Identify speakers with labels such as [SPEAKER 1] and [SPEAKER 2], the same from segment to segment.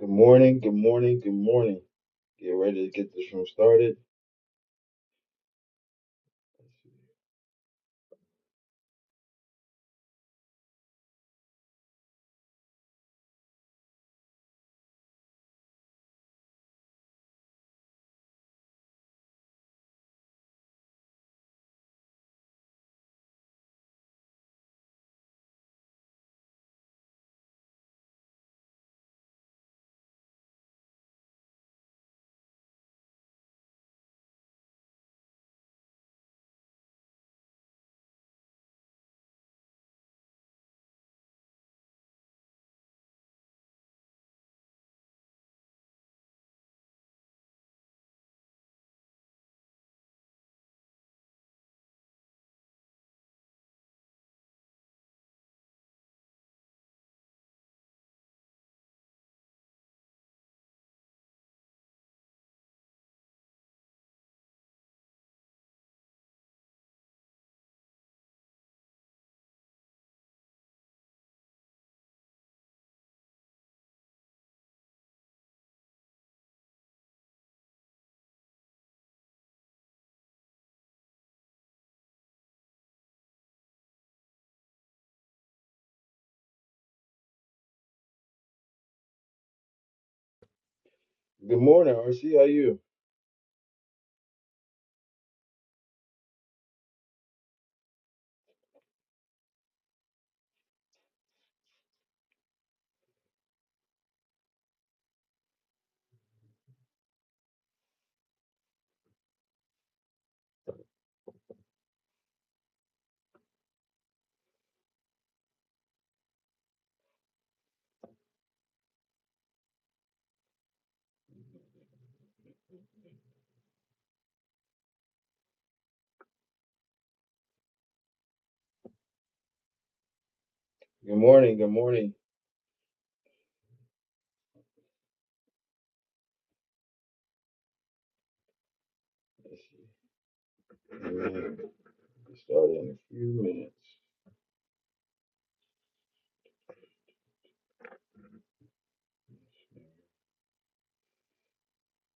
[SPEAKER 1] Good morning, good morning, good morning. Get ready to get this room started. Good morning, RC. How you? Good morning, good morning. Let's see. Mm, Get started in a few minutes.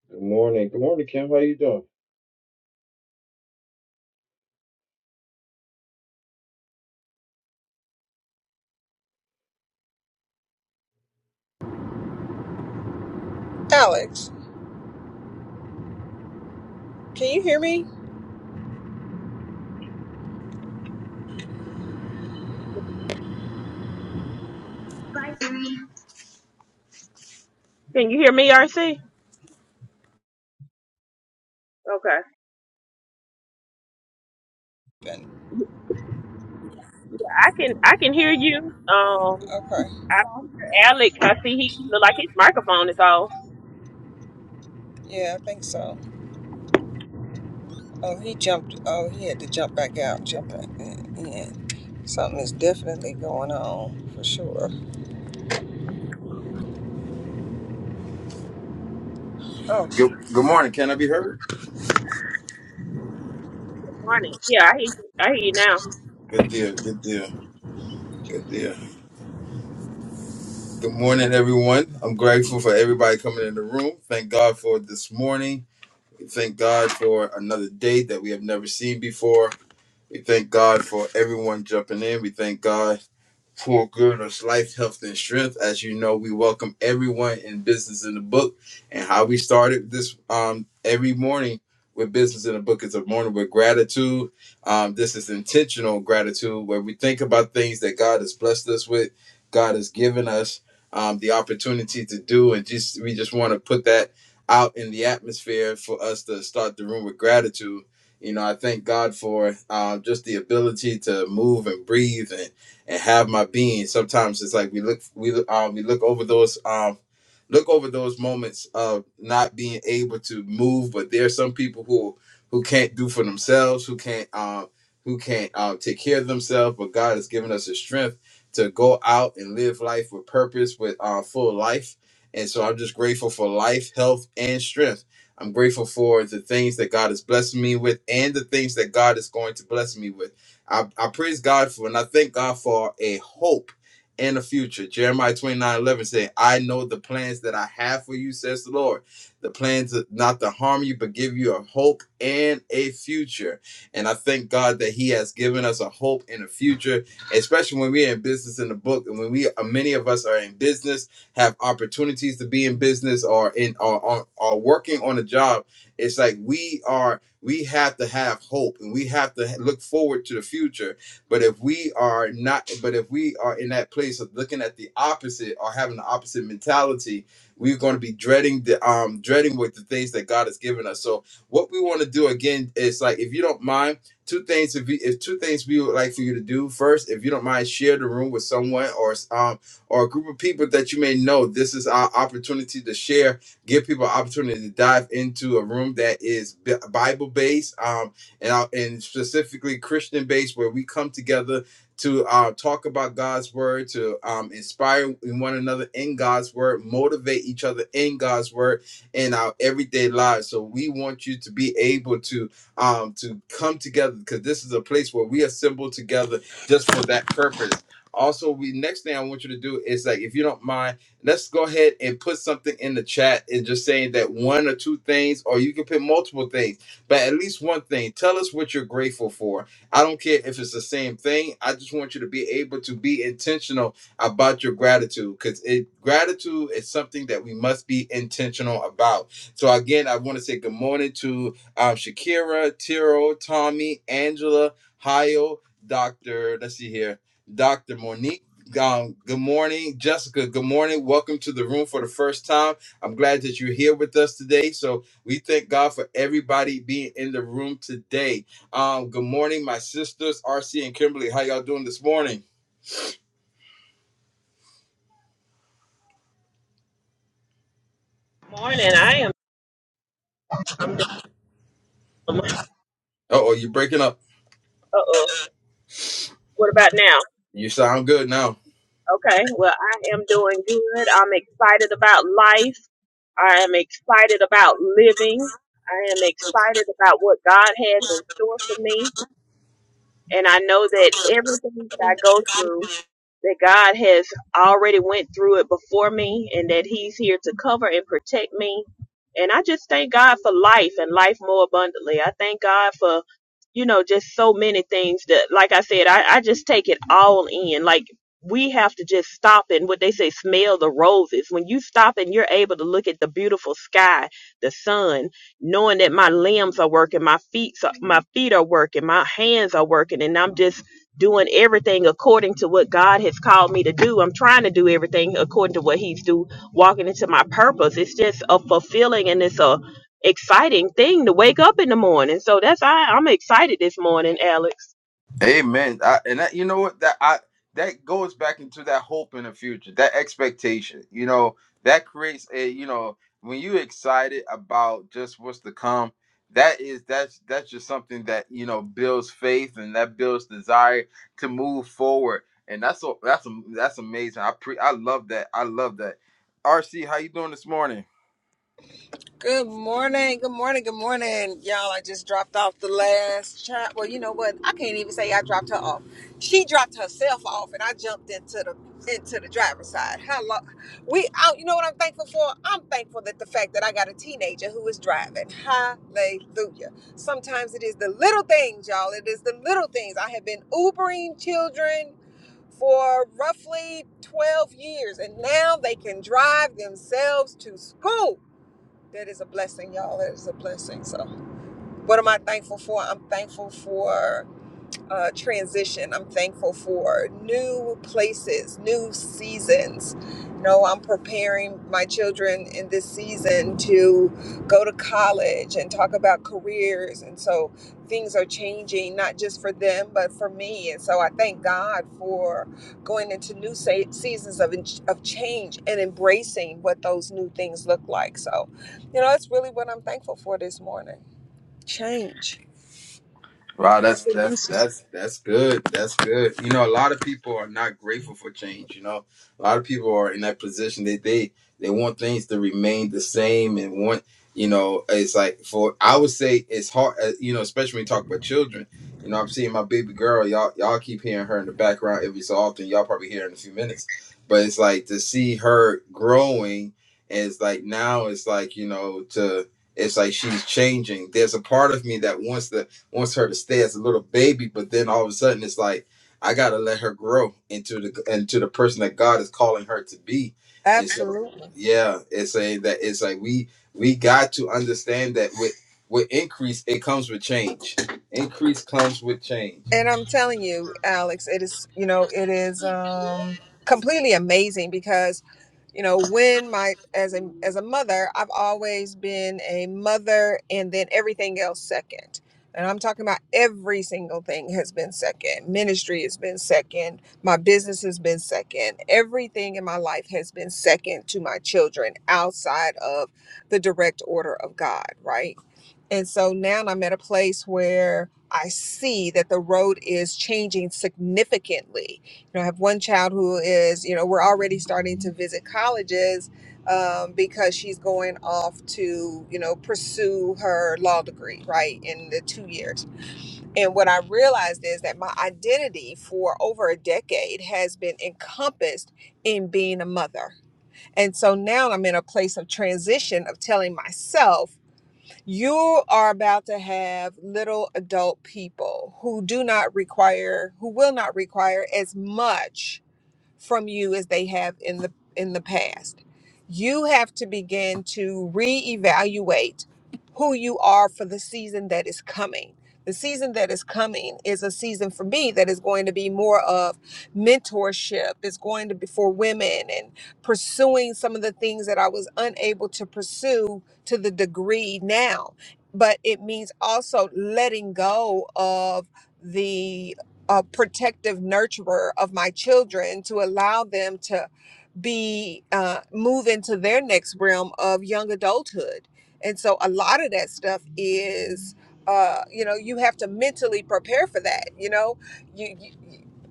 [SPEAKER 1] Good morning, good morning, Kim. How you doing?
[SPEAKER 2] Alex, can you hear me?
[SPEAKER 3] Can you hear me, RC? Okay. I can I can hear you. Um
[SPEAKER 2] Okay.
[SPEAKER 3] I don't hear Alex. I see he look like his microphone is off.
[SPEAKER 2] Yeah, I think so. Oh, he jumped. Oh, he had to jump back out. Jump back in. Something is definitely going on for sure. Oh.
[SPEAKER 1] Good, good morning. Can I be heard?
[SPEAKER 3] Morning. Yeah, I hear you. I hear you now.
[SPEAKER 1] Good deal. Good deal. Good deal. Good morning, everyone. I'm grateful for everybody coming in the room. Thank God for this morning. Thank God for another day that we have never seen before. We thank God for everyone jumping in. We thank God for good us life, health, and strength. As you know, we welcome everyone in Business in the Book. And how we started this um every morning with Business in the Book is a morning with gratitude. Um, this is intentional gratitude where we think about things that God has blessed us with, God has given us um, the opportunity to do, and just we just want to put that out in the atmosphere for us to start the room with gratitude you know, I thank God for um, just the ability to move and breathe and, and have my being. Sometimes it's like we look we look, um, we look over those um, look over those moments of not being able to move. But there are some people who who can't do for themselves, who can't um, who can't uh, take care of themselves. But God has given us the strength to go out and live life with purpose, with uh, full life. And so I'm just grateful for life, health, and strength I'm grateful for the things that God has blessed me with and the things that God is going to bless me with. I, I praise God for and I thank God for a hope and a future. Jeremiah 29 11 says, I know the plans that I have for you, says the Lord. The plans not to harm you, but give you a hope and a future. And I thank God that He has given us a hope and a future, especially when we're in business in the book. And when we many of us are in business have opportunities to be in business or in or, or, or working on a job it's like we are we have to have hope and we have to look forward to the future but if we are not but if we are in that place of looking at the opposite or having the opposite mentality we're going to be dreading the um dreading with the things that god has given us so what we want to do again is like if you don't mind two things if, you, if two things we would like for you to do first if you don't mind share the room with someone or um or a group of people that you may know. This is our opportunity to share, give people opportunity to dive into a room that is Bible based um, and, our- and specifically Christian based, where we come together to uh, talk about God's word, to um, inspire one another in God's word, motivate each other in God's word in our everyday lives. So we want you to be able to um, to come together because this is a place where we assemble together just for that purpose. Also, we next thing I want you to do is like, if you don't mind, let's go ahead and put something in the chat and just saying that one or two things, or you can put multiple things, but at least one thing. Tell us what you're grateful for. I don't care if it's the same thing. I just want you to be able to be intentional about your gratitude because it gratitude is something that we must be intentional about. So again, I want to say good morning to um, Shakira, Tiro, Tommy, Angela, Hayo, Doctor. Let's see here. Dr. Monique. Um, good morning, Jessica. Good morning. Welcome to the room for the first time. I'm glad that you're here with us today. So we thank God for everybody being in the room today. Um, good morning, my sisters, RC and Kimberly. How y'all doing this morning?
[SPEAKER 3] Morning. I am uh
[SPEAKER 1] Uh oh, you're breaking up.
[SPEAKER 3] oh. What about now?
[SPEAKER 1] You sound good now.
[SPEAKER 3] Okay. Well I am doing good. I'm excited about life. I am excited about living. I am excited about what God has in store for me. And I know that everything that I go through that God has already went through it before me and that he's here to cover and protect me. And I just thank God for life and life more abundantly. I thank God for, you know, just so many things that, like I said, I, I just take it all in. Like we have to just stop and what they say, smell the roses. When you stop and you're able to look at the beautiful sky, the sun, knowing that my limbs are working, my feet, my feet are working, my hands are working, and I'm just doing everything according to what God has called me to do. I'm trying to do everything according to what He's do, walking into my purpose. It's just a fulfilling and it's a exciting thing to wake up in the morning. So that's I, I'm excited this morning, Alex.
[SPEAKER 1] Amen. I, and that, you know what that I that goes back into that hope in the future, that expectation. You know that creates a you know when you're excited about just what's to come. That is that's that's just something that you know builds faith and that builds desire to move forward. And that's so that's that's amazing. I pre I love that. I love that. RC, how you doing this morning?
[SPEAKER 2] Good morning. Good morning. Good morning. Y'all, I just dropped off the last child. Well, you know what? I can't even say I dropped her off. She dropped herself off and I jumped into the into the driver's side. Hello. We out. You know what I'm thankful for? I'm thankful that the fact that I got a teenager who is driving. Hallelujah. Sometimes it is the little things, y'all. It is the little things. I have been Ubering children for roughly 12 years and now they can drive themselves to school. That is a blessing, y'all. That is a blessing. So, what am I thankful for? I'm thankful for uh, transition. I'm thankful for new places, new seasons. You know, I'm preparing my children in this season to go to college and talk about careers. And so things are changing, not just for them, but for me. And so I thank God for going into new se- seasons of, of change and embracing what those new things look like. So, you know, that's really what I'm thankful for this morning change.
[SPEAKER 1] Wow, that's that's that's that's good. That's good. You know, a lot of people are not grateful for change. You know, a lot of people are in that position. They they they want things to remain the same and want you know. It's like for I would say it's hard. uh, You know, especially when you talk about children. You know, I'm seeing my baby girl. Y'all y'all keep hearing her in the background every so often. Y'all probably hear her in a few minutes, but it's like to see her growing. And it's like now it's like you know to it's like she's changing. There's a part of me that wants to wants her to stay as a little baby, but then all of a sudden it's like I gotta let her grow into the into the person that God is calling her to be. And so
[SPEAKER 2] Absolutely.
[SPEAKER 1] yeah, it's a that it's like we we got to understand that with with increase it comes with change. Increase comes with change.
[SPEAKER 2] And I'm telling you, Alex, it is, you know, it is um completely amazing because, you know, when my as a as a mother, I've always been a mother and then everything else second. And I'm talking about every single thing has been second. Ministry has been second. My business has been second. Everything in my life has been second to my children outside of the direct order of God, right? And so now I'm at a place where I see that the road is changing significantly. You know, I have one child who is, you know, we're already starting to visit colleges um, because she's going off to, you know, pursue her law degree, right, in the two years. And what I realized is that my identity for over a decade has been encompassed in being a mother. And so now I'm in a place of transition of telling myself, you are about to have little adult people who do not require, who will not require as much from you as they have in the in the past. You have to begin to reevaluate who you are for the season that is coming. The season that is coming is a season for me that is going to be more of mentorship. It's going to be for women and pursuing some of the things that I was unable to pursue to the degree now. But it means also letting go of a protective nurturer of my children to allow them to be uh, move into their next realm of young adulthood and so a lot of that stuff is uh, you know you have to mentally prepare for that you know you, you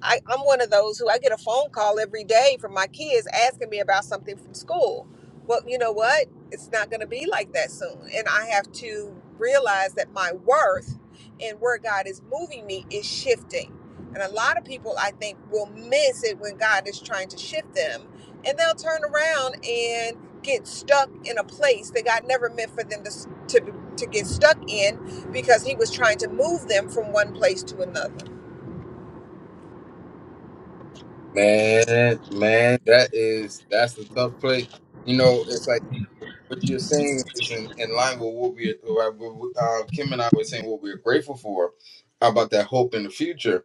[SPEAKER 2] I, i'm one of those who i get a phone call every day from my kids asking me about something from school well you know what it's not going to be like that soon and i have to realize that my worth and where god is moving me is shifting and a lot of people, I think, will miss it when God is trying to shift them. And they'll turn around and get stuck in a place that God never meant for them to, to, to get stuck in because He was trying to move them from one place to another.
[SPEAKER 1] Man, man, that is that's a tough place. You know, it's like what you're saying is in, in line with what we uh, Kim and I were saying what we're grateful for about that hope in the future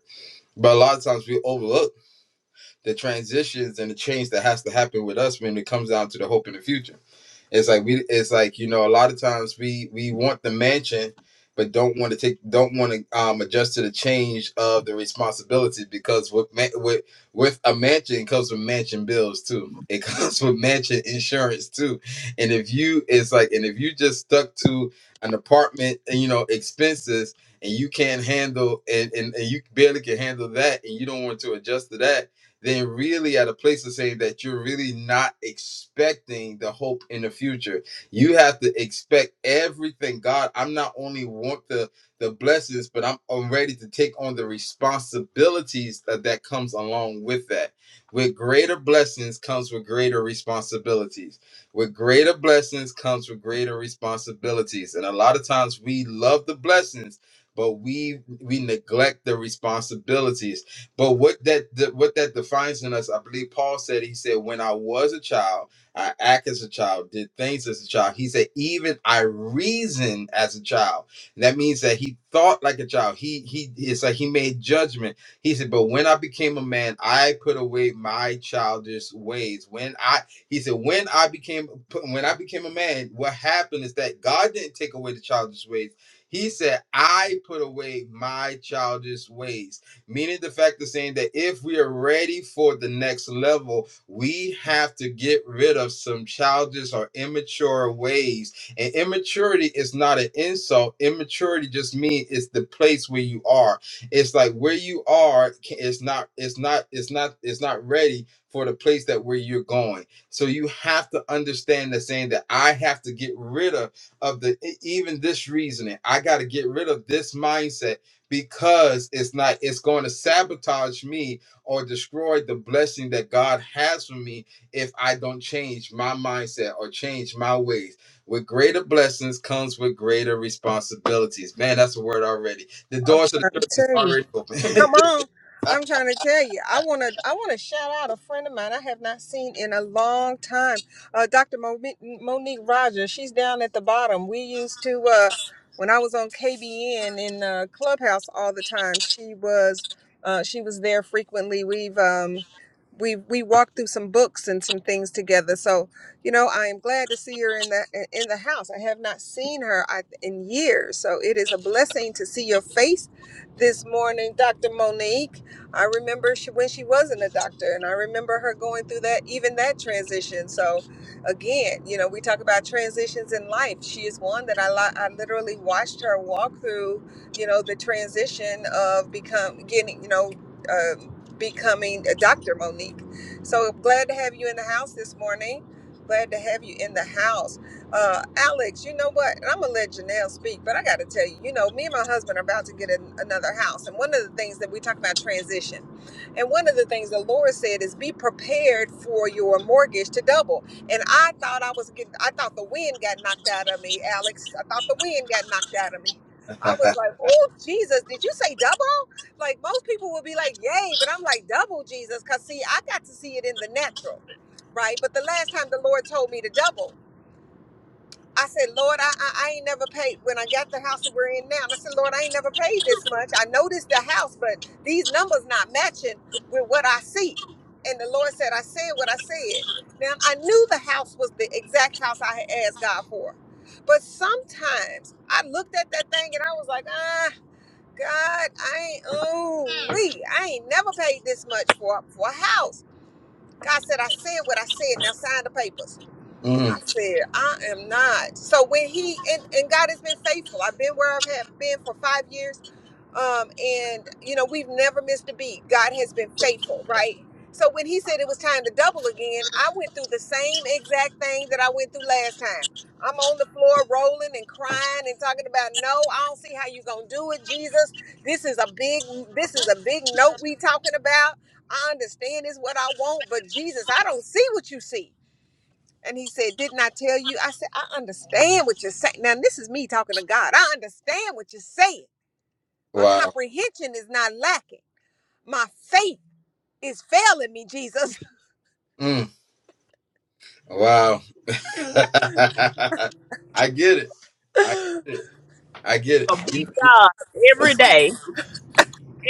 [SPEAKER 1] But a lot of times we overlook the transitions and the change that has to happen with us when it comes down to the hope in the future. It's like we it's like, you know, a lot of times we we want the mansion but don't want to take don't want to um adjust to the change of the responsibility because with ma- with with a mansion comes with mansion bills too. It comes with mansion insurance too. And if you it's like and if you just stuck to an apartment and you know expenses and you can't handle and, and, and you barely can handle that and you don't want to adjust to that then really at a place of saying that you're really not expecting the hope in the future. You have to expect everything. God, I'm not only want the the blessings, but I'm, I'm ready to take on the responsibilities that, that comes along with that. With greater blessings comes with greater responsibilities. With greater blessings comes with greater responsibilities. And a lot of times we love the blessings, but we we neglect the responsibilities but what that, that what that defines in us, I believe Paul said, he said, when I was a child, I act as a child, did things as a child. He said, even I reason as a child. And that means that he thought like a child. He he it's like he made judgment. He said, but when I became a man, I put away my childish ways. When I he said, when I became when I became a man, what happened is that God didn't take away the childish ways. He said, I put away my childish ways meaning the fact of saying that if we are ready for the next level, we have to get rid of some childish or immature ways. And immaturity is not an insult. Immaturity just means it's the place where you are. It's like where you are, it's not, it's not, it's not, it's not ready for the place that where you're going. So you have to understand that saying that I have to get rid of of the e- even this reasoning. I got to get rid of this mindset because it's not it's going to sabotage me or destroy the blessing that god has for me if i don't change my mindset or change my ways with greater blessings comes with greater responsibilities man that's a word already the
[SPEAKER 2] I'm
[SPEAKER 1] doors to the
[SPEAKER 2] trying to
[SPEAKER 1] church is
[SPEAKER 2] tell you.
[SPEAKER 1] already open
[SPEAKER 2] Come on. I'm trying to tell you. I want to I want to shout out a friend of mine I have not seen in a long time. Uh, Dr. Monique, Monique Rogers. She's down at the bottom. We used to uh when I was on KBN in uh, Clubhouse all the time. She was uh, she was there frequently. We've um we we walked through some books and some things together. So, you know, I am glad to see her in the in the house. I have not seen her I, in years. So, it is a blessing to see your face this morning, Dr. Monique. I remember she, when she wasn't a doctor, and I remember her going through that, even that transition. So, again, you know, we talk about transitions in life. She is one that I, li- I literally watched her walk through, you know, the transition of become getting, you know, um becoming a doctor, Monique. So glad to have you in the house this morning. Glad to have you in the house. Uh, Alex, you know what? And I'm gonna let Janelle speak, but I gotta tell you, you know, me and my husband are about to get an, another house, and one of the things that we talk about transition, and one of the things the Lord said is be prepared for your mortgage to double. And I thought I was getting, I thought the wind got knocked out of me, Alex. I thought the wind got knocked out of me. I was like, oh Jesus, did you say double? Like most people would be like, yay, but I'm like double Jesus, cause see, I got to see it in the natural right? But the last time the Lord told me to double, I said, Lord, I, I, I ain't never paid when I got the house that we're in now. And I said, Lord, I ain't never paid this much. I noticed the house, but these numbers not matching with what I see. And the Lord said, I said what I said. Now I knew the house was the exact house I had asked God for. But sometimes I looked at that thing and I was like, ah, God, I ain't oh we I ain't never paid this much for, for a house. God said, I said what I said. Now sign the papers. I
[SPEAKER 1] Mm,
[SPEAKER 2] said, I am not. So when he and, and God has been faithful. I've been where I've have been for five years. Um, and you know, we've never missed a beat. God has been faithful, right? So when he said it was time to double again, I went through the same exact thing that I went through last time. I'm on the floor rolling and crying and talking about no, I don't see how you gonna do it, Jesus. This is a big this is a big note we talking about. I understand is what I want, but Jesus, I don't see what you see. And he said, Didn't I tell you? I said, I understand what you're saying. Now, this is me talking to God. I understand what you're saying. My
[SPEAKER 1] wow
[SPEAKER 2] comprehension is not lacking. My faith is failing me, Jesus.
[SPEAKER 1] Mm, wow i get it i
[SPEAKER 2] Ooh,
[SPEAKER 1] get it i get
[SPEAKER 3] A
[SPEAKER 1] it
[SPEAKER 3] big
[SPEAKER 1] You,
[SPEAKER 3] God every day,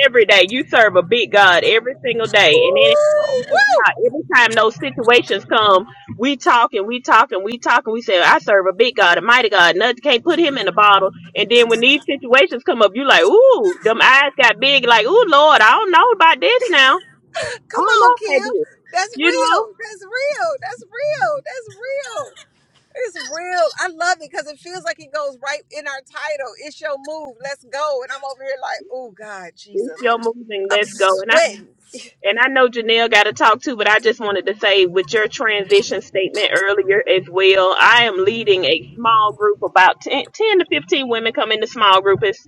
[SPEAKER 3] every day. You serve a big God every single day, and it
[SPEAKER 2] woo!
[SPEAKER 3] how every time those situations come, we talk and we talk and we talk and we say, I serve a big God, a mighty God, nothing can't put him in a bottle. And then when these situations come up, you like, ooh, them eyes got big, like, ooh, Lord, I don't know about this now. I
[SPEAKER 2] Come
[SPEAKER 3] don't
[SPEAKER 2] on,
[SPEAKER 3] know
[SPEAKER 2] Kim.
[SPEAKER 3] about this.
[SPEAKER 2] That's
[SPEAKER 3] You
[SPEAKER 2] real.
[SPEAKER 3] know,
[SPEAKER 2] That's real. That's real. That's real. It's real. I love it because it feels like it goes right in our title. It's your move. Let's go. And I'm over here like, oh God,
[SPEAKER 3] it's
[SPEAKER 2] Jesus.
[SPEAKER 3] your moving,
[SPEAKER 2] I'm
[SPEAKER 3] let's go.
[SPEAKER 2] sweating.
[SPEAKER 3] And I know Janelle got to talk too, but I just wanted to say with your transition statement earlier as well, I am leading a small group, about 10, ten to 15 women come into small group. It's,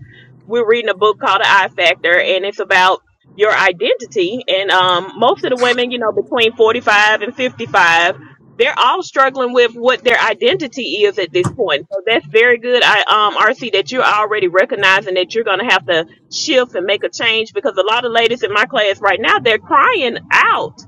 [SPEAKER 3] we're reading a book called The I Factor, and it's about your identity. And um, most of the women, you know, between 45 and 55, they're all struggling with what their identity is at this point. So that's very good, I, um, RC, that you're already recognizing that you're going to have to shift and make a change because a lot of ladies in my class right now they're crying out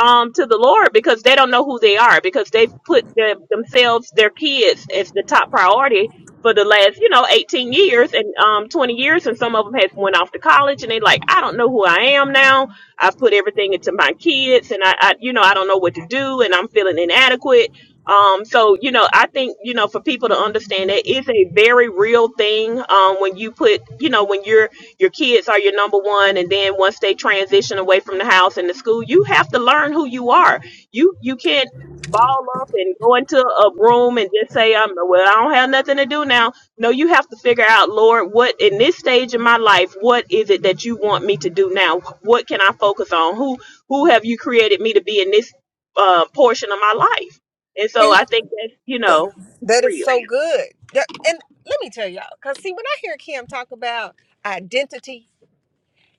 [SPEAKER 3] um to the Lord because they don't know who they are because they've put their, themselves their kids as the top priority for the last you know 18 years and um 20 years and some of them have went off to college and they like I don't know who I am now I've put everything into my kids and I, I you know I don't know what to do and I'm feeling inadequate um, so you know, I think you know for people to understand that it's a very real thing um, when you put you know when you're your kids are your number one and then once they transition away from the house and the school you have to learn who you are you you can't ball up and go into a room and just say i'm well i don't have nothing to do now no you have to figure out lord what in this stage of my life what is it that you want me to do now what can i focus on who who have you created me to be in this uh, portion of my life and so i think that you know it's
[SPEAKER 2] That is
[SPEAKER 3] real
[SPEAKER 2] so good. That- and let me tell y'all, because see, when I hear Kim talk about identity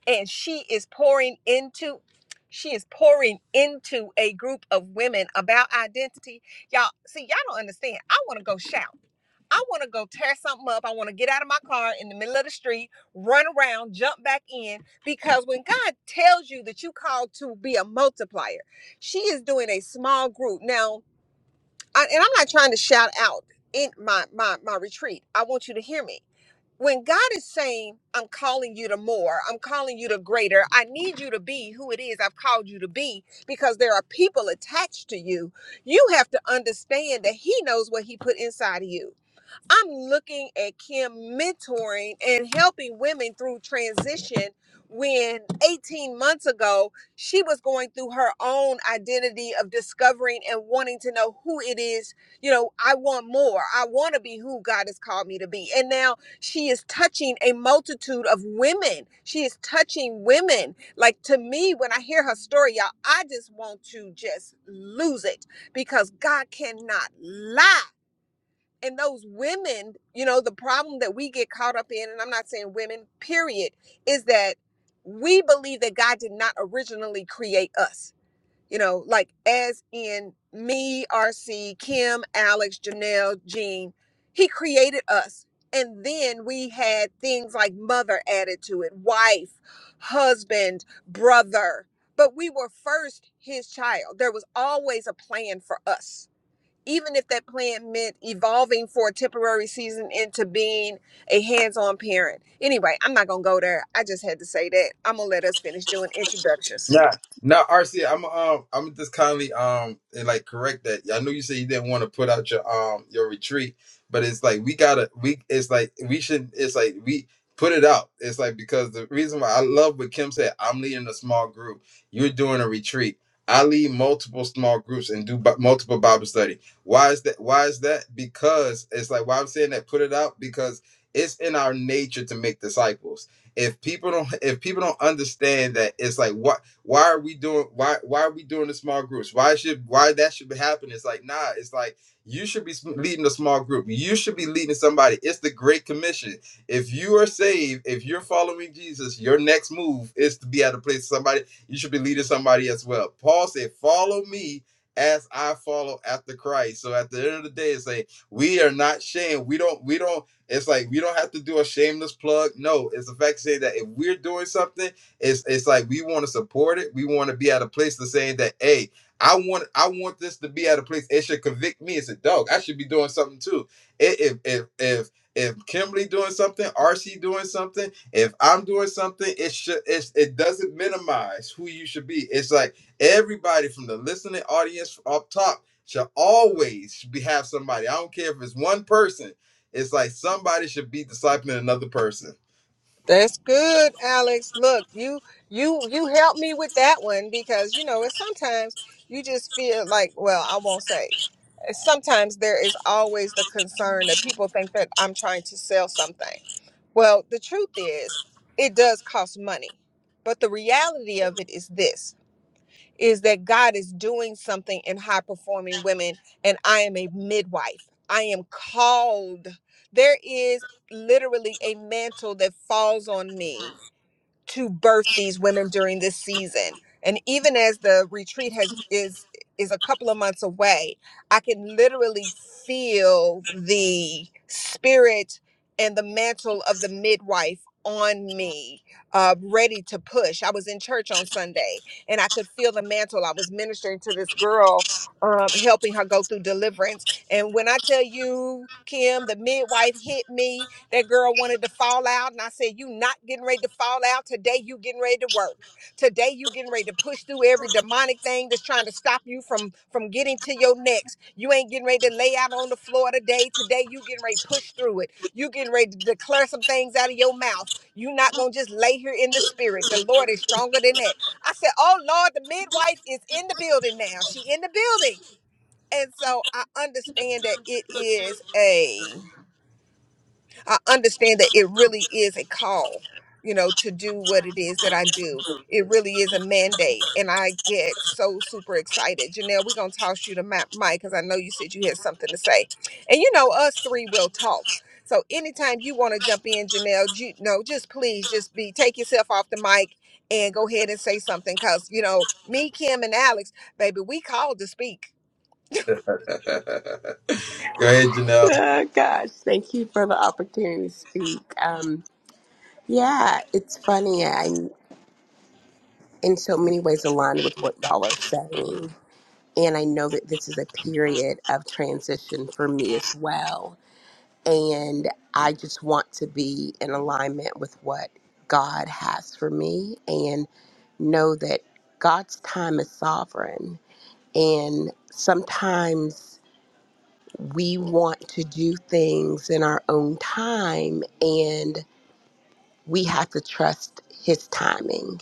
[SPEAKER 2] and she is pouring into, she is pouring into a group of women about identity, y'all, see, y'all don't understand. I want to go shout. I want to go tear something up. I want to get out of my car in the middle of the street, run around, jump back in. Because when God tells you that you called to be a multiplier, she is doing a small group. Now, I, and I'm not trying to shout out in my, my my retreat. I want you to hear me. When God is saying, I'm calling you to more, I'm calling you to greater, I need you to be who it is I've called you to be because there are people attached to you. You have to understand that He knows what He put inside of you. I'm looking at Kim mentoring and helping women through transition when 18 months ago she was going through her own identity of discovering and wanting to know who it is. You know, I want more. I want to be who God has called me to be. And now she is touching a multitude of women. She is touching women. Like to me, when I hear her story, y'all, I just want to just lose it because God cannot lie and those women you know the problem that we get caught up in and i'm not saying women period is that we believe that god did not originally create us you know like as in me rc kim alex janelle jean he created us and then we had things like mother added to it wife husband brother but we were first his child there was always a plan for us even if that plan meant evolving for a temporary season into being a hands-on parent. Anyway, I'm not gonna go there. I just had to say that. I'm gonna let us finish doing introductions.
[SPEAKER 1] Yeah. Now, RC, I'm um, I'm just kindly um, and like correct that. I know you said you didn't want to put out your um, your retreat, but it's like we gotta, we it's like we should, it's like we put it out. It's like because the reason why I love what Kim said. I'm leading a small group. You're doing a retreat. I lead multiple small groups and do bi- multiple Bible study. Why is that? Why is that? Because it's like why I'm saying that. Put it out because it's in our nature to make disciples if people don't if people don't understand that it's like what why are we doing why why are we doing the small groups why should why that should be happening it's like nah it's like you should be leading a small group you should be leading somebody it's the great commission if you are saved if you're following jesus your next move is to be at a place somebody you should be leading somebody as well paul said follow me as i follow after christ so at the end of the day it's like we are not shamed we don't we don't it's like we don't have to do a shameless plug no it's the fact to say that if we're doing something it's it's like we want to support it. We want to be at a place of saying that, hey, I want I want this to be at a place. It should convict me as a dog. I should be doing something too. If if if if Kimberly doing something, RC doing something, if I'm doing something, it should it it doesn't minimize who you should be. It's like everybody from the listening audience up top should always be have somebody. I don't care if it's one person. It's like somebody should be discipling another person.
[SPEAKER 2] That's good, Alex. Look, you you you helped me with that one because you know, it's sometimes you just feel like, well, I won't say. Sometimes there is always the concern that people think that I'm trying to sell something. Well, the truth is, it does cost money. But the reality of it is this is that God is doing something in high performing women, and I am a midwife. I am called. There is literally a mantle that falls on me to birth these women during this season and even as the retreat has is is a couple of months away i can literally feel the spirit and the mantle of the midwife on me uh, ready to push i was in church on sunday and i could feel the mantle i was ministering to this girl um, helping her go through deliverance and when i tell you kim the midwife hit me that girl wanted to fall out, and I said, "You not getting ready to fall out today. You getting ready to work today. You getting ready to push through every demonic thing that's trying to stop you from from getting to your next. You ain't getting ready to lay out on the floor today. Today you getting ready to push through it. You getting ready to declare some things out of your mouth. You not gonna just lay here in the spirit. The Lord is stronger than that." I said, "Oh Lord, the midwife is in the building now. She in the building." And so I understand that it is a I understand that it really is a call, you know, to do what it is that I do. It really is a mandate. And I get so super excited. Janelle, we're going to toss you the mi- mic because I know you said you had something to say. And you know, us three will talk. So anytime you want to jump in, Janelle, you know, just please just be take yourself off the mic and go ahead and say something. Cause you know, me, Kim, and Alex, baby, we called to speak
[SPEAKER 1] Go ahead, Janelle.
[SPEAKER 4] Oh, gosh, thank you for the opportunity to speak. Um, yeah, it's funny. I'm in so many ways aligned with what y'all are saying. And I know that this is a period of transition for me as well. And I just want to be in alignment with what God has for me and know that God's time is sovereign. And sometimes we want to do things in our own time. And we have to trust his timing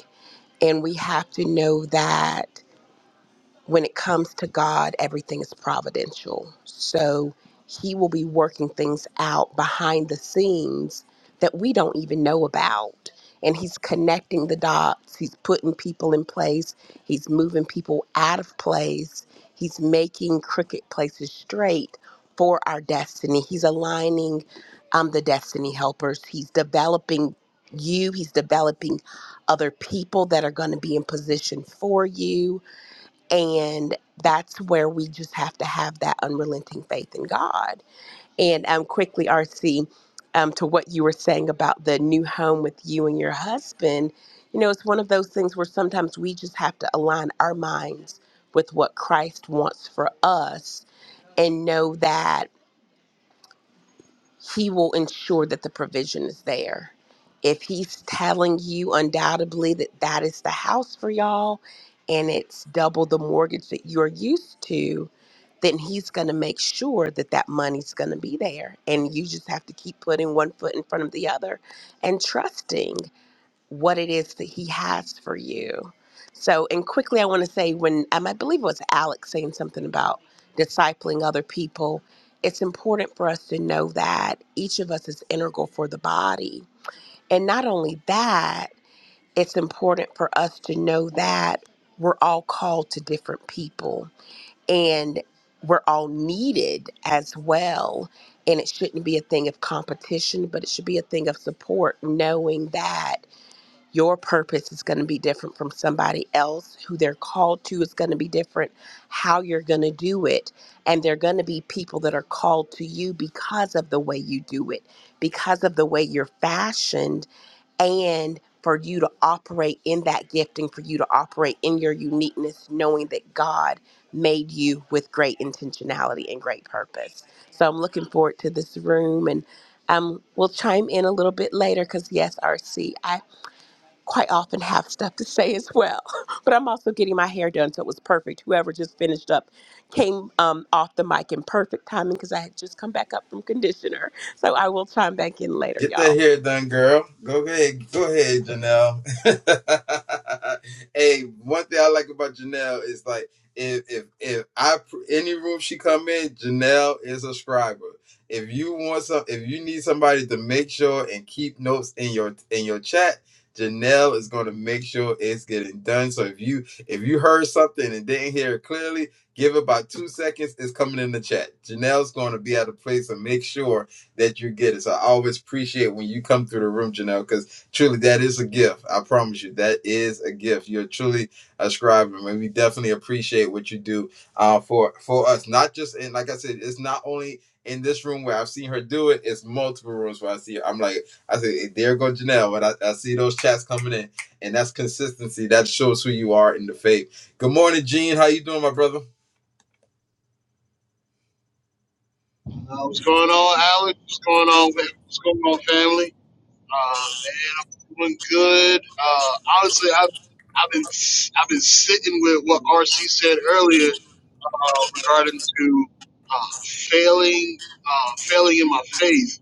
[SPEAKER 4] and we have to know that when it comes to God, everything is providential. So he will be working things out behind the scenes that we don't even know about. And he's connecting the dots. He's putting people in place. He's moving people out of place. He's making crooked places straight for our destiny. He's aligning um, the destiny helpers. He's developing you. He's developing other people that are going to be in position for you and that's where we just have to have that unrelenting faith in God. And um, quickly, RC, um, to what you were saying about the new home with you and your husband, you know, it's one of those things where sometimes we just have to align our minds with what Christ wants for us and know that he will ensure that the provision is there. If he's telling you undoubtedly that that is the house for y'all and it's double the mortgage that you're used to, then he's going to make sure that that money's going to be there. And you just have to keep putting one foot in front of the other and trusting what it is that he has for you. So, and quickly, I want to say when um, I believe it was Alex saying something about discipling other people, it's important for us to know that each of us is integral for the body. And not only that, it's important for us to know that we're all called to different people and we're all needed as well. And it shouldn't be a thing of competition, but it should be a thing of support, knowing that your purpose is going to be different from somebody else. Who they're called to is going to be different. How you're going to do it. And they're going to be people that are called to you because of the way you do it, because of the way you're fashioned and for you to operate in that gifting, for you to operate in your uniqueness, knowing that God made you with great intentionality and great purpose. So I'm looking forward to this room and um, we'll chime in a little bit later because, yes, RC, I quite often have stuff to say as well. But I'm also getting my hair done, so it was perfect. Whoever just finished up came um, off the mic in perfect timing because I had just come back up from conditioner. So I will chime back in later,
[SPEAKER 1] Get that
[SPEAKER 4] y'all.
[SPEAKER 1] hair done, girl. Go ahead, go ahead, Janelle. hey, one thing I like about Janelle is like if if if I pr- any room she come in, Janelle is a scriber. If you want some, if you need somebody to make sure and keep notes in your in your chat, Janelle is going to make sure it's getting done. So if you if you heard something and didn't hear it clearly, give it about two seconds. It's coming in the chat. Janelle's going to be at a place to make sure that you're getting. So I always appreciate when you come through the room, Janelle, because truly that is a gift. I promise you, that is a gift. You're truly a scribe, and we definitely appreciate what you do uh, for for us. Not just in, like I said, it's not only in this room where I've seen her do it. It's multiple rooms where I see her. I'm like, I say, there go Janelle, but I, I see those chats coming in, and that's consistency. That shows who you are in the faith. Good morning, Gene. How you doing, my brother?
[SPEAKER 5] Uh, what's going on, Alan? What's going on? with- What's going on, family? Uh, man, I'm doing good. Uh, honestly, I've I've been I've been sitting with what RC said earlier uh, regarding to uh, failing uh, failing in my faith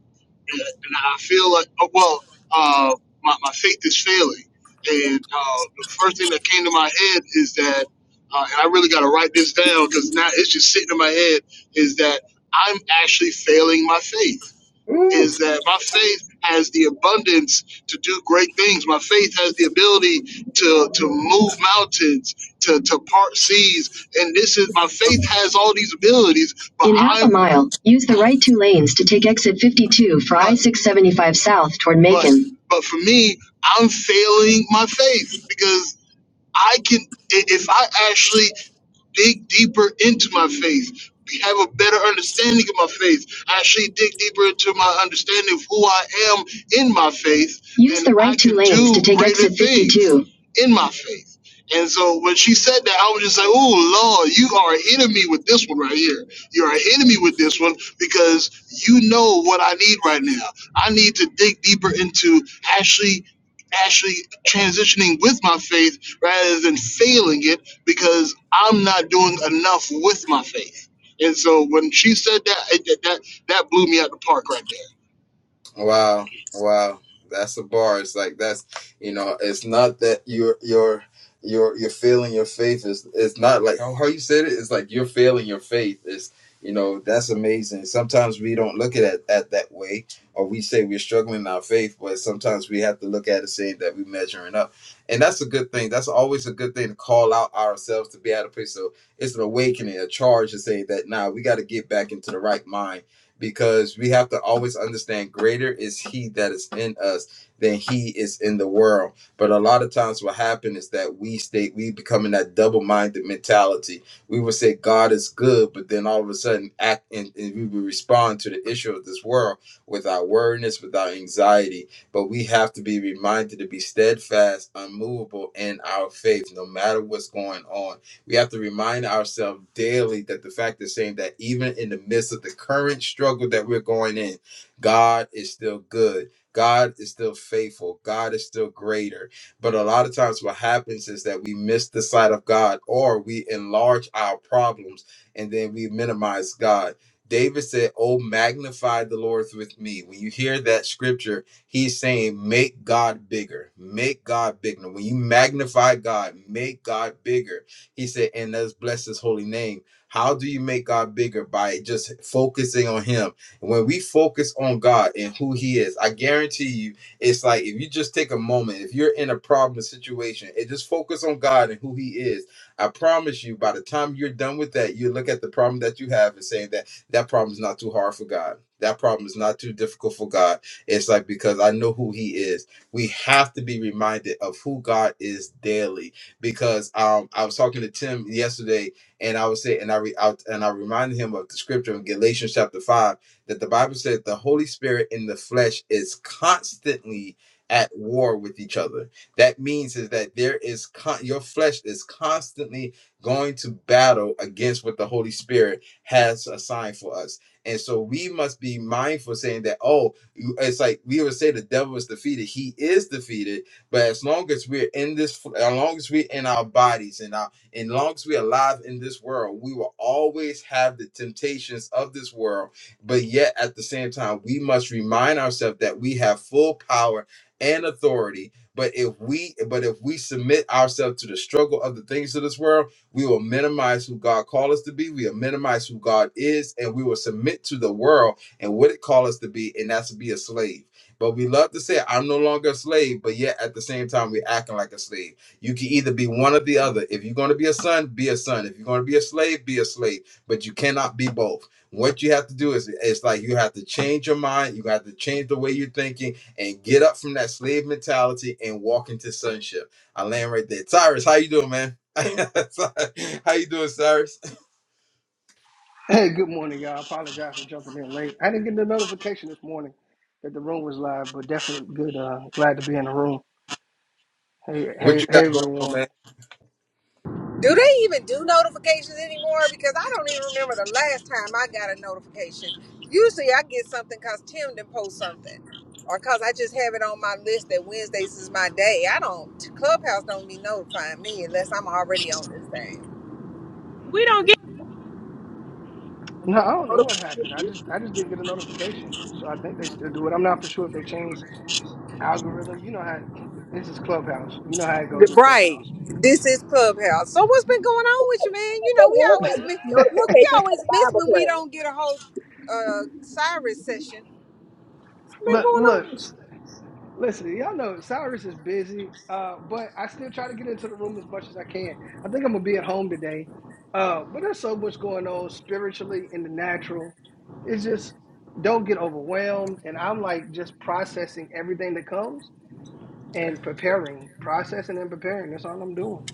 [SPEAKER 5] and and I feel like, oh, well, uh, my, my faith is failing. And uh, the first thing that came to my head is that, uh, and I really got to write this down because now it's just sitting in my head, is that I'm actually failing my faith is that my faith has the abundance to do great things. My faith has the ability to to move mountains, to to part seas, and this is my faith has all these abilities. But in half a I'm- a mile, use the right two lanes to take exit 52 for I 675 south toward Macon. But, but for me, I'm failing my faith because I can, if I actually dig deeper into my faith, have a better understanding of my faith, actually dig deeper into my understanding of who I am in my faith. Use and the right I two can lanes do to take greater exit 52. things In my faith. And so when she said that, I was just like, oh, Lord, you are hitting me with this one right here. You are hitting me with this one because you know what I need right now. I need to dig deeper into actually, actually transitioning with my faith rather than failing it because I'm not doing enough with my faith. And so when she said that, it, that that blew me out the park right there.
[SPEAKER 1] Wow, wow, that's a bar. It's like that's you know, it's not that you're you're you're you're failing your faith. Is it's not like how how you said it. It's like you're failing your faith. It's you know that's amazing. Sometimes we don't look at it at that way, or we say we're struggling in our faith, but sometimes we have to look at it saying that we're measuring up, and that's a good thing. That's always a good thing to call out ourselves to be out of place. So it's an awakening, a charge to say that now nah, we got to get back into the right mind because we have to always understand greater is he that is in us than he is in the world. But a lot of times what happens is that we stay we become in that double-minded mentality. We will say God is good, but then all of a sudden act and, and we will respond to the issue of this world without worriness, without anxiety. But we have to be reminded to be steadfast, unmovable in our faith, no matter what's going on we have to remind ourselves daily that the fact is saying that even in the midst of the current struggle that we're going in, God is still good. God is still faithful. God is still greater. But a lot of times, what happens is that we miss the sight of God or we enlarge our problems and then we minimize God. David said, Oh, magnify the Lord with me. When you hear that scripture, he's saying make god bigger make god bigger when you magnify god make god bigger he said, and let's bless his holy name. How do you make God bigger? By just focusing on him. And when we focus on God and who he is, I guarantee you, it's like if you just take a moment, if you're in a problem situation, and just focus on God and who he is. I promise you, by the time you're done with that, you look at the problem that you have and saying that that problem is not too hard for God. That problem is not too difficult for God. It's like because I know who he is. We have to be reminded of who God is daily because um, I was talking to Tim yesterday, and I was saying, and I, re, I and I reminded him of the scripture in Galatians chapter five that the Bible says the Holy Spirit in the flesh is constantly at war with each other. That means is that there is con- your flesh is constantly going to battle against what the Holy Spirit has assigned for us. And so we must be mindful saying that, oh, it's like we would say the devil is defeated. He is defeated but as long as we're in this, as long as we're in our bodies and our, and long as we're alive in this world, we will always have the temptations of this world. But yet, at the same time, we must remind ourselves that we have full power and authority. But if we, but if we submit ourselves to the struggle of the things of this world, we will minimize who God called us to be. We will minimize who God is, and we will submit to the world and what it called us to be, and that's to be a slave. But we love to say, I'm no longer a slave, but yet at the same time, we're acting like a slave. You can either be one or the other. If you're going to be a son, be a son. If you're going to be a slave, be a slave. But you cannot be both. What you have to do is, it's like you have to change your mind, you have to change the way you're thinking, and get up from that slave mentality and walk into sonship. I land right there. Cyrus, how you doing, man? how you doing, Cyrus?
[SPEAKER 6] Hey, good morning, y'all. I apologize for jumping in late. I didn't get the notification this morning that the room was live, but definitely good. Uh, glad to be in the room. Hey,
[SPEAKER 1] What
[SPEAKER 6] hey,
[SPEAKER 1] you
[SPEAKER 6] hey,
[SPEAKER 1] got going on,
[SPEAKER 6] everyone.
[SPEAKER 1] man?
[SPEAKER 2] Do they even do notifications anymore? Because I don't even remember the last time I got a notification. Usually I get something because Tim didn't post something. Or because I just have it on my list that Wednesdays is my day. I don't, Clubhouse don't be notifying me unless I'm already on this thing.
[SPEAKER 3] we don't get
[SPEAKER 6] No, I don't know what happened. I just, I just didn't get a notification, so I think they still do it. I'm not for sure if they changed algorithm. You know how this is Clubhouse. You know how it goes with
[SPEAKER 2] Right.
[SPEAKER 6] Clubhouse.
[SPEAKER 2] This is Clubhouse. So what's been going on with you, man? You know, we always miss, look, we always miss when we don't get a whole uh, Cyrus session. What's been
[SPEAKER 6] look,
[SPEAKER 2] going on? with
[SPEAKER 6] look.
[SPEAKER 2] you?
[SPEAKER 6] Listen, y'all know Cyrus is busy, uh, but I still try to get into the room as much as I can. I think I'm gonna be at home today, uh, but there's so much going on spiritually in the natural. It's just don't get overwhelmed, and I'm like just processing everything that comes and preparing, processing and preparing. That's all I'm doing.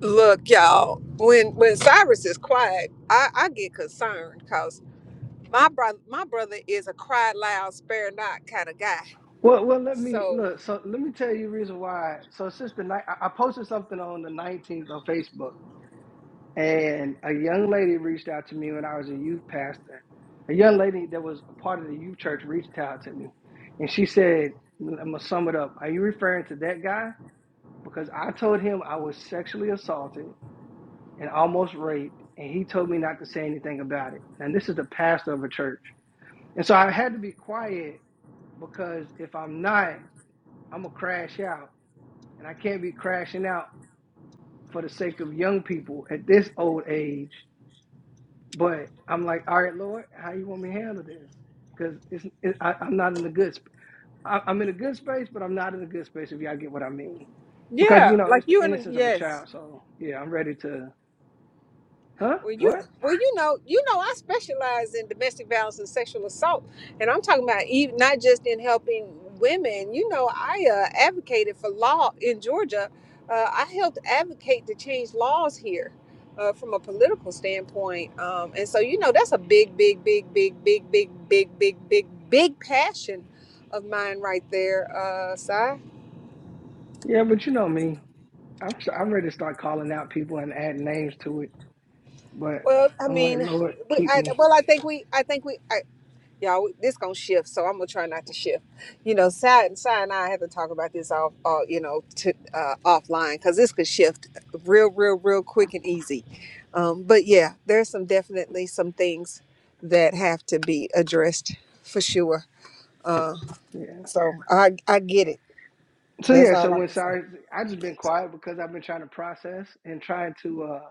[SPEAKER 2] Look, y'all, when when Cyrus is quiet, I, I get concerned because my brother my brother is a cry loud, spare not kind of guy.
[SPEAKER 6] Well, well, let me
[SPEAKER 2] So
[SPEAKER 6] look. So let me tell you the reason why. So since the night, I I posted something on the 19th on Facebook And a young lady reached out to me when I was a youth pastor. A young lady that was a part of the youth church reached out to me. And she said, I'm going to sum it up. Are you referring to that guy? Because I told him I was sexually assaulted and almost raped, and he told me not to say anything about it. And this is the pastor of a church. And so I had to be quiet because if I'm not, I'm going to crash out. And I can't be crashing out for the sake of young people at this old age But I'm like, all right, Lord, how you want me to handle this? Because it's it, I, I'm not in a good. Sp- I, I'm in a good space, but I'm not in a good space. If y'all get what I mean, because you
[SPEAKER 2] yeah,
[SPEAKER 6] know
[SPEAKER 2] like
[SPEAKER 6] it's the
[SPEAKER 2] you and
[SPEAKER 6] innocence of a
[SPEAKER 2] yes.
[SPEAKER 6] child. So yeah, I'm ready to. Huh?
[SPEAKER 2] Well, you
[SPEAKER 6] What?
[SPEAKER 2] well, you know, you know, I specialize in domestic violence and sexual assault, and I'm talking about even not just in helping women. You know, I uh, advocated for law in Georgia. Uh, I helped advocate to change laws here uh, from a political standpoint, um, and so you know, that's a big, big, big, big, big, big, big, big, big, big passion of mine right there, uh, Si.
[SPEAKER 6] Yeah, but you know me. I'm s- I'm ready to start calling out people and adding names to it. But
[SPEAKER 2] Well, I
[SPEAKER 6] I'm like,
[SPEAKER 2] mean,
[SPEAKER 6] Lord,
[SPEAKER 2] we,
[SPEAKER 6] keep
[SPEAKER 2] I,
[SPEAKER 6] me.
[SPEAKER 2] well, I think we, I think we, I, y'all this gonna shift so i'm gonna try not to shift you know side and side and i have to talk about this off uh, you know to uh, offline because this could shift real real real quick and easy um, but yeah there's some definitely some things that have to be addressed for sure uh,
[SPEAKER 6] Yeah.
[SPEAKER 2] so i i get it
[SPEAKER 6] So
[SPEAKER 2] that's
[SPEAKER 6] yeah.
[SPEAKER 2] all
[SPEAKER 6] So
[SPEAKER 2] i
[SPEAKER 6] when
[SPEAKER 2] can say
[SPEAKER 6] sorry, I just been quiet because I've been trying to process and trying to uh,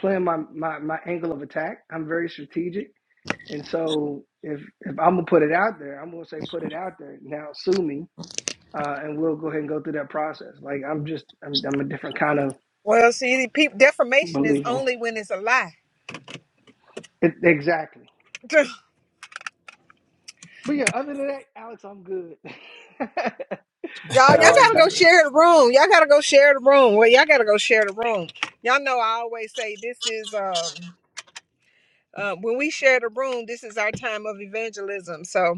[SPEAKER 6] plan my my my angle of attack. I'm very strategic And so if if I'm gonna put it out there, I'm gonna say put it out there. Now sue me, uh, and we'll go ahead and go through that process. Like I'm just I'm, I'm a different kind of
[SPEAKER 2] well see the defamation is
[SPEAKER 6] believer.
[SPEAKER 2] only when it's a lie
[SPEAKER 6] It, exactly. But yeah, other than that, Alex, I'm good.
[SPEAKER 2] Y'all, y'all
[SPEAKER 6] yeah,
[SPEAKER 1] Uh,
[SPEAKER 6] I'm
[SPEAKER 2] gotta go
[SPEAKER 6] good.
[SPEAKER 2] share the room. Y'all gotta go share the room. Well, y'all gotta go share the room. Y'all know I always say this is um uh, when we share the room, this is our time of evangelism. So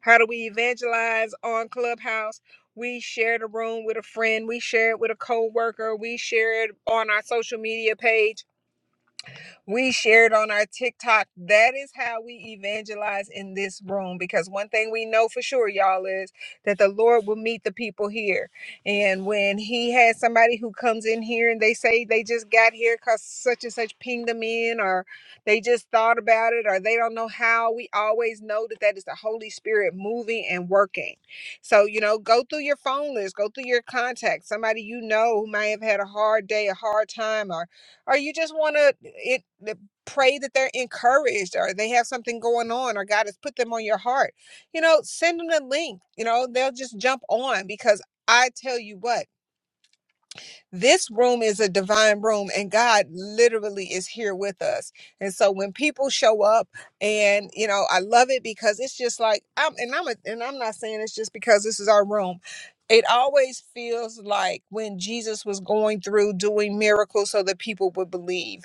[SPEAKER 2] how do we evangelize on Clubhouse? We share the room with a friend. We share it with a coworker. We share it on our social media page. We shared on our TikTok. That is how we evangelize in this room because one thing we know for sure, y'all, is that the Lord will meet the people here. And when He has somebody who comes in here and they say they just got here because such and such pinged them in, or they just thought about it, or they don't know how, we always know that that is the Holy Spirit moving and working. So, you know, go through your phone list, go through your contacts, somebody you know who may have had a hard day, a hard time, or or you just want to it pray that they're encouraged or they have something going on or God has put them on your heart. You know, send them the link. You know, they'll just jump on because I tell you what. This room is a divine room, and God literally is here with us. And so when people show up, and you know, I love it because it's just like I'm, and I'm, a, and I'm not saying it's just because this is our room. It always feels like when Jesus was going through doing miracles so that people would believe.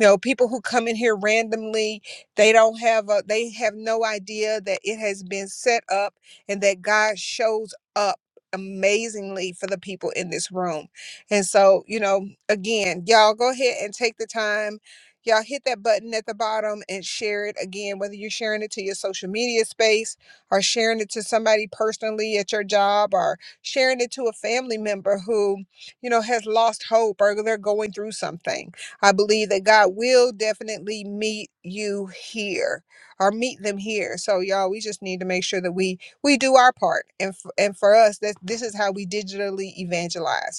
[SPEAKER 2] You know, people who come in here randomly, they don't have a, they have no idea that it has been set up and that God shows up amazingly for the people in this room. And so, you know, again, y'all go ahead and take the time. Y'all hit that button at the bottom and share it again, whether you're sharing it to your social media space or sharing it to somebody personally at your job or sharing it to a family member who, you know, has lost hope or they're going through something. I believe that God will definitely meet you here or meet them here. So y'all, we just need to make sure that we we do our part. And f- and for us, that this is how we digitally evangelize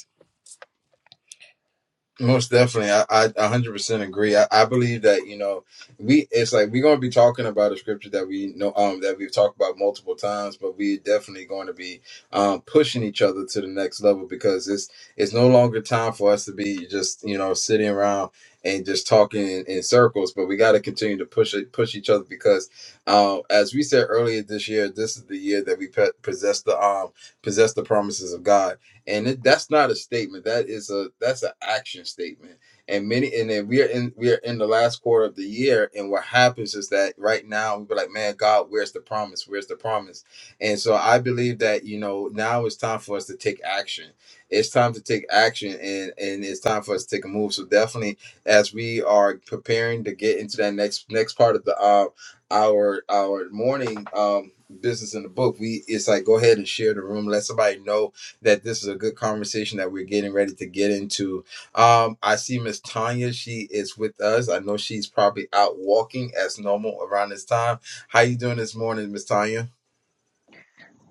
[SPEAKER 1] Most definitely, I a hundred percent agree. I, I believe that you know we it's like we're gonna be talking about a scripture that we know um that we've talked about multiple times, but we're definitely going to be um pushing each other to the next level because it's it's no longer time for us to be just you know sitting around and just talking in, in circles, but we got to continue to push it push each other because um as we said earlier this year, this is the year that we pe- possess the um possess the promises of God and it, that's not a statement that is a that's an action statement and many and then we are in we are in the last quarter of the year and what happens is that right now we're like man god where's the promise where's the promise and so i believe that you know now it's time for us to take action it's time to take action and and it's time for us to take a move so definitely as we are preparing to get into that next next part of the uh our our morning um business in the book we it's like go ahead and share the room let somebody know that this is a good conversation that we're getting ready to get into. Um, I see Miss Tanya; she is with us. I know she's probably out walking as normal around this time. How you doing this morning, Miss Tanya?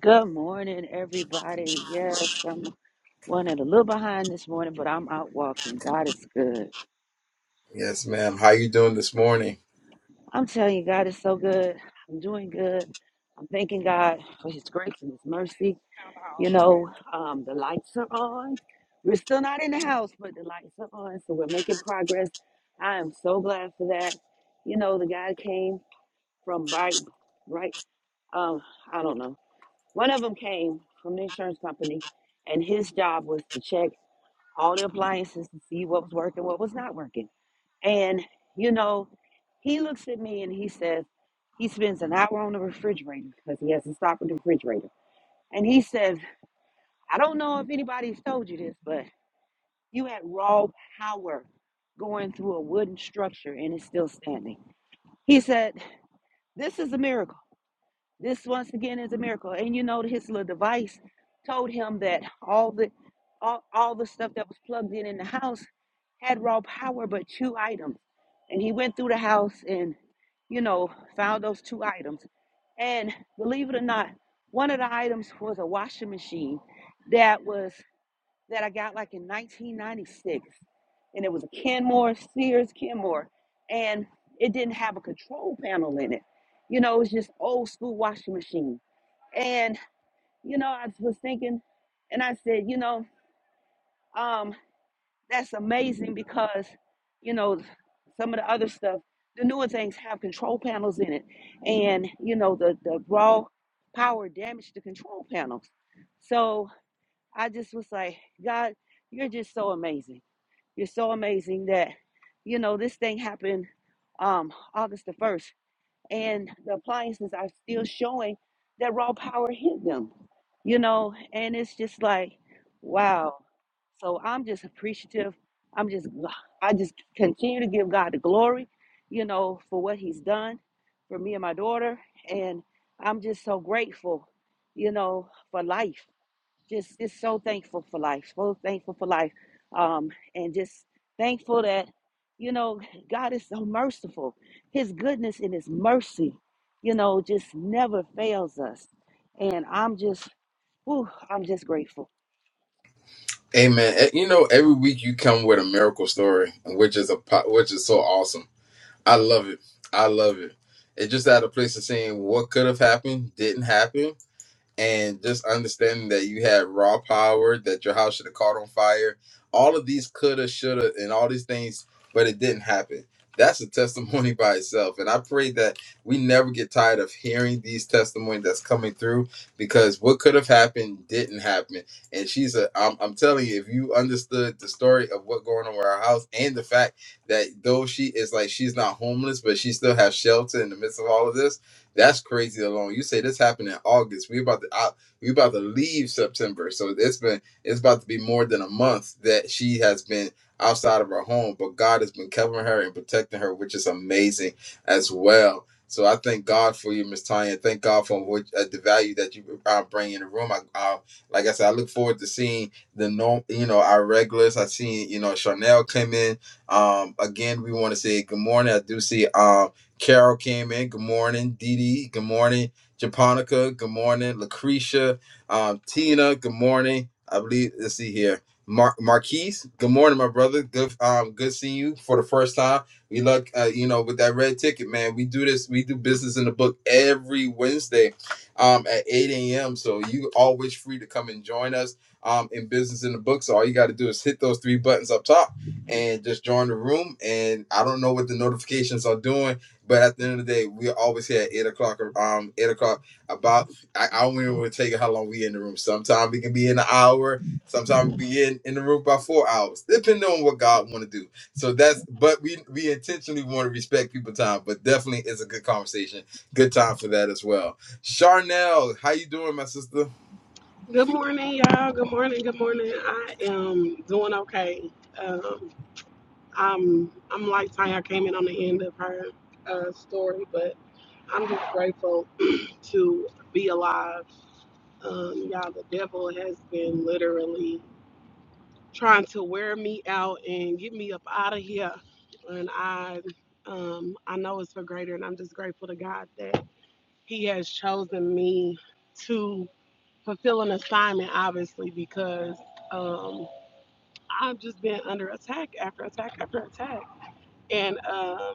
[SPEAKER 7] Good morning, everybody. Yes, I'm running a little behind this morning, but I'm out walking. God is good.
[SPEAKER 1] Yes, ma'am. How you doing this morning?
[SPEAKER 7] I'm telling you, God is so good. I'm doing good. I'm thanking God for His grace and His mercy. You know, um, the lights are on. We're still not in the house, but the lights are on, so we're making progress. I am so glad for that. You know, the guy came from right, right. Um, I don't know. One of them came from the insurance company, and his job was to check. all the appliances to see what was working, what was not working. And, you know, he looks at me and he says, he spends an hour on the refrigerator because he has to stop at the refrigerator. And he says, I don't know if anybody's told you this, but you had raw power going through a wooden structure and it's still standing. He said, This is a miracle. This once again is a miracle. And you know his little device told him that all the all, all the stuff that was plugged in in the house had raw power but two items. And he went through the house and you know found those two items. And believe it or not, one of the items was a washing machine that was that I got like in 1996, and it was a Kenmore, Sears Kenmore, and it didn't have a control panel in it. You know, it was just old school washing machine. And you know, I was thinking, and I said, you know, um, that's amazing because, you know, some of the other stuff, the newer things have control panels in it, and you know, the the raw power damaged the control panels. So I just was like, God, you're just so amazing you're so amazing that, you know, this thing happened um, August the 1st, and the appliances are still showing that raw power hit them, you know, and it's just like, wow. So I'm just appreciative. I'm just, I just continue to give God the glory, you know, for what He's done for me and my daughter. And I'm just so grateful, you know, for life just just so thankful for life so thankful for life um and just thankful that you know god is so merciful his goodness and his mercy you know just never fails us and i'm just whew, i'm just grateful
[SPEAKER 1] Amen. Eh, You know, every week you come with a miracle story, which is a po- which is so awesome. I love it. I love it. It's just at a place of saying what could have happened didn't happen, and just understanding that you had raw power, that your house should have caught on fire. All of these coulda, shoulda, and all these things, but it didn't happen. That's a testimony by itself. And I pray that we never get tired of hearing these testimonies that's coming through because what could have happened didn't happen. And she's a, I'm, I'm telling you, if you understood the story of what going on with our house and the fact that though she is like, she's not homeless, but she still has shelter in the midst of all of this, that's crazy alone. You say this happened in August. We about to out, we about to leave September. So it's been it's about to be more than a month that she has been outside of her home, but God has been covering her and protecting her, which is amazing as well. So I thank God for you, Miss Tanya. Thank God for what uh, the value that you uh, bring in the room. I, I, like I said, I look forward to seeing the norm, you know, our regulars. I seen you know Chanel came in. Um, again, we want to say good morning. I do see. Um, Carol came in. Good morning, Dee Dee. Good morning, Japonica. Good morning, Lucretia. Um, Tina. Good morning. I believe. Let's see here. Mar- Marquise. Good morning, my brother. Good. Um, good seeing you for the first time. We look. Uh, you know, with that red ticket, man. We do this. We do business in the book every Wednesday, um, at 8 a.m. So you always free to come and join us. Um, in business in the book. So all you got to do is hit those three buttons up top and just join the room. And I don't know what the notifications are doing but at the end of the day, we always here at eight o'clock. Um, eight o'clock. About I, I don't even take how long we in the room. Sometimes we can be in an hour. Sometimes we be in, in the room by four hours, depending on what God want to do. So that's. But we we intentionally want to respect people's time. But definitely, it's a good conversation. Good time for that as well. Charnel, how you doing, my sister?
[SPEAKER 8] Good morning, y'all. Good morning. Good morning. I am doing okay. Um, I'm I'm like Tanya. I came in on the end of her uh, story, but I'm just grateful to be alive. Um, y'all, the devil has been literally trying to wear me out and get me up out of here, and I um, I know it's for greater, and I'm just grateful to God that He has chosen me to fulfill an assignment, obviously, because. Um, I've just been under attack after attack after attack. And um,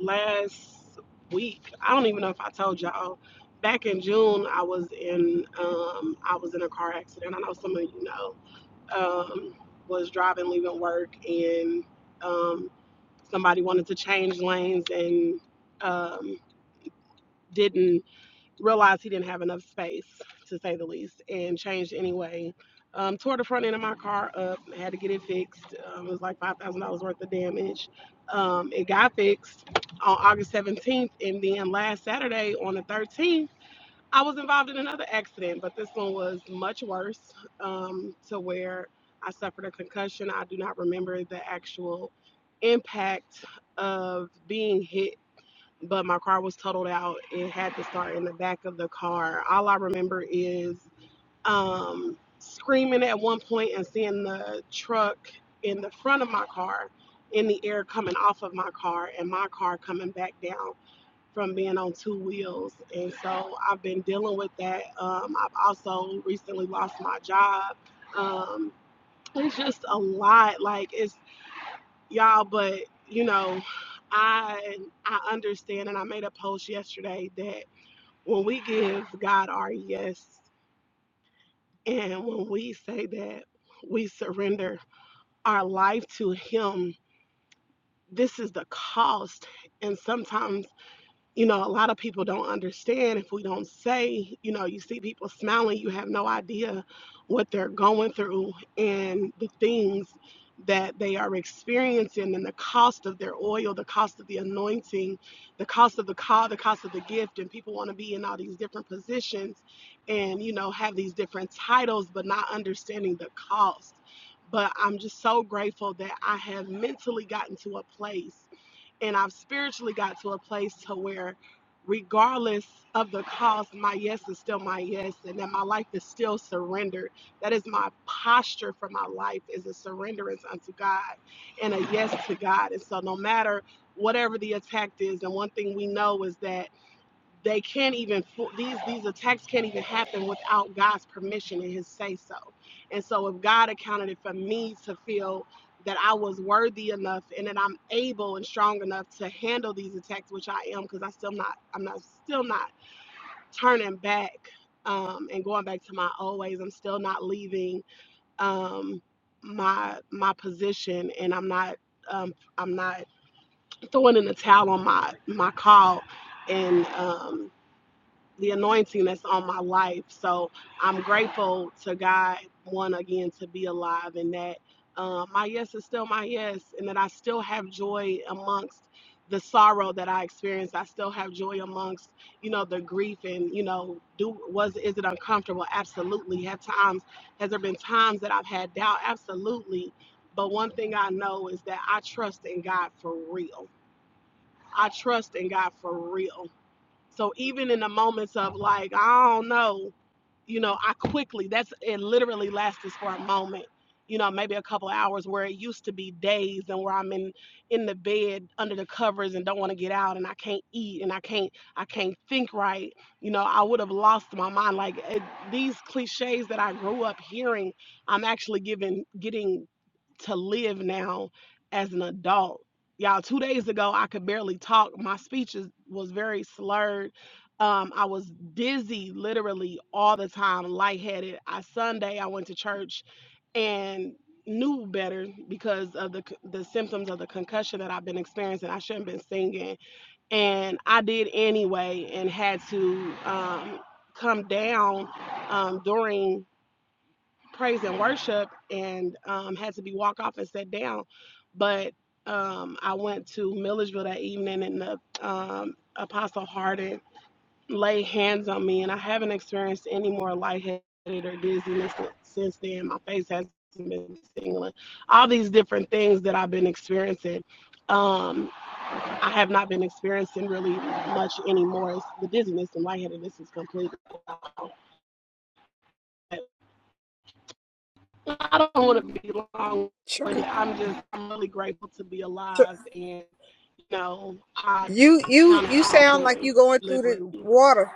[SPEAKER 8] last week, I don't even know if I told y'all. Back in June, I was in um, I was in a car accident. I know some of you know. Um, was driving, leaving work, and um, somebody wanted to change lanes and um, didn't realized he didn't have enough space, to say the least, and changed anyway. Um, tore the front end of my car up, had to get it fixed. Um, it was like $5,000 worth of damage. Um, it got fixed on August 17th, and then last Saturday on the 13th, I was involved in another accident, but this one was much worse um, to where I suffered a concussion. I do not remember the actual impact of being hit but my car was totaled out. It had to start in the back of the car. All I remember is um, screaming at one point and seeing the truck in the front of my car in the air coming off of my car and my car coming back down from being on two wheels. And so I've been dealing with that. Um, I've also recently lost my job. Um, it's just a lot. Like it's y'all but you know i i understand and i made a post yesterday that when we give god our yes and when we say that we surrender our life to him this is the cost and sometimes you know, a lot of people don't understand if we don't say, you know, you see people smiling, you have no idea what they're going through and the things that they are experiencing and the cost of their oil, the cost of the anointing, the cost of the call, the cost of the gift. And people want to be in all these different positions and, you know, have these different titles, but not understanding the cost. But I'm just so grateful that I have mentally gotten to a place and I've spiritually got to a place to where regardless of the cost, my yes is still my yes and that my life is still surrendered. That is my posture for my life is a surrenderance unto God and a yes to God. And so no matter whatever the attack is, and one thing we know is that they can't even these these attacks can't even happen without God's permission and His say so. And so, if God accounted it for me to feel that I was worthy enough and that I'm able and strong enough to handle these attacks, which I am, because I still not I'm not still not turning back um, and going back to my old ways. I'm still not leaving um, my my position, and I'm not um, I'm not throwing in the towel on my my call and um, the anointing that's on my life. So I'm grateful to God, one again, to be alive and that uh, my yes is still my yes and that I still have joy amongst the sorrow that I experienced. I still have joy amongst, you know, the grief and, you know, do was is it uncomfortable? Absolutely. Have times has there been times that I've had doubt? Absolutely. But one thing I know is that I trust in God for real. I trust in God for real so even in the moments of like, I don't know, you know, I quickly, that's it literally lasted for a moment, you know, maybe a couple hours where it used to be days and where I'm in in the bed under the covers and don't want to get out and I can't eat and I can't I can't think right. You know, I would have lost my mind. Like it, these cliches that I grew up hearing, I'm actually given getting to live now as an adult. Y'all, two days ago I could barely talk. My speech is, was very slurred um, I was dizzy literally all the time, lightheaded. I Sunday I went to church and knew better because of the c- the symptoms of the concussion that I've been experiencing. I shouldn't have been singing, and I did anyway, and had to um, come down um, during praise and worship, and um, had to be walked off and set down. But um, I went to Millersville that evening, and the um, Apostle Harden lay hands on me, and I haven't experienced any more lightheaded or dizziness since then. My face hasn't been tingling. All these different things that I've been experiencing, um, I have not been experiencing really much anymore. It's the dizziness and lightheadedness is completely. gone. I don't want to be long
[SPEAKER 2] Sure.
[SPEAKER 8] winded. I'm just I'm really grateful to be
[SPEAKER 2] Sure.
[SPEAKER 8] alive, and you know I,
[SPEAKER 2] You
[SPEAKER 8] I
[SPEAKER 2] you
[SPEAKER 8] count
[SPEAKER 2] you
[SPEAKER 8] it all
[SPEAKER 2] sound like
[SPEAKER 8] joy,
[SPEAKER 2] you going through
[SPEAKER 8] literally.
[SPEAKER 2] the water.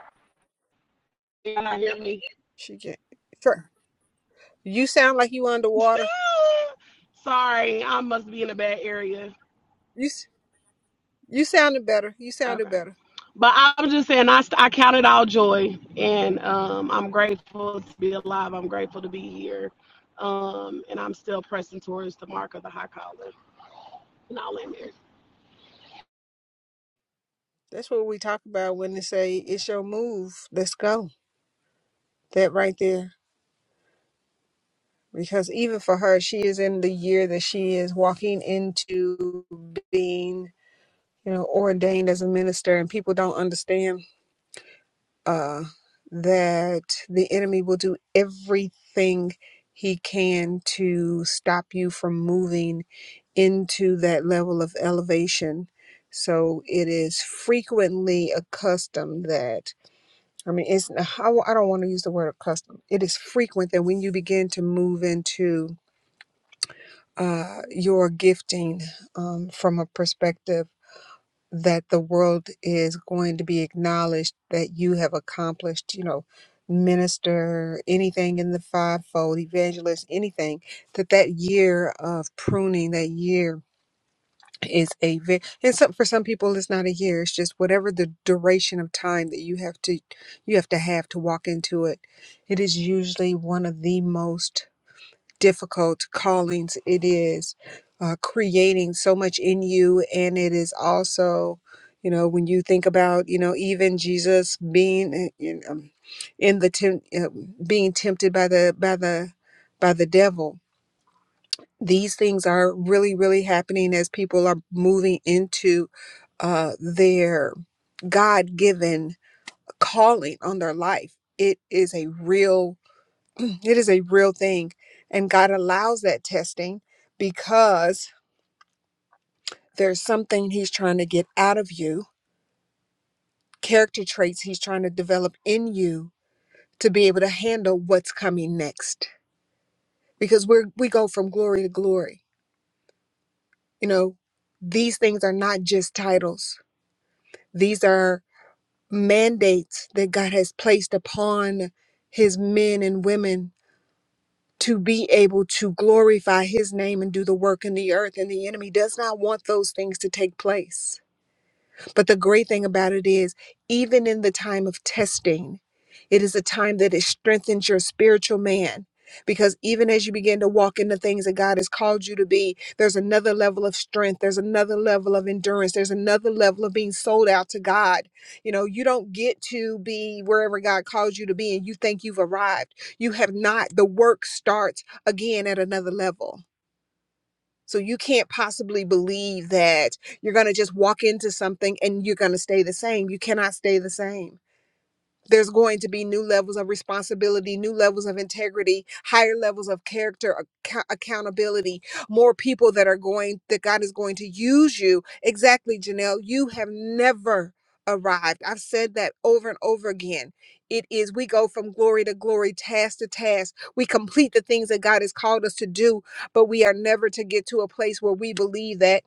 [SPEAKER 8] Can I hear me?
[SPEAKER 2] She can't. Sure. You sound like you underwater.
[SPEAKER 8] Sorry, I must be in a bad area.
[SPEAKER 2] You s- you sounded better. You sounded
[SPEAKER 8] Okay.
[SPEAKER 2] better.
[SPEAKER 8] But I'm just saying, I, I count it all joy. And um, I'm grateful to be alive. I'm grateful to be here. Um, and I'm still pressing towards the mark of the high calling. And I'll end there.
[SPEAKER 2] That's what we talk about when they say it's your move. Let's go. That right there. Because even for her, she is in the year that she is walking into being, you know, ordained as a minister, and people don't understand uh, that the enemy will do everything he can to stop you from moving into that level of elevation. So it is frequently accustomed that, I mean, it's, how I don't want to use the word accustomed. It is frequent that when you begin to move into uh, your gifting um, from a perspective that the world is going to be acknowledged that you have accomplished, you know, minister, anything in the fivefold, evangelist, anything, that that year of pruning, that year is a ve- and some for some people it's not a year it's just whatever the duration of time that you have to you have to have to walk into it it is usually one of the most difficult callings it is uh, creating so much in you and it is also you know when you think about you know even jesus being in, in, um, in the temp- uh, being tempted by the by the by the devil these things are really really happening as people are moving into uh, their god-given calling on their life it is a real it is a real thing. And God allows that testing because there's something He's trying to get out of you, character traits He's trying to develop in you to be able to handle what's coming next. Because we're we go from glory to glory. You know, these things are not just titles. These are mandates that God has placed upon his men and women to be able to glorify his name and do the work in the earth. And the enemy does not want those things to take place. But the great thing about it is, even in the time of testing, it is a time that it strengthens your spiritual man. Because even as you begin to walk in the things that God has called you to be, there's another level of strength. There's another level of endurance. There's another level of being sold out to God. You know, you don't get to be wherever God calls you to be and you think you've arrived. You have not. The work starts again at another level. So you can't possibly believe that you're going to just walk into something and you're going to stay the same. You cannot stay the same there's going to be new levels of responsibility, new levels of integrity, higher levels of character, acco- accountability, more people that are going, that God is going to use you. Exactly, Janelle. You have never arrived. I've said that over and over again. It is, we go from glory to glory, task to task. We complete the things that God has called us to do, but we are never to get to a place where we believe that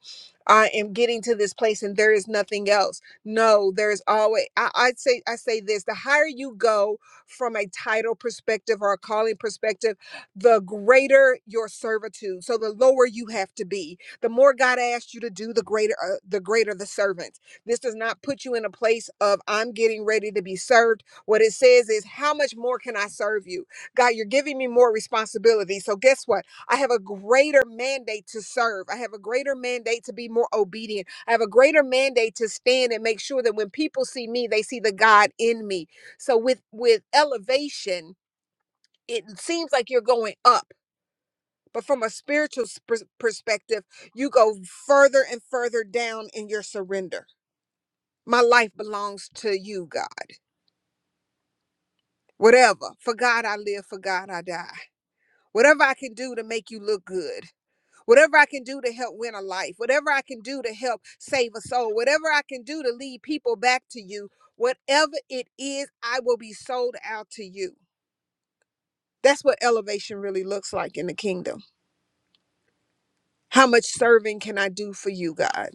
[SPEAKER 2] I am getting to this place and there is nothing else no, there's always I, I'd say I say this the higher you go from a title perspective or a calling perspective, the greater your servitude. So the lower you have to be. The more God asks you to do, the greater uh, the greater the servant. This does not put you in a place of I'm getting ready to be served. What it says is how much more can I serve you? God, you're giving me more responsibility. So guess what? I have a greater mandate to serve. I have a greater mandate to be more obedient. I have a greater mandate to stand and make sure that when people see me, they see the God in me. So with with elevation, it seems like you're going up, but from a spiritual pers- perspective, you go further and further down in your surrender. My life belongs to you, God. Whatever. For God I live, for God I die. Whatever I can do to make you look good. Whatever I can do to help win a life, whatever I can do to help save a soul, whatever I can do to lead people back to you, whatever it is, I will be sold out to you. That's what elevation really looks like in the kingdom. How much serving can I do for you, God?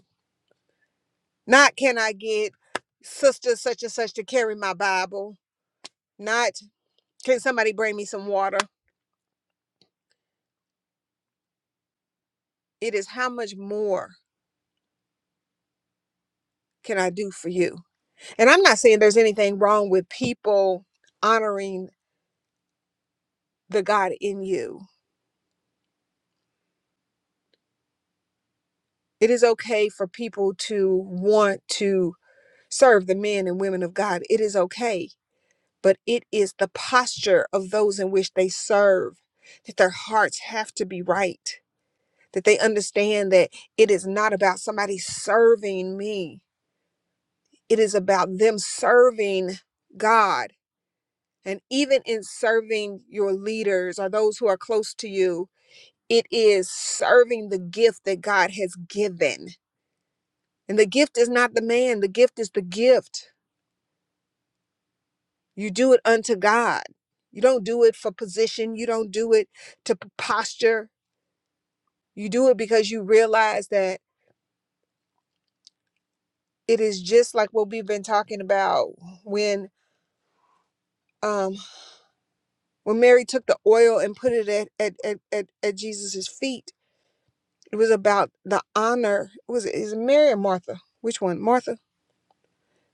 [SPEAKER 2] Not can I get sister such and such to carry my Bible? Not can somebody bring me some water? It is how much more can I do for you? And I'm not saying there's anything wrong with people honoring the God in you It is okay for people to want to serve the men and women of God. It is okay. But it is the posture of those in which they serve that their hearts have to be right, that they understand that it is not about somebody serving me, it is about them serving God. And even in serving your leaders or those who are close to you, it is serving the gift that God has given And the gift is not the man, the gift is the gift. You do it unto God. You don't do it for position, you don't do it to p- posture. You do it because you realize that it is just like what we've been talking about when um when Mary took the oil and put it at at at, at, at Jesus' feet. It was about the honor. Was it is it Mary or Martha? Which one? Martha?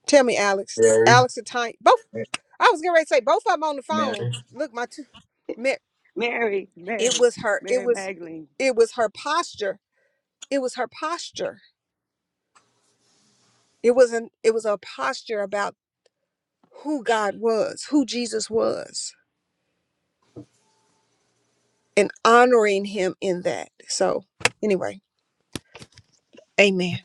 [SPEAKER 2] Tell me, Alex.
[SPEAKER 1] Mary,
[SPEAKER 2] Alex or Tanya? Both. I was getting ready to say both of them on the phone.
[SPEAKER 1] Mary.
[SPEAKER 2] Look, my two.
[SPEAKER 7] mary
[SPEAKER 2] it
[SPEAKER 7] mary
[SPEAKER 2] was her it
[SPEAKER 7] mary
[SPEAKER 2] was
[SPEAKER 7] magdalene
[SPEAKER 2] it was her posture it was her posture it wasn't it was a posture about who god was who jesus was and honoring him in that so anyway amen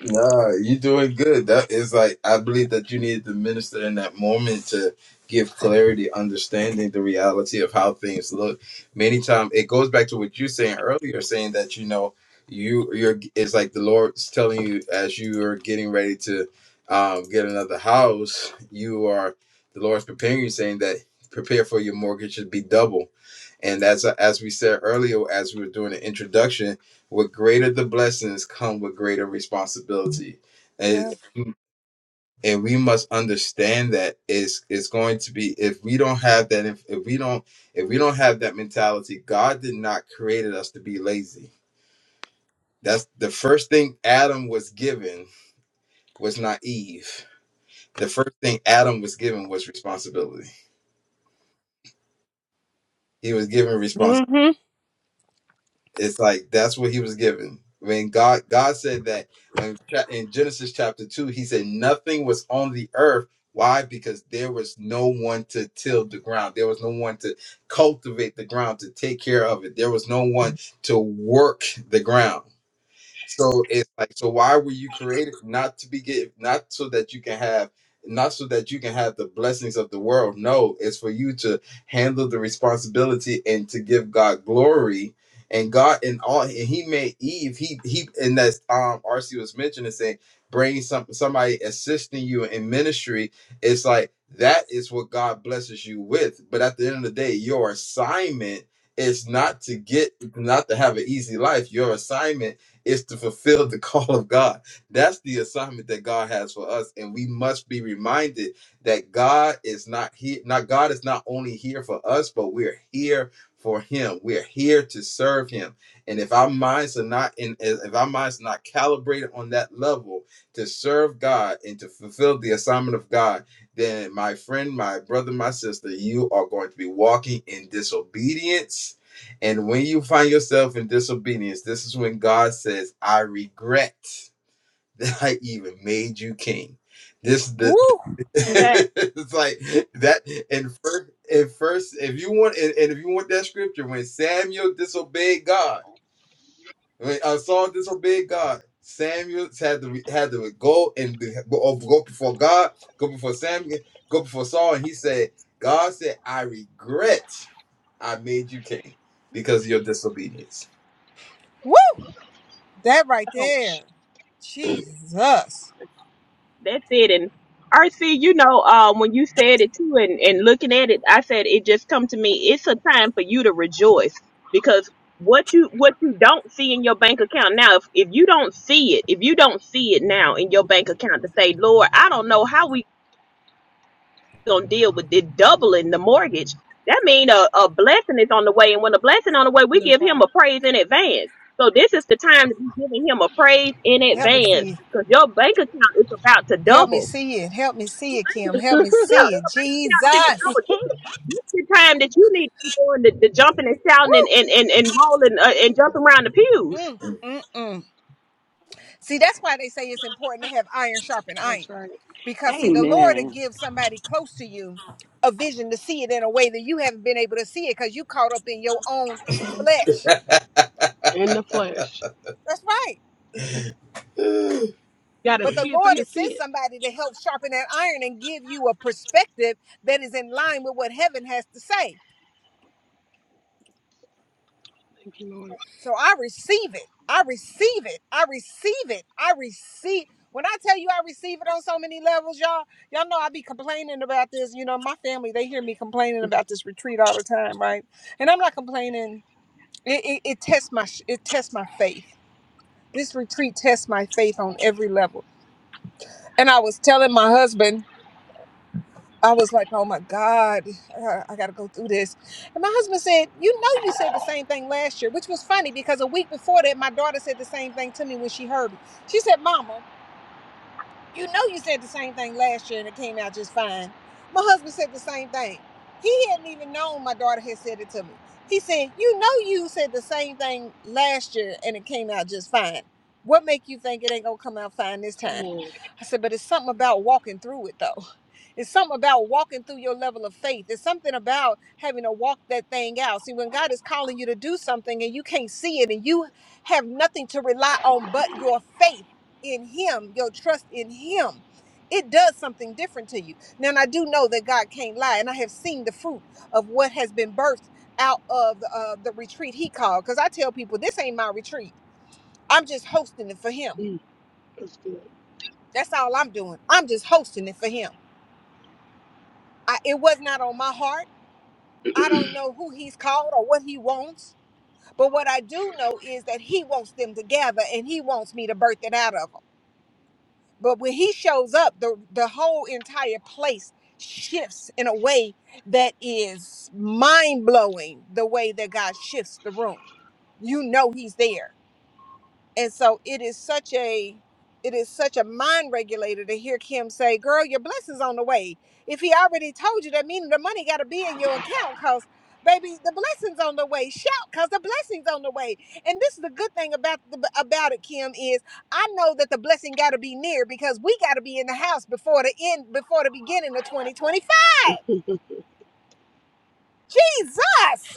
[SPEAKER 1] Nah, you're doing good. That is like I believe that you needed the minister in that moment to give clarity, understanding the reality of how things look. Many times it goes back to what you saying earlier, saying that you know you you're it's like the Lord's telling you as you are getting ready to um, get another house, you are the Lord's preparing you, saying that prepare for your mortgage to be double. And that's as we said earlier, as we were doing the introduction with greater the blessings come with greater responsibility. And,
[SPEAKER 2] Yeah.
[SPEAKER 1] and we must understand that it's, it's going to be if we don't have that if, if we don't if we don't have that mentality, God did not created us to be lazy. That's the first thing Adam was given was not Eve. The first thing Adam was given was responsibility. He was given
[SPEAKER 2] mm hmm
[SPEAKER 1] It's like that's what he was given. When God God said that um, cha- in Genesis chapter two, he said nothing was on the earth. Why? Because there was no one to till the ground. There was no one to cultivate the ground, to take care of it. There was no one to work the ground. So it's like, so why were you created not to be get not so that you can have not so that you can have the blessings of the world. No, it's for you to handle the responsibility and to give God glory. And God and all and he made Eve, he he and that's um RC was mentioning saying bring some somebody assisting you in ministry. It's like that is what God blesses you with. But at the end of the day, your assignment is not to get not to have an easy life. Your assignment is to fulfill the call of God. That's the assignment that God has for us, and we must be reminded that God is not here. Not God is not only here for us, but we're here for Him. We're here to serve Him. And if our minds are not in, if our minds are not calibrated on that level to serve God and to fulfill the assignment of God, then my friend, my brother, my sister, you are going to be walking in disobedience and when you find yourself in disobedience, this is when God says, I regret that I even made you king. This the
[SPEAKER 2] Woo.
[SPEAKER 8] That,
[SPEAKER 1] it's like that and first and first if you want and, and if you want that scripture, when Samuel disobeyed God, when uh, Saul disobeyed God, Samuel had to had to go and be, go, oh, go before God, go before Samuel, go before Saul, and he said, God said, I regret I made you king because of your disobedience.
[SPEAKER 2] Woo. That right
[SPEAKER 8] ouch.
[SPEAKER 2] there. Jesus.
[SPEAKER 3] That's it. And RC, you know, um, when you said it too, and, and looking at it, I said it just come to me. It's a time for you to rejoice because what you what you don't see in your bank account now, if if you don't see it, if you don't see it now in your bank account to say, Lord, I don't know how we gonna deal with this doubling the mortgage. That mean a, a blessing is on the way, and when a blessing on the way, we
[SPEAKER 8] That's
[SPEAKER 3] give him a
[SPEAKER 8] right.
[SPEAKER 3] praise in advance. So this is the time to be giving him a praise in
[SPEAKER 2] Help me
[SPEAKER 3] advance
[SPEAKER 2] see.
[SPEAKER 3] because your bank account is about to
[SPEAKER 2] Help me
[SPEAKER 3] double
[SPEAKER 2] see it. Help me see it, Kim. Help me see it.
[SPEAKER 3] not finna go.
[SPEAKER 2] Jesus.
[SPEAKER 3] This is the time that you need to be doing the, the jumping and shouting and,
[SPEAKER 2] Woo.
[SPEAKER 3] and, and, and rolling uh, and jumping around the pews.
[SPEAKER 2] Mm, mm, mm. See, that's why they say it's important to have iron sharpen iron.
[SPEAKER 8] That's right.
[SPEAKER 2] Because, see, the Lord will
[SPEAKER 7] amen
[SPEAKER 2] give somebody close to you a vision to see it in a way that you haven't been able to see it because you caught up in your own flesh.
[SPEAKER 8] In the flesh.
[SPEAKER 2] That's right.
[SPEAKER 8] Got to
[SPEAKER 2] But the
[SPEAKER 8] see it for
[SPEAKER 2] Lord
[SPEAKER 8] you
[SPEAKER 2] has
[SPEAKER 8] see
[SPEAKER 2] sent
[SPEAKER 8] it.
[SPEAKER 2] somebody to help sharpen that iron and give you a perspective that is in line with what heaven has to say.
[SPEAKER 8] Thank you, Lord.
[SPEAKER 2] So I receive it. I receive it. I receive it. I receive. When I tell you I receive it on so many levels, y'all, y'all know I be complaining about this. You know, my family, they hear me complaining about this retreat all the time, right? And I'm not complaining. It, it, it tests my sh- it tests my faith. This retreat tests my faith on every level. And I was telling my husband I was like, oh my God, uh, I got to go through this. And my husband said, You know, you said the same thing last year, which was funny because a week before that, my daughter said the same thing to me when she heard me. She said, Mama, you know, you said the same thing last year and it came out just fine. My husband said the same thing. He hadn't even known my daughter had said it to me. He said, "You know, you said the same thing last year and it came out just fine. What make you think it ain't gonna come out fine this
[SPEAKER 8] Come
[SPEAKER 2] time?"
[SPEAKER 8] on.
[SPEAKER 2] I said, "But it's something about walking through it, though. It's something about walking through your level of faith. It's something about having to walk that thing out. See, when God is calling you to do something and you can't see it and you have nothing to rely on but your faith." in him, your trust in him, it does something different to you. Now, and I do know that God can't lie, and I have seen the fruit of what has been birthed out of uh, the retreat he called. Because I tell people, this ain't my retreat. I'm just hosting it for him.
[SPEAKER 8] Mm, that's good.
[SPEAKER 2] That's all I'm doing. I'm just hosting it for him. I, it was not on my heart. I don't know who he's called or what he wants. But what I do know is that he wants them to gather and he wants me to birth it out of them. But when he shows up, the the whole entire place shifts in a way that is mind blowing. The way that God shifts the room, you know he's there and so it is such a it is such a mind regulator to hear kim say girl your blessings on the way if he already told you that meaning the money got to be in your account cause baby the blessings on the way shout cause the blessings on the way and this is the good thing about the about it kim is i know that the blessing got to be near because we got to be in the house before the end before the beginning of 2025 jesus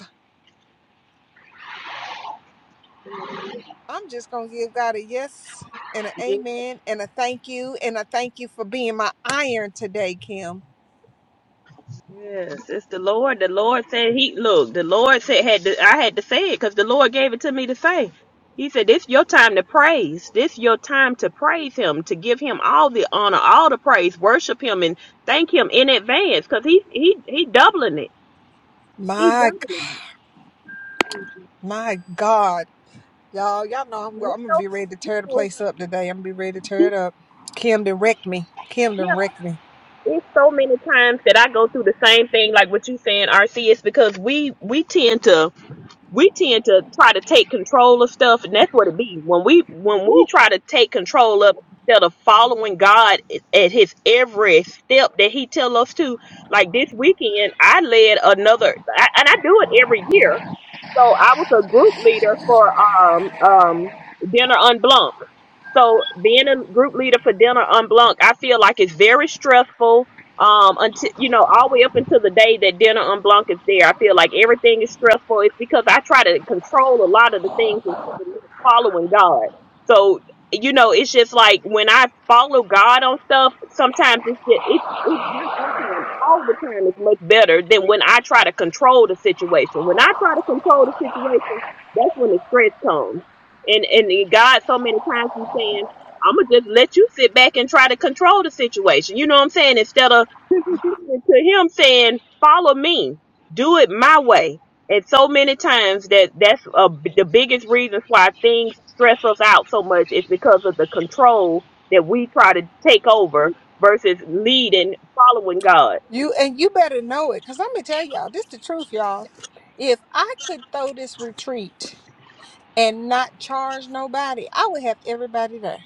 [SPEAKER 2] I'm just gonna give God a yes and an
[SPEAKER 3] Yes,
[SPEAKER 2] amen and a thank you and a thank you for being my iron today, Kim.
[SPEAKER 3] yes, it's the Lord. The Lord said He look. The Lord said had to, I had to say it because the Lord gave it to me to say. He said, "This your time to praise. This your time to praise Him, to give Him all the honor, all the praise, worship Him, and thank Him in advance because He He He doubling it. He
[SPEAKER 2] My g-
[SPEAKER 3] doubling it.
[SPEAKER 2] my God, y'all, y'all know I'm,
[SPEAKER 3] And it's
[SPEAKER 2] I'm gonna be ready to tear the
[SPEAKER 3] so-
[SPEAKER 2] place up today. I'm gonna be ready to tear it up. Kim done wrecked me. Kim
[SPEAKER 3] Yeah."
[SPEAKER 2] done wrecked me.
[SPEAKER 3] it's so many times that I go through the same thing, like what you saying, RC. It's because we we tend to we tend to try to take control of stuff, and that's what it be when we when we try to take control of instead of following God at His every step that He tell us to. Like this weekend, I led another, I, and I do it every year. So I was a group leader for um um dinner unblunked so being a group leader for dinner on Blanc, I feel like it's very stressful. Um, until you know, all the way up until the day that dinner on Blanc is there, I feel like everything is stressful. It's because I try to control a lot of the things and following God. So you know, it's just like when I follow God on stuff, sometimes it's just, it's, it's not sometimes all the time it's much better than when I try to control the situation. When I try to control the situation, that's when the stress comes and and God so many times he's saying, I'ma just let you sit back and try to control the situation. You know what I'm saying? Instead of
[SPEAKER 8] Woo.
[SPEAKER 3] to him saying, Follow me, do it my way. And so many times that that's uh, the biggest reasons why things stress us out so much is because of the control that we try to take over versus leading, following God.
[SPEAKER 2] You and you better know it, cause I'm gonna tell y'all this the truth, y'all. If I could throw this retreat and not charge nobody, I would have everybody there.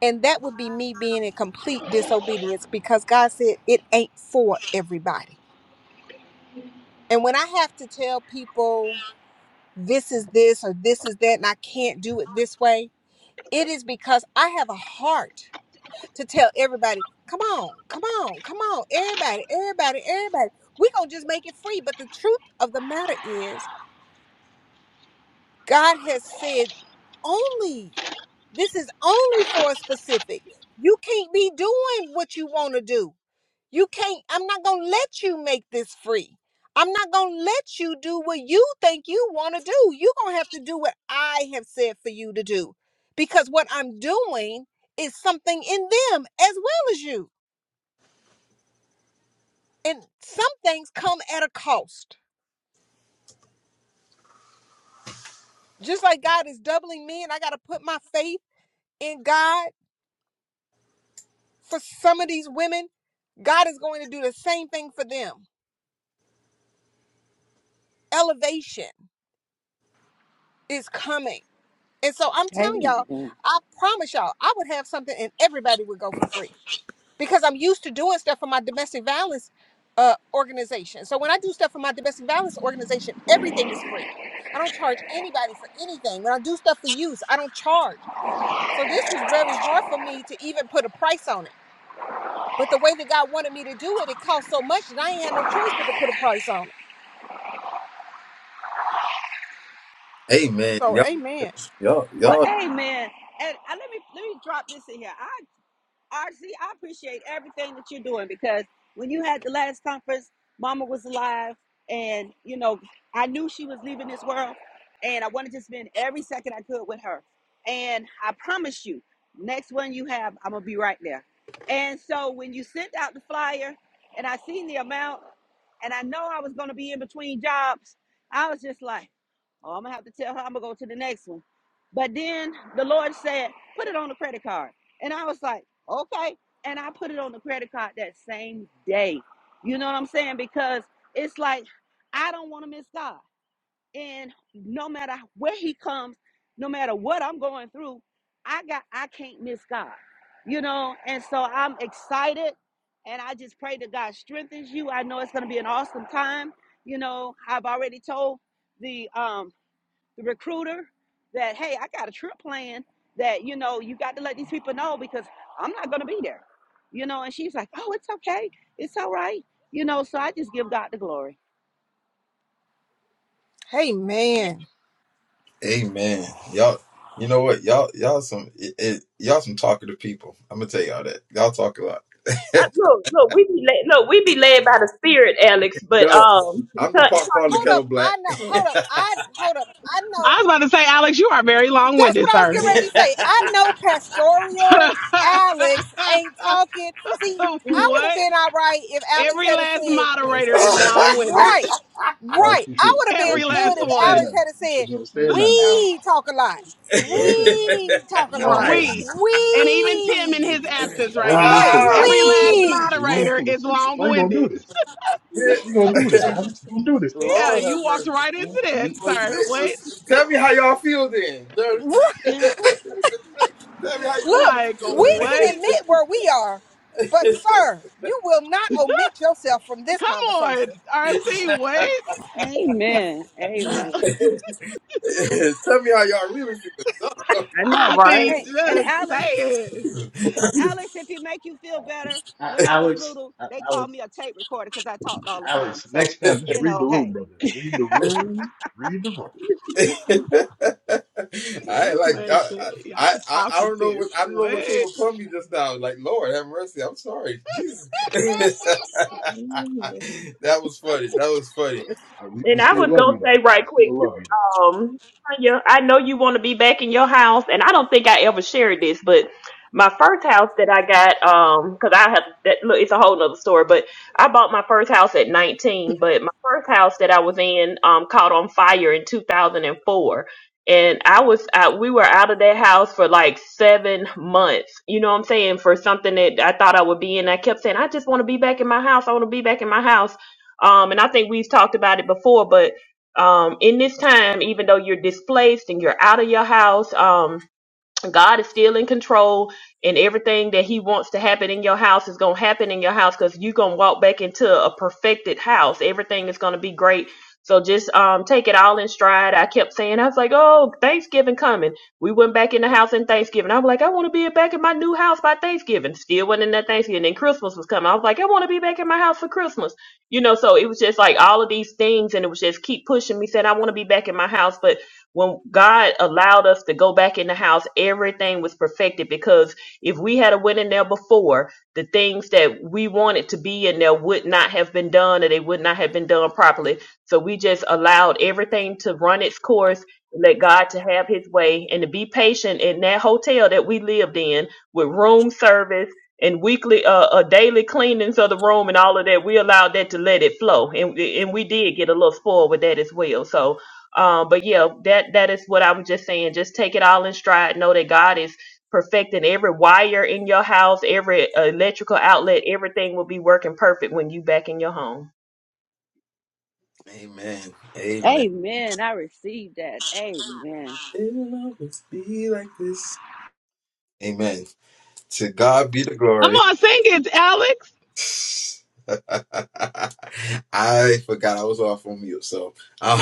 [SPEAKER 2] And that would be me being in complete disobedience because God said it ain't for everybody. And when I have to tell people this is this or this is that and I can't do it this way, it is because I have a heart to tell everybody, come on, come on, come on, everybody, everybody, everybody. We're going to just make it free. But the truth of the matter is, God has said only, this is only for a specific. You can't be doing what you want to do. You can't, I'm not going to let you make this free. I'm not going to let you do what you think you want to do. You're going to have to do what I have said for you to do because what I'm doing is something in them as well as you. And some things come at a cost. Just like God is doubling me and I got to put my faith in God for some of these women, God is going to do the same thing for them. Elevation is coming And so I'm telling y'all,
[SPEAKER 7] amen
[SPEAKER 2] I promise y'all, I would have something and everybody would go for free because I'm used to doing stuff for my domestic violence uh, organization. So when I do stuff for my domestic violence organization, everything is free. I don't charge anybody for anything. When I do stuff for youth, I don't charge. So this was very hard for me to even put a price on it. But the way that God wanted me to do it, it cost so much that I ain't had no choice but to put a price on it.
[SPEAKER 1] Amen.
[SPEAKER 2] So
[SPEAKER 1] Y'all,
[SPEAKER 2] amen.
[SPEAKER 1] y'all,
[SPEAKER 7] well
[SPEAKER 1] y'all.
[SPEAKER 7] amen and uh, let me let me drop this in here I RC, I appreciate everything that you're doing because when you had the last conference, Mama was alive, and you know, I knew she was leaving this world, and I wanted to spend every second I could with her. And I promise you, next one you have, I'm gonna be right there. And so when you sent out the flyer, and I seen the amount, and I know I was gonna be in between jobs, I was just like. Oh, I'm gonna have to tell her I'm gonna go to the next one. But then the Lord said, put it on the credit card. And I was like, okay. And I put it on the credit card that same day. You know what I'm saying? Because it's like I don't want to miss God. And no matter where he comes, no matter what I'm going through, I got I can't miss God. You know, and so I'm excited and I just pray that God strengthens you. I know it's gonna be an awesome time. You know, I've already told the um the recruiter that hey i got a trip plan that you know you got to let these people know because i'm not going to be there you know and she's like oh it's okay it's all right you know so i just give god the glory
[SPEAKER 3] Yeah,
[SPEAKER 2] Amen.
[SPEAKER 1] Amen. Y'all. You know what? Y'all, y'all some, it, it, y'all some talkative people. I'm gonna tell y'all that. Y'all talk a lot.
[SPEAKER 3] I, look, look, we be led, look, we be led by the Spirit, Alex.
[SPEAKER 1] No,
[SPEAKER 3] But um,
[SPEAKER 1] I'm the pot calling the
[SPEAKER 3] Tanya,
[SPEAKER 2] Hold
[SPEAKER 1] kettle
[SPEAKER 2] up.
[SPEAKER 1] black.
[SPEAKER 2] I know. Hold up. I hold up. I know.
[SPEAKER 8] I was about to say, Alex, you are very long
[SPEAKER 2] That's
[SPEAKER 8] winded,
[SPEAKER 2] what I was
[SPEAKER 8] sir.
[SPEAKER 2] getting ready to say. I know Pastoral Alex ain't talking. See, I would have
[SPEAKER 8] what?
[SPEAKER 2] been all right if Alex
[SPEAKER 8] Every
[SPEAKER 2] had
[SPEAKER 8] last
[SPEAKER 2] said,
[SPEAKER 8] moderator is long winded.
[SPEAKER 2] right, right. I would have been
[SPEAKER 8] Every
[SPEAKER 2] good
[SPEAKER 8] last
[SPEAKER 2] if
[SPEAKER 8] one.
[SPEAKER 2] Alex had said, we talk a lot. We talk a lot.
[SPEAKER 3] right?
[SPEAKER 8] We, and even Tim in
[SPEAKER 2] We.
[SPEAKER 8] his absence right now,
[SPEAKER 2] Right.
[SPEAKER 1] Ah,
[SPEAKER 8] every last
[SPEAKER 2] We.
[SPEAKER 8] moderator is long winded.
[SPEAKER 1] yeah.
[SPEAKER 8] Yeah,
[SPEAKER 1] Lord have
[SPEAKER 8] you walked
[SPEAKER 1] mercy.
[SPEAKER 8] right into that,
[SPEAKER 1] Well,
[SPEAKER 8] sir.
[SPEAKER 1] see- well,
[SPEAKER 8] What?
[SPEAKER 1] see- Tell me how y'all feel then. Tell
[SPEAKER 2] right."
[SPEAKER 7] yeah
[SPEAKER 1] me how you
[SPEAKER 2] Look,
[SPEAKER 8] Like,
[SPEAKER 2] we
[SPEAKER 1] really
[SPEAKER 2] can
[SPEAKER 8] what?
[SPEAKER 2] admit where we are, but
[SPEAKER 1] feel.
[SPEAKER 2] sir, you will not omit yourself from this
[SPEAKER 8] Come on,
[SPEAKER 2] conversation.
[SPEAKER 8] RC, what?
[SPEAKER 7] amen amen
[SPEAKER 1] Tell me how y'all really feel.
[SPEAKER 3] I know,
[SPEAKER 8] I
[SPEAKER 7] hey,
[SPEAKER 3] right?
[SPEAKER 8] mean,
[SPEAKER 7] hey and
[SPEAKER 8] just
[SPEAKER 7] alice
[SPEAKER 8] saying.
[SPEAKER 7] alice if it make you feel better when i was little they called me a tape recorder because i talked all the time so you know hey
[SPEAKER 1] I
[SPEAKER 8] This
[SPEAKER 1] like
[SPEAKER 8] man
[SPEAKER 1] I
[SPEAKER 8] said,
[SPEAKER 1] I
[SPEAKER 8] y'all
[SPEAKER 1] I I don't know
[SPEAKER 8] talkative.
[SPEAKER 1] what I don't know what came
[SPEAKER 8] What?
[SPEAKER 1] upon me just now. Like Lord have mercy. I'm sorry, Jesus. that
[SPEAKER 3] Mhm.
[SPEAKER 1] was funny. That was funny.
[SPEAKER 3] And I was gonna say right quick too, um, Tanya, I know you want to be back in your house, and I don't think I ever shared this, but my first house that I got, um, because I have that look, it's a whole nother story, but I bought my first house at 19, but my first house that I was in, um, caught on fire in 2004. And four. And I was, I, we were out of that house for like seven months. You know what I'm saying? For something that I thought I would be in. I kept saying, I just want to be back in my house. I want to be back in my house um, and I think we've talked about it before, but um, in this time, even though you're displaced and you're out of your house, um, God is still in control, and everything that He wants to happen in your house is going to happen in your house because you're going to walk back into a perfected house. Everything is going to be great. So just um, take it all in stride. I kept saying, I was like, oh, Thanksgiving coming. We went back in the house in Thanksgiving. I'm like, I want to be back in my new house by Thanksgiving. Still wasn't in that Thanksgiving. Then Christmas was coming. I was like, I want to be back in my house for Christmas. You know, so it was just like all of these things, and it was just keep pushing me, saying, I want to be back in my house. But when God allowed us to go back in the house, everything was perfected because if we had a went in there before, the things that we wanted to be in there would not have been done or they would not have been done properly. So we just allowed everything to run its course, let God to have his way and to be patient in that hotel that we lived in with room service and weekly uh, uh daily cleanings of the room and all of that we allowed that to let it flow and and we did get a little spoiled with that as well so um, but yeah, that that is what I'm just saying. Just take it all in stride. Know that God is perfecting every wire in your house, every uh, electrical outlet. Everything will be working perfect when you back in your home.
[SPEAKER 1] Amen. Amen.
[SPEAKER 7] amen i received that amen
[SPEAKER 1] It will always be like this. Amen. To God be the
[SPEAKER 8] Come
[SPEAKER 1] glory.
[SPEAKER 8] on, sing it, Alex.
[SPEAKER 1] I forgot I was off on mute. So, um,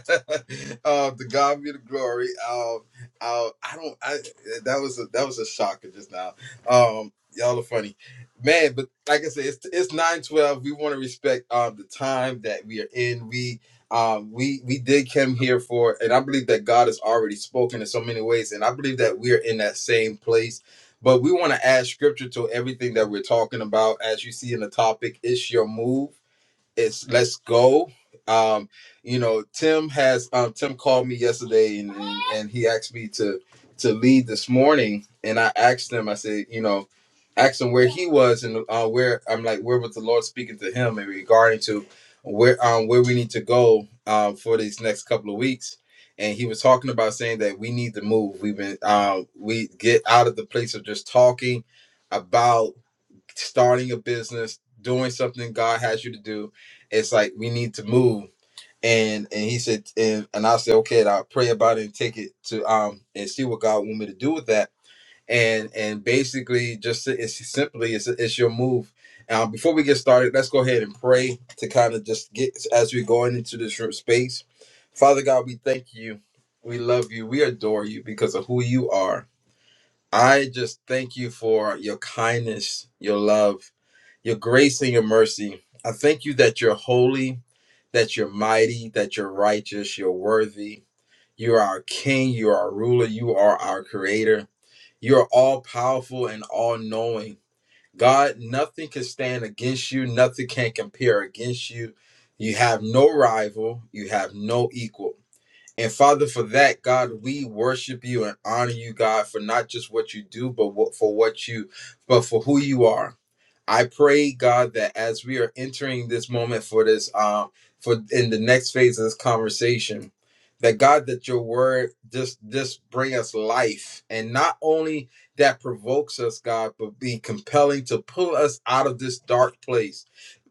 [SPEAKER 1] uh, to God be the glory. Um, uh, I don't. I that was a, that was a shocker just now. Um, y'all are funny, man. But like I said, it's it's nine twelve. We want to respect um the time that we are in. We um we we did come here for, and I believe that God has already spoken in so many ways, and I believe that we are in that same place but we want to add scripture to everything that we're talking about. As you see in the topic, it's your move it's let's go. Um, you know, Tim has um, Tim called me yesterday and, and and he asked me to to lead this morning, and I asked him. I said, you know, asked him where he was and uh, where I'm like, where was the Lord speaking to him in regarding to where um where we need to go um for these next couple of weeks. And he was talking about saying that we need to move. We've been um we get out of the place of just talking about starting a business, doing something God has you to do. It's like we need to move. And and he said, and, and I said, okay, and I'll pray about it and take it to um and see what God want me to do with that. And and basically, just it's simply it's it's your move. Now, before we get started, let's go ahead and pray to kind of just get as we're going into this room space. Father God, we thank you, we love you, we adore you because of who you are. I just thank you for your kindness, your love your grace and your mercy. I thank you that you're holy, that you're mighty, that you're righteous, you're worthy. You are our king, you are our ruler, you are our creator. You are all powerful and all knowing. God, nothing can stand against you, nothing can compare against you. You have no rival, you have no equal. And Father, for that, God, we worship you and honor you, God, for not just what you do, but what, for what you, but for who you are. I pray, God, that as we are entering this moment for this, um, for in the next phase of this conversation, that God, that your word just just bring us life, and not only that provokes us, God, but be compelling to pull us out of this dark place,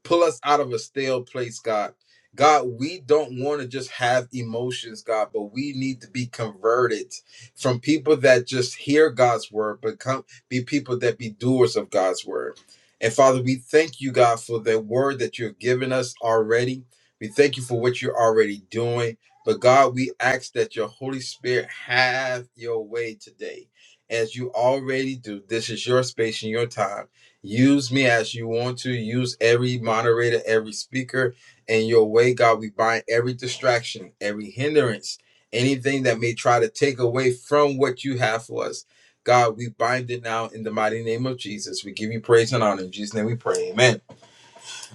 [SPEAKER 1] pull us out of a stale place, God. God, we don't want to just have emotions, God, but we need to be converted from people that just hear God's word, but come be people that be doers of God's word. And Father, we thank you, God, for the word that you've given us already. We thank you for what you're already doing. But God, we ask that your Holy Spirit have your way today. As you already do, this is your space and your time. Use me as you want to. Use every moderator, every speaker in your way, God. We bind every distraction, every hindrance, anything that may try to take away from what you have for us. God, we bind it now in the mighty name of Jesus. We give you praise and honor. In Jesus' name we pray. Amen.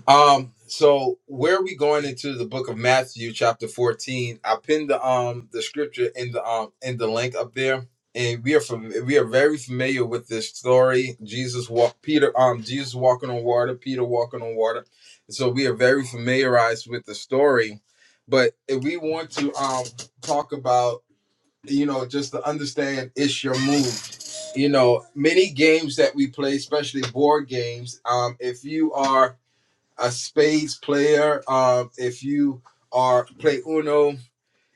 [SPEAKER 1] Um, so where are we going into the book of Matthew, chapter 14? I pinned the um the scripture in the um in the link up there. And we are from we are very familiar with this story. Jesus walk Peter, um, Jesus walking on water, Peter walking on water. So we are very familiarized with the story. But if we want to um talk about, you know, just to understand it's your move you know many games that we play especially board games um, if you are a spades player um, if you are play uno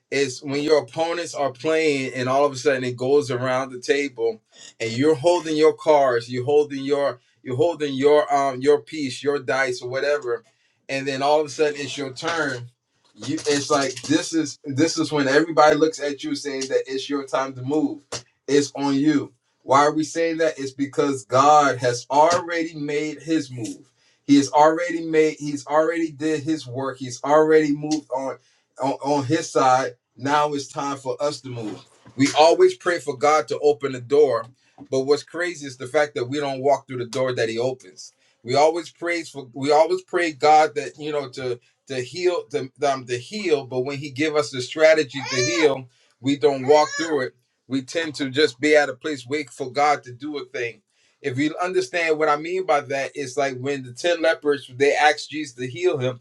[SPEAKER 1] is when your opponents are playing and all of a sudden it goes around the table and you're holding your cards, you're holding your you're holding your um your piece, your dice or whatever, and then all of a sudden it's your turn. You it's like this is this is when everybody looks at you saying that it's your time to move. It's on you. Why are we saying that? It's because God has already made his move. He has already made he's already did his work. He's already moved on on, on his side now it's time for us to move. We always pray for God to open the door, but what's crazy is the fact that we don't walk through the door that He opens. We always praise for we always pray God that you know to to heal to, um, to heal, but when He give us the strategy to heal, we don't walk through it. We tend to just be at a place wait for God to do a thing. If you understand what I mean by that, it's like when the ten lepers they asked Jesus to heal him,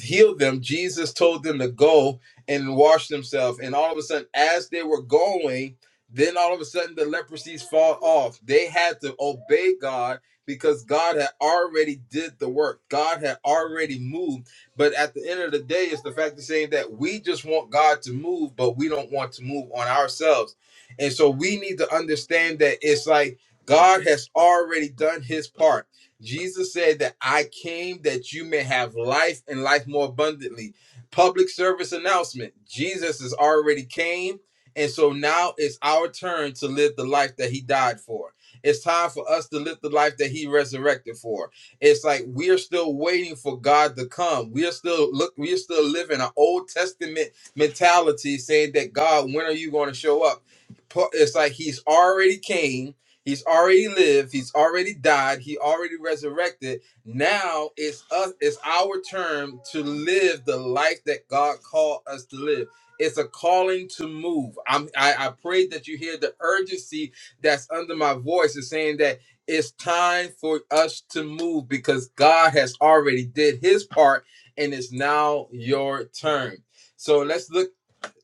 [SPEAKER 1] heal them. Jesus told them to go, and washed themselves. And all of a sudden, as they were going, then all of a sudden the leprosies fall off. They had to obey God because God had already did the work. God had already moved. But at the end of the day, it's the fact of saying that we just want God to move, but we don't want to move on ourselves. And so we need to understand that it's like God has already done his part. Jesus said that I came that you may have life and life more abundantly public service announcement jesus has already came and so now it's our turn to live the life that he died for it's time for us to live the life that he resurrected for it's like we're still waiting for god to come we're still look we're still living an old testament mentality saying that god when are you going to show up Pu- it's like he's already came he's already lived he's already died he already resurrected now it's us, it's our turn to live the life that God called us to live. It's a calling to move. I'm I, I pray that you hear the urgency that's under my voice is saying that it's time for us to move because God has already did his part and it's now your turn. So let's look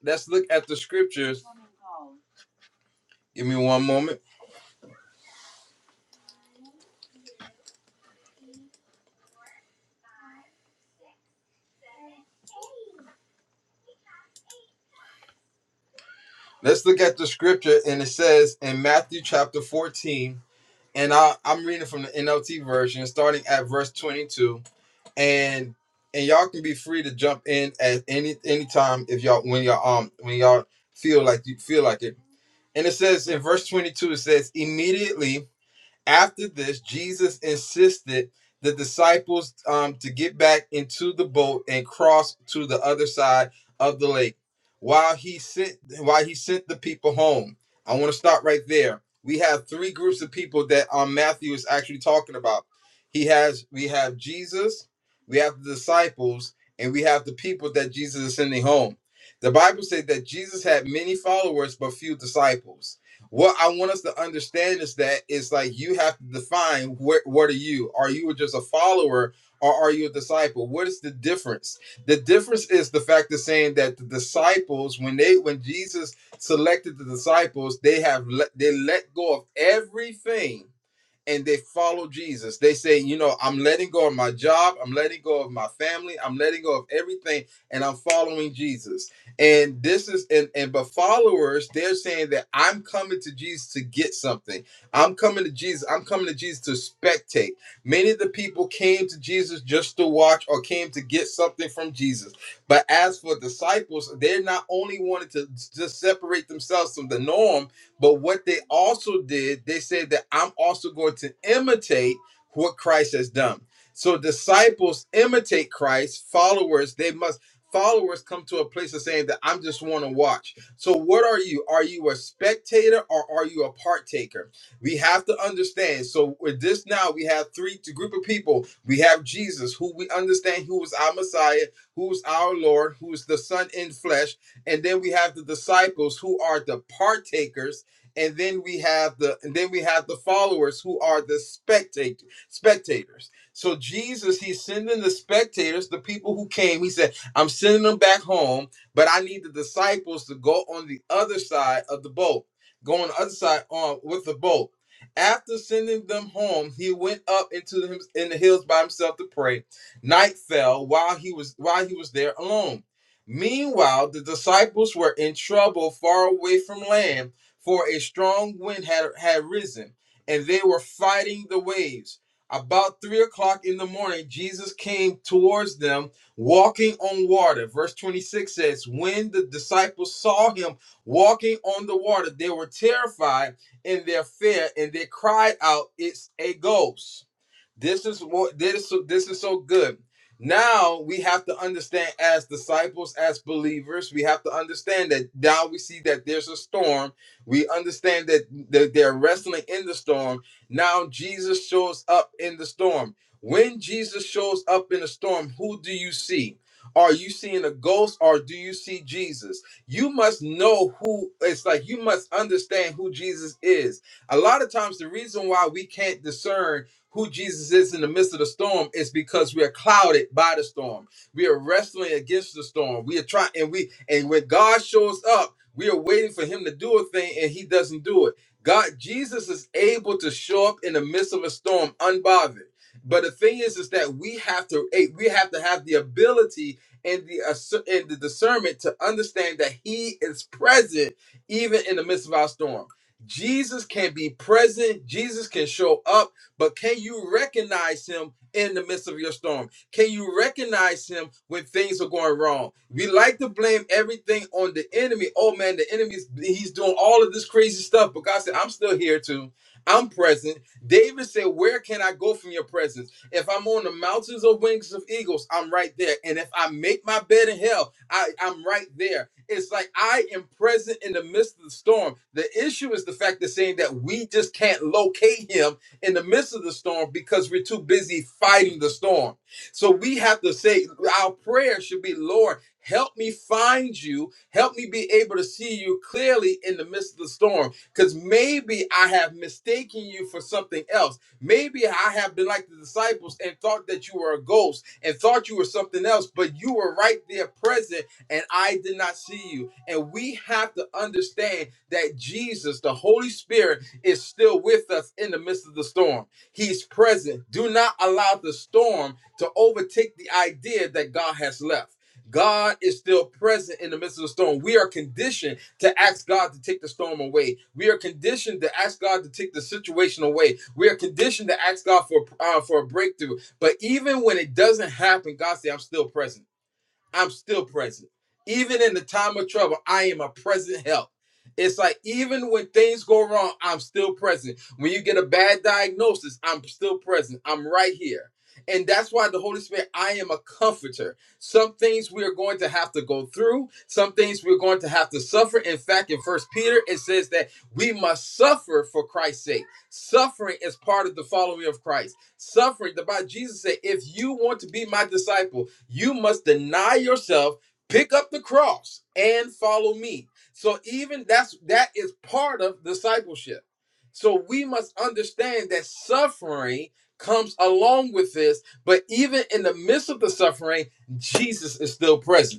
[SPEAKER 1] let's look at the scriptures. Give me one moment. Let's look at the scripture and it says in Matthew chapter 14 and I, I'm reading from the NLT version, starting at verse 22, and and y'all can be free to jump in at any any time if y'all when y'all um when y'all feel like you feel like it. And it says in verse 22, it says immediately after this, Jesus insisted the disciples um, to get back into the boat and cross to the other side of the lake while he sent while he sent the people home. I want to stop right there. We have three groups of people that um, Matthew is actually talking about. He has we have Jesus, we have the disciples, and we have the people that Jesus is sending home. The Bible said that Jesus had many followers but few disciples what I want us to understand is that it's like you have to define where, what are you? Are you just a follower or are you a disciple? What is the difference? The difference is the fact of saying that the disciples, when they when Jesus selected the disciples, they have let, they let go of everything and they follow Jesus. They say, you know, I'm letting go of my job, I'm letting go of my family, I'm letting go of everything, and I'm following Jesus. And this is and and but followers, they're saying that I'm coming to Jesus to get something. I'm coming to Jesus. I'm coming to Jesus to spectate. Many of the people came to Jesus just to watch or came to get something from Jesus. But as for disciples, they're not only wanted to just separate themselves from the norm, but what they also did, they said that I'm also going to imitate what Christ has done. So disciples imitate Christ, followers, they must followers come to a place of saying that I'm just want to watch. So what are you? Are you a spectator or are you a partaker? We have to understand. So with this now we have three t- group of people. We have Jesus who we understand who is our Messiah, who is our Lord, who is the son in flesh, and then we have the disciples who are the partakers and then we have the and then we have the followers who are the spectator spectators so jesus he's sending the spectators the people who came he said i'm sending them back home but i need the disciples to go on the other side of the boat go on the other side on with the boat after sending them home he went up into the in the hills by himself to pray night fell while he was while he was there alone meanwhile the disciples were in trouble far away from land for a strong wind had, had risen, and they were fighting the waves. About three o'clock in the morning, Jesus came towards them walking on water. Verse 26 says, When the disciples saw him walking on the water, they were terrified in their fear and they cried out, It's a ghost. This is what this this is so good. Now we have to understand as disciples, as believers, we have to understand that now we see that there's a storm. We understand that they're wrestling in the storm. Now Jesus shows up in the storm. When Jesus shows up in the storm, who do you see? Are you seeing a ghost or do you see Jesus? You must know who it's like you must understand who Jesus is. A lot of times the reason why we can't discern who Jesus is in the midst of the storm is because we are clouded by the storm. We are wrestling against the storm. We are trying and we and when God shows up, we are waiting for him to do a thing and he doesn't do it. God Jesus is able to show up in the midst of a storm unbothered. But the thing is is that we have to eh, we have to have the ability and the and the discernment to understand that he is present even in the midst of our storm. Jesus can be present. Jesus can show up but can you recognize him in the midst of your storm? Can you recognize him when things are going wrong? We like to blame everything on the enemy. Oh man, the enemy's he's doing all of this crazy stuff, but God said, I'm still here too. I'm present. David said, Where can I go from your presence? If I'm on the mountains of wings of eagles, I'm right there. And if I make my bed in hell, I, I'm right there. It's like I am present in the midst of the storm. The issue is the fact that saying that we just can't locate him in the midst of the storm because we're too busy fighting the storm. So we have to say, our prayer should be, Lord, help me find you. Help me be able to see you clearly in the midst of the storm. Because maybe I have mistaken you for something else. Maybe I have been like the disciples and thought that you were a ghost and thought you were something else, but you were right there present and I did not see you. And we have to understand that Jesus, the Holy Spirit, is still with us in the midst of the storm. He's present. Do not allow the storm to overtake the idea that God has left. God is still present in the midst of the storm. We are conditioned to ask God to take the storm away. We are conditioned to ask God to take the situation away. We are conditioned to ask God for uh, for a breakthrough. But even when it doesn't happen, God says, "I'm still present." I'm still present. Even in the time of trouble, I am a present help. It's like even when things go wrong, I'm still present. When you get a bad diagnosis, I'm still present. I'm right here. And that's why the Holy Spirit, I am a comforter. Some things we are going to have to go through, some things we're going to have to suffer. In fact, in First Peter, it says that we must suffer for Christ's sake. Suffering is part of the following of Christ. Suffering, the Bible, Jesus said, if you want to be my disciple, you must deny yourself, pick up the cross, and follow me. So even that's that is part of discipleship. So we must understand that suffering comes along with this, but even in the midst of the suffering, Jesus is still present.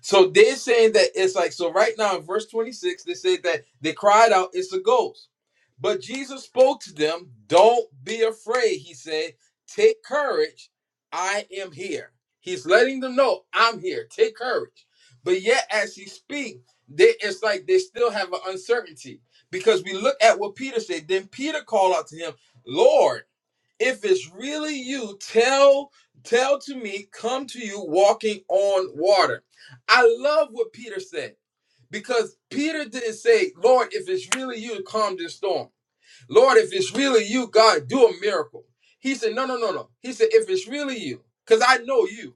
[SPEAKER 1] So they're saying that it's like, so right now in verse 26, they say that they cried out, it's a ghost. But Jesus spoke to them, don't be afraid. He said, take courage. I am here. He's letting them know I'm here. Take courage. But yet as he speaks, they, it's like they still have an uncertainty because we look at what Peter said. Then Peter called out to him, Lord if it's really you tell tell to me come to you walking on water i love what peter said because peter didn't say lord if it's really you calm this storm lord if it's really you god do a miracle he said no no no no he said if it's really you because i know you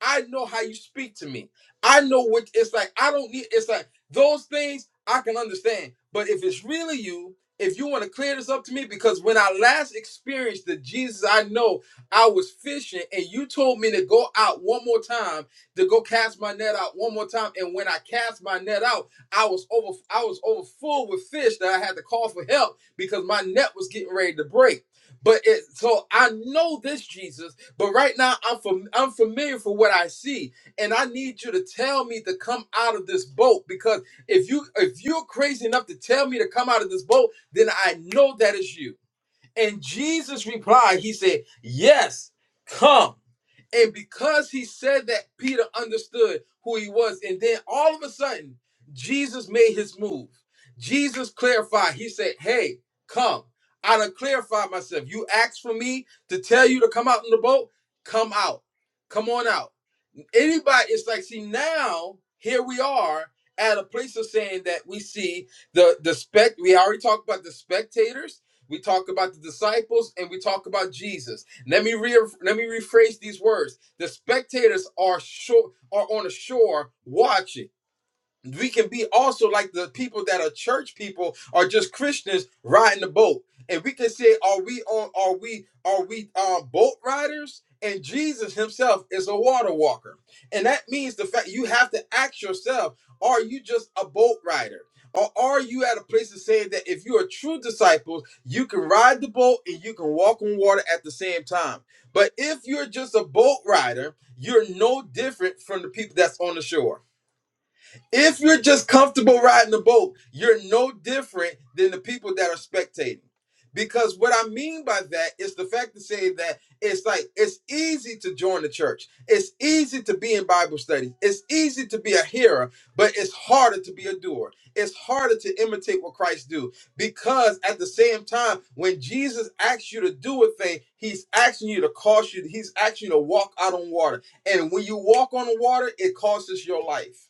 [SPEAKER 1] I know how you speak to me. I know what it's like. I don't need it's like those things I can understand. But if it's really you, if you want to clear this up to me, because when I last experienced the Jesus I know, I was fishing and you told me to go out one more time, to go cast my net out one more time. And when I cast my net out, I was over I was over full with fish that I had to call for help because my net was getting ready to break. But it so I know this Jesus, but right now I'm fam- I'm familiar for what I see, and I need you to tell me to come out of this boat because if you if you're crazy enough to tell me to come out of this boat, then I know that is you. And Jesus replied, He said, Yes, come. And because he said that, Peter understood who he was. And then all of a sudden, Jesus made his move. Jesus clarified. He said, Hey, come. I done clarified myself. You asked for me to tell you to come out in the boat? Come out. Come on out anybody it's like see now here we are at a place of saying that we see the the spec we already talked about the spectators we talk about the disciples and we talk about jesus let me re- let me rephrase these words the spectators are shore are on the shore watching we can be also like the people that are church people or just Christians riding the boat. And we can say, are we on are we are we uh, boat riders? And Jesus himself is a water walker. And that means the fact you have to ask yourself, are you just a boat rider? Or are you at a place of saying that if you are true disciples, you can ride the boat and you can walk on water at the same time? But if you're just a boat rider, you're no different from the people that's on the shore. If you're just comfortable riding the boat, you're no different than the people that are spectating. Because what I mean by that is the fact to say that it's like it's easy to join the church. It's easy to be in Bible studies. It's easy to be a hearer, but it's harder to be a doer. It's harder to imitate what Christ do because at the same time, when Jesus asks you to do a thing, he's asking you to cause you, he's asking you to walk out on water. And when you walk on the water, it costs your life.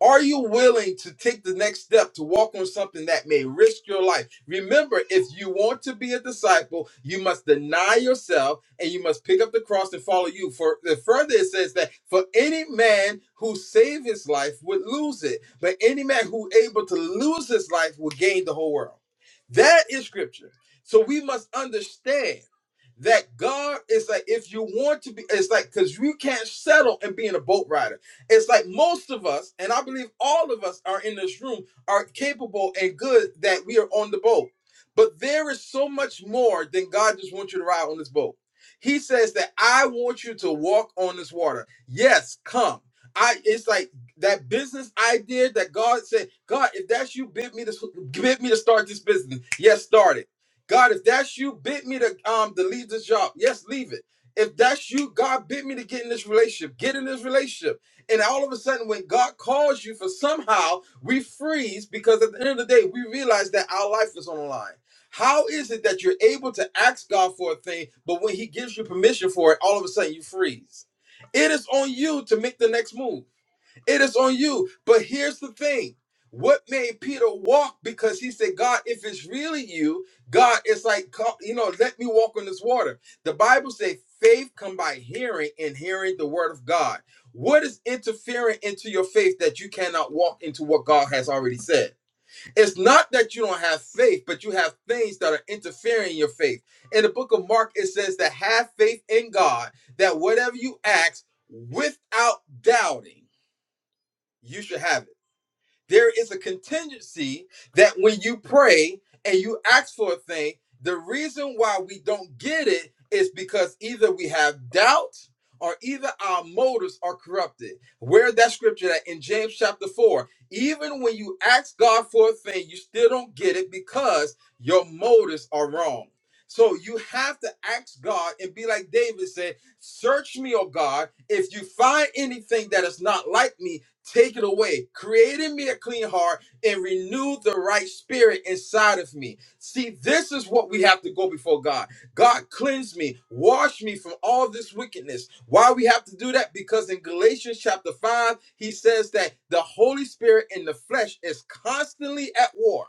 [SPEAKER 1] Are you willing to take the next step to walk on something that may risk your life? Remember, if you want to be a disciple, you must deny yourself and you must pick up the cross and follow you. For the further it says that for any man who save his life would lose it, but any man who able to lose his life will gain the whole world. That is scripture. So we must understand that God is like if you want to be, it's like because you can't settle and being a boat rider. It's like most of us, and I believe all of us are in this room, are capable and good that we are on the boat. But there is so much more than God just wants you to ride on this boat. He says that I want you to walk on this water. Yes, come. I it's like that business idea that God said, God, if that's you, bid me to bid me to start this business. Yes, start it. God, if that's you, bid me to um to leave this job. Yes, leave it. If that's you, God bid me to get in this relationship. Get in this relationship. And all of a sudden, when God calls you for somehow, we freeze because at the end of the day, we realize that our life is on the line. How is it that you're able to ask God for a thing, but when He gives you permission for it, all of a sudden you freeze? It is on you to make the next move. It is on you. But here's the thing. What made Peter walk? Because he said, God, if it's really you, God, it's like, come, you know, let me walk on this water. The Bible says faith come by hearing and hearing the word of God. What is interfering into your faith that you cannot walk into what God has already said? It's not that you don't have faith, but you have things that are interfering in your faith. In the book of Mark, it says that have faith in God, that whatever you ask without doubting you should have it. There is a contingency that when you pray and you ask for a thing, the reason why we don't get it is because either we have doubt or either our motives are corrupted. Where that scripture that in James chapter 4, even when you ask God for a thing, you still don't get it because your motives are wrong. So you have to ask God and be like David said, Search me, O God. If you find anything that is not like me, Take it away. Create in me a clean heart and renew the right spirit inside of me. See, this is what we have to go before God. God, cleanse me, wash me from all this wickedness. Why we have to do that? Because in Galatians chapter 5, he says that the Holy Spirit in the flesh is constantly at war.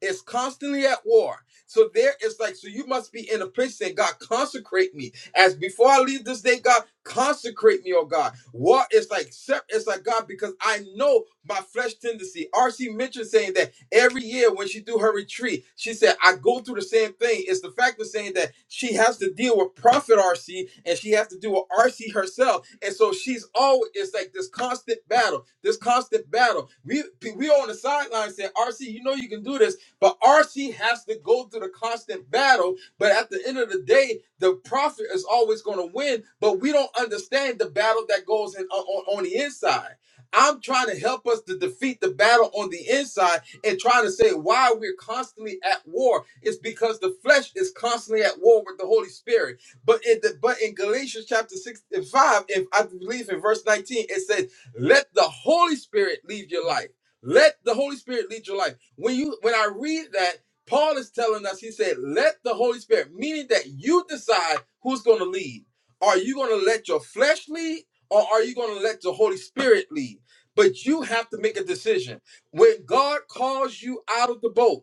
[SPEAKER 1] It's constantly at war. So there is like, so you must be in a place saying, God, consecrate me. As before I leave this day, God, consecrate me, oh God. What is like, sep- it's like God, because I know my flesh tendency. R.C. Mitchell saying that every year when she do her retreat, she said, I go through the same thing. It's the fact of saying that she has to deal with Prophet R.C. and she has to deal with R.C. herself. And so she's always, it's like this constant battle, this constant battle. We, we on the sideline saying, R.C., you know you can do this, but R.C. has to go through the constant battle but at the end of the day, the prophet is always going to win, but we don't understand the battle that goes in, on, on the inside. I'm trying to help us to defeat the battle on the inside and trying to say why we're constantly at war. It's because the flesh is constantly at war with the Holy Spirit. But in the but in Galatians chapter 6 and 5, if I believe in verse 19, it says, Let the Holy Spirit lead your life. Let the Holy Spirit lead your life. When you when I read that, Paul is telling us, he said, let the Holy Spirit, meaning that you decide who's going to lead. Are you going to let your flesh lead or are you going to let the Holy Spirit lead? But you have to make a decision. When God calls you out of the boat,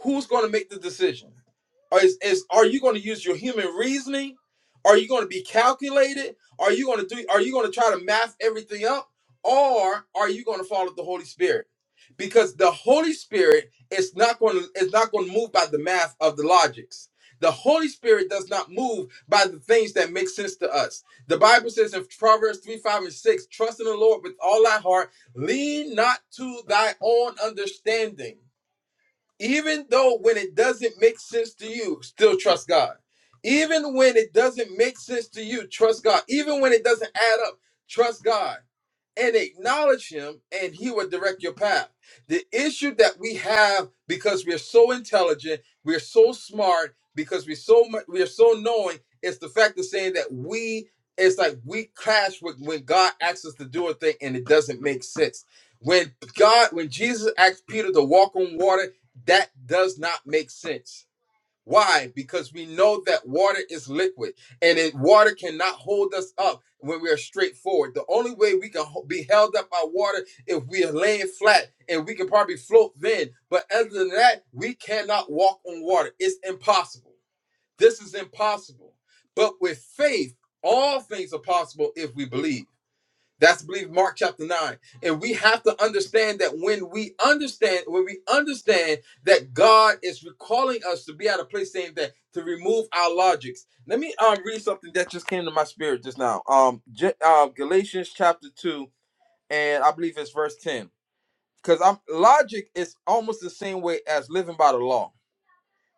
[SPEAKER 1] who's going to make the decision? Is, is are you going to use your human reasoning? Are you going to be calculated? Are you going to do? Are you going to try to math everything up, or are you going to follow the Holy Spirit? Because the Holy Spirit is not going to is not going to move by the math of the logics. The Holy Spirit does not move by the things that make sense to us. The Bible says in Proverbs 3, 5, and 6, trust in the Lord with all thy heart, lean not to thy own understanding even though when it doesn't make sense to you, still trust God. Even when it doesn't make sense to you, trust God. Even when it doesn't add up, trust God and acknowledge Him, and He will direct your path. The issue that we have because we're so intelligent, we're so smart, because we're so much, we're so knowing, is the fact of saying that we, it's like we clash with when God asks us to do a thing and it doesn't make sense. When God, when Jesus asked Peter to walk on water that does not make sense. Why? Because we know that water is liquid and it, water cannot hold us up when we are straightforward. The only way we can be held up by water if we are laying flat and we can probably float then. But other than that, we cannot walk on water. It's impossible. This is impossible. But with faith, all things are possible if we believe. That's I believe Mark chapter 9. And we have to understand that when we understand, when we understand that God is recalling us to be at a place saying that to remove our logics. Let me um read something that just came to my spirit just now. Um, J- uh, Galatians chapter 2, and I believe it's verse 10. Because I'm logic is almost the same way as living by the law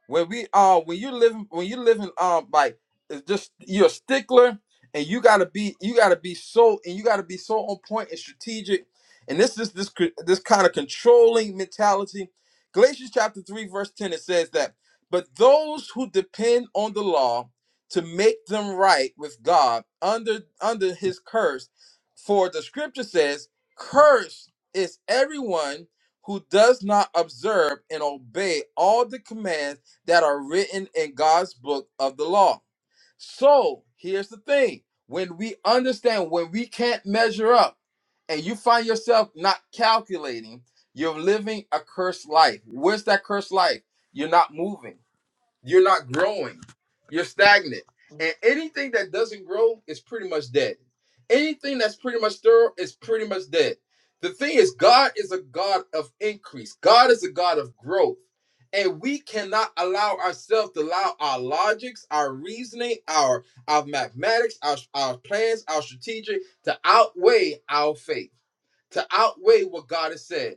[SPEAKER 1] when we uh when you living when you living um like it's just you're a stickler and you gotta be you gotta be so and you gotta be so on point and strategic and this is this cr- this kind of controlling mentality galatians chapter 3 verse 10 it says that but those who depend on the law to make them right with god under under his curse for the scripture says cursed is everyone who does not observe and obey all the commands that are written in God's book of the law. So here's the thing when we understand, when we can't measure up, and you find yourself not calculating, you're living a cursed life. Where's that cursed life? You're not moving. You're not growing. You're stagnant. And anything that doesn't grow is pretty much dead. Anything that's pretty much thorough is pretty much dead. The thing is, God is a God of increase. God is a God of growth. And we cannot allow ourselves to allow our logics, our reasoning, our our mathematics, our, our plans, our strategy to outweigh our faith to outweigh what God has said.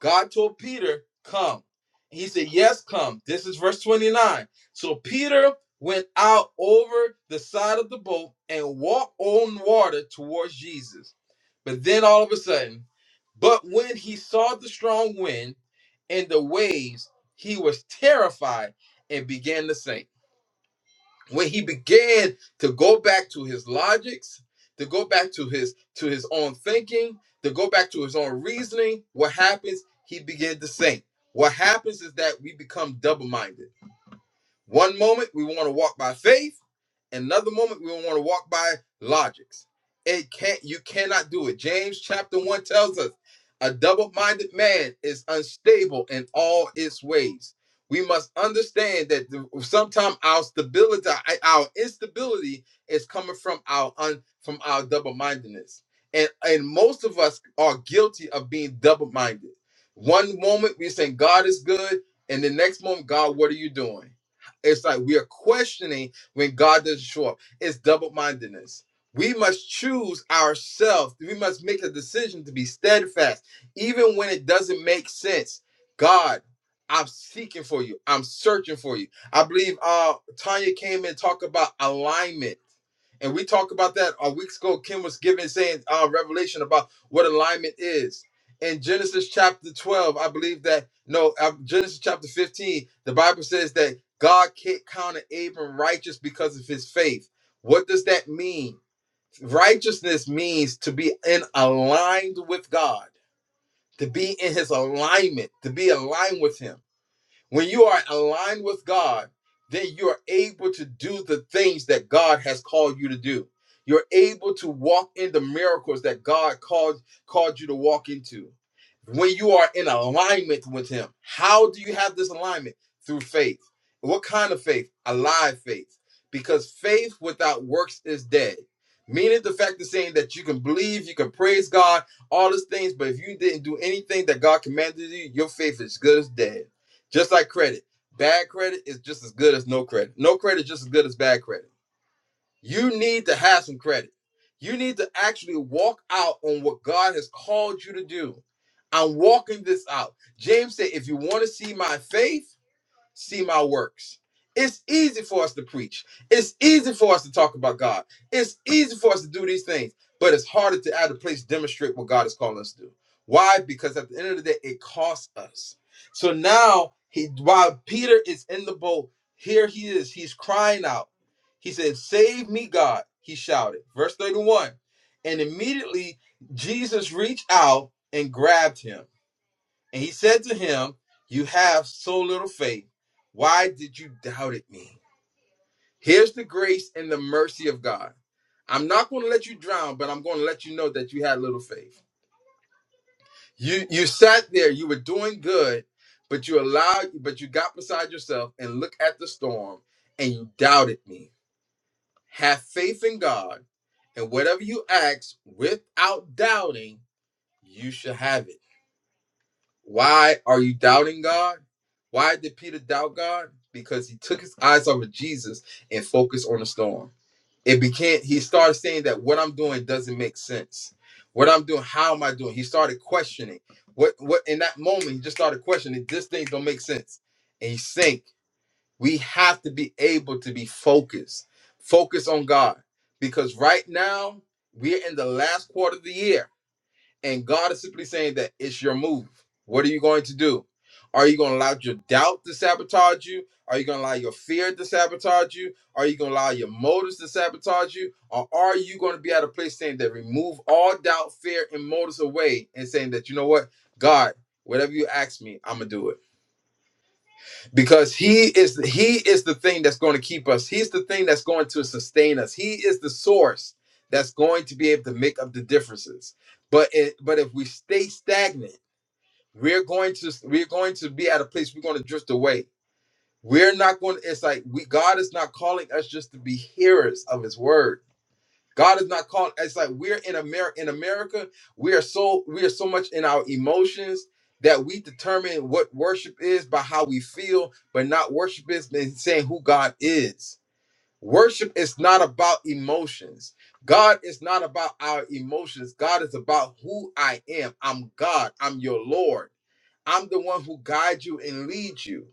[SPEAKER 1] God told Peter, Come. And he said, Yes, come. This is verse 29. So Peter went out over the side of the boat and walked on water towards Jesus. But then all of a sudden, but when he saw the strong wind and the waves, he was terrified and began to sink when he began to go back to his logics to go back to his to his own thinking to go back to his own reasoning what happens he began to sink what happens is that we become double-minded one moment we want to walk by faith Another moment we want to walk by logics. It can't you cannot do it. James chapter 1 tells us a double-minded man is unstable in all its ways. We must understand that sometimes our stability, our instability is coming from our un, from our double-mindedness. And and most of us are guilty of being double-minded. One moment we're saying God is good, and the next moment, God, what are you doing? It's like we are questioning when God doesn't show up. It's double mindedness. We must choose ourselves. We must make a decision to be steadfast, even when it doesn't make sense. God, I'm seeking for you. I'm searching for you. I believe uh Tanya came in and talked about alignment. And we talked about that a week ago. Kim was giving saying uh revelation about what alignment is. In Genesis chapter 12, I believe that no, uh, Genesis chapter 15, the Bible says that God counted Abram righteous because of his faith. What does that mean? Righteousness means to be in aligned with God, to be in his alignment, to be aligned with him. When you are aligned with God, then you're able to do the things that God has called you to do. You're able to walk in the miracles that God called called you to walk into. When you are in alignment with him, how do you have this alignment? Through faith. What kind of faith? Alive faith. Because faith without works is dead. Meaning the fact of saying that you can believe, you can praise God, all these things, but if you didn't do anything that God commanded you, your faith is good as dead. Just like credit. Bad credit is just as good as no credit. No credit is just as good as bad credit. You need to have some credit. You need to actually walk out on what God has called you to do. I'm walking this out. James said, if you want to see my faith, see my works. It's easy for us to preach. It's easy for us to talk about God. It's easy for us to do these things, but it's harder to out of place demonstrate what God is calling us to do. Why? Because at the end of the day, it costs us. So now he while Peter is in the boat, here he is. He's crying out. He said, Save me, God, he shouted. Verse 31. And immediately Jesus reached out and grabbed him. And he said to him, You have so little faith. Why did you doubt at me? Here's the grace and the mercy of God. I'm not going to let you drown, but I'm going to let you know that you had little faith. You you sat there, you were doing good, but you allowed, but you got beside yourself and look at the storm and you doubted me. Have faith in God, and whatever you ask without doubting, you shall have it. Why are you doubting God? Why did Peter doubt God? Because he took his eyes off of Jesus and focused on the storm. It became he started saying that what I'm doing doesn't make sense. What I'm doing, how am I doing? He started questioning. What what in that moment he just started questioning this thing don't make sense. And he sank. We have to be able to be focused. Focus on God. Because right now we're in the last quarter of the year and God is simply saying that it's your move. What are you going to do? Are you going to allow your doubt to sabotage you? Are you going to allow your fear to sabotage you? Are you going to allow your motives to sabotage you? Or are you going to be at a place saying that remove all doubt, fear, and motives away and saying that, you know what? God, whatever you ask me, I'm going to do it because he is he is the thing that's going to keep us he's the thing that's going to sustain us he is the source that's going to be able to make up the differences but it, but if we stay stagnant we're going to we're going to be at a place we're going to drift away we're not going to it's like we god is not calling us just to be hearers of his word God is not called. It's like we're in America. In America, we are so we are so much in our emotions that we determine what worship is by how we feel, but not worship is in saying who God is. Worship is not about emotions. God is not about our emotions. God is about who I am. I'm God. I'm your Lord. I'm the one who guides you and leads you.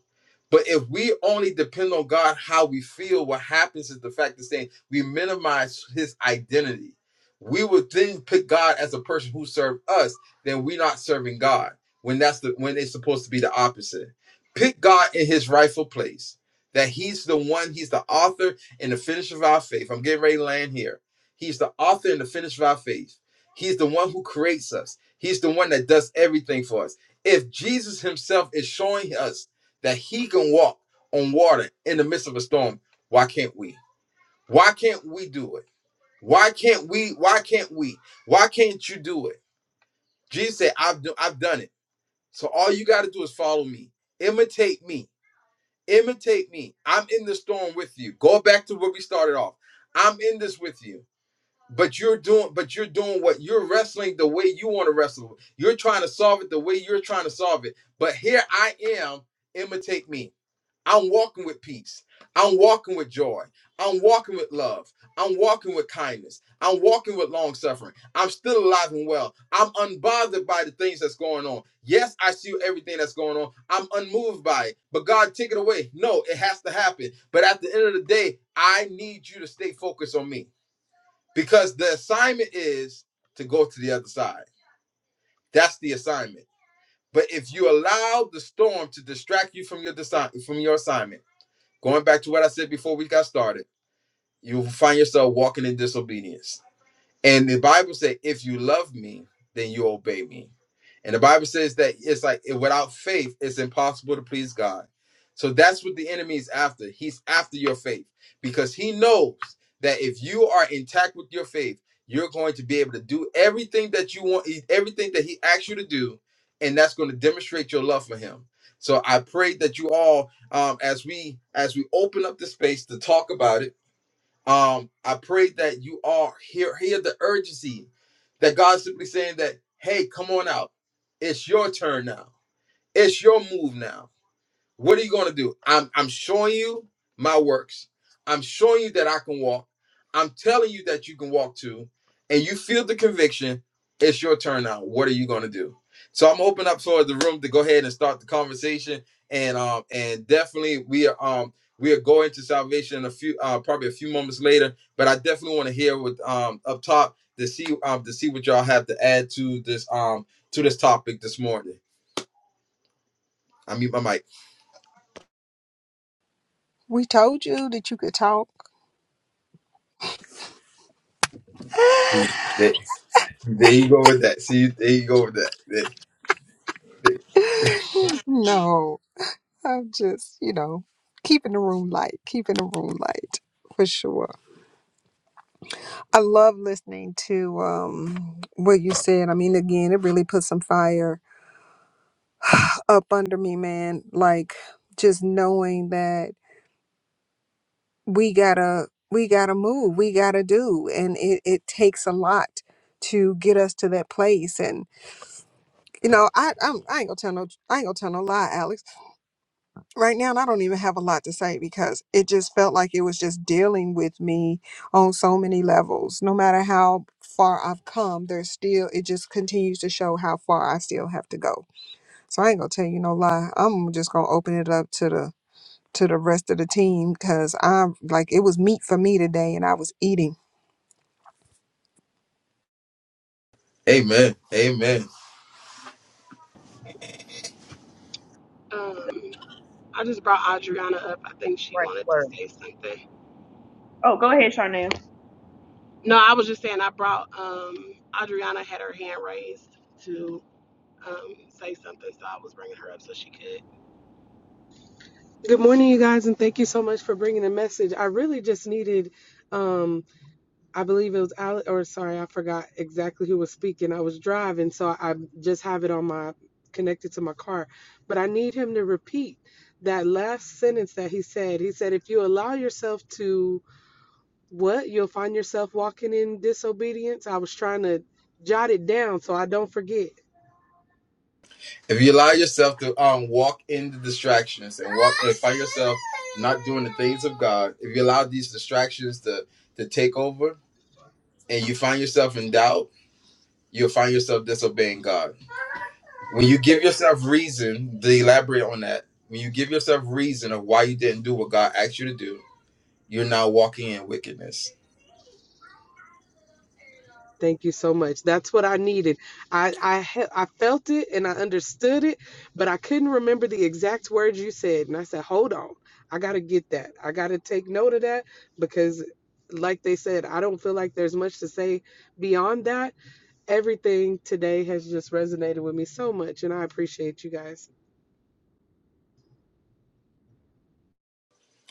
[SPEAKER 1] But if we only depend on God, how we feel, what happens is the fact is saying we minimize his identity. We would then pick God as a person who served us, then we're not serving God when that's the when it's supposed to be the opposite. Pick God in his rightful place. That he's the one, he's the author and the finisher of our faith. I'm getting ready to land here. He's the author and the finisher of our faith. He's the one who creates us. He's the one that does everything for us if Jesus himself is showing us that he can walk on water in the midst of a storm, why can't we? Why can't we do it? Why can't we? Why can't we? Why can't you do it? Jesus said, I've, do, I've done it. So all you got to do is follow me, imitate me, imitate me. I'm in the storm with you. Go back to where we started off. I'm in this with you but you're doing but you're doing what you're wrestling the way you want to wrestle you're trying to solve it the way you're trying to solve it but here i am imitate me i'm walking with peace i'm walking with joy i'm walking with love i'm walking with kindness i'm walking with long suffering i'm still alive and well i'm unbothered by the things that's going on yes i see everything that's going on i'm unmoved by it but god take it away no it has to happen but at the end of the day i need you to stay focused on me because the assignment is to go to the other side. That's the assignment. But if you allow the storm to distract you from your desi- from your assignment, going back to what I said before we got started, you will find yourself walking in disobedience. And the Bible says, if you love me, then you obey me. And the Bible says that it's like eh, without faith, it's impossible to please God. So that's what the enemy is after. He's after your faith because he knows that if you are intact with your faith, you're going to be able to do everything that you want, eh, everything that he asks you to do, and that's going to demonstrate your love for him. So I pray that you all, um, as we as we open up the space to talk about it um, I pray that you all hear hear the urgency that God's simply saying that, hey, come on out. It's your turn now. It's your move now. What are you going to do? I'm I'm showing you my works. I'm showing you that I can walk. I'm telling you that you can walk too, and you feel the conviction. It's your turn now. What are you going to do? So I'm open up for the room to go ahead and start the conversation, and um and definitely we are um we are going to salvation in a few uh probably a few moments later, but I definitely want to hear what um up top to see um to see what y'all have to add to this um to this topic this morning. I mute my
[SPEAKER 2] We told you that you could talk.
[SPEAKER 1] mic. There you go with that. See, there you go with that. There-
[SPEAKER 2] No, I'm just, you know, keeping the room light, keeping the room light for sure. I love listening to um what you said. I mean, again, it really put some fire up under me, man. Like just knowing that we gotta we gotta move, we gotta do, and it it takes a lot to get us to that place. And you know, I I'm, I ain't gonna tell no I ain't gonna tell no lie, Alex. right now and I don't even have a lot to say because it just felt like it was just dealing with me on so many levels. No matter how far I've come, there's still it just continues to show how far I still have to go. So I ain't gonna tell you no lie. I'm just gonna open it up to the to the rest of the team because I'm like it was meat for me today and I was eating.
[SPEAKER 1] Amen. Amen.
[SPEAKER 8] Um, I just brought Adriana up. I think she
[SPEAKER 3] Right.
[SPEAKER 8] wanted to
[SPEAKER 3] Word.
[SPEAKER 8] say something.
[SPEAKER 3] Oh, go ahead, Charnel.
[SPEAKER 8] No, I was just saying I brought um Adriana had her hand raised to um say something, so I was bringing her up so she could.
[SPEAKER 9] Good morning, you guys, and thank you so much for bringing the message. I really just needed, um, I believe it was Alex, or sorry, I forgot exactly who was speaking. I was driving, so I just have it on my connected to my car. But I need him to repeat that last sentence that he said. He said, "If you allow yourself to what, you'll find yourself walking in disobedience." I was trying to jot it down so I don't forget.
[SPEAKER 1] If you allow yourself to um walk in the distractions and walk and find yourself not doing the things of God, if you allow these distractions to to take over and you find yourself in doubt, you'll find yourself disobeying God. When you give
[SPEAKER 9] Thank you.
[SPEAKER 1] yourself reason, to elaborate on that, when you give yourself reason of why you didn't do what God asked you to do, you're now walking in wickedness.
[SPEAKER 9] Thank you so much. That's what I needed. I I he- I felt it and I understood it, but I couldn't remember the exact words you said. And I said, "Hold on. I got to get that. I got to take note of that because like they said, I don't feel like there's much to say beyond that. Everything today has just resonated with me so much and I appreciate you guys.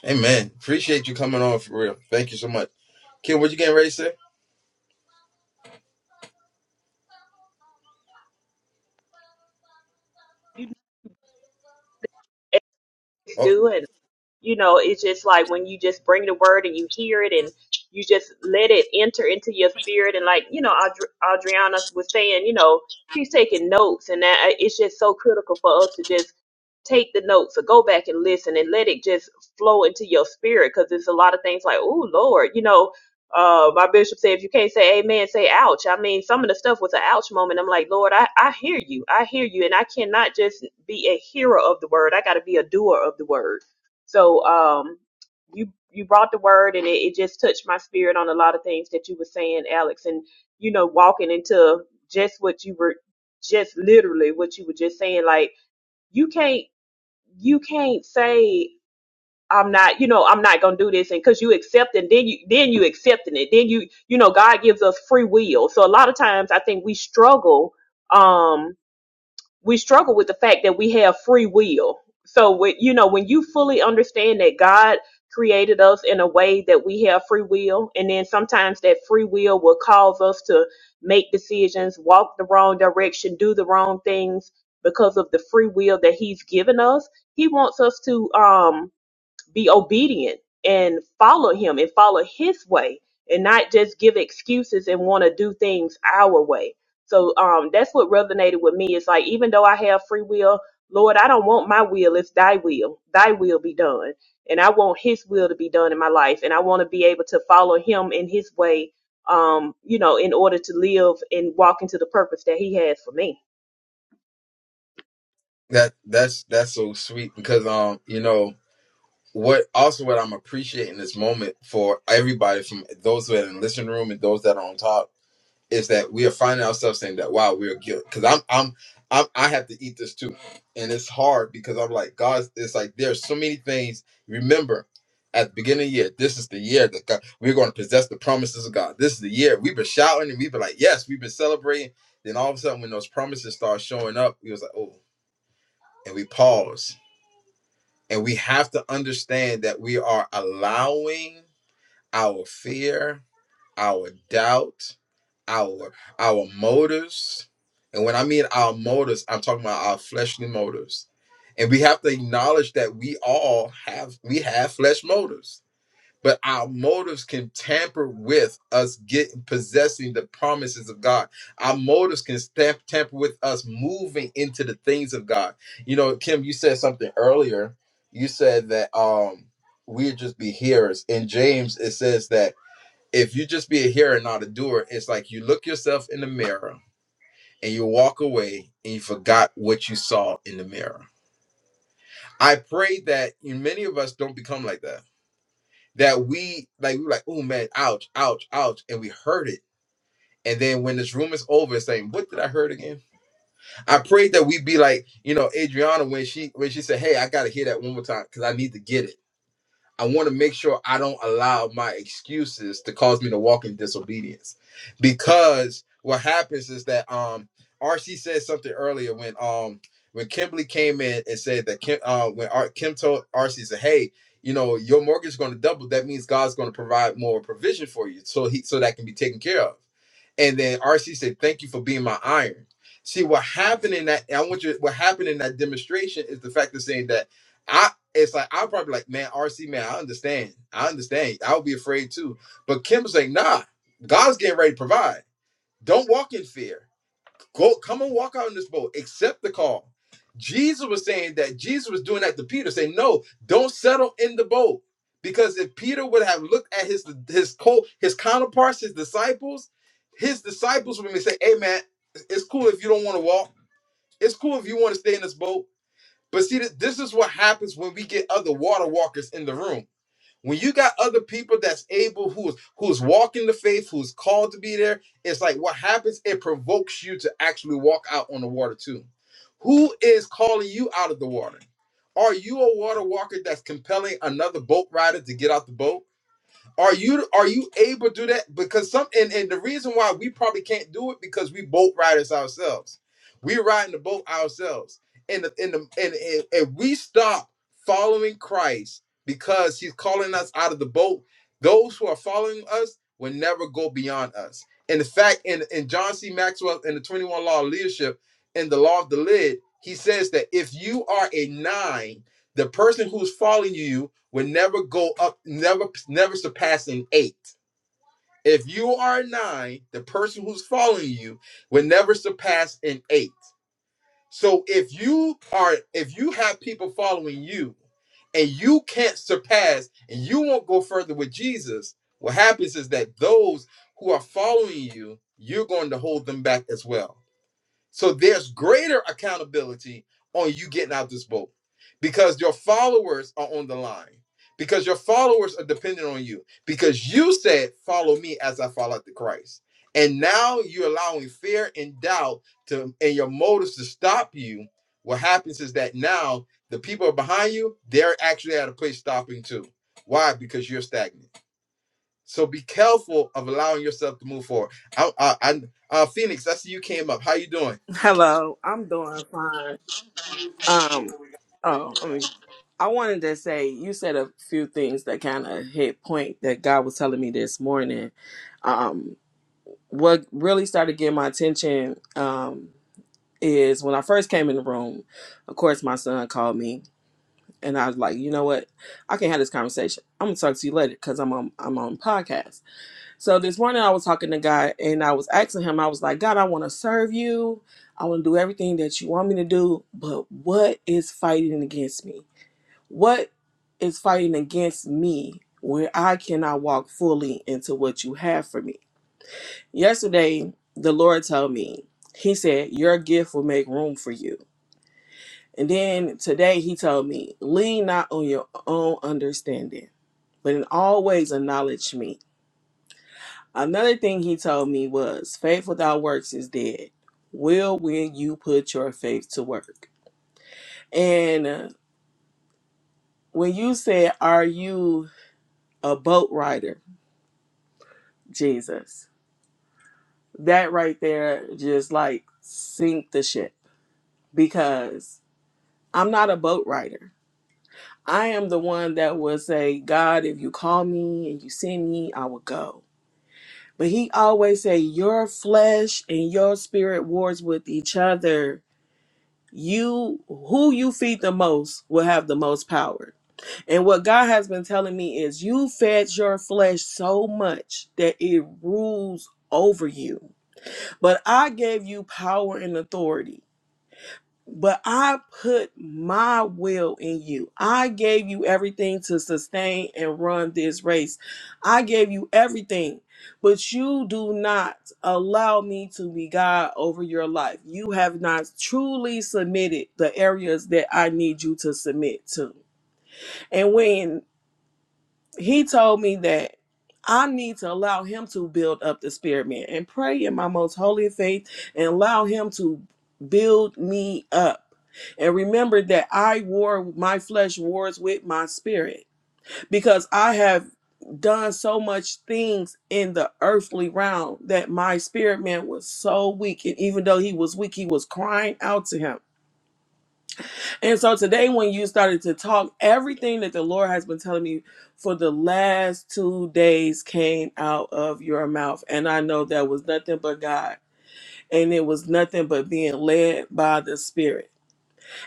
[SPEAKER 1] Amen. Appreciate you coming on for real. Thank you so much. Kim, what you getting ready to say?
[SPEAKER 3] You
[SPEAKER 1] Oh,
[SPEAKER 3] do it. you know it's just like when you just bring the word and you hear it and you just let it enter into your spirit and like you know Adri- adriana was saying you know she's taking notes and that uh, it's just so critical for us to just take the notes or go back and listen and let it just flow into your spirit because there's a lot of things like oh lord you know uh my bishop said if you can't say amen say ouch i mean some of the stuff was an ouch moment i'm like lord i i hear you i hear you and i cannot just be a hearer of the word i got to be a doer of the word so um, you you brought the word, and it, it just touched my spirit on a lot of things that you were saying, Alex, and you know, walking into just what you were just literally what you were just saying. Like you can't you can't say I'm not you know I'm not gonna do this, and because you accept and then you then you accepting it, then you you know God gives us free will. So a lot of times I think we struggle. Um, we struggle with the fact that we have free will. So, when, you know, when you fully understand that God created us in a way that we have free will, and then sometimes that free will will cause us to make decisions, walk the wrong direction, do the wrong things because of the free will that He's given us. He wants us to um, be obedient and follow him and follow his way and not just give excuses and want to do things our way. So um, that's what resonated with me. It's like, even though I have free will, Lord, I don't want my will. It's thy will. Thy will be done. And I want his will to be done in my life. And I want to be able to follow him in his way um, you know, in order to live and walk into the purpose that He has for me.
[SPEAKER 1] That that's that's so sweet because um you know what also what I'm appreciating this moment for everybody from those who are in the listening room and those that are on top is that we are finding ourselves saying that wow we're guilty because I'm I'm I'm I have to eat this too and it's hard because I'm like God it's like there's so many things remember at the beginning of the year this is the year that God, we're going to possess the promises of God this is the year we've been shouting and we've been like yes we've been celebrating then all of a sudden when those promises start showing up we was like oh and we pause and we have to understand that we are allowing our fear, our doubt, our our motives. And when I mean our motives, I'm talking about our fleshly motives. And we have to acknowledge that we all have we have flesh motives but our motives can tamper with us getting possessing the promises of God. Our motives can stamp, tamper with us moving into the things of God. You know, Kim, you said something earlier. You said that um we'd just be hearers. In James, it says that if you just be a hearer and not a doer, it's like you look yourself in the mirror and you walk away and you forgot what you saw in the mirror. I pray that many of us don't become like that that we like we were like, oh man, ouch, ouch, ouch, and we heard it. And then when this room is over, it's saying, "What did I heard again?" I prayed that we be like, you know, Adriana when she when she said, "Hey, I got to hear that one more time because I need to get it." I want to make sure I don't allow my excuses to cause me to walk in disobedience. Because what happens is that um RC said something earlier when um when Kimberly came in and said that Kim uh when R- Kim told RC said, "Hey, you know, your mortgage is going to double. That means God's going to provide more provision for you so he so that can be taken care of." And then RC said, "Thank you for being my iron." See what happened in that. I want you. What happened in that demonstration is the fact of saying that it's like I'm probably like, man, RC, man, I understand. I understand. I would be afraid too. But Kim was like, nah, God's getting ready to provide. Don't walk in fear. Go come and walk out in this boat. Accept the call. Jesus was saying that Jesus was doing that to Peter, saying, No, don't settle in the boat. Because if Peter would have looked at his his co his counterparts, his disciples, his disciples would be saying, Hey man, it's cool if you don't want to walk. It's cool if you want to stay in this boat. But see, th- this is what happens when we get other water walkers in the room. When you got other people that's able, who's who's walking the faith, who's called to be there, it's like what happens. It provokes you to actually walk out on the water too. Who is calling you out of the water? Are you a water walker that's compelling another boat rider to get out the boat? Are you are you able to do that? Because some and, and the reason why we probably can't do it because we boat riders ourselves. We are riding the boat ourselves. And the, and, the, and and and we stop following Christ because he's calling us out of the boat. Those who are following us will never go beyond us. And the fact in, in John C. Maxwell in the 21 Law of Leadership, in the Law of the Lid, he says that if you are a nine the person who's following you will never go up, never never surpassing eight. If you are a nine, the person who's following you will never surpass an eight. So if you are if you have people following you and you can't surpass and you won't go further with Jesus, what happens is that those who are following you, you're going to hold them back as well. So there's greater accountability on you getting out this boat because your followers are on the line, because your followers are dependent on you, because you said, Follow me as I follow after Christ. And now you're allowing fear and doubt to and your motives to stop you. What happens is that now the people behind you, they're actually at a place stopping too. Why? Because you're stagnant. So be careful of allowing yourself to move forward. I, I, I, uh, Phoenix, I see you came up. How you doing?
[SPEAKER 10] Hello, I'm doing fine. Um, oh, I mean, I wanted to say you said a few things that kind of hit point that God was telling me this morning. Um, what really started getting my attention um, is when I first came in the room. Of course, my son called me, and I was like, you know what, I can't have this conversation. I'm gonna talk to you later because I'm on I'm on podcast. So this morning I was talking to God and I was asking him, I was like, God, I want to serve you. I want to do everything that you want me to do, but what is fighting against me? What is fighting against me where I cannot walk fully into what you have for me? Yesterday, the Lord told me, He said, Your gift will make room for you. And then today He told me, Lean not on your own understanding, but in all ways acknowledge me Another thing he told me was faith without works is dead. Will when you put your faith to work. And uh, when you said, Are you a boat rider, Jesus? That right there just like sink the ship because I'm not a boat rider. I am the one that would say, God, if you call me and you send me, I will go. But he always say, Your flesh and your spirit wars with each other you who you feed the most will have the most power and what god has been telling me is you fed your flesh so much that it rules over you but i gave you power and authority but I put my will in you. I gave you everything to sustain and run this race. I gave you everything, but you do not allow me to be God over your life. You have not truly submitted the areas that I need you to submit to. and when he told me that I need to allow him to build up the spirit man and pray in my most holy faith and allow him to build me up. And remember that I war, my flesh wars with my spirit because I have done so much things in the earthly realm that my spirit man was so weak. And even though he was weak, he was crying out to him. And so today, when you started to talk, everything that the Lord has been telling me for the last two days came out of your mouth. And I know that was nothing but God. And it was nothing but being led by the Spirit.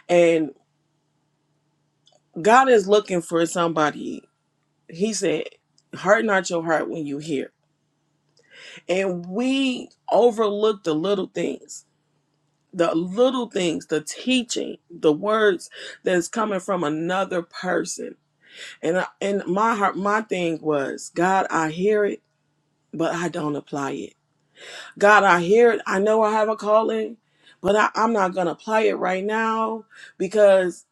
[SPEAKER 10] And God is looking for somebody. He said, Harden not your heart when you hear. And we overlook the little things, the little things, the teaching, the words that's coming from another person And I, and my heart, my thing was, God, I hear it, but I don't apply it. God, I hear it. I know I have a calling, but I, I'm not gonna apply it right now because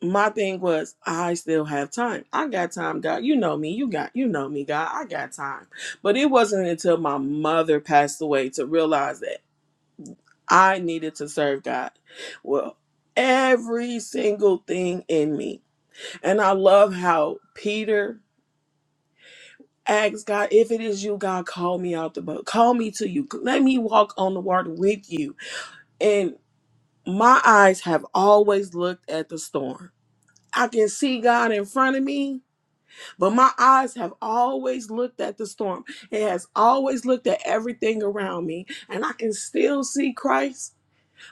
[SPEAKER 10] my thing was, I still have time. I got time, God. You know me. You got, you know me, God. I got time. But it wasn't until my mother passed away to realize that I needed to serve God. Well, every single thing in me, and I love how Peter Ask God, if it is you, God, call me out the boat. Call me to you. Let me walk on the water with you. And my eyes have always looked at the storm. I can see God in front of me, but my eyes have always looked at the storm. It has always looked at everything around me. And I can still see Christ,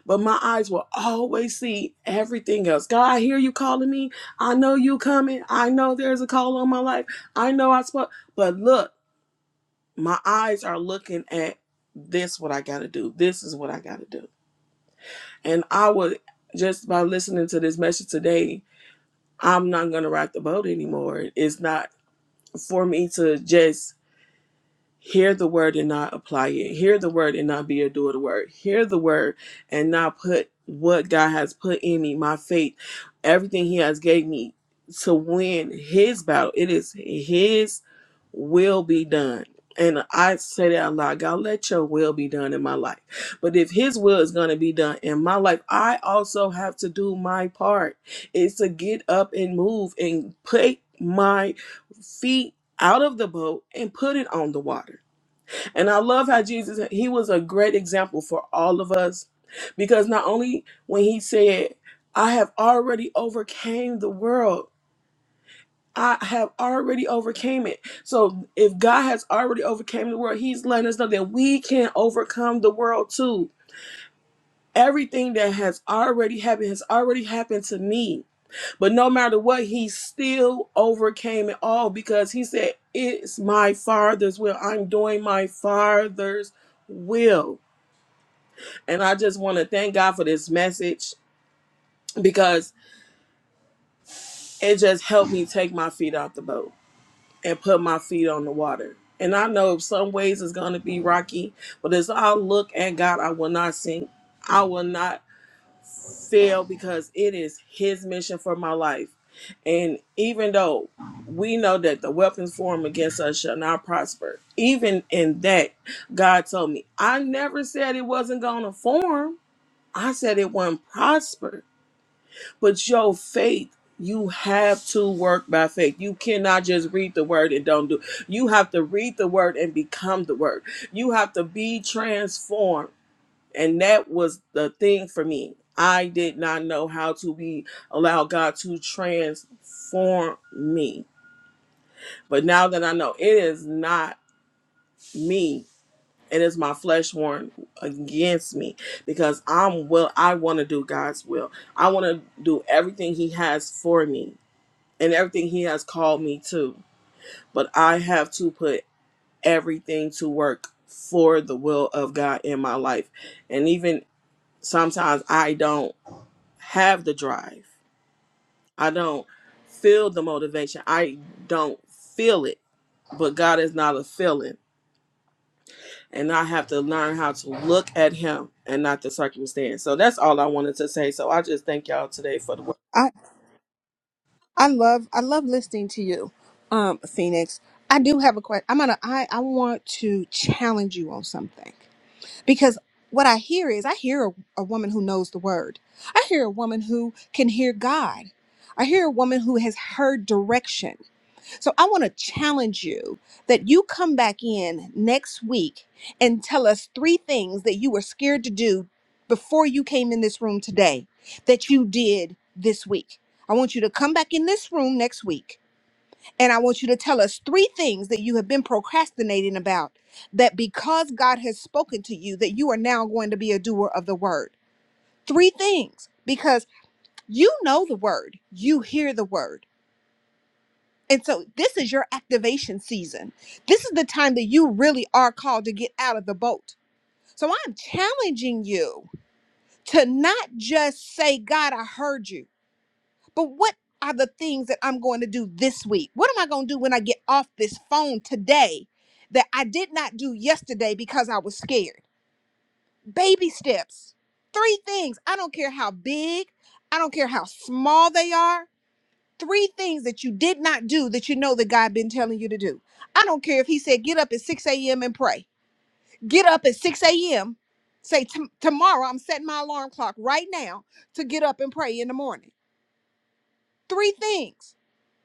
[SPEAKER 10] but my eyes will always see everything else. God, I hear you calling me. I know you coming. I know there's a call on my life. I know I spoke, but look my eyes are looking at this what i gotta do this is what i gotta do and i would just by listening to this message today i'm not gonna rock the boat anymore it's not for me to just hear the word and not apply it hear the word and not be a doer of the word hear the word and not put what god has put in me my faith everything he has gave me to win his battle it is his will be done. And I say that out loud, God, let your will be done in my life. But if his will is going to be done in my life, I also have to do my part. It's to get up and move and take my feet out of the boat and put it on the water. And I love how Jesus, he was a great example for all of us because not only when he said, I have already overcame the world, I have already overcame it. So if God has already overcome the world, He's letting us know that we can overcome the world too. Everything that has already happened has already happened to me. But no matter what, he still overcame it all because he said, It's my father's will. I'm doing my father's will. And I just want to thank God for this message because it just helped me take my feet off the boat. and put my feet on the water. And I know some ways it's going to be rocky, but as I look at God, I will not sink. I will not fail because it is His mission for my life. And even though we know that the weapons formed against us shall not prosper, even in that, God told me, I never said it wasn't going to form. I said it wouldn't prosper. But your faith, you have to work by faith. You cannot just read the word and don't do. You have to read the word and become the word. You have to be transformed. And that was the thing for me. I did not know how to be allow God to transform me. But now that I know it is not me, it is my flesh warring against me because I'm will I want to do God's will. I want to do everything he has for me and everything he has called me to. But I have to put everything to work for the will of God in my life. And even sometimes I don't have the drive. I don't feel the motivation. I don't feel it. But God is not a feeling. And I have to learn how to look at him and not the circumstance. So that's all I wanted to say. So I just thank y'all today for the work.
[SPEAKER 2] I I love I love listening to you, um, Phoenix. I do have a question. I'm gonna I I want to challenge you on something. because what I hear is I hear a, a woman who knows the word. I hear a woman who can hear God. I hear a woman who has heard direction. So I want to challenge you that you come back in next week and tell us three things that you were scared to do before you came in this room today that you did this week. I want you to come back in this room next week and I want you to tell us three things that you have been procrastinating about that because God has spoken to you, that you are now going to be a doer of the word. Three things because you know the word, you hear the word. And so this is your activation season. This is the time that you really are called to get out of the boat. So I'm challenging you to not just say, God, I heard you. But what are the things that I'm going to do this week? What am I going to do when I get off this phone today that I did not do yesterday because I was scared? Baby steps. Three things. I don't care how big, I don't care how small they are. Three things that you did not do that you know that God been telling you to do. I don't care if he said get up at 6 a.m. and pray. Get up at 6 a.m. Say "Tom- tomorrow I'm setting my alarm clock right now to get up and pray in the morning. Three things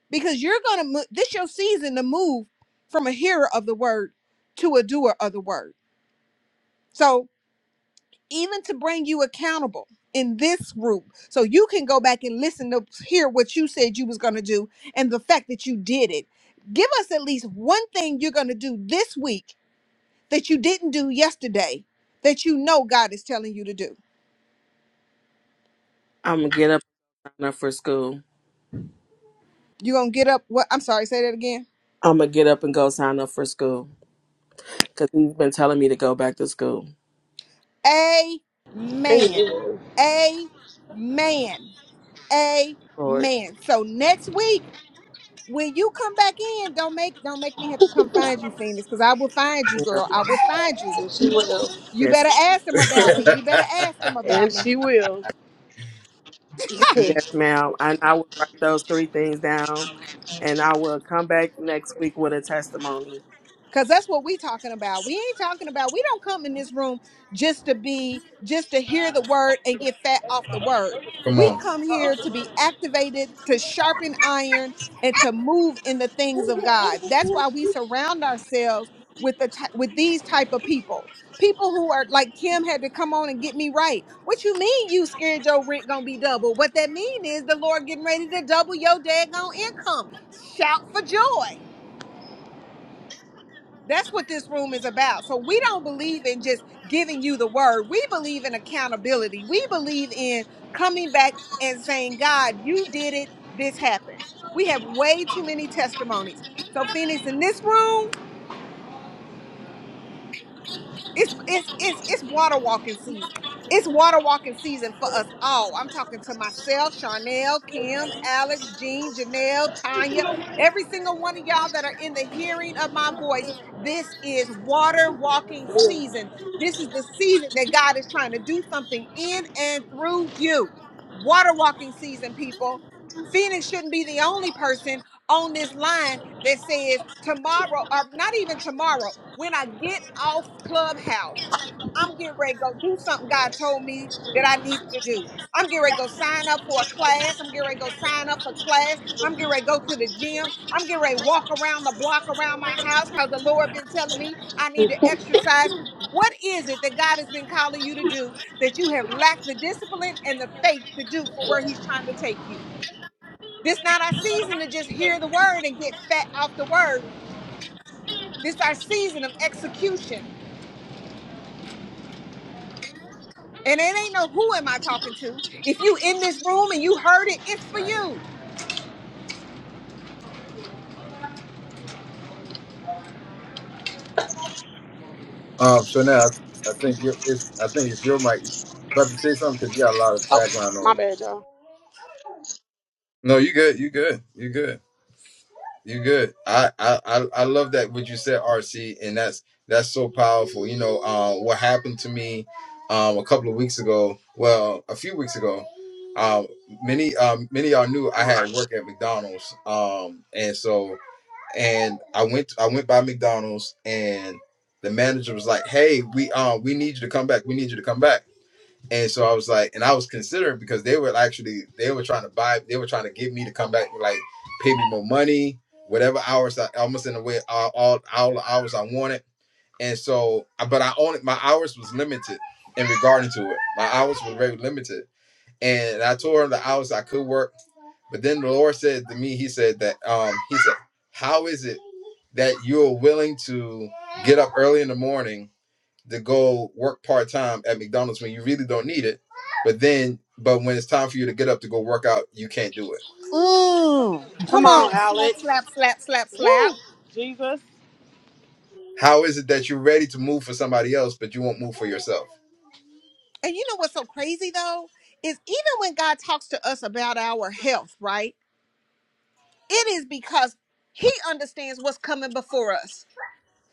[SPEAKER 2] because you're gonna move this your season to move from a hearer of the word to a doer of the word so even to bring you accountable in this group so you can go back and listen to hear what you said you was gonna do and the fact that you did it give us at least one thing you're gonna do this week that you didn't do yesterday that you know god is telling you to do
[SPEAKER 10] I'm gonna get up and sign up for school.
[SPEAKER 2] you're gonna get up what i'm sorry say that again
[SPEAKER 10] I'm gonna get up and go sign up for school. because he's been telling me to go back to school.
[SPEAKER 2] amen
[SPEAKER 8] Amen.
[SPEAKER 2] amen
[SPEAKER 10] Lord,
[SPEAKER 2] Amen. So next week, when you come back in, don't make don't make me have to come find you, Phoenix, because I will find you, girl.
[SPEAKER 10] damn.
[SPEAKER 2] I will find you.
[SPEAKER 8] And she will.
[SPEAKER 2] You
[SPEAKER 10] yes,
[SPEAKER 2] better ask them about me. You better ask them about
[SPEAKER 8] And
[SPEAKER 2] me.
[SPEAKER 8] she will.
[SPEAKER 10] yes, ma'am. And I will write those three things down, and I will come back next week with a testimony.
[SPEAKER 2] Cause that's what we talking about. We ain't talking about we don't come in this room just to be just to hear the word and get fat off the word.
[SPEAKER 1] Come
[SPEAKER 2] We
[SPEAKER 1] on.
[SPEAKER 2] come here to be activated, to sharpen iron, and to move in the things of God. That's why we surround ourselves with the ty- with these type of people. People who are like Kim had to come on and get me right. What you mean you scared your rent gonna be double? What that mean is the Lord getting ready to double your daggone income. Shout for joy. That's what this room is about. So we don't believe in just giving you the word. We believe in accountability. We believe in coming back and saying, God, you did it. This happened. We have way too many testimonies. So, Phoenix, in this room, it's it's it's it's water walking season. It's water walking season for us all. I'm talking to myself, Charnel, Kim, Alex, Jean, Janelle, Tanya, every single one of y'all that are in the hearing of my voice. This is water walking season. This is the season that God is trying to do something in and through you. Water walking season, people. Phoenix shouldn't be the only person on this line that says tomorrow, or not even tomorrow, when I get off Clubhouse, I'm getting ready to go do something God told me that I needed to do. I'm getting ready to go sign up for a class. I'm getting ready to go sign up for class. I'm getting ready to go to the gym. I'm getting ready to walk around the block around my house because the Lord been telling me I need to exercise. What is it that God has been calling you to do that you have lacked the discipline and the faith to do for where He's trying to take you? This not our season to just hear the word and get fat off the word. This our season of execution. And it ain't no who am I talking to. If you in this room and you heard it, it's for you.
[SPEAKER 1] Um, so now I, I think you it's I think it's your mic. About to say something because you got a lot of
[SPEAKER 8] Oh,
[SPEAKER 1] background
[SPEAKER 8] my
[SPEAKER 1] noise.
[SPEAKER 8] bad, y'all.
[SPEAKER 1] No, you good. You good. You good. You good. I I I I love that what you said, RC, and that's that's so powerful. You know, um, what happened to me, um, a couple of weeks ago. Well, a few weeks ago. Um, many um many of y'all knew I had work at McDonald's. Um, and so and I went I went by McDonald's and the manager was like, "Hey, we um we need you to come back. We need you to come back." And so I was like, and I was considering because they were actually they were trying to buy, they were trying to get me to come back, and like pay me more money, whatever hours I almost in a way all all, all the hours I wanted. And so, but I only my hours was limited in regarding to it. My hours were very limited, and I told her the hours I could work. But then the Lord said to me, He said that um He said, how is it that you're willing to get up early in the morning? to go work part time at McDonald's when you really don't need it. But then, but when it's time for you to get up to go work out, you can't do it.
[SPEAKER 2] Mm. Come
[SPEAKER 8] Come on,
[SPEAKER 2] on. Slap,
[SPEAKER 8] Alex.
[SPEAKER 2] slap, slap, slap, slap.
[SPEAKER 8] Jesus.
[SPEAKER 1] How is it that you're ready to move for somebody else, but you won't move for yourself?
[SPEAKER 2] And you know what's so crazy though? Is even when God talks to us about our health, right? It is because he understands what's coming before us.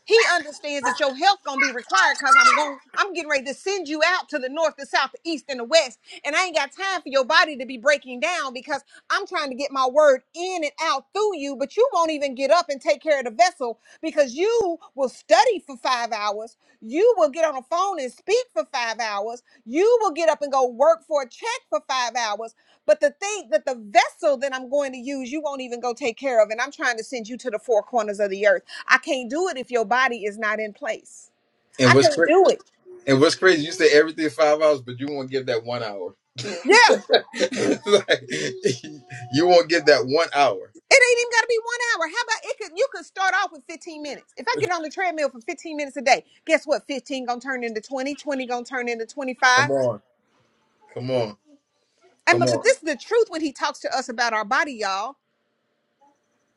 [SPEAKER 2] He understands that your health gonna be required because I'm going I'm getting ready to send you out to the north, the south, the east, and the west. And I ain't got time for your body to be breaking down because I'm trying to get my word in and out through you, but you won't even get up and take care of the vessel because you will study for five hours. You will get on the phone and speak for five hours. You will get up and go work for a check for five hours. But the thing that the vessel that I'm going to use, you won't even go take care of. And I'm trying to send you to the four corners of the earth. I can't do it if your body is not in place.
[SPEAKER 1] And
[SPEAKER 2] I
[SPEAKER 1] what's
[SPEAKER 2] can't
[SPEAKER 1] crazy?
[SPEAKER 2] do it.
[SPEAKER 1] And what's crazy? You say everything five hours, but you won't give that one hour.
[SPEAKER 2] Yeah.
[SPEAKER 1] like, you won't give that one hour.
[SPEAKER 2] It ain't even gotta be one hour. How about it could you could start off with 15 minutes. If I get on the treadmill for 15 minutes a day, guess what? 15 gonna turn into 20, 20 gonna turn into
[SPEAKER 1] Come
[SPEAKER 2] 25.
[SPEAKER 1] on, come on,
[SPEAKER 2] And
[SPEAKER 1] come
[SPEAKER 2] but, but
[SPEAKER 1] on.
[SPEAKER 2] this is the truth when he talks to us about our body, y'all.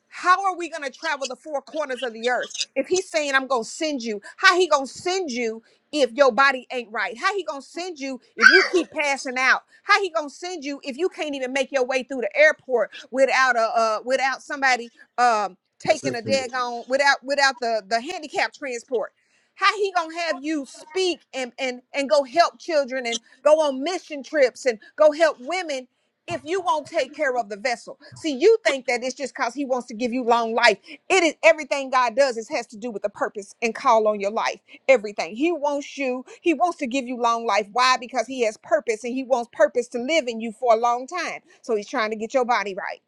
[SPEAKER 2] How are we going to travel the four corners of the earth if he's saying I'm going to send you? How he going to send you if your body ain't right? How he going to send you if you keep passing out? How he going to send you if you can't even make your way through the airport without a uh, without somebody um
[SPEAKER 1] That's
[SPEAKER 2] taking
[SPEAKER 1] it.
[SPEAKER 2] a
[SPEAKER 1] for you.
[SPEAKER 2] daggone without without the the handicap transport? How he gonna have you speak and and and go help children and go on mission trips and go help women if you won't take care of the vessel. See, you think that it's just because he wants to give you long life. It is everything God does is has to do with the purpose and call on your life. Everything. He wants you, he wants to give you long life. Why? Because he has purpose and he wants purpose to live in you for a long time. So he's trying to get your body right.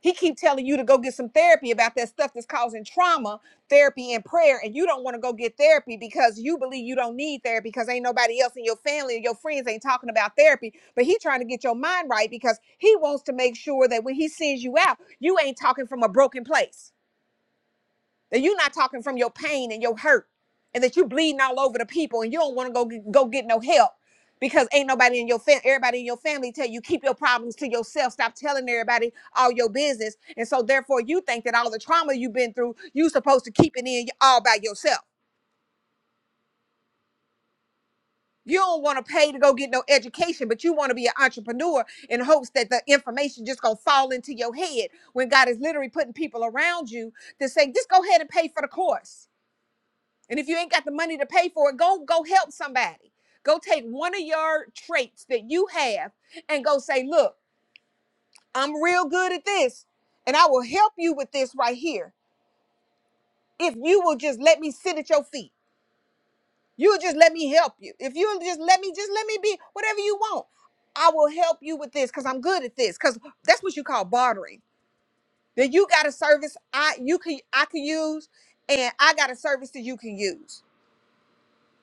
[SPEAKER 2] He keep telling you to go get some therapy about that stuff that's causing trauma, therapy and prayer, and you don't want to go get therapy because you believe you don't need therapy because ain't nobody else in your family or your friends ain't talking about therapy. But he trying to get your mind right because he wants to make sure that when he sends you out, you ain't talking from a broken place. That you're not talking from your pain and your hurt, and that you're bleeding all over the people, and you don't want to go get, go get no help because ain't nobody in your family, everybody in your family tell you keep your problems to yourself. Stop telling everybody all your business, and so therefore you think that all the trauma you've been through, you supposed to keep it in all by yourself. You don't want to pay to go get no education, but you want to be an entrepreneur in hopes that the information just gonna fall into your head when God is literally putting people around you to say, just go ahead and pay for the course And if you ain't got the money to pay for it, go go help somebody. Go take one of your traits that you have and go say, "Look, I'm real good at this, and I will help you with this right here if you will just let me sit at your feet. You'll just let me help you. If you'll just let me just let me be whatever you want. I will help you with this cuz I'm good at this cuz that's what you call bartering. That you got a service I you can I can use and I got a service that you can use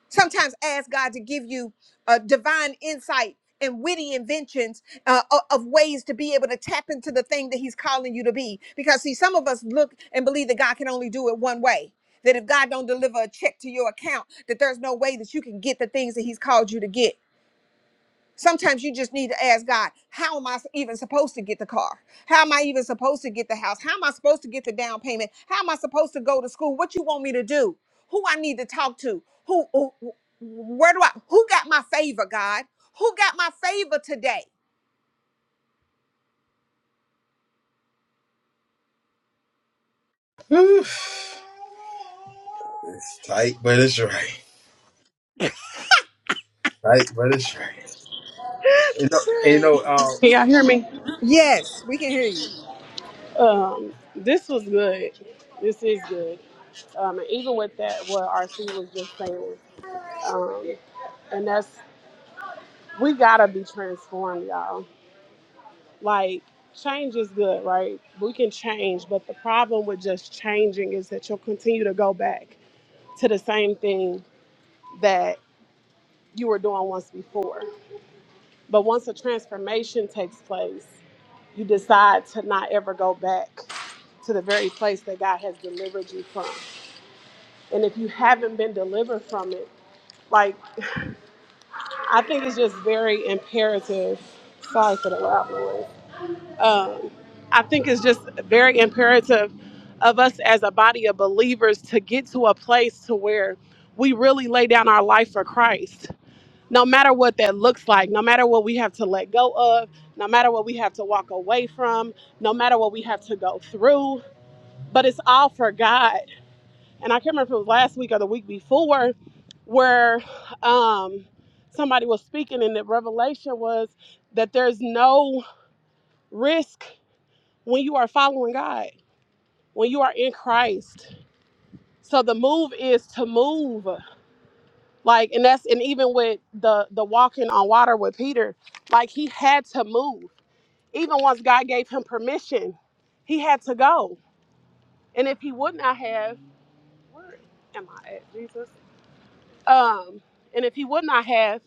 [SPEAKER 2] Sometimes ask God to give you uh, divine insight and witty inventions uh, o- of ways to be able to tap into the thing that He's calling you to be. Because see, some of us look and believe that God can only do it one way. That if God don't deliver a check to your account, that there's no way that you can get the things that He's called you to get. Sometimes you just need to ask God, how am I even supposed to get the car? How am I even supposed to get the house? How am I supposed to get the down payment? How am I supposed to go to school? What you want me to do? Who I need to talk to? Who, who where do I who got my favor, God? Who got my favor today?
[SPEAKER 1] Whew. It's tight, but it's right. Tight, but it's right. You know, and you know. Um,
[SPEAKER 8] Can y'all hear me?
[SPEAKER 2] Yes, we can hear you.
[SPEAKER 8] Um, this was good. This is good. Um, and even with that, what RC was just saying, um, and that's we gotta be transformed, y'all. Like change is good, right? We can change, but the problem with just changing is that you'll continue to go back to the same thing that you were doing once before. But once a transformation takes place, you decide to not ever go back to the very place that God has delivered you from. And if you haven't been delivered from it, like I think it's just very imperative. Sorry for the loud noise. Um, I think it's just very imperative of us as a body of believers to get to a place to where we really lay down our life for Christ no matter what that looks like, no matter what we have to let go of, no matter what we have to walk away from, no matter what we have to go through, but it's all for God. And I can't remember if it was last week or the week before where um, somebody was speaking, and the revelation was that there's no risk when you are following God, when you are in Christ. So the move is to move, like, and that's and even with the the walking on water with Peter, like he had to move. Even once God gave him permission, he had to go. And if he would not have, where am I at, Jesus? Um, and if he would not have,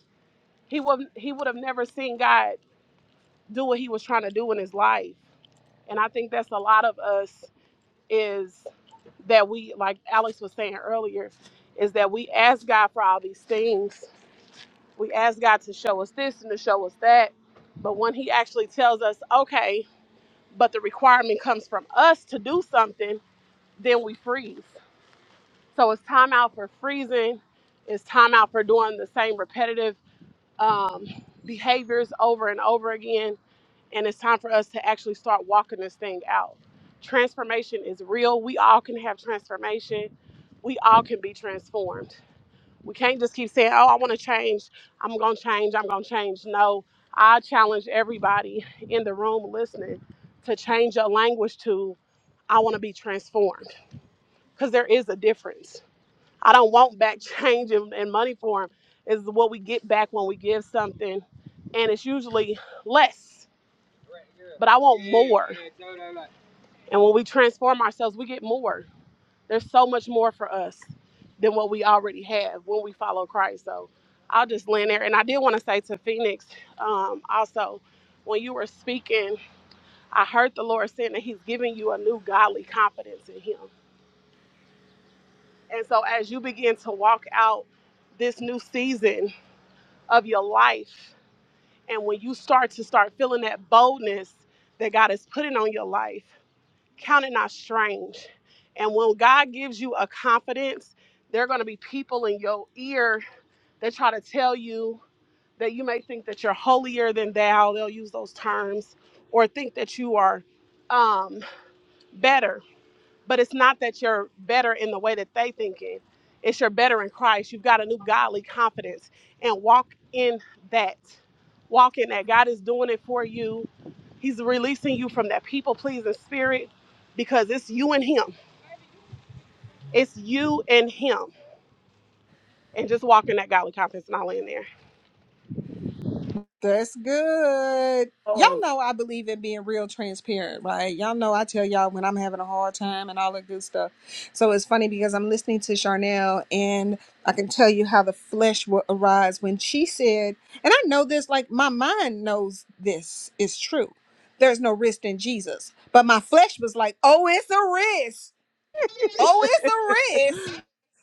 [SPEAKER 8] he would he would have never seen God do what he was trying to do in his life. And I think that's a lot of us is that we like Alex was saying earlier, is that we ask God for all these things. We ask God to show us this and to show us that. But when he actually tells us, okay, but the requirement comes from us to do something, then we freeze. So it's time out for freezing. It's time out for doing the same repetitive um, behaviors over and over again. And it's time for us to actually start walking this thing out. Transformation is real. We all can have transformation. We all can be transformed. We can't just keep saying, oh, I want to change. I'm going to change. I'm going to change. No, I challenge everybody in the room listening to change your language to, I want to be transformed because there is a difference. I don't want back change and, and money for them. Is what we get back when we give something, and it's usually less. But I want more. And when we transform ourselves, we get more. There's so much more for us than what we already have when we follow Christ. So I'll just land there. And I did want to say to Phoenix um, also, when you were speaking, I heard the Lord saying that He's giving you a new godly confidence in Him. And so, as you begin to walk out this new season of your life, and when you start to start feeling that boldness that God is putting on your life, count it not strange. And when God gives you a confidence, there are going to be people in your ear that try to tell you that you may think that you're holier than thou. They'll use those terms, or think that you are um, better but it's not that you're better in the way that they thinking. It's you're better in Christ. You've got a new godly confidence and walk in that. Walk in that. God is doing it for you. He's releasing you from that people pleasing spirit because it's you and him. It's you and him. And just walk in that godly confidence and I'll end there.
[SPEAKER 2] That's good. Y'all
[SPEAKER 10] Oh,
[SPEAKER 2] know I believe in being real transparent, right? Y'all know I tell y'all when I'm having a hard time and all that good stuff. So it's funny because I'm listening to Charnel and I can tell you how the flesh will arise when she said, and I know this, like my mind knows this is true. There's no risk in Jesus. But my flesh was like, oh, it's a risk. Oh, it's a risk.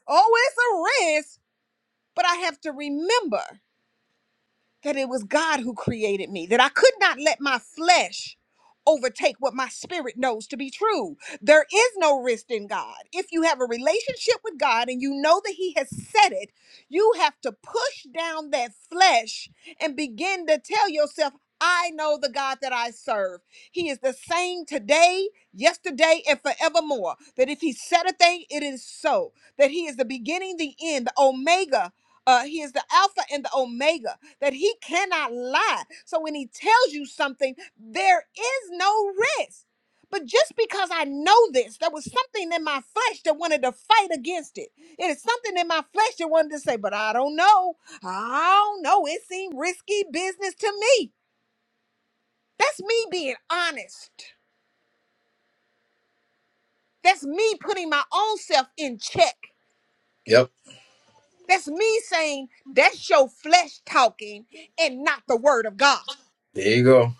[SPEAKER 2] Oh, it's a risk. But I have to remember that it was God who created me, that I could not let my flesh overtake what my spirit knows to be true. There is no risk in God. If you have a relationship with God and you know that He has said it, you have to push down that flesh and begin to tell yourself, I know the God that I serve. He is the same today, yesterday, and forevermore. That if He said a thing, it is so. That He is the beginning, the end, the Omega. Uh, he is the Alpha and the Omega that he cannot lie. So when he tells you something, there is no risk. But just because I know this, there was something in my flesh that wanted to fight against it. It is something in my flesh that wanted to say, but I don't know. I don't know. It seemed risky business to me. That's me being honest. That's me putting my own self in check.
[SPEAKER 1] yep.
[SPEAKER 2] That's me saying, that's your flesh talking and not the word of God.
[SPEAKER 1] There you go.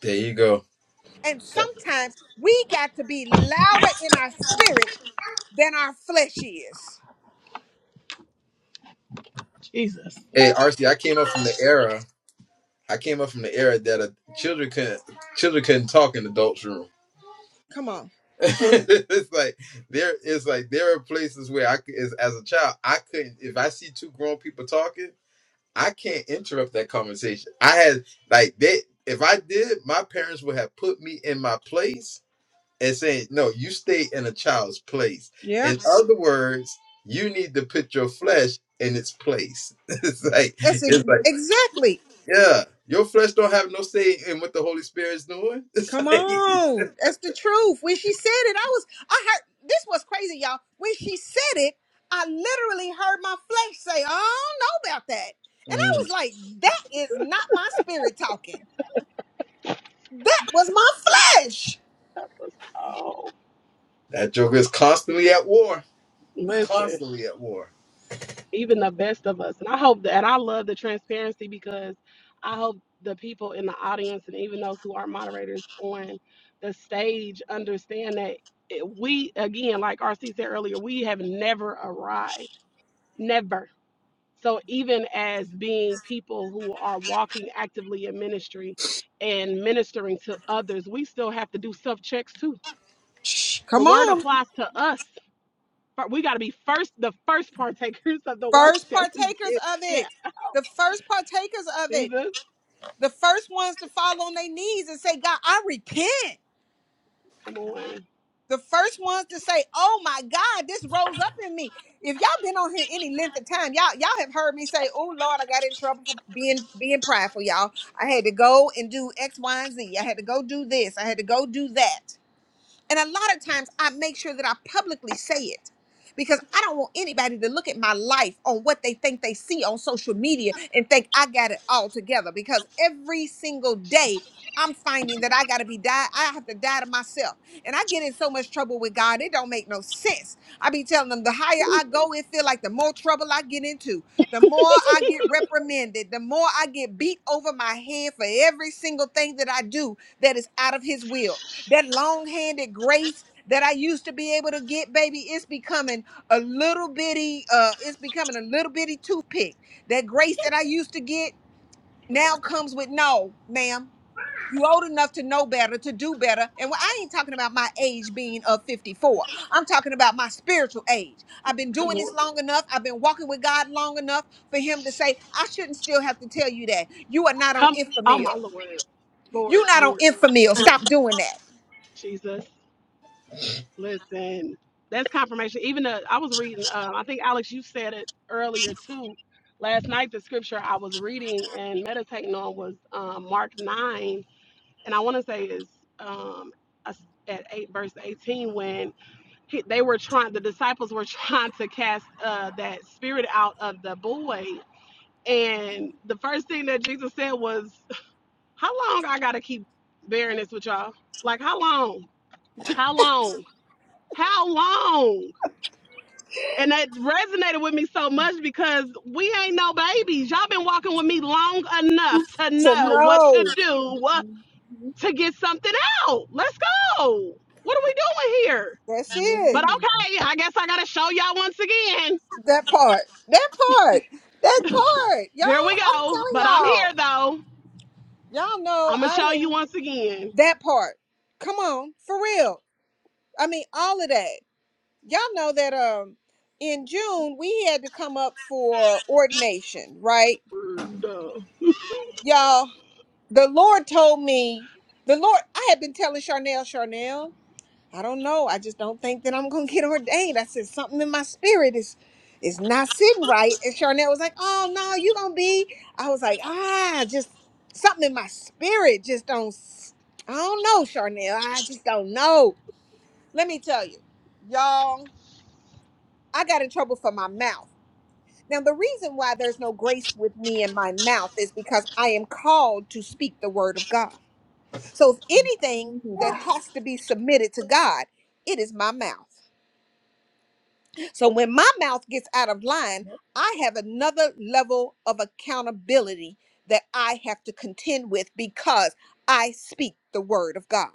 [SPEAKER 1] There you go.
[SPEAKER 2] And sometimes we got to be louder in our spirit than our flesh is.
[SPEAKER 8] Jesus.
[SPEAKER 1] Hey, RC, I came up from the era. I came up from the era that uh children couldn't children couldn't talk in adults' room.
[SPEAKER 2] Oh,
[SPEAKER 1] it's like there it's like there are places where I c- as, as a child I couldn't if I see two grown people talking I can't interrupt that conversation. I had like they if I did my parents would have put me in my place and saying no you stay in a child's place.
[SPEAKER 2] yeah,
[SPEAKER 1] In other words, you need to put your flesh in its place. it's like
[SPEAKER 2] that's ex-
[SPEAKER 1] it's like.
[SPEAKER 2] exactly.
[SPEAKER 1] Yeah, your flesh don't have no say in what the Holy Spirit is doing. It's
[SPEAKER 2] Come
[SPEAKER 1] like
[SPEAKER 2] on, that's the truth. When she said it, I was, I heard this was crazy, y'all. When she said it, I literally heard my flesh say, "I don't know about that," and I was
[SPEAKER 1] Mm.
[SPEAKER 2] like, "That is not my spirit talking. That was my flesh."
[SPEAKER 8] That was, oh,
[SPEAKER 1] that joker is constantly at war,
[SPEAKER 8] listen.
[SPEAKER 1] constantly at war.
[SPEAKER 8] even the best of us. And I hope that and I love the transparency because I hope the people in the audience and even those who are moderators on the stage understand that it- we, again, like RC said earlier, we have never arrived. Never. So even as being people who are walking actively in ministry and ministering to others, we still have to do self checks too.
[SPEAKER 2] Shh,
[SPEAKER 8] The
[SPEAKER 2] come
[SPEAKER 8] word
[SPEAKER 2] on,
[SPEAKER 8] applies to us. but We got to be first, the first partakers of the word
[SPEAKER 2] first
[SPEAKER 8] that we
[SPEAKER 2] partakers
[SPEAKER 8] get.
[SPEAKER 2] of
[SPEAKER 8] Yeah.
[SPEAKER 2] it. The first partakers of it.
[SPEAKER 8] Jesus,
[SPEAKER 2] The first ones to fall on their knees and say, God, I repent.
[SPEAKER 8] come on.
[SPEAKER 2] The first ones to say, Oh my God, this rose up in me. If y'all been on here any length of time, y'all y'all have heard me say, Oh Lord, I got in trouble for being being prideful, y'all. I had to go and do X, Y, and Z. I had to go do this. I had to go do that. And a lot of times I make sure that I publicly say it because I don't want anybody to look at my life on what they think they see on social media and think I got it all together because every single day I'm finding that I got to be die I have to die to myself. And I get in so much trouble with God, it don't make no sense. I be telling them the higher I go, it feel like the more trouble I get into. The more I get reprimanded, the more I get beat over my head for every single thing that I do that is out of his will that long-handed grace that I used to be able to get, baby, it's becoming a little bitty, uh, it's becoming a little bitty toothpick. That grace that I used to get now comes with no, ma'am. You old enough to know better, to do better. And when- I ain't talking about my age being of 54. I'm talking about my spiritual age. I've been
[SPEAKER 8] Come
[SPEAKER 2] doing this
[SPEAKER 8] on.
[SPEAKER 2] long enough. I've been walking with God long enough for him to say, I shouldn't still have to tell you that. You are not on
[SPEAKER 8] Come. Oh, my
[SPEAKER 2] infamil.
[SPEAKER 8] Lord. Lord,
[SPEAKER 2] You're not on
[SPEAKER 8] Lord
[SPEAKER 2] infamil. Stop doing that.
[SPEAKER 8] Jesus. Listen, that's confirmation. Even the, I was reading, uh, I think, Alex, you said it earlier too. Last night, the scripture I was reading and meditating on was um, Mark 9. And I want to say is um, us- at 8, verse 18, when he, they were trying, the disciples were trying to cast uh, that spirit out of the boy. And the first thing that Jesus said was, How long I gotta keep bearing this with y'all? Like how long? How long? How long? And that resonated with me so much because we ain't no babies. Y'all been walking with me long enough to
[SPEAKER 2] To
[SPEAKER 8] know what to
[SPEAKER 2] know.
[SPEAKER 8] do uh, to get something out. Let's go. What are we doing here?
[SPEAKER 2] That's
[SPEAKER 8] But
[SPEAKER 2] it.
[SPEAKER 8] okay, I guess I gotta show y'all once again.
[SPEAKER 2] That part. That part. That part. Y'all,
[SPEAKER 8] Here we
[SPEAKER 2] I'm
[SPEAKER 8] go.
[SPEAKER 2] telling
[SPEAKER 8] But I'm
[SPEAKER 2] y'all.
[SPEAKER 8] here though.
[SPEAKER 2] Y'all
[SPEAKER 8] I'm
[SPEAKER 2] know
[SPEAKER 8] gonna
[SPEAKER 2] I
[SPEAKER 8] show you
[SPEAKER 2] didn't.
[SPEAKER 8] once again.
[SPEAKER 2] That part. Come on, for real. I mean, all of that. Y'all know that um in June we had to come up for ordination, right? Y'all, the Lord told me, the Lord, I had been telling Charnel, Charnel. I don't know. I just don't think that I'm gonna get ordained. I said something in my spirit is is not sitting right. And Charnel was like, Oh no, you gonna be. I was like, ah, just something in my spirit just don't s- I don't know, Charnel. I just don't know. Let me tell you, y'all, I got in trouble for my mouth. Now the reason why there's no grace with me in my mouth is because I am called to speak the word of God. So if anything that has to be submitted to God, it is my mouth. So when my mouth gets out of line, I have another level of accountability that I have to contend with because I speak the word of God.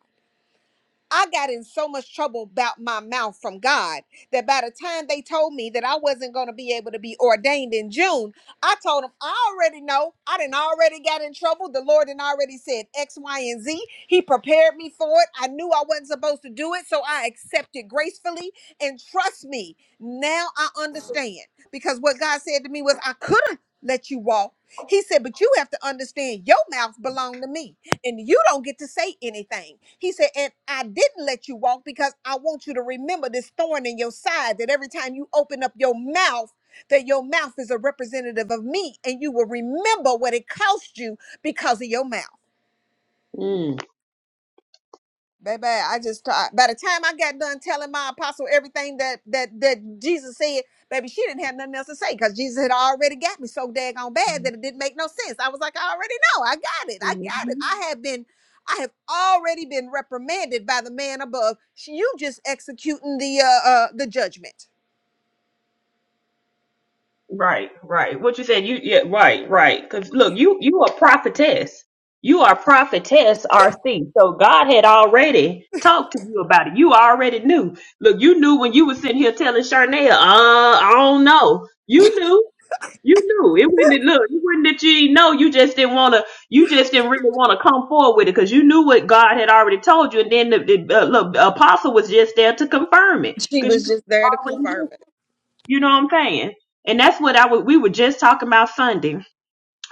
[SPEAKER 2] I got in so much trouble about my mouth from God that by the time they told me that I wasn't going to be able to be ordained in June, I told them, I already know. I didn't already got in trouble. The Lord had already said X, Y, and Z. He prepared me for it. I knew I wasn't supposed to do it, so I accepted gracefully. And trust me, now I understand because what God said to me was, I could not let you walk. He said, but you have to understand your mouth belonged to me and you don't get to say anything. He said, and I didn't let you walk because I want you to remember this thorn in your side that every time you open up your mouth, that your mouth is a representative of me, and you will remember what it cost you because of your mouth.
[SPEAKER 3] Mm.
[SPEAKER 2] Baby, I just thought by the time I got done telling my apostle everything that that that Jesus said, baby, she didn't have nothing else to say because Jesus had already got me so daggone bad that it didn't make no sense. I was like, I already know, I got it, I got it. I have been, I have already been reprimanded by the man above. Sh- You just executing the uh, uh the judgment.
[SPEAKER 3] Right, right. What you said, you yeah, right, right. Because look, you you are prophetess. You are prophetess RC. So God had already talked to you about it. You already knew. Look, you knew when you were sitting here telling Sharnaya, uh, I don't know. You knew. You knew. It wouldn't it look, it wouldn't that you didn't know. You just didn't wanna you just didn't really want to come forward with it because you knew what God had already told you, and then the, the uh, look, the apostle was just there to confirm it.
[SPEAKER 2] She
[SPEAKER 3] Because
[SPEAKER 2] was
[SPEAKER 3] you
[SPEAKER 2] just there to
[SPEAKER 3] already knew.
[SPEAKER 2] confirm it.
[SPEAKER 3] You know what I'm saying? And that's what I would we were just talking about Sunday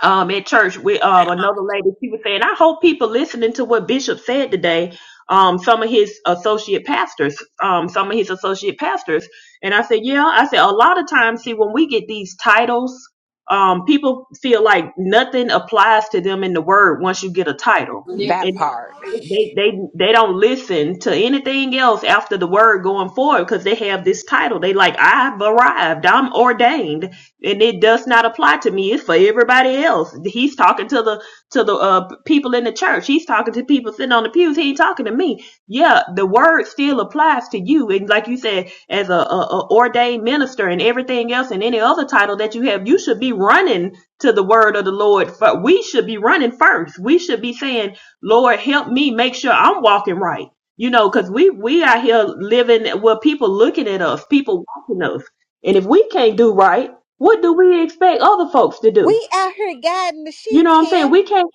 [SPEAKER 3] um at church with um another lady she was saying i hope people listening to what bishop said today um some of his associate pastors um some of his associate pastors and i said yeah i said a lot of times see when we get these titles um people feel like nothing applies to them in the word once you get a title
[SPEAKER 4] That
[SPEAKER 3] and
[SPEAKER 4] part.
[SPEAKER 3] they they they don't listen to anything else after the word going forward because they have this title they like i've arrived i'm ordained and it does not apply to me it's for everybody else he's talking to the to the uh, people in the church he's talking to people sitting on the pews he ain't talking to me yeah the word still applies to you and like you said as a, a, a ordained minister and everything else and any other title that you have you should be running to the word of the lord but we should be running first we should be saying lord help me make sure i'm walking right you know because we we out here living where people looking at us people watching us and if we can't do right what do we expect other folks to do?
[SPEAKER 2] We out here guiding the
[SPEAKER 3] You
[SPEAKER 2] sheep,
[SPEAKER 3] know what I'm
[SPEAKER 2] Kim.
[SPEAKER 3] saying? We can't,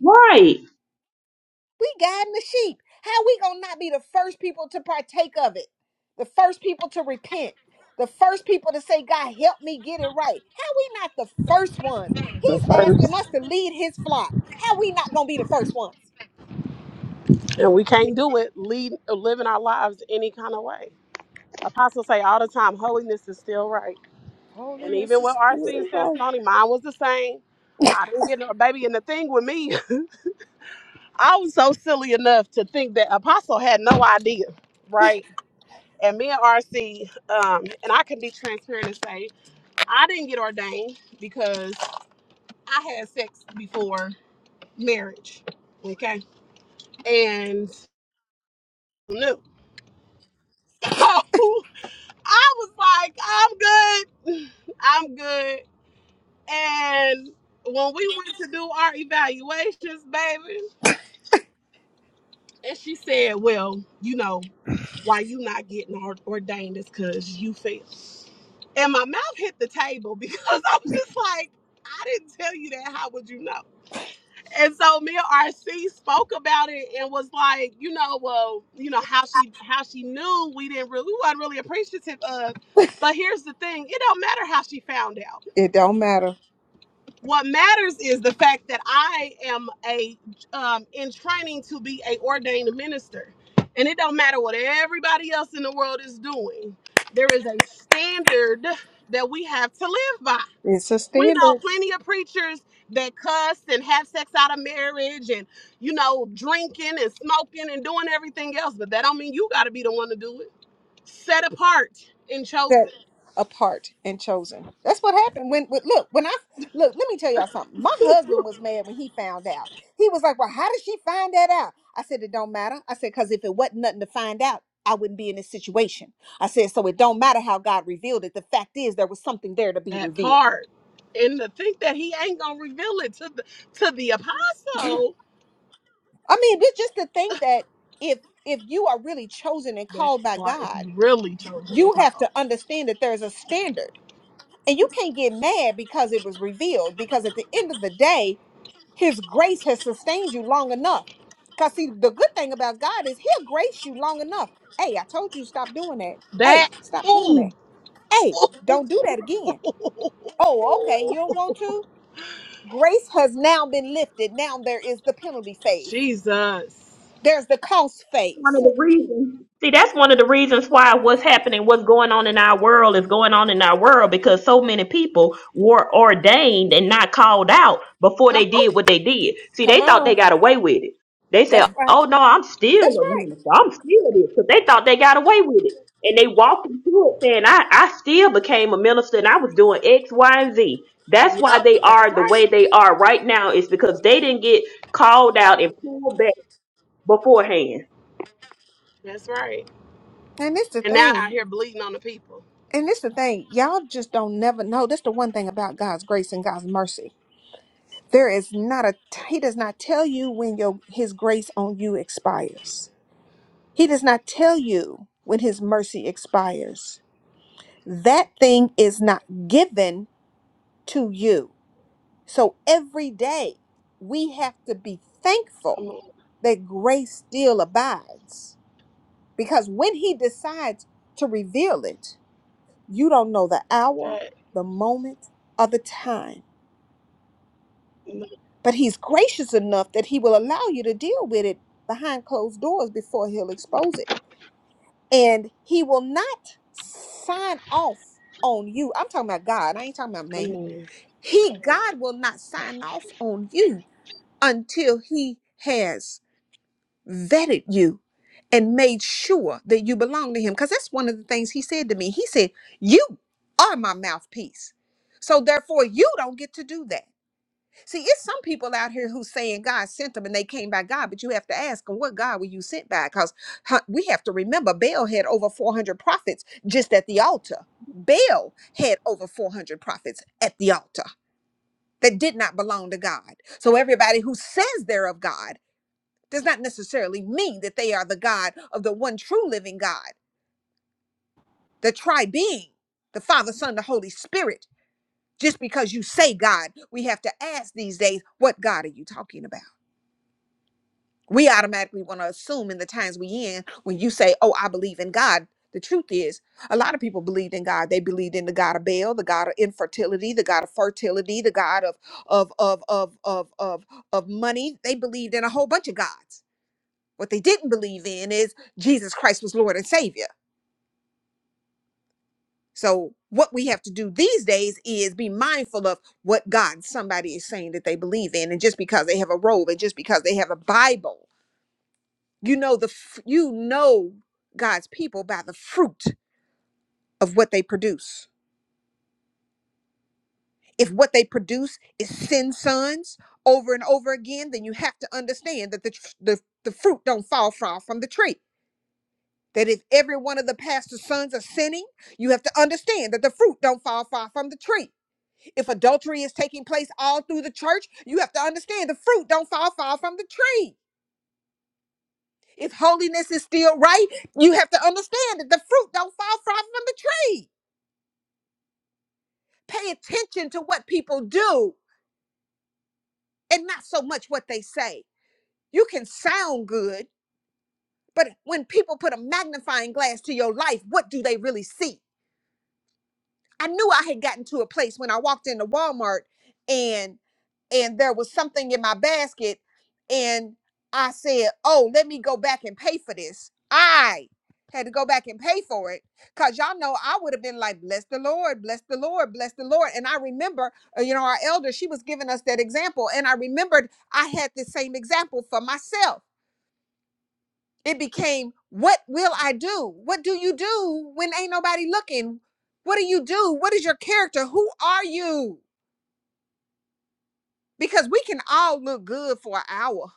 [SPEAKER 3] right.
[SPEAKER 2] We guiding the sheep. How we gonna not be the first people to partake of it? The first people to repent. The first people to say, God, help me get it right. How we not the first ones?
[SPEAKER 8] The
[SPEAKER 2] He's asking
[SPEAKER 8] first,
[SPEAKER 2] us to lead his flock. How we not gonna be the first ones?
[SPEAKER 8] and we can't do it lead, living our lives any kind of way. Apostles say all the time, holiness is still right. And
[SPEAKER 2] Holiness,
[SPEAKER 8] even with
[SPEAKER 2] is-
[SPEAKER 8] RC's testimony, mine was the same. I didn't get no baby. And the thing with me, I was so silly enough to think that Apostle had no idea, right? And me and RC, um, and I can be transparent and say, I didn't get ordained because I had sex before marriage, okay? And no, I was like, I'm good. I'm good. And when we went to do our evaluations, baby, and she said, Well, you know, why you not getting or- ordained is because you failed." And my mouth hit the table because I was just like, I didn't tell you that. How would you know? And so me and RC spoke about it and was like, you know, well, you know, how she how she knew we didn't really we wasn't really appreciative of. But here's the thing, it don't matter how she found out
[SPEAKER 2] it don't matter.
[SPEAKER 8] What matters is the fact that I am a um, in training to be a ordained minister, and it don't matter what everybody else in the world is doing. There is a standard that we have to live by.
[SPEAKER 2] It's a
[SPEAKER 8] We know
[SPEAKER 2] standard.
[SPEAKER 8] plenty of preachers that cuss and have sex out of marriage, and you know drinking and smoking and doing everything else, but that don't mean you got to be the one to do it. Set apart and chosen.
[SPEAKER 2] set apart and chosen. That's what happened when, when look, when I look, let me tell y'all something. My husband was mad when he found out. He was like, "Well, how did she find that out?" I said, "It don't matter." I said, "Cuz if it wasn't nothing to find out, I wouldn't be in this situation." I said, "So it don't matter how God revealed it. The fact is there was something there to be
[SPEAKER 8] that
[SPEAKER 2] revealed."
[SPEAKER 8] part and to think that he ain't gonna reveal it to the to the apostle
[SPEAKER 2] I mean, but just to think that if if you are really chosen and
[SPEAKER 8] that
[SPEAKER 2] called by
[SPEAKER 8] part if
[SPEAKER 2] God,
[SPEAKER 8] you really chose to
[SPEAKER 2] you have
[SPEAKER 8] call
[SPEAKER 2] to understand that there's a standard. And you can't get mad because it was revealed because at the end of the day, His grace has sustained you long enough. Because, see, the good thing about God is He'll grace you long enough. Hey, I told you stop doing that. Hey,
[SPEAKER 8] that
[SPEAKER 2] stop doing
[SPEAKER 8] ooh,
[SPEAKER 2] that. Hey, don't do that again. Oh, okay. You don't want to? Grace has now been lifted. Now there is the penalty phase,
[SPEAKER 8] jesus
[SPEAKER 2] there's the cost
[SPEAKER 3] one of
[SPEAKER 2] phase.
[SPEAKER 3] the reasons. See, that's one of the reasons why what's happening, what's going on in our world is going on in our world because so many people were ordained and not called out before
[SPEAKER 8] come
[SPEAKER 3] they
[SPEAKER 8] oh
[SPEAKER 3] did what they did. See,
[SPEAKER 2] Come
[SPEAKER 3] they thought they
[SPEAKER 2] on.
[SPEAKER 3] got away with it. They
[SPEAKER 2] That's
[SPEAKER 3] said,
[SPEAKER 2] right.
[SPEAKER 3] oh no, I'm still
[SPEAKER 2] That's
[SPEAKER 3] a
[SPEAKER 2] right.
[SPEAKER 3] minister. I'm still this. Because they thought they got away with it. And they walked into it saying, I, I still became a minister and I was doing X, Y, and Z. That's why
[SPEAKER 8] yep
[SPEAKER 3] they
[SPEAKER 8] that's
[SPEAKER 3] are the
[SPEAKER 8] right
[SPEAKER 3] way they are right now is because they didn't get called out and pulled back beforehand.
[SPEAKER 8] that's right
[SPEAKER 2] And it's the
[SPEAKER 8] and now out
[SPEAKER 2] thing.
[SPEAKER 8] here bleeding on the people
[SPEAKER 2] And it's the thing. Y'all just don't never know. That's the one thing about God's grace and God's mercy There is not a he does not tell you when your his grace on you expires. He does not tell you when his mercy expires. That thing is not given to you. So every day we have to be thankful
[SPEAKER 8] come on
[SPEAKER 2] that grace still abides because when he decides to reveal it, you don't know the hour,
[SPEAKER 8] that
[SPEAKER 2] the moment, or the time.
[SPEAKER 8] no,
[SPEAKER 2] But he's gracious enough that he will allow you to deal with it behind closed doors before he'll expose it. And he will not sign off on you. I'm talking about God. I ain't talking about
[SPEAKER 8] come
[SPEAKER 2] man.
[SPEAKER 8] on
[SPEAKER 2] He God will not sign off on you until he has vetted you and made sure that you belong to him cuz that's one of the things he said to me. He said, "You are my mouthpiece." So therefore you don't get to do that. See, it's some people out here who saying God sent them and they came by God, but you have to ask them, what God were you sent by? Because we have to remember Baal had over 400 prophets just at the altar. Baal had over 400 prophets at the altar that did not belong to God. So everybody who says they're of God does not necessarily mean that they are the God of the one true living God, the tri being, the Father, Son, the Holy Spirit. Just because you say God, we have to ask these days, what God are you talking about? We automatically want to assume in the times we in when you say, "Oh, I believe in God." The truth is, a lot of people believed in God. They believed in the God of Baal, the God of infertility, the God of fertility, the God of of of of of of, of money. They believed in a whole bunch of gods. What they didn't believe in is Jesus Christ was Lord and Savior. So what we have to do these days is be mindful of what God somebody is saying that they believe in, and just because they have a robe, and just because they have a Bible You know the f- you know God's people by the fruit of what they produce. If what they produce is sin sons over and over again, then you have to understand that the tr- the, the fruit don't fall from from the tree. That if every one of the pastor's sons are sinning, you have to understand that the fruit don't fall far from the tree. If adultery is taking place all through the church, you have to understand the fruit don't fall far from the tree. If holiness is still right, you have to understand that the fruit don't fall far from the tree. Pay attention to what people do and not so much what they say. You can sound good, but when people put a magnifying glass to your life, what do they really see? I knew I had gotten to a place when I walked into Walmart and and there was something in my basket and I said, "Oh, let me go back and pay for this." I had to go back and pay for it cuz y'all know I would have been like, "Bless the Lord, bless the Lord, bless the Lord." And I remember, uh, you know, our elder, she was giving us that example and I remembered I had the same example for myself it became, what will I do? What do you do when ain't nobody looking? What do you do? What is your character? Who are you? Because we can all look good for an hour.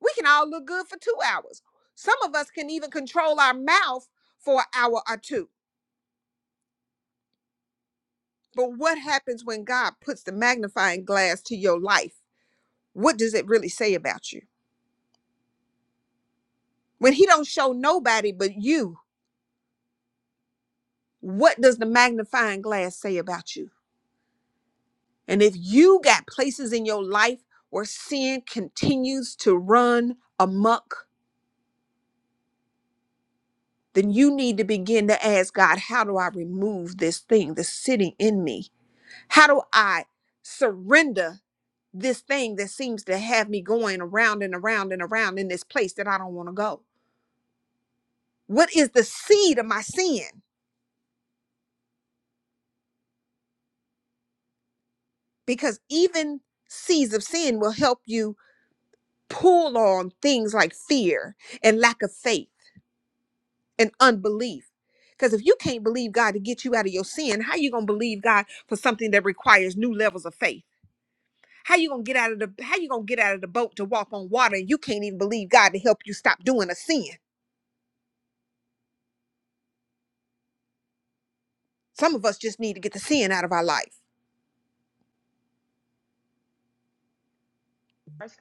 [SPEAKER 2] We can all look good for two hours. Some of us can even control our mouth for an hour or two. But what happens when God puts the magnifying glass to your life? What does it really say about you? When he don't show nobody but you, what does the magnifying glass say about you? And if you got places in your life where sin continues to run amok, then you need to begin to ask God, how do I remove this thing that's sitting in me? How do I surrender this thing that seems to have me going around and around and around in this place that I don't want to go? What is the seed of my sin? Because even seeds of sin will help you pull on things like fear and lack of faith and unbelief. Because if you can't believe God to get you out of your sin, how you gonna believe God for something that requires new levels of faith? How you gonna get out of the how you gonna get out of the boat to walk on water and you can't even believe God to help you stop doing a sin? Some of us just need to get the sin out of our life.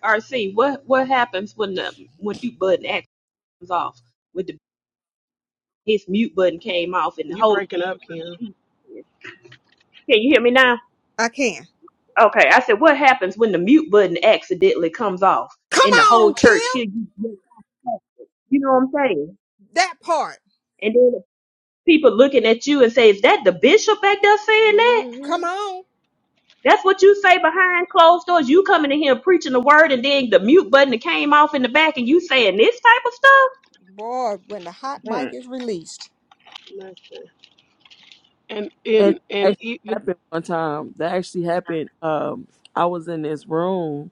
[SPEAKER 3] RC, what what happens when the when mute button actually comes off? With the his mute button came off and the
[SPEAKER 8] you
[SPEAKER 3] whole
[SPEAKER 8] breaking up kim
[SPEAKER 3] can you hear me now?
[SPEAKER 2] I can.
[SPEAKER 3] Okay, I said what happens when the mute button accidentally comes off
[SPEAKER 2] Come
[SPEAKER 3] and the whole
[SPEAKER 2] on, Kim.
[SPEAKER 3] church hears you? You know what I'm saying?
[SPEAKER 2] That part.
[SPEAKER 3] And then people looking at you and say, "Is that the bishop back there saying that?"
[SPEAKER 2] Come
[SPEAKER 8] mm-hmm.
[SPEAKER 2] on.
[SPEAKER 3] That's what you say behind closed doors. You coming in here preaching the word, and then the mute button that came off in the back, and you saying this type of
[SPEAKER 2] Boy, when the hot
[SPEAKER 3] stuff.
[SPEAKER 2] mic is released.
[SPEAKER 8] Listen. and
[SPEAKER 10] and
[SPEAKER 8] and
[SPEAKER 10] that
[SPEAKER 8] and
[SPEAKER 10] actually
[SPEAKER 8] even
[SPEAKER 10] happened one time. That actually happened. Um, I was in this room,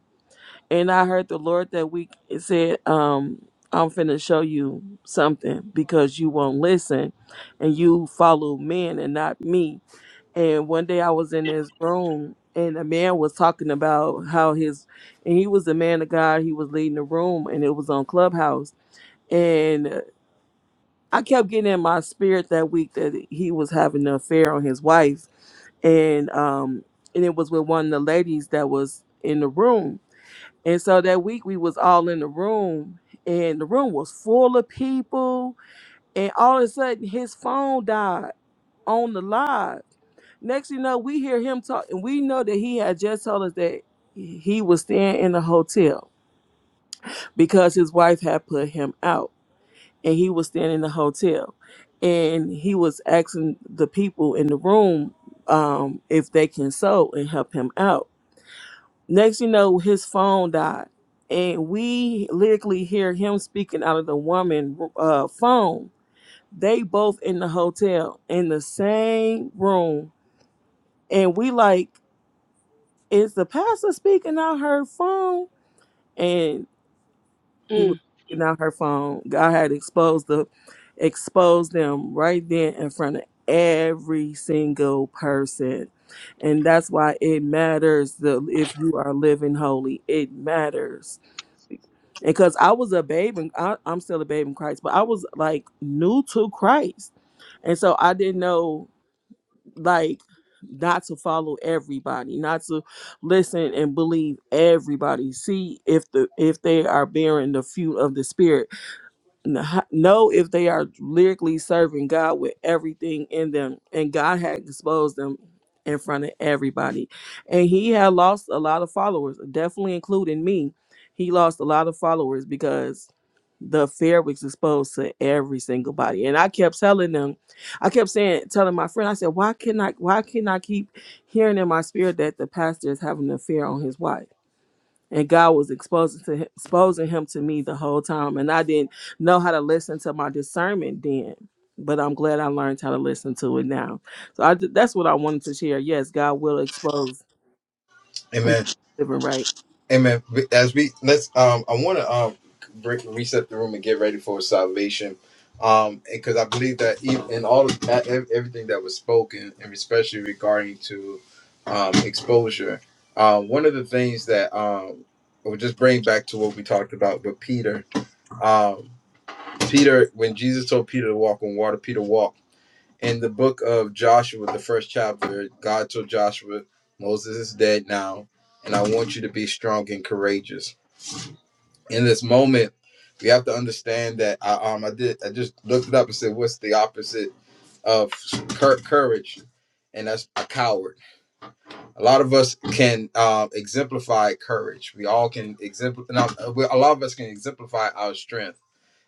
[SPEAKER 10] and I heard the Lord that week. It said, um. I'm finna show you something because you won't listen and you follow men and not me And one day I was in his room and a man was talking about how his and he was the man of God, he was leading the room and it was on Clubhouse. And uh, I kept getting in my spirit that week that he was having an affair on his wife. And um and it was with one of the ladies that was in the room. And so that week we was all in the room and the room was full of people and all of a sudden his phone died on the live Next, you know, we hear him talk, and we know that he had just told us that he was staying in the hotel because his wife had put him out, and he was staying in the hotel, and he was asking the people in the room um, if they can sew and help him out. Next, you know, his phone died, and we literally hear him speaking out of the woman uh, phone. They both in the hotel in the same room, and we like. is the pastor speaking out her phone? And he was
[SPEAKER 8] mm,
[SPEAKER 10] speaking out her phone. God had exposed the exposed them right then in front of every single person. And that's why it matters the if you are living holy. It matters. And cause I was a babe and I, I'm still a babe in Christ, but I was like new to Christ. And so I didn't know like not to follow everybody not to listen and believe everybody see if the if they are bearing the fruit of the spirit kn- know if they are lyrically serving God with everything in them. And God had exposed them in front of everybody. And he had lost a lot of followers, definitely including me. He lost a lot of followers because the affair was exposed to every single body. And I kept telling them, I kept saying, telling my friend, I said, why can I why can I keep hearing in my spirit that the pastor is having an affair on his wife? and God was exposing to him, exposing him to me the whole time, and I didn't know how to listen to my discernment then. But I'm glad I learned how to listen to it now. So I, that's what I wanted to share. Yes, God will expose
[SPEAKER 1] Amen.
[SPEAKER 10] living right.
[SPEAKER 1] Amen. As we let's, um, I want to um break, reset the room and get ready for salvation. Um, because I believe that even in all of that, ev- everything that was spoken, and especially regarding to um exposure, um, one of the things that um, will just bring back to what we talked about with Peter. um, Peter, when Jesus told Peter to walk on water, Peter walked. In the book of Joshua, the first chapter, God told Joshua, Moses is dead now, and I want you to be strong and courageous. In this moment, we have to understand that I um I did I just looked it up and said, what's the opposite of cour- courage? And that's a coward. A lot of us can um, exemplify courage. We all can exemplify. A lot of us can exemplify our strength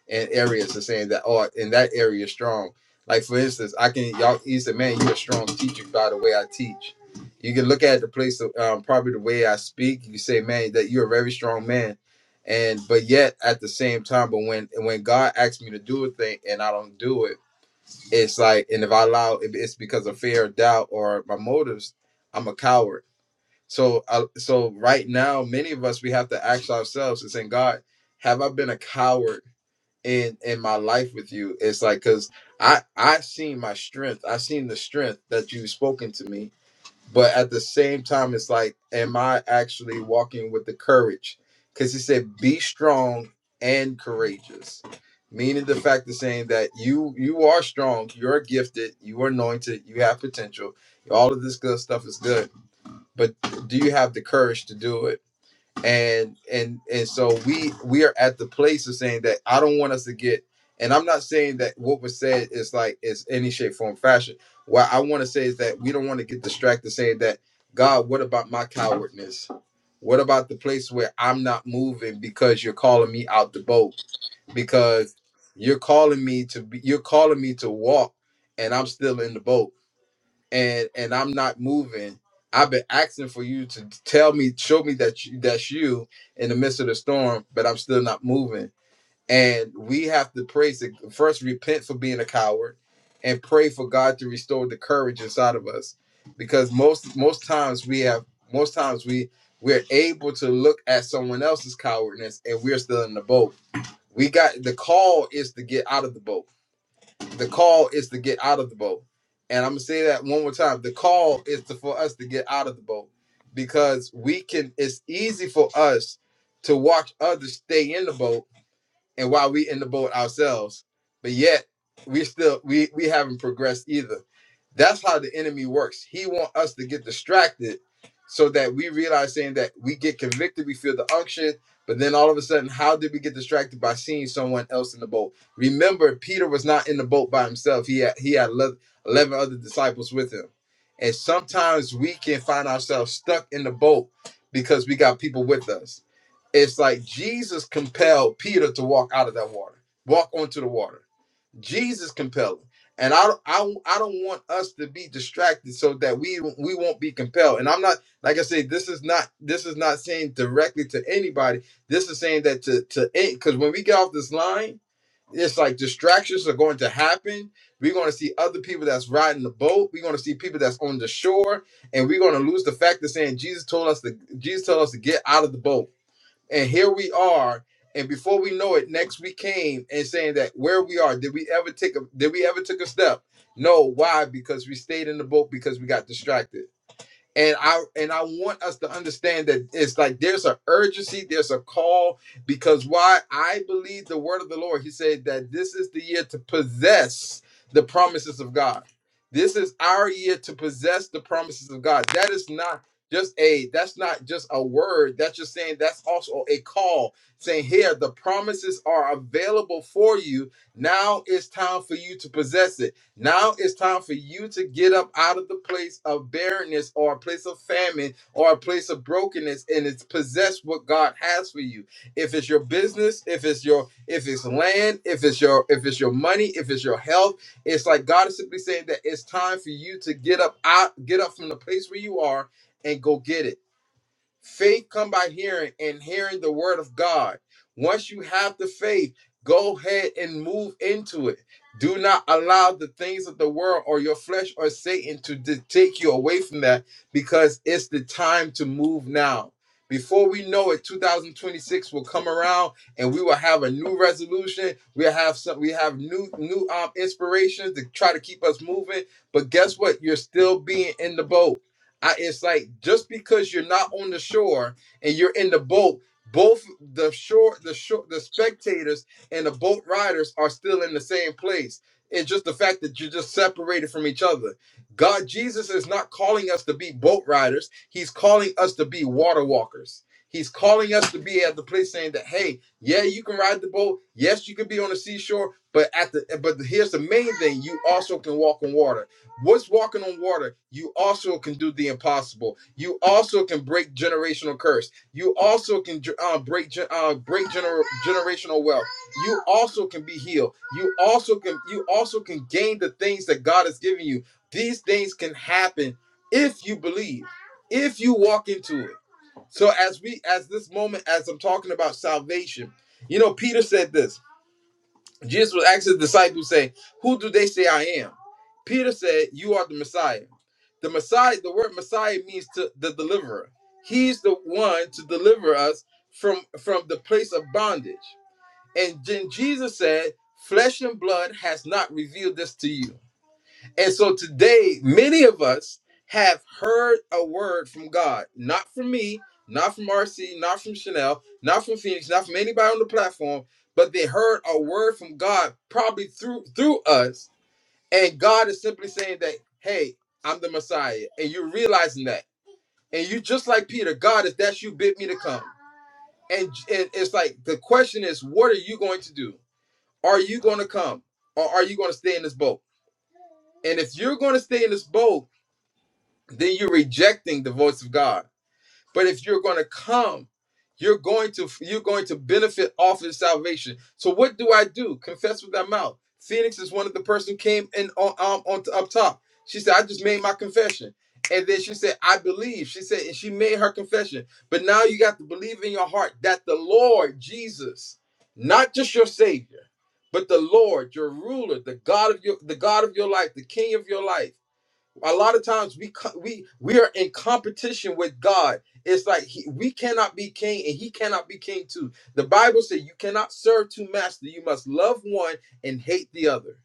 [SPEAKER 1] and areas and saying that oh in that area strong. Like for instance, I can y'all he said, man, you're a strong teacher by the way I teach. You can look at the place of um, probably the way I speak. You say, man, that you're a very strong man, and but yet at the same time, but when when God asks me to do a thing and I don't do it, it's like, and if I allow, if it's because of fear, or doubt, or my motives, I'm a coward. So, I, so right now, many of us we have to ask ourselves and say, God, have I been a coward? in in my life with you it's like because i i seen my strength i seen the strength that you've spoken to me but at the same time it's like am i actually walking with the courage because he said be strong and courageous meaning the fact of saying that you you are strong you're gifted you are anointed you have potential all of this good stuff is good but do you have the courage to do it and and and so we we are at the place of saying that i don't want us to get and i'm not saying that what was said is like is any shape form fashion what i want to say is that we don't want to get distracted saying that god what about my cowardness what about the place where i'm not moving because you're calling me out the boat because you're calling me to be you're calling me to walk and i'm still in the boat and and I'm not moving. I've been asking for you to tell me, show me that you, that's you in the midst of the storm, but I'm still not moving. And we have to praise it. First, repent for being a coward, and pray for God to restore the courage inside of us, because most most times we have most times we we're able to look at someone else's cowardness, and we're still in the boat. We got the call is to get out of the boat the call is to get out of the boat. And I'm gonna say that one more time. The call is to, for us to get out of the boat because we can. It's easy for us to watch others stay in the boat and while we in the boat ourselves, but yet we still we we haven't progressed either. That's how the enemy works. He want us to get distracted so that we realize saying that we get convicted, we feel the unction, but then all of a sudden, how did we get distracted by seeing someone else in the boat? Remember, Peter was not in the boat by himself. He had he had le- eleven other disciples with him, and sometimes we can find ourselves stuck in the boat because we got people with us. It's like Jesus compelled Peter to walk out of that water, walk onto the water. Jesus compelled him. And I, I, I don't want us to be distracted so that we we won't be compelled. And I'm not like I say, this is not this is not saying directly to anybody. This is saying that to to because when we get off this line, it's like distractions are going to happen. We're going to see other people that's riding the boat. We're going to see people that's on the shore, and we're going to lose the fact of saying Jesus told us to Jesus told us to get out of the boat. And here we are. And before we know it, next we came and saying that where we are, did we ever take a did we ever took a step? No. Why? Because we stayed in the boat because we got distracted and i and i want us to understand that it's like there's an urgency there's a call because why i believe the word of the lord he said that this is the year to possess the promises of god this is our year to possess the promises of god that is not just a that's not just a word that's just saying that's also a call saying here the promises are available for you now it's time for you to possess it now it's time for you to get up out of the place of barrenness or a place of famine or a place of brokenness and it's possess what God has for you. If it's your business, if it's your if it's land, if it's your if it's your money, if it's your health, it's like God is simply saying that it's time for you to get up out get up from the place where you are and go get it Faith come by hearing and hearing the word of God. Once you have the faith, go ahead and move into it. Do not allow the things of the world or your flesh or Satan to d- take you away from that because it's the time to move now. Before we know it, 2026 will come around and we will have a new resolution. We'll have some we have new new um inspirations to try to keep us moving. But guess what? You're still being in the boat. I, it's like just because you're not on the shore and you're in the boat, both the shore, the shore, the spectators and the boat riders are still in the same place. It's just the fact that you're just separated from each other. God, Jesus is not calling us to be boat riders. He's calling us to be water walkers. He's calling us to be at the place saying that, hey, yeah, you can ride the boat. Yes, you can be on the seashore, but at the but here's the main thing: you also can walk on water. What's walking on water? You also can do the impossible. You also can break generational curse. You also can uh, break gen- uh, break gener- generational wealth. You also can be healed. You also can you also can gain the things that God has given you. These things can happen if you believe, if you walk into it. So as we as this moment as I'm talking about salvation, you know Peter said this. Jesus was asking his disciples, saying, Who do they say I am? Peter said, You are the Messiah. The Messiah, the word Messiah means to the deliverer. He's the one to deliver us from, from the place of bondage. And then Jesus said, Flesh and blood has not revealed this to you. And so today, many of us have heard a word from God, not from me, not from RC, not from Chanel, not from Phoenix, not from anybody on the platform, but they heard a word from God probably through through us. And God is simply saying that, hey, I'm the Messiah. And you're realizing that. And you just like Peter, God, if that's you, bid me to come. And, and it's like the question is, what are you going to do? Are you going to come? Or are you going to stay in this boat? And if you're going to stay in this boat, then you're rejecting the voice of God. But if you're going to come, you're going to you're going to benefit off of salvation. So what do I do? Confess with thy mouth. Phoenix is one of the person came in on, um, on up top. She said, "I just made my confession," and then she said, "I believe." She said, and she made her confession. But now you got to believe in your heart that the Lord Jesus, not just your Savior, but the Lord, your ruler, the God of your the God of your life, the King of your life a lot of times we co- we we are in competition with God. It's like he, we cannot be king and he cannot be king too. The Bible says you cannot serve two masters. You must love one and hate the other.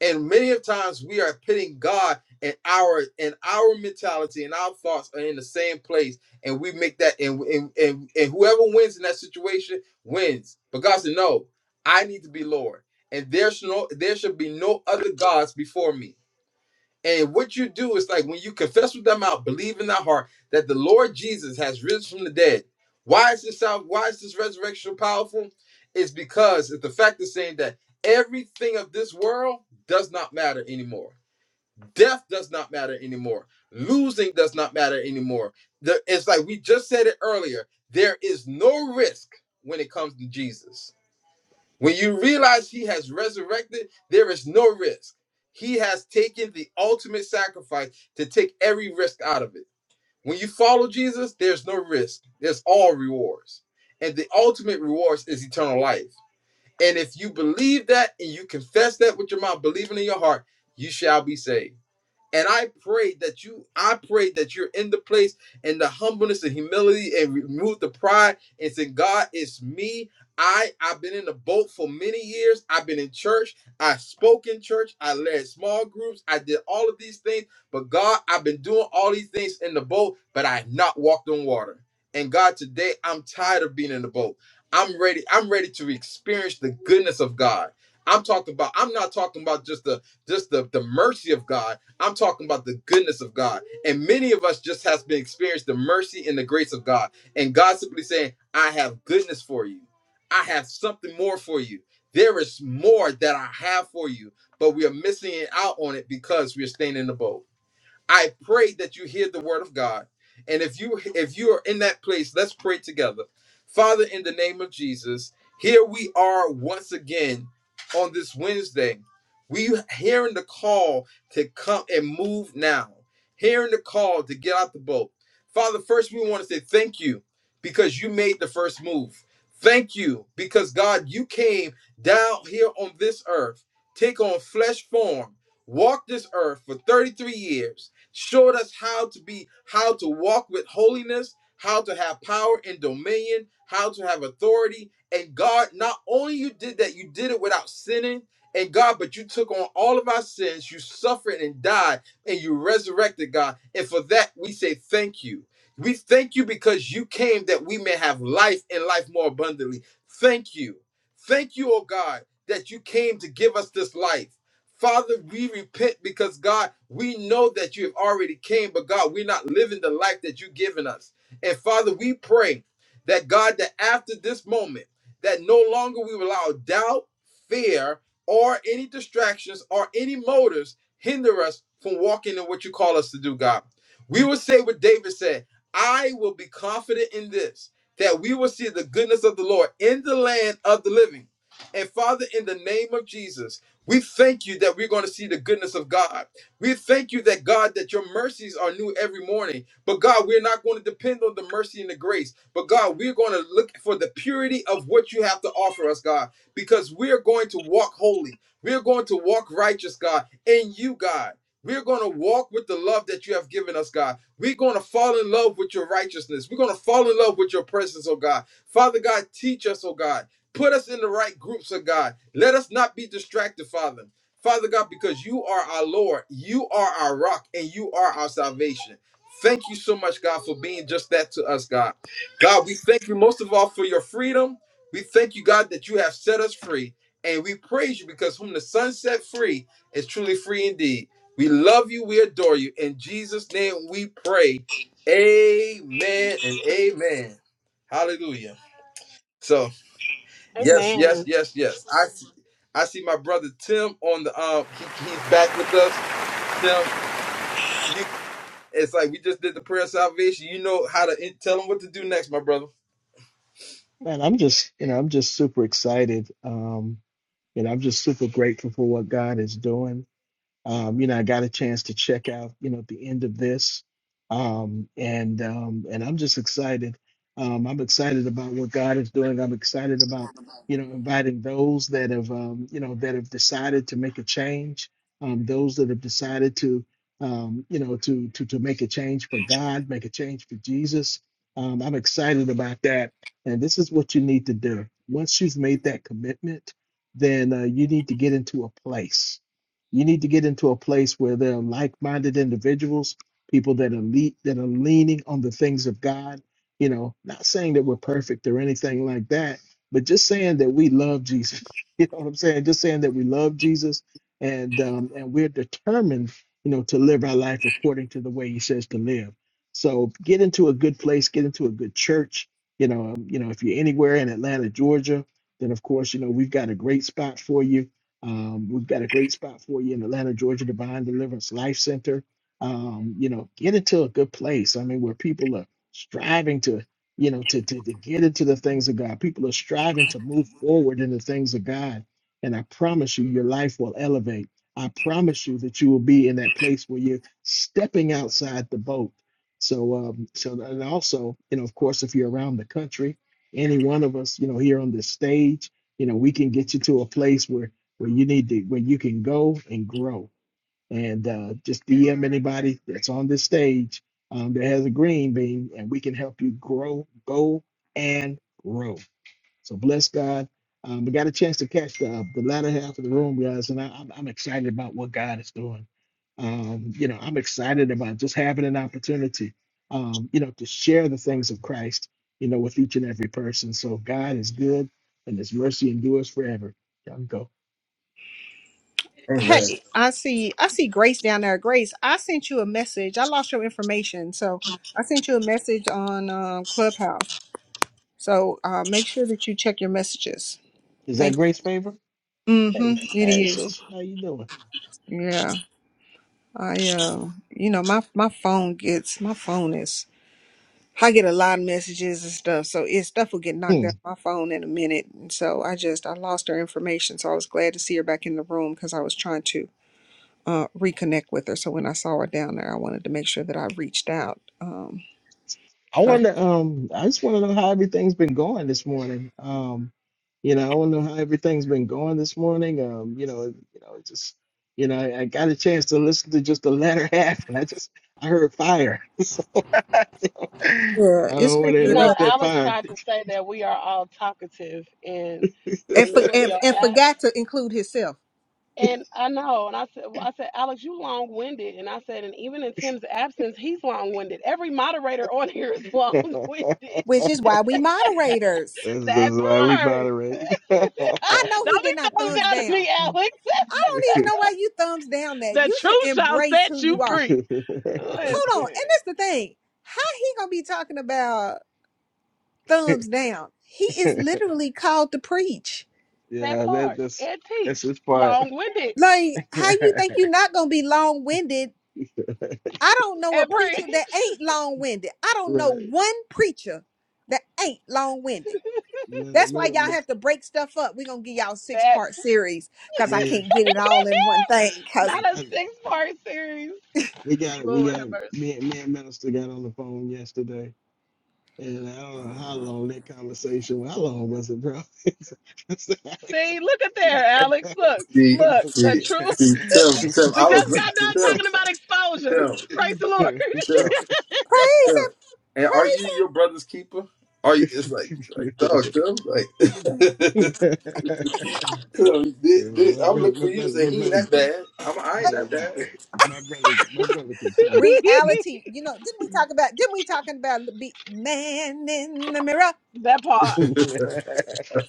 [SPEAKER 1] And many of times we are pitting God and our and our mentality and our thoughts are in the same place, and we make that and and and, and whoever wins in that situation wins. But God said, "No, I need to be Lord, and there should no there should be no other gods before me." And what you do is like when you confess with thy mouth, believe in thy heart that the Lord Jesus has risen from the dead. Why is this sal- why is this resurrection so powerful? It's because it's the fact of saying that everything of this world does not matter anymore. Death does not matter anymore. Losing does not matter anymore. The- it's like we just said it earlier. There is no risk when it comes to Jesus. When you realize he has resurrected, there is no risk. He has taken the ultimate sacrifice to take every risk out of it. When you follow Jesus, there's no risk, there's all rewards. And the ultimate reward is eternal life. And if you believe that and you confess that with your mouth, believing in your heart, you shall be saved. And I pray that you, I pray that you're in the place and the humbleness and humility and remove the pride and say, God, it's me. I, I've been in the boat for many years. I've been in church. I spoke in church. I led small groups. I did all of these things. But God, I've been doing all these things in the boat, but I have not walked on water. And God, today I'm tired of being in the boat. I'm ready. I'm ready to experience the goodness of God. I'm talking about, I'm not talking about just the just the, the mercy of God. I'm talking about the goodness of God. And many of us just has been experienced the mercy and the grace of God. And God simply saying, I have goodness for you. I have something more for you. There is more that I have for you, but we are missing out on it because we are staying in the boat. I pray that you hear the word of God. And if you if you are in that place, let's pray together. Father, in the name of Jesus, here we are once again on this Wednesday. We hearing the call to come and move now. Hearing the call to get out the boat. Father, first we want to say thank you because you made the first move. Thank you because God, you came down here on this earth, take on flesh form, walk this earth for 33 years showed us how to be how to walk with holiness how to have power and dominion how to have authority and god not only you did that you did it without sinning and god but you took on all of our sins you suffered and died and you resurrected god and for that we say thank you we thank you because you came that we may have life and life more abundantly thank you thank you oh god that you came to give us this life Father, we repent because God, we know that you have already came, but God, we're not living the life that you've given us. And Father, we pray that God, that after this moment, that no longer we will allow doubt, fear, or any distractions or any motives hinder us from walking in what you call us to do, God. We will say what David said I will be confident in this, that we will see the goodness of the Lord in the land of the living. And Father, in the name of Jesus, we thank you that we're going to see the goodness of God. We thank you that God, that your mercies are new every morning. But God, we're not going to depend on the mercy and the grace. But God, we're going to look for the purity of what you have to offer us, God, because we're going to walk holy. We're going to walk righteous, God, in you, God. We're going to walk with the love that you have given us, God. We're going to fall in love with your righteousness. We're going to fall in love with your presence, oh God. Father God, teach us, oh God. Put us in the right groups of God. Let us not be distracted, Father. Father God, because you are our Lord, you are our rock, and you are our salvation. Thank you so much, God, for being just that to us, God. God, we thank you most of all for your freedom. We thank you, God, that you have set us free. And we praise you because whom the Son set free is truly free indeed. We love you. We adore you. In Jesus' name we pray. Amen and amen. Hallelujah. So. Yes,
[SPEAKER 8] amen
[SPEAKER 1] yes, yes, yes. I see, I see my brother Tim on the um. He, he's back with us. Tim, you. It's like we just did the prayer of salvation. You know how to in, tell him what to do next, my brother.
[SPEAKER 11] Man, I'm just, you know, I'm just super excited. Um, you know, I'm just super grateful for what God is doing. Um, you know, I got a chance to check out, you know, at the end of this. Um, and um, and I'm just excited. Um, I'm excited about what God is doing. I'm excited about, you know, inviting those that have, um, you know, that have decided to make a change, um, those that have decided to, um, you know, to to to make a change for God, make a change for Jesus. Um, I'm excited about that. And this is what you need to do. Once you've made that commitment, then uh, you need to get into a place you need to get into a place where there are like-minded individuals, people that are le- that are leaning on the things of God. You know, not saying that we're perfect or anything like that, but just saying that we love Jesus. You know what I'm saying? Just saying that we love Jesus and um, and we're determined, you know, to live our life according to the way He says to live. So get into a good place, get into a good church. You know, um, you know, if you're anywhere in Atlanta, Georgia, then of course, you know, we've got a great spot for you um, we've got a great spot for you in Atlanta, Georgia, Divine Deliverance Life Center. Um, you know, get into a good place. I mean, where people are striving to, you know, to, to to get into the things of God. People are striving to move forward in the things of God. And I promise you, your life will elevate. I promise you that you will be in that place where you're stepping outside the boat. So, um, so and also, you know, of course, if you're around the country, any one of us, you know, here on this stage, you know, we can get you to a place where where you need to where you can go and grow. And uh, just DM anybody that's on this stage um, that has a green bean, and we can help you grow, go and grow. So bless God. Um, we got a chance to catch the, the latter half of the room, guys, and I, I'm, I'm excited about what God is doing. Um, you know, I'm excited about just having an opportunity, um, you know, to share the things of Christ, you know, with each and every person. So God is good, and His mercy endures forever. Y'all can go.
[SPEAKER 1] Amen.
[SPEAKER 2] Hey, I see I see Grace down there. Grace, I sent you a message. I lost your information. So I sent you a message on um, Clubhouse. So uh, make sure that you check your messages.
[SPEAKER 11] Is that
[SPEAKER 2] Thank
[SPEAKER 11] Grace Favor?
[SPEAKER 2] mm-hmm.
[SPEAKER 11] Hey,
[SPEAKER 2] It
[SPEAKER 11] hey,
[SPEAKER 2] is.
[SPEAKER 11] sis, how you doing?
[SPEAKER 2] Yeah. I uh you know my my phone gets my phone is I get a lot of messages and stuff so it stuff will get knocked out
[SPEAKER 11] Hmm.
[SPEAKER 2] of my phone in a minute and so I just I lost her information so I was glad to see her back in the room because I was trying to uh reconnect with her so when I saw her down there I wanted to make sure that I reached out um
[SPEAKER 11] I
[SPEAKER 2] her.
[SPEAKER 11] wonder. Um, I just want to know how everything's been going this morning. Um, you know, I want to know how everything's been going this morning. Um, you know, you know, it's just, you know, I, I got a chance to listen to just the latter half, and I just, I heard fire. So, I
[SPEAKER 2] yeah it's
[SPEAKER 11] don't
[SPEAKER 2] been
[SPEAKER 11] want to
[SPEAKER 8] You know,
[SPEAKER 2] good
[SPEAKER 11] interrupt that
[SPEAKER 8] Alex
[SPEAKER 11] fire.
[SPEAKER 8] tried to say that we are all talkative in
[SPEAKER 2] and,
[SPEAKER 8] in
[SPEAKER 2] for,
[SPEAKER 8] lieu of
[SPEAKER 2] and
[SPEAKER 8] your
[SPEAKER 2] and
[SPEAKER 8] apps.
[SPEAKER 2] forgot to include himself
[SPEAKER 8] And I know, and I said, well, I said, Alex, you long-winded, and I said, and even in Tim's absence, he's long-winded. Every moderator on here is
[SPEAKER 11] this
[SPEAKER 8] long-winded.
[SPEAKER 2] which is why we moderators
[SPEAKER 8] That
[SPEAKER 11] is why we
[SPEAKER 8] part.
[SPEAKER 11] moderate.
[SPEAKER 2] I know he
[SPEAKER 8] Don't
[SPEAKER 2] did
[SPEAKER 8] be
[SPEAKER 2] not
[SPEAKER 8] thumbs
[SPEAKER 2] thumbs
[SPEAKER 8] down to
[SPEAKER 2] down
[SPEAKER 8] me, Alex.
[SPEAKER 2] I don't even know why you thumbs down that
[SPEAKER 8] The
[SPEAKER 2] you should
[SPEAKER 8] truth shall
[SPEAKER 2] embrace who
[SPEAKER 8] set you
[SPEAKER 2] you are
[SPEAKER 8] free.
[SPEAKER 2] Hold on.
[SPEAKER 8] Listen,
[SPEAKER 2] And that's the thing. How he gonna be talking about thumbs down? He is literally called to preach.
[SPEAKER 8] that
[SPEAKER 11] Yeah, that
[SPEAKER 8] part.
[SPEAKER 11] that's
[SPEAKER 8] And
[SPEAKER 11] that's
[SPEAKER 8] teach,
[SPEAKER 11] his part.
[SPEAKER 8] long-winded,
[SPEAKER 2] Like, how you think you're not gonna be long winded? I don't know a
[SPEAKER 8] and
[SPEAKER 2] preacher
[SPEAKER 8] preach.
[SPEAKER 2] that ain't long winded. I don't know
[SPEAKER 11] Right.
[SPEAKER 2] one preacher that ain't long winded.
[SPEAKER 11] Man,
[SPEAKER 2] That's why y'all
[SPEAKER 11] man,
[SPEAKER 2] have to break stuff up. We're gonna give y'all six
[SPEAKER 8] That
[SPEAKER 2] part series because I
[SPEAKER 11] man,
[SPEAKER 2] can't get it all in one thing. Cause
[SPEAKER 8] not a
[SPEAKER 11] I, I,
[SPEAKER 8] six-part series.
[SPEAKER 11] we got it. We
[SPEAKER 8] Lord
[SPEAKER 11] got
[SPEAKER 8] have
[SPEAKER 11] it.
[SPEAKER 8] mercy.
[SPEAKER 11] Me, and- me and Minister got on the phone yesterday, and I don't know how long that conversation. How long was it, bro? I said, "Alex,
[SPEAKER 8] See, look at there, Alex. Look,
[SPEAKER 1] See,
[SPEAKER 8] look, the
[SPEAKER 1] see,
[SPEAKER 8] truth.
[SPEAKER 1] see,
[SPEAKER 2] praise
[SPEAKER 1] Tim,
[SPEAKER 8] See,
[SPEAKER 1] Tim,
[SPEAKER 8] we
[SPEAKER 1] I was,
[SPEAKER 8] just got done
[SPEAKER 1] look-
[SPEAKER 8] talking about exposure.
[SPEAKER 1] Tim, Tim,
[SPEAKER 8] Praise the Lord.
[SPEAKER 1] Tim, Tim.
[SPEAKER 2] him,
[SPEAKER 1] And are
[SPEAKER 2] praise
[SPEAKER 1] you your brother's keeper? Are you? It's like like dog, Tim. Like Tim,
[SPEAKER 11] yeah,
[SPEAKER 1] dude, dude,
[SPEAKER 11] my
[SPEAKER 1] I'm
[SPEAKER 11] brother,
[SPEAKER 1] looking
[SPEAKER 11] my
[SPEAKER 1] for you to
[SPEAKER 11] brother,
[SPEAKER 1] say
[SPEAKER 11] my
[SPEAKER 1] he ain't
[SPEAKER 11] brother
[SPEAKER 1] that bad. I'm I ain't
[SPEAKER 11] Oh,
[SPEAKER 1] that bad.
[SPEAKER 11] my brother, my brother can
[SPEAKER 2] him.
[SPEAKER 11] talk.
[SPEAKER 2] Reality. You know, didn't we talk about didn't we talking about the be man in the mirror?
[SPEAKER 8] that part.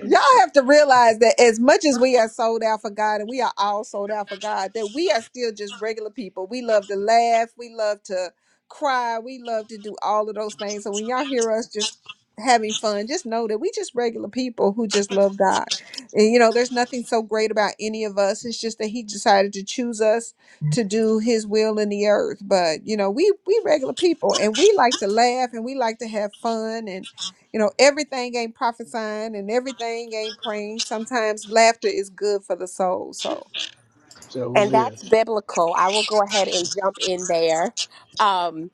[SPEAKER 2] Y'all have to realize that as much as we are sold out for God and we are all sold out for God, that we are still just regular people. We love to laugh, we love to cry, we love to do all of those things. So when y'all hear us just having fun, just know that we just regular people who just love God. And you know, there's nothing so great about any of us. It's just that He decided to choose us to do His will in the earth. But you know, we we regular people and we like to laugh and we like to have fun and you know, everything ain't prophesying and everything ain't praying. Sometimes laughter is good for the soul. So,
[SPEAKER 11] so
[SPEAKER 4] And
[SPEAKER 11] man,
[SPEAKER 4] that's biblical. I will go ahead and jump in there. Um,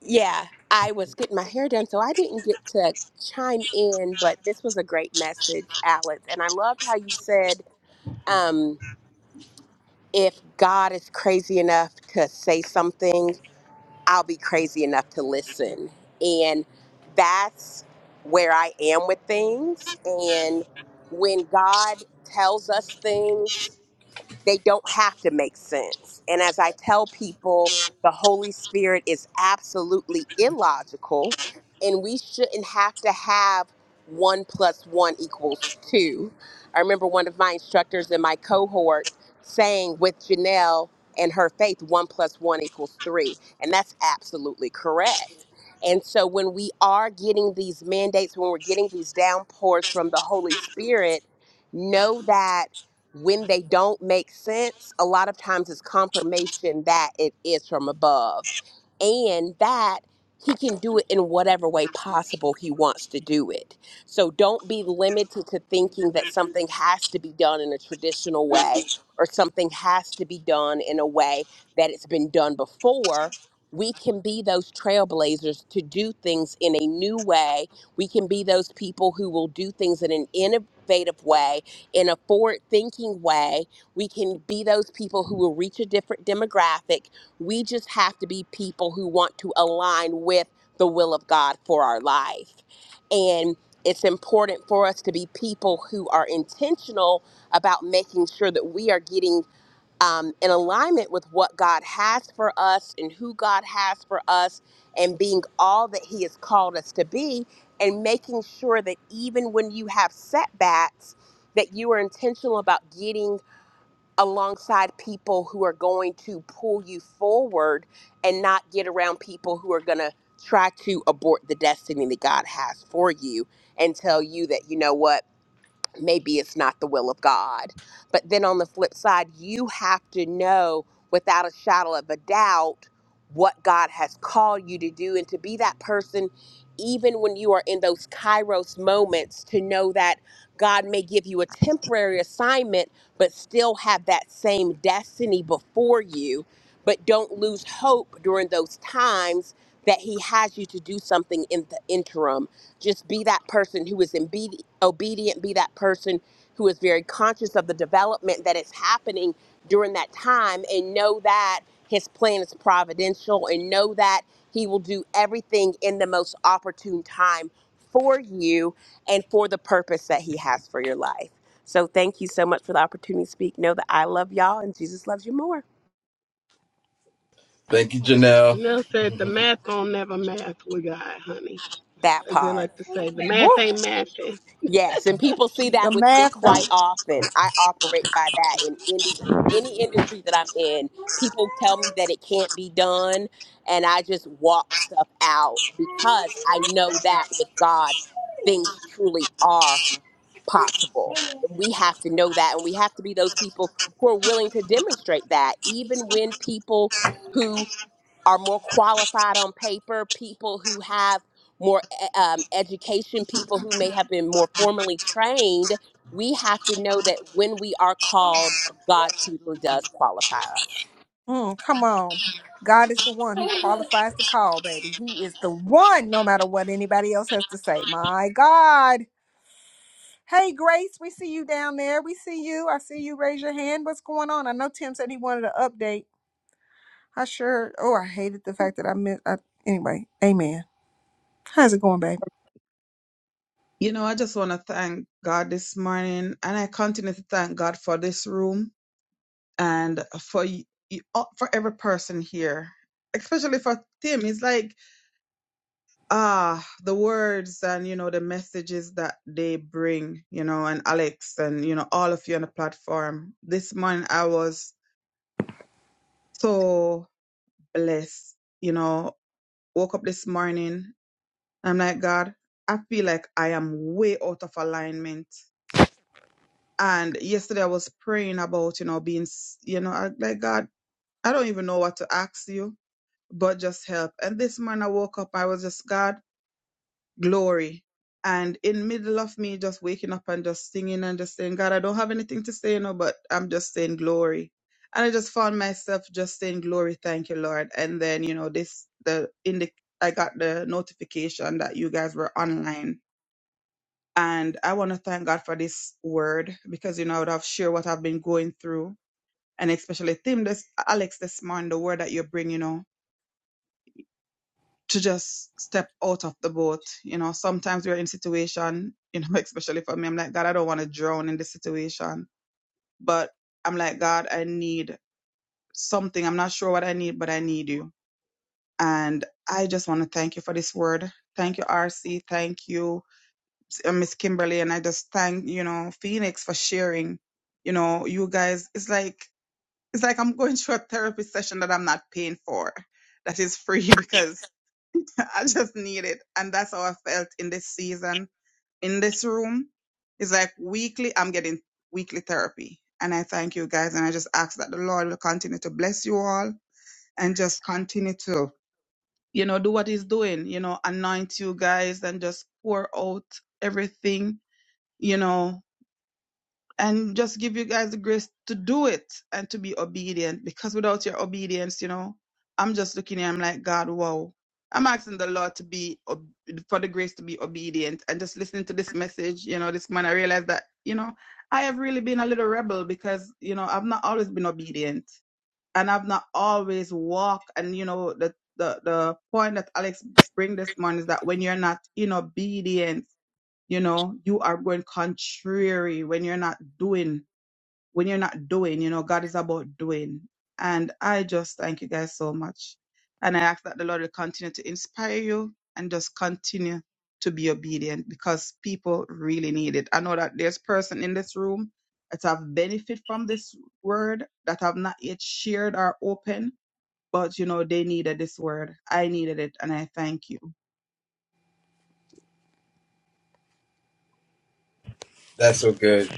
[SPEAKER 4] yeah, I was getting my hair done, so I didn't get to chime in, but this was a great message, Alex. And I loved how you said, um, if God is crazy enough to say something. I'll be crazy enough to listen. And that's where I am with things. And when God tells us things they don't have to make sense. And as I tell people, the Holy Spirit is absolutely illogical, and we shouldn't have to have one plus one equals two. I remember one of my instructors in my cohort saying with Janelle and her faith, one plus one equals three. And that's absolutely correct. And so when we are getting these mandates, when we're getting these downpours from the Holy Spirit, know that when they don't make sense, a lot of times it's confirmation that it is from above and that he can do it in whatever way possible he wants to do it. So don't be limited to thinking that something has to be done in a traditional way or something has to be done in a way that it's been done before. We can be those trailblazers to do things in a new way. We can be those people who will do things in an innovative way in a forward thinking way. We can be those people who will reach a different demographic. We just have to be people who want to align with the will of God for our life. And it's important for us to be people who are intentional about making sure that we are getting um, in alignment with what God has for us and who God has for us, and being all that He has called us to be, and making sure that even when you have setbacks, that you are intentional about getting alongside people who are going to pull you forward and not get around people who are going to try to abort the destiny that God has for you and tell you that, you know what? maybe it's not the will of God. But then on the flip side, you have to know without a shadow of a doubt what God has called you to do and to be that person, even when you are in those kairos moments, to know that God may give you a temporary assignment, but still have that same destiny before you. But don't lose hope during those times that He has you to do something in the interim just be that person who is imbe- obedient, be that person who is very conscious of the development that is happening during that time, and know that his plan is providential, and know that he will do everything in the most opportune time for you and for the purpose that he has for your life. So, thank you so much for the opportunity to speak. Know that I love y'all and Jesus loves you more.
[SPEAKER 1] Thank you, Janelle.
[SPEAKER 8] Janelle said the math don't never math with God, honey.
[SPEAKER 4] That
[SPEAKER 8] As they
[SPEAKER 4] part.
[SPEAKER 8] like to say, the math
[SPEAKER 2] woo,
[SPEAKER 8] ain't mathing.
[SPEAKER 4] Yes, and people see
[SPEAKER 2] the
[SPEAKER 4] that with me
[SPEAKER 2] math
[SPEAKER 4] quite
[SPEAKER 2] don't.
[SPEAKER 4] often. I operate by that in any any industry that I'm in. People tell me that it can't be done, and I just walk stuff out because I know that with God, things truly are possible. We have to know that, and we have to be those people who are willing to demonstrate that, even when people who are more qualified on paper, people who have more e- um, education, people who may have been more formally trained, we have to know that when we are called, God truly does qualify us.
[SPEAKER 2] Mm, come on. God is the one who qualifies the call, baby. He is the one, no matter what anybody else has to say. My God. Hey, Grace, we see you down there. We see you. I see you. Raise your hand. What's going on? I know Tim said he wanted an update. I sure. Oh, I hated the fact that I missed. I, anyway, amen. How's it going, baby?
[SPEAKER 12] You know, I just want to thank God this morning, and I continue to thank God for this room and for y- y- all- for every person here, especially for Tim. It's like ah, the words and you know the messages that they bring, you know, and Alex and you know all of you on the platform. This morning I was so blessed. You know, woke up this morning. I'm like God. I feel like I am way out of alignment And yesterday I was praying about, you know, being, s- you know, I, like, God, I don't even know what to ask you, but just help. And this morning I woke up, I was just, God, glory. And in middle of me just waking up and just singing and just saying, God, I don't have anything to say, you know, but I'm just saying glory. And I just found myself just saying glory, thank you, Lord. And then, you know, this, the, in the, I got the notification that you guys were online and I want to thank God for this word because, you know, I would have shared what I've been going through. And especially Tim, this, Alex, this morning, the word that you bring, you know, to just step out of the boat. You know, sometimes we're in situation, you know, especially for me, I'm like, God, I don't want to drown in this situation. But I'm like, God, I need something. I'm not sure what I need, but I need you. And I just want to thank you for this word. Thank you, RC. Thank you, uh, Miss Kimberly, and I just thank you know Phoenix for sharing. You know, you guys, it's like it's like I'm going through a therapy session that I'm not paying for, that is free because I just need it, and that's how I felt in this season in this room. It's like weekly, I'm getting weekly therapy, and I thank you guys, and I just ask that the Lord will continue to bless you all and just continue to you know do what He's doing, you know, anoint you guys and just pour out everything you know and just give you guys the grace to do it and to be obedient because without your obedience, you know, I'm just looking here, I'm like, God, wow. I'm asking the Lord to be ob- for the grace to be obedient and just listening to this message, you know, this man, I realized that, you know, I have really been a little rebel because, you know, I've not always been obedient and I've not always walked. And you know, the the the point that Alex bring this morning is that when you're not in obedience, you know, you are going contrary when you're not doing when you're not doing, you know, God is about doing. And I just thank you guys so much. And I ask that the Lord will continue to inspire you and just continue to be obedient because people really need it. I know that there's person in this room that have benefit from this word that have not yet shared or open, but you know, they needed this word. I needed it and I thank you.
[SPEAKER 1] That's so good.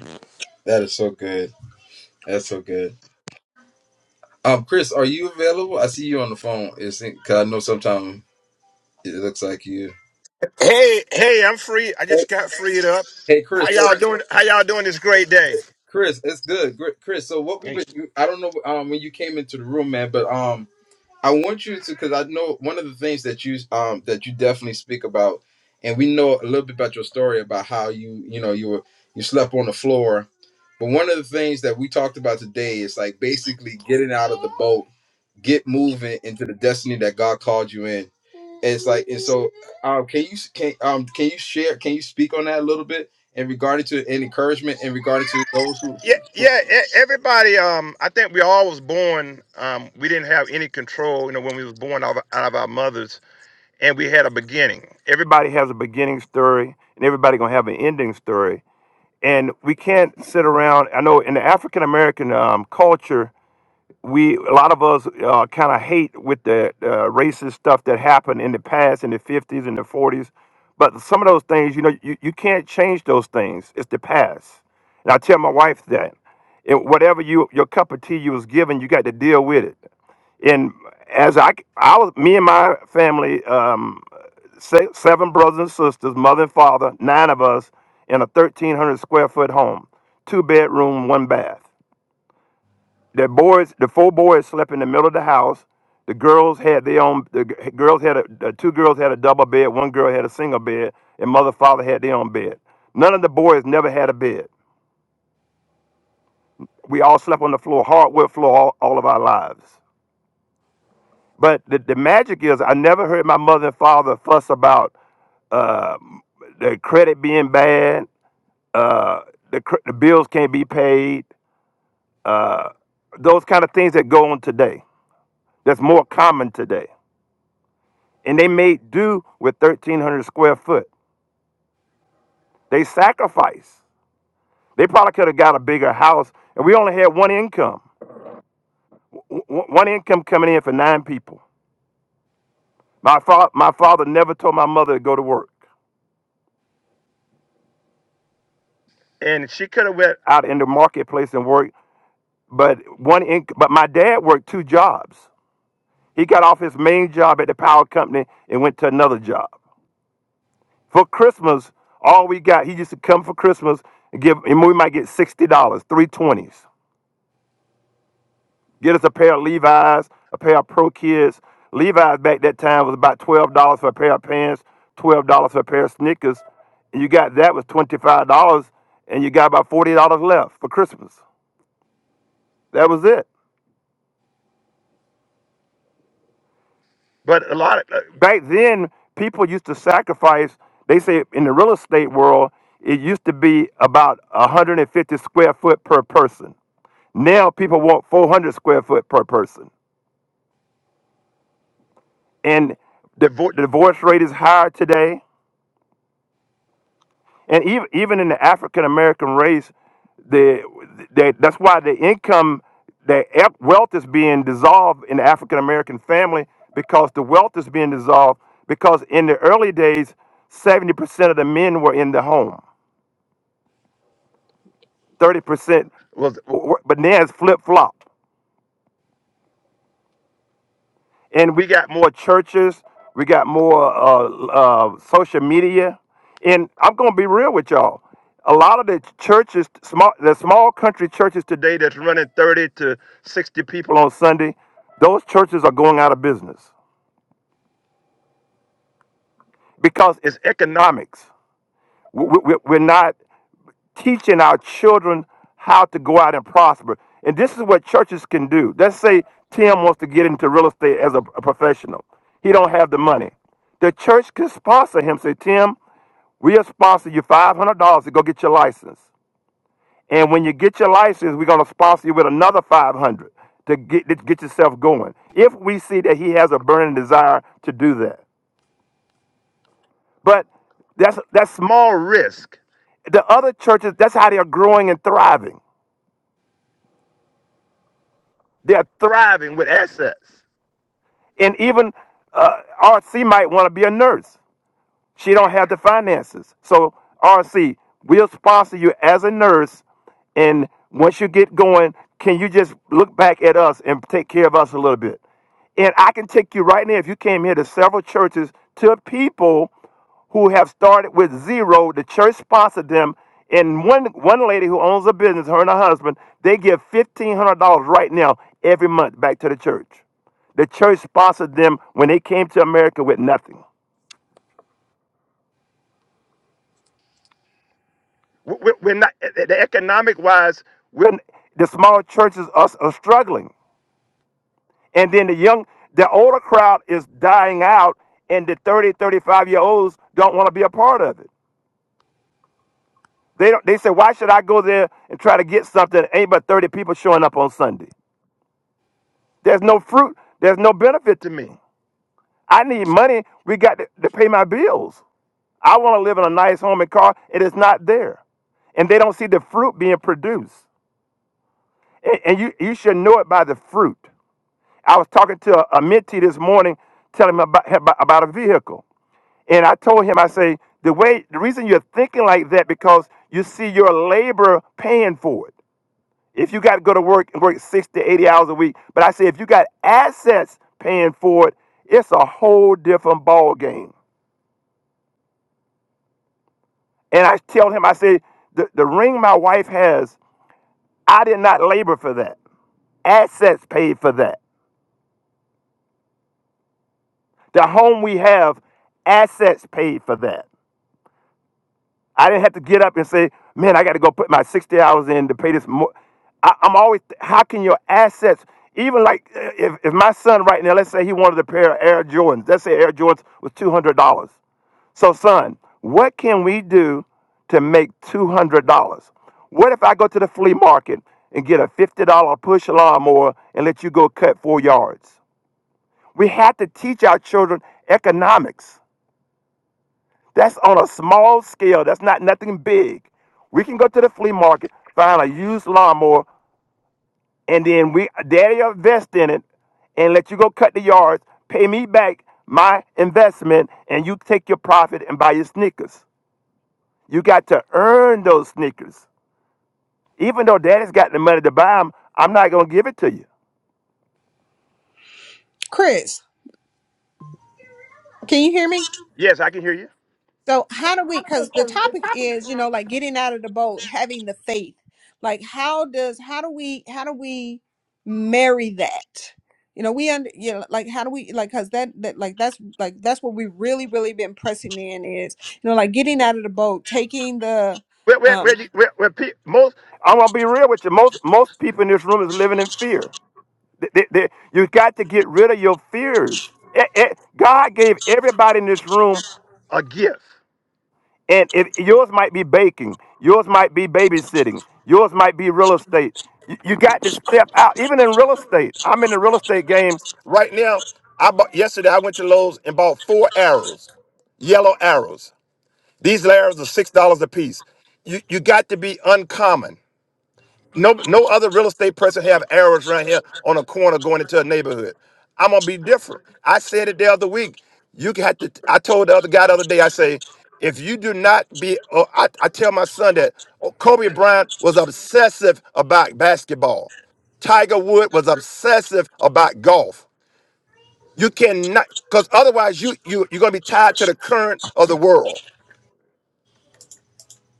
[SPEAKER 1] That is so good. That's so good. Um, Chris, are you available? I see you on the phone. It's because I know sometimes it looks like you.
[SPEAKER 13] Hey, hey, I'm free. I
[SPEAKER 1] Hey,
[SPEAKER 13] just got freed up.
[SPEAKER 1] hey, Chris.
[SPEAKER 13] How
[SPEAKER 1] So,
[SPEAKER 13] y'all doing? How y'all doing this great day?
[SPEAKER 1] Chris, it's good. Gr- Chris, so what we've
[SPEAKER 11] great.
[SPEAKER 1] been, you- I don't know um, when you came into the room, man, but um, I want you to because I know one of the things that you um that you definitely speak about, and we know a little bit about your story about how you you know you were you slept on the floor. But one of the things that we talked about today is like basically getting out of the boat get moving into the destiny that God called you in. And it's like, and so, um, can you can um can you share? Can you speak on that a little bit in regard to an encouragement in regard to those who?
[SPEAKER 13] Yeah,
[SPEAKER 1] who-
[SPEAKER 13] yeah, e- everybody, um, I think we all was born, um, we didn't have any control, you know, when we was born out of, out of our mothers, and we had a beginning. Everybody has a beginning story, and everybody gonna have an ending story. And we can't sit around, I know in the African American um, culture, we a lot of us uh, kind of hate with the uh, racist stuff that happened in the past in the 50s and the 40s but some of those things you know you, you can't change those things it's the past and i tell my wife that and whatever you your cup of tea you was given you got to deal with it and as i i was me and my family um se- seven brothers and sisters mother and father nine of us in a 1300 square foot home two bedroom one bath the boys, the four boys slept in the middle of the house. The girls had their own. The g- girls had a, the two girls had a double bed. One girl had a single bed, and mother and father had their own bed. None of the boys never had a bed. We all slept on the floor, hardwood floor, all, all of our lives. But the, the magic is, I never heard my mother and father fuss about uh, the credit being bad, uh, the, cr- the bills can't be paid, uh, those kind of things that go on today. That's more common today and they made do with 1300 square foot they sacrificed they probably could have got a bigger house and we only had one income W- w- one income coming in for nine people my, fa- my father never told my mother to go to work and she could have went out in the marketplace and worked but one inc- but my dad worked two jobs he got off his main job at the power company and went to another job for christmas all we got he used to come for christmas and give and we might get $60 320s Get us a pair of Levi's, a pair of Pro Kids. Levi's back that time was about twelve dollars for a pair of pants, twelve dollars for a pair of sneakers, and you got that was twenty five dollars, and you got about forty dollars left for Christmas. That was it. But a lot of, back then, people used to sacrifice. They say in the real estate world, it used to be about 150 square foot per person. Now people want 400 square foot per person, and the vo- the divorce rate is higher today and even even in the African American race, the, the that's why the income, the ep- wealth is being dissolved in the African American family because the wealth is being dissolved because in the early days, seventy percent of the men were in the home, thirty percent was, but now it's flip flop. and we got more churches we got more uh, uh, social media and i'm gonna be real with y'all a lot of the churches small the small country churches today that's running 30 to 60 people on sunday those churches are going out of business because it's economics we, we, we're not teaching our children how to go out and prosper. And this is what churches can do. Let's say Tim wants to get into real estate as a, a professional. He don't have the money. The church can sponsor him. Say, Tim, we'll sponsor you five hundred dollars to go get your license. And when you get your license, we're gonna sponsor you with another five hundred dollars to get to get yourself going. If we see that he has a burning desire to do that, but that's that's small risk. The other churches, that's how they are growing and thriving. They're thriving with assets. And even uh, RC might want to be a nurse. She don't have the finances. So RC, we'll sponsor you as a nurse, and once you get going, can you just look back at us and take care of us a little bit? And I can take you right now if you came here to several churches to people who have started with zero. The church sponsored them, and one one lady who owns a business, her and her husband, they give fifteen hundred dollars right now every month back to the church. The church sponsored them when they came to America with nothing. We- we- We're not eh, eh, the economic wise. We're, the small churches are, are struggling, and then the young, the older crowd is dying out, and the 30, 35 year olds don't want to be a part of it. They don't. They say, why should I go there and try to get something? Ain't but thirty people showing up on Sunday. There's no fruit. There's no benefit to me. I need money. We got to, to pay my bills. I want to live in a nice home and car. It is not there and they don't see the fruit being produced. And, and you, you should know it by the fruit. I was talking to a, a mentee this morning, telling him about, about about a vehicle, and I told him, I say, the way, the reason you're thinking like that because you see your labor paying for it. If you got to go to work and work 60, 80 hours a week, but I say if you got assets paying for it, it's a whole different ball game. And I tell him, I say, the, the ring my wife has, I did not labor for that. Assets paid for that. The home we have, assets paid for that. I didn't have to get up and say, man, I got to go put my 60 hours in to pay this. more." I, I'm always, how can your assets, even like uh, if, if my son right now, let's say he wanted a pair of Air Jordans, let's say Air Jordans was $200. So, son, what can we do to make $200? What if I go to the flea market and get a $50 push lawnmower and let you go cut four yards? We have to teach our children economics. That's on a small scale. That's not nothing big. We can go to the flea market, find a used lawnmower, and then we daddy invest in it and let you go cut the yards, pay me back my investment, and you take your profit and buy your sneakers. You got to earn those sneakers. Even though daddy's got the money to buy them, I'm not gonna give it to you.
[SPEAKER 2] Chris, can you hear me?
[SPEAKER 13] Yes, I can hear you.
[SPEAKER 2] So, how do we, because the topic is, you know, like getting out of the boat, having the faith. Like, how does, how do we, how do we marry that? You know, we under, you know, like, how do we, like, because that, that, like, that's, like, that's what we've really, really been pressing in is, you know, like getting out of the boat, taking the,
[SPEAKER 13] Where, where, where,
[SPEAKER 2] um,
[SPEAKER 13] you, where, where pe- most? I'm gonna be real with you. Most, most people in this room is living in fear. Th- th- You got to get rid of your fears. Eh, eh, God gave everybody in this room, A gift. and if yours might be baking, yours might be babysitting, yours might be real estate. You, you got to step out, even in real estate. I'm in the real estate game right now. I bought yesterday. I went to Lowe's and bought four arrows, yellow arrows. These arrows are six dollars a piece. You you got to be uncommon. No, no other real estate person have arrows around here on a corner going into a neighborhood. I'm gonna be different. I said it the other week. You can have to. I told the other guy the other day. I say, if you do not be, or I, I tell my son that oh, Kobe Bryant was obsessive about basketball. Tiger Wood was obsessive about golf. You cannot, because otherwise you you you're gonna be tied to the current of the world.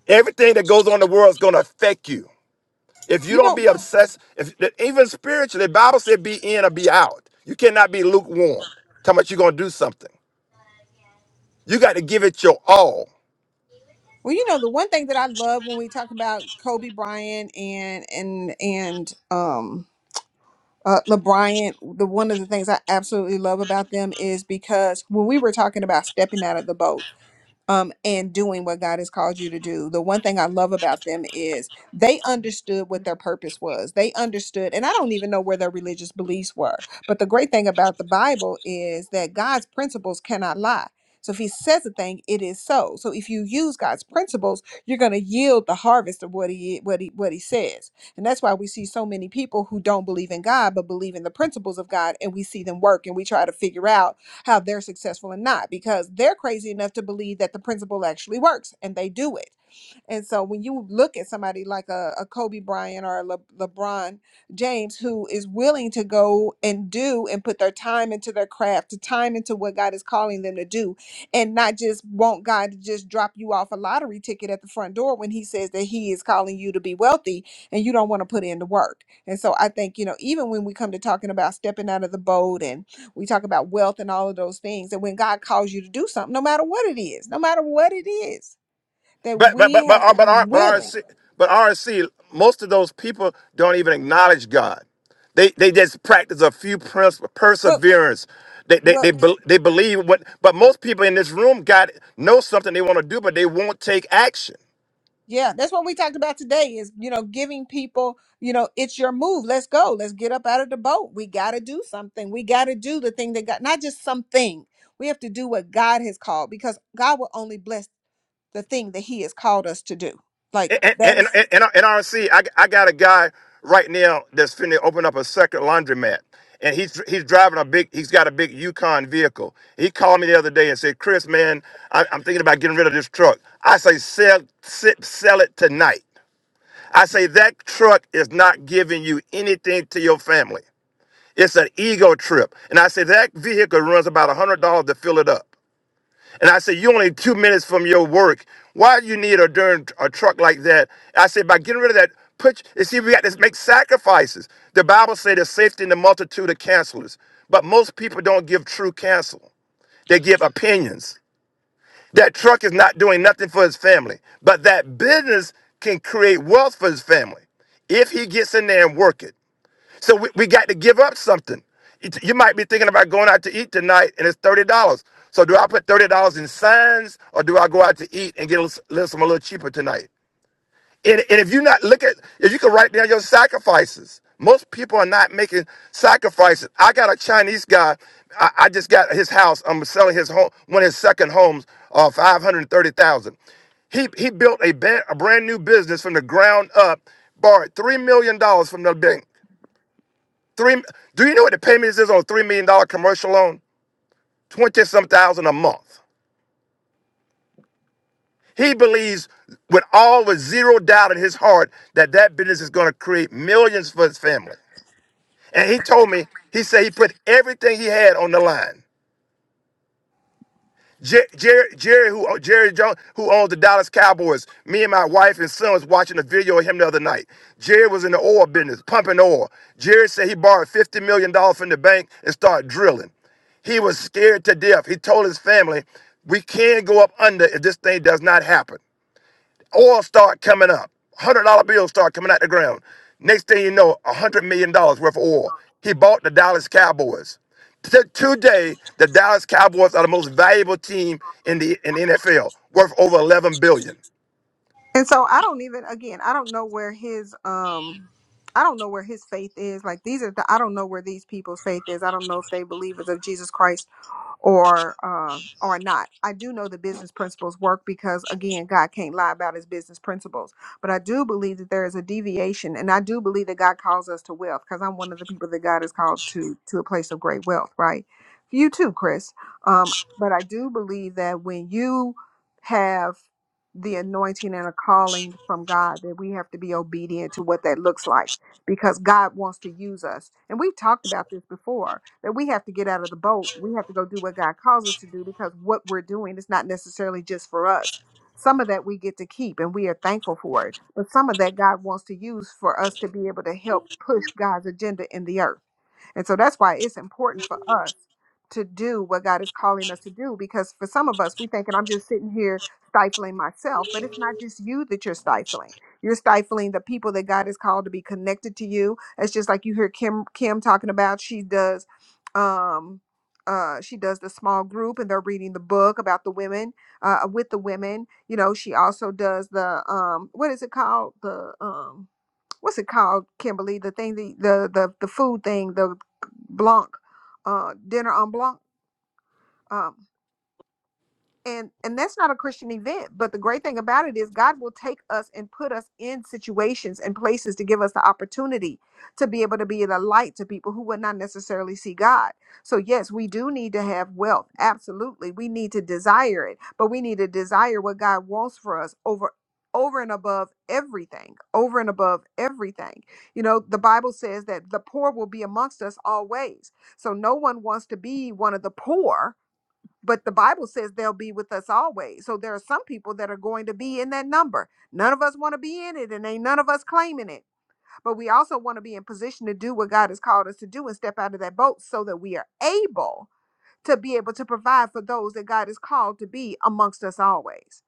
[SPEAKER 13] Everything that goes on in the world is gonna affect you. If you
[SPEAKER 2] you know,
[SPEAKER 13] don't be obsessed, if even spiritually, the Bible said be in or be out. You cannot be lukewarm. Tell much you're gonna do something. You got to give it your all.
[SPEAKER 2] Well, you know, the one thing that I love when we talk about Kobe Bryant and and and um uh LeBryant, the one of the things I absolutely love about them is because when we were talking about stepping out of the boat, um, and doing what God has called you to do. The one thing I love about them is they understood what their purpose was. They understood, and I don't even know where their religious beliefs were. But the great thing about the Bible is that God's principles cannot lie. So if he says a thing, it is so. So if you use God's principles, you're going to yield the harvest of what he what he what he says. And that's why we see so many people who don't believe in God but believe in the principles of God and we see them work and we try to figure out how they're successful and not because they're crazy enough to believe that the principle actually works and they do it and so when you look at somebody like a, a Kobe Bryant or a Le- LeBron James who is willing to go and do and put their time into their craft, to time into what God is calling them to do, and not just want God to just drop you off a lottery ticket at the front door when he says that he is calling you to be wealthy and you don't want to put in the work. And so I think, you know, even when we come to talking about stepping out of the boat and we talk about wealth and all of those things, and when God calls you to do something, no matter what it is, no matter what it is, that
[SPEAKER 13] But but
[SPEAKER 2] we
[SPEAKER 13] but but
[SPEAKER 2] have
[SPEAKER 13] uh,
[SPEAKER 2] to
[SPEAKER 13] but
[SPEAKER 2] be
[SPEAKER 13] R- but
[SPEAKER 2] willing.
[SPEAKER 13] RNC but RNC most of those people don't even acknowledge God. They they just practice a few principles,
[SPEAKER 2] Well,
[SPEAKER 13] perseverance. They they
[SPEAKER 2] well,
[SPEAKER 13] they, bel they believe what, but most people in this room got know something they want to do, but they won't take action.
[SPEAKER 2] yeah, that's what we talked about today is, you know, giving people, you know, it's your move. Let's go. Let's get up out of the boat. We got to do something. We got to do the thing that God, not just something. We have to do what God has called because God will only bless the thing that he has called us to do. Like
[SPEAKER 13] and, and,
[SPEAKER 2] that
[SPEAKER 13] and,
[SPEAKER 2] is
[SPEAKER 13] and and RC, I, I got a guy right now that's finna open up a second laundromat. And he's he's driving a big, he's got a big Yukon vehicle. He called me the other day and said, Chris, man, I, I'm thinking about getting rid of this truck. I say, sell, sit, sell it tonight. I say, that truck is not giving you anything to your family. It's an ego trip. And I say, that vehicle runs about $100 to fill it up. And I said, you only two minutes from your work. Why do you need a darn a truck like that? I said, by getting rid of that, put you see, we got to make sacrifices. The Bible says there's safety in the multitude of counselors. But most people don't give true counsel. They give opinions. That truck is not doing nothing for his family. But that business can create wealth for his family if he gets in there and work it. So we, we got to give up something. It- You might be thinking about going out to eat tonight and it's $30. So do I put $30 in signs or do I go out to eat and get a little, little- some a little cheaper tonight? And, and if you not look at, if you can write down your sacrifices, most people are not making sacrifices. I got a Chinese guy. I, I just got his house. I'm selling his home, one of his second homes, uh, 530,000. He he built a, ba- a brand new business from the ground up, borrowed three million dollars from the bank. Three. Do you know what the payments is on a three million dollar commercial loan? Twenty some thousand a month. He believes with all with zero doubt in his heart that that business is going to create millions for his family. And he told me he said he put everything he had on the line. Jer- Jerry, Jerry, who Jerry Jones, who owns the Dallas Cowboys. Me and my wife and son was watching a video of him the other night. Jerry was in the oil business, pumping oil. Jerry said he borrowed fifty million dollars from the bank and started drilling. He was scared to death. He told his family, "We can not go up under if this thing does not happen." Oil start coming up. one Hundred dollar bills start coming out the ground. Next thing you know, a hundred million dollars worth of oil. He bought the Dallas Cowboys. T- today, the Dallas Cowboys are the most valuable team in the in the NFL, worth over eleven billion.
[SPEAKER 2] And so I don't even again, I don't know where his um I don't know where his faith is. Like these are the I don't know where these people's faith is. I don't know if they believers of Jesus Christ or uh, or not. I do know the business principles work because again, God can't lie about His business principles. But I do believe that there is a deviation, and I do believe that God calls us to wealth because I'm one of the people that God has called to to a place of great wealth. Right? You too, Chris. Um, but I do believe that when you have the anointing and a calling from God, that we have to be obedient to what that looks like because God wants to use us. And we've talked about this before that we have to get out of the boat. We have to go do what God calls us to do because what we're doing is not necessarily just for us. Some of that we get to keep and we are thankful for it. But some of that God wants to use for us to be able to help push God's agenda in the earth. And so that's why it's important for us to do what God is calling us to do because for some of us, we thinking, I'm just sitting here stifling myself, but it's not just you that you're stifling you're stifling the people that God has called to be connected to you. It's just like you hear Kim Kim talking about. She does, um, uh, she does the small group, and they're reading the book about the women, uh, with the women. You know, she also does the um, what is it called? The um, what's it called, Kimberly? The thing, the the the, the food thing, the blanc, uh, dinner on blanc. um and and that's not a christian event but the great thing about it is god will take us and put us in situations and places to give us the opportunity to be able to be the light to people who would not necessarily see god so yes we do need to have wealth absolutely we need to desire it but we need to desire what god wants for us over over and above everything over and above everything you know the bible says that the poor will be amongst us always so no one wants to be one of the poor but the Bible says they'll be with us always. So there are some people that are going to be in that number. None of us want to be in it, and ain't none of us claiming it. But we also want to be in position to do what God has called us to do and step out of that boat so that we are able to be able to provide for those that God has called to be amongst us always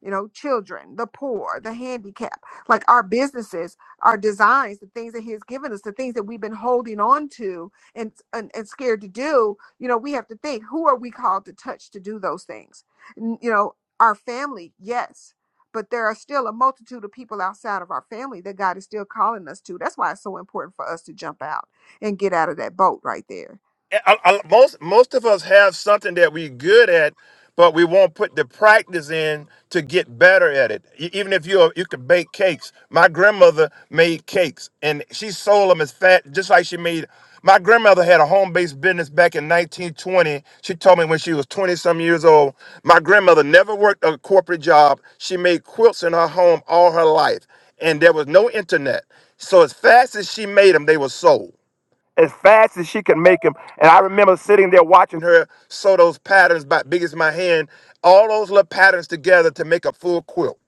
[SPEAKER 2] you know, children, the poor, the handicapped. Like our businesses, our designs, the things that He has given us, the things that we've been holding on to and, and, and scared to do, you know, we have to think who are we called to touch to do those things? N- You know, our family, yes, but there are still a multitude of people outside of our family that God is still calling us to. That's why it's so important for us to jump out and get out of that boat right there.
[SPEAKER 13] I, I- most most of us have something that we are good at, but we won't put the practice in to get better at it. E- Even if you you can bake cakes, my grandmother made cakes, and she sold them as fat, just like she made. My grandmother had a home-based business back in 1920. She told me when she was 20 some years old. My grandmother never worked a corporate job. She made quilts in her home all her life, and there was no internet. So as fast as she made them, they were sold as fast as she could make them. And I remember sitting there watching her sew those patterns by big as my hand, all those little patterns together to make a full quilt.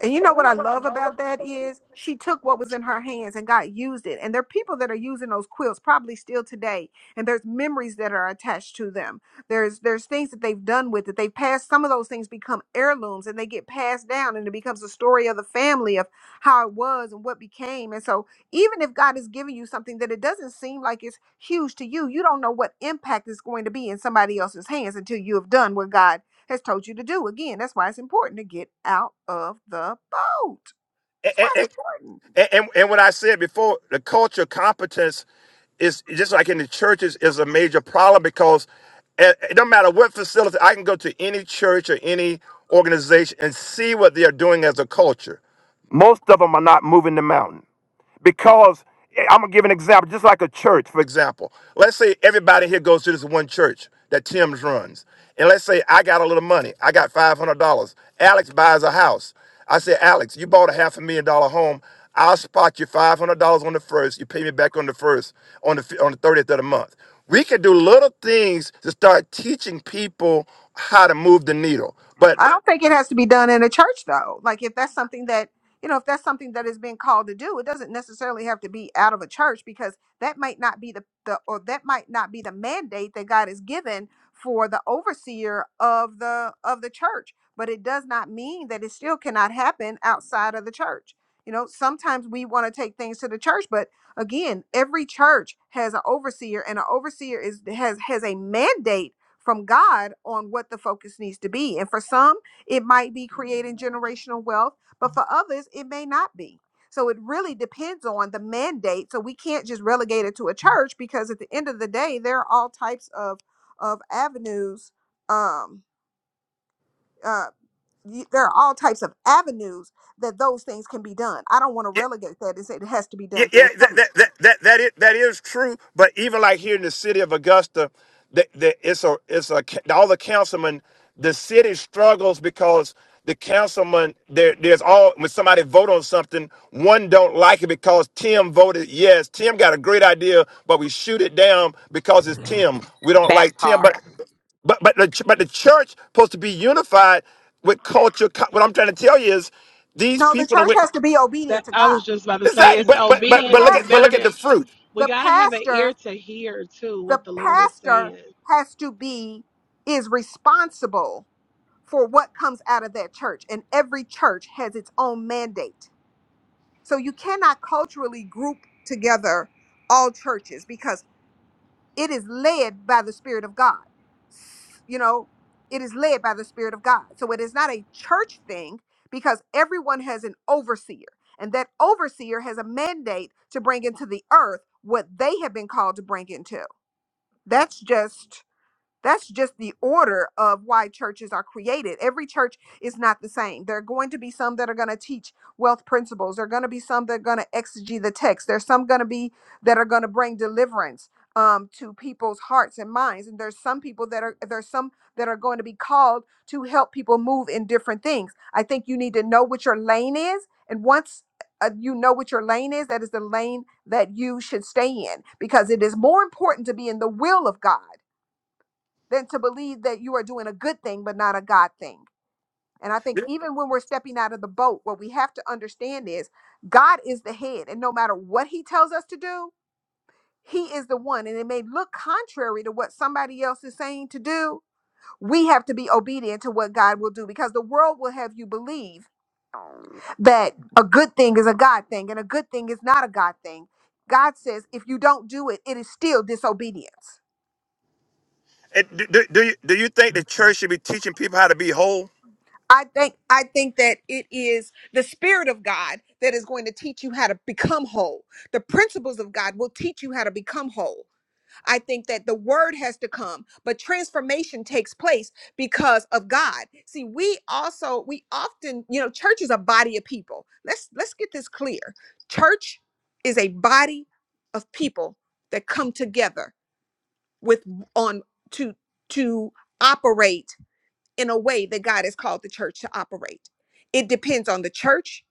[SPEAKER 2] And you know what I love about that is she took what was in her hands and God used it. And there are people that are using those quilts probably still today. And there's memories that are attached to them. There's there's things that they've done with it. They've passed some of those things become heirlooms and they get passed down and it becomes a story of the family of how it was and what became. And so even if God is giving you something that it doesn't seem like it's huge to you, you don't know what impact it's going to be in somebody else's hands until you have done what God has told you to do. Again, that's why it's important to get out of the boat.
[SPEAKER 13] And,
[SPEAKER 2] That's why it's
[SPEAKER 13] and,
[SPEAKER 2] important.
[SPEAKER 13] and, and and what I said before, the culture of competence is just like in the churches is a major problem because it, it don't matter what facility, I can go to any church or any organization and see what they are doing as a culture. Most of them are not moving the mountain. because I'm gonna give an example, just like a church, for example. Let's say everybody here goes to this one church that Tim's runs, and let's say I got a little money. I got five hundred dollars. Alex buys a house. I say, Alex, you bought a half a million dollar home. I'll spot you five hundred dollars on the first. You pay me back on the first, on the fi- on the thirtieth of the month. We can do little things to start teaching people how to move the needle. But
[SPEAKER 2] I don't think it has to be done in a church though. Like if that's something that you know, if that's something that is being called to do, it doesn't necessarily have to be out of a church because that might not be the, the or that might not be the mandate that God has given for the overseer of the of the church. But it does not mean that it still cannot happen outside of the church. You know, sometimes we want to take things to the church, but again, every church has an overseer, and an overseer is has has a mandate from God on what the focus needs to be. And for some, it might be creating generational wealth, but for others, it may not be. So it really depends on the mandate. So we can't just relegate it to a church because at the end of the day, there are all types of of avenues. Um, uh, y- there are all types of avenues that those things can be done. I don't want to
[SPEAKER 13] yeah,
[SPEAKER 2] relegate that and say it has to be
[SPEAKER 13] Yeah,
[SPEAKER 2] done through
[SPEAKER 13] yeah,
[SPEAKER 2] a
[SPEAKER 13] that
[SPEAKER 2] church.
[SPEAKER 13] that that that that is, that is true. But even like here in the city of Augusta, that that it's a it's a ca- all the councilmen. The city struggles because the councilman there there's all when somebody vote on something, one don't like it because Tim voted yes. Tim got a great idea, but we shoot it down because it's Tim. We don't
[SPEAKER 4] That
[SPEAKER 13] like Tim,
[SPEAKER 4] part.
[SPEAKER 13] but but but the ch- but the church supposed to be unified with culture. Co- What I'm trying to tell you is these
[SPEAKER 2] No, the
[SPEAKER 13] people that
[SPEAKER 2] church
[SPEAKER 13] went.
[SPEAKER 2] has to be obedient
[SPEAKER 8] That
[SPEAKER 2] to
[SPEAKER 8] I
[SPEAKER 2] God.
[SPEAKER 8] was just about to say,
[SPEAKER 13] Exactly.
[SPEAKER 8] it's
[SPEAKER 13] But but
[SPEAKER 2] The
[SPEAKER 13] but but
[SPEAKER 8] obedience
[SPEAKER 13] look
[SPEAKER 8] is
[SPEAKER 13] at but
[SPEAKER 8] better
[SPEAKER 13] look
[SPEAKER 2] pastor,
[SPEAKER 13] at the
[SPEAKER 8] than.
[SPEAKER 13] fruit.
[SPEAKER 8] We
[SPEAKER 2] the
[SPEAKER 8] gotta have an ear
[SPEAKER 2] pastor,
[SPEAKER 8] to hear too
[SPEAKER 2] the
[SPEAKER 8] what the Lord is
[SPEAKER 2] pastor
[SPEAKER 8] saying.
[SPEAKER 2] has to be is responsible for what comes out of that church and every church has its own mandate. So you cannot culturally group together all churches because it is led by the Spirit of God. S- You know, it is led by the Spirit of God. So it is not a church thing because everyone has an overseer, and that overseer has a mandate to bring into the earth what they have been called to bring into. That's just that's just the order of why churches are created. Every church is not the same. There are going to be some that are going to teach wealth principles. There are going to be some that are going to exegete the text. There's some going to be that are going to bring deliverance um, to people's hearts and minds. And there's some people that are there's some that are going to be called to help people move in different things. I think you need to know what your lane is, and once uh, you know what your lane is, that is the lane that you should stay in because it is more important to be in the will of God than to believe that you are doing a good thing but not a God thing. And I think
[SPEAKER 13] It-
[SPEAKER 2] even when we're stepping out of the boat, what we have to understand is God is the head. And no matter what he tells us to do, he is the one. And it may look contrary to what somebody else is saying to do. We have to be obedient to what God will do because the world will have you believe that a good thing is a God thing and a good thing is not a God thing. God says, if you don't do it, it is still disobedience.
[SPEAKER 13] do, do, do you, do you think the church should be teaching people how to be whole?
[SPEAKER 2] I think I think that it is the spirit of God that is going to teach you how to become whole. The principles of God will teach you how to become whole. I think that the word has to come, but transformation takes place because of God. See, we also we often, you know, church is a body of people. Let's let's get this clear. Church is a body of people that come together with on to to operate in a way that God has called the church to operate. It depends on the church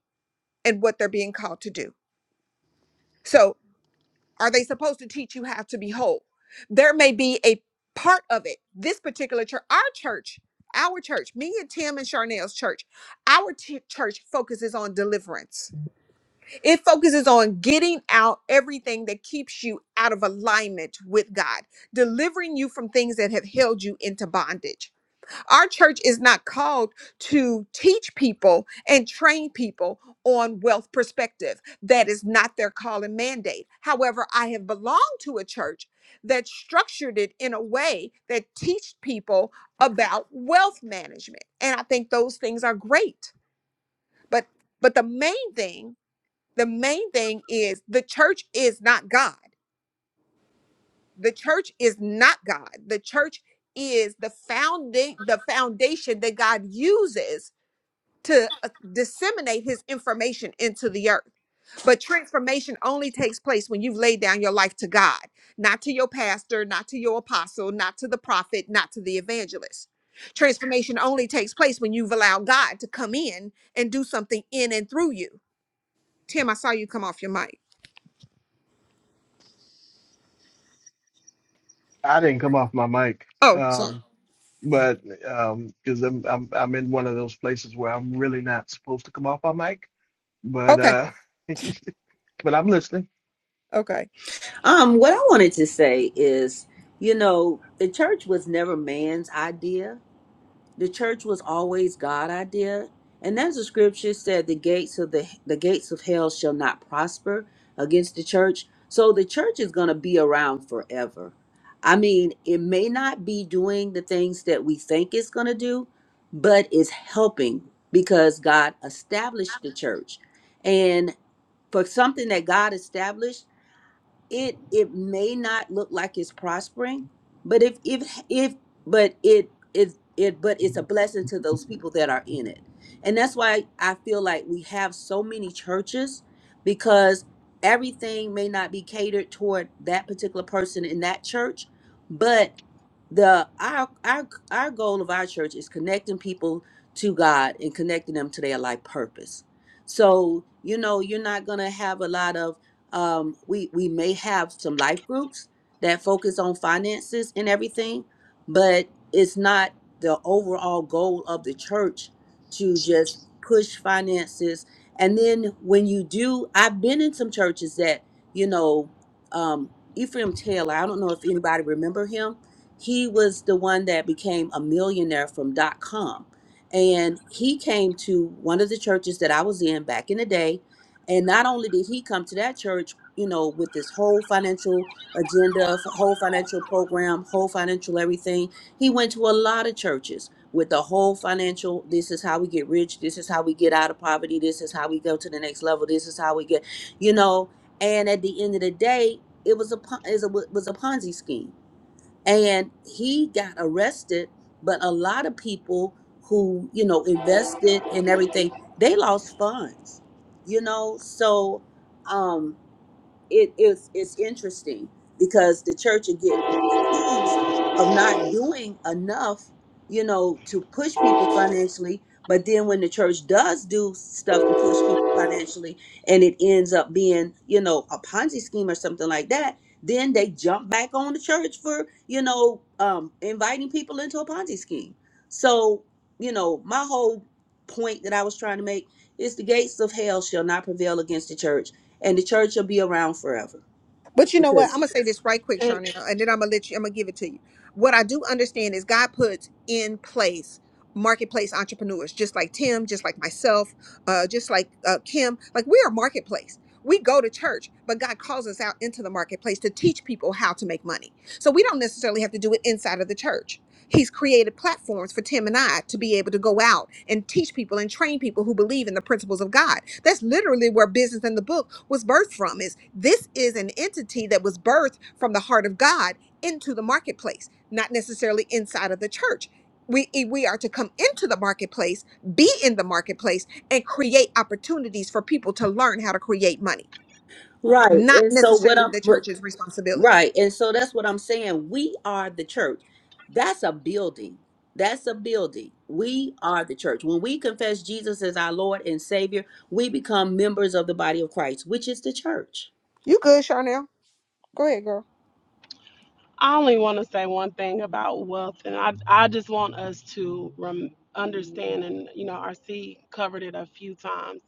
[SPEAKER 2] and what they're being called to do. So, are they supposed to teach you how to be whole? There may be a part of it, this particular church, our church, our church, me and Tim and Charnel's church, our t- church focuses on deliverance. It focuses on getting out everything that keeps you out of alignment with God, delivering you from things that have held you into bondage Our church is not called to teach people and train people on wealth perspective. That is not their call and mandate. However, I have belonged to a church that structured it in a way that teach people about wealth management. And I think those things are great. But but the main thing, the main thing is the church is not God. The church is not God. The church is the founding the foundation that God uses to uh, disseminate his information into the earth. But transformation only takes place when you've laid down your life to God, not to your pastor, not to your apostle, not to the prophet, not to the evangelist. Transformation only takes place when you've allowed God to come in and do something in and through you. Tim, I saw you come off your mic.
[SPEAKER 11] I didn't come off my mic,
[SPEAKER 2] Oh, sorry.
[SPEAKER 11] um, but um, because I'm, I'm I'm in one of those places where I'm really not supposed to come off my mic, but
[SPEAKER 2] Okay.
[SPEAKER 11] uh, but I'm listening.
[SPEAKER 2] Okay.
[SPEAKER 7] Um, what I wanted to say is, you know, the church was never man's idea. The church was always God' idea. And as the scripture said, the gates of the the gates of hell shall not prosper against the church. So the church is gonna be around forever. I mean, it may not be doing the things that we think it's gonna do, but it's helping because God established the church. And for something that God established, it it may not look like it's prospering but if if if but it is it but it's a blessing to those people that are in it and that's why i feel like we have so many churches because everything may not be catered toward that particular person in that church but the our our our goal of our church is connecting people to god and connecting them to their life purpose so you know you're not going to have a lot of um, we we may have some life groups that focus on finances and everything, but it's not the overall goal of the church to just push finances. And then when you do, I've been in some churches that you know um, Ephraim Taylor. I don't know if anybody remember him. He was the one that became a millionaire from dot com. And he came to one of the churches that I was in back in the day and not only did he come to that church, you know, with this whole financial agenda, f- whole financial program, whole financial everything, he went to a lot of churches with the whole financial this is how we get rich, this is how we get out of poverty, this is how we go to the next level, this is how we get, you know, and at the end of the day, it was a pon- it was a was a Ponzi scheme and he got arrested but a lot of people who you know invested in everything they lost funds you know so um it is it's interesting because the church will get accused of not doing enough, you know, to push people financially. But then when the church does do stuff to push people financially and it ends up being, you know, a Ponzi scheme or something like that, then they jump back on the church for, you know, um, inviting people into a Ponzi scheme. So, you know, my whole point that I was trying to make is the gates of hell shall not prevail against the church and the church will be around forever
[SPEAKER 2] But you know what? I'm gonna
[SPEAKER 7] because
[SPEAKER 2] say this right quick,
[SPEAKER 8] And
[SPEAKER 2] Charnel, and then I'm gonna let you. I'm gonna give it to you. What I do understand is God puts in place marketplace entrepreneurs, just like Tim, just like myself, uh, just like uh, Kim. Like we are marketplace. We go to church, but God calls us out into the marketplace to teach people how to make money. So we don't necessarily have to do it inside of the church. He's created platforms for Tim and I to be able to go out and teach people and train people who believe in the principles of God. That's literally where business in the book was birthed from is this is an entity that was birthed from the heart of God into the marketplace, not necessarily inside of the church. We, eh, we are to come into the marketplace, be in the marketplace, and create opportunities for people to learn how to create money,
[SPEAKER 7] right
[SPEAKER 2] not
[SPEAKER 7] and so what
[SPEAKER 2] necessarily
[SPEAKER 7] i'm
[SPEAKER 2] the
[SPEAKER 7] but-
[SPEAKER 2] church's responsibility.
[SPEAKER 7] right and so that's what i'm saying we are the church that's a building that's a building we are the church when we confess jesus as our lord and savior we become members of the body of christ which is the church
[SPEAKER 2] You good, Charnel? Go ahead, girl.
[SPEAKER 8] I only want to say one thing about wealth, and I I just want us to rem- understand, and you know, RC covered it a few times,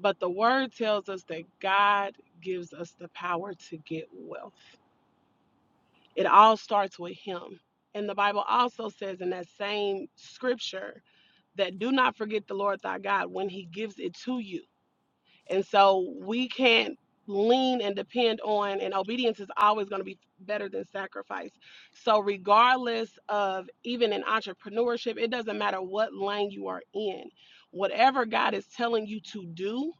[SPEAKER 8] but the word tells us that God gives us the power to get wealth. It all starts with Him, and the Bible also says in that same scripture that do not forget the Lord thy God when He gives it to you. And so we can't lean and depend on, and obedience is always going to be better than sacrifice. So, regardless of even in entrepreneurship, it doesn't matter what lane you are in, whatever God is telling you to do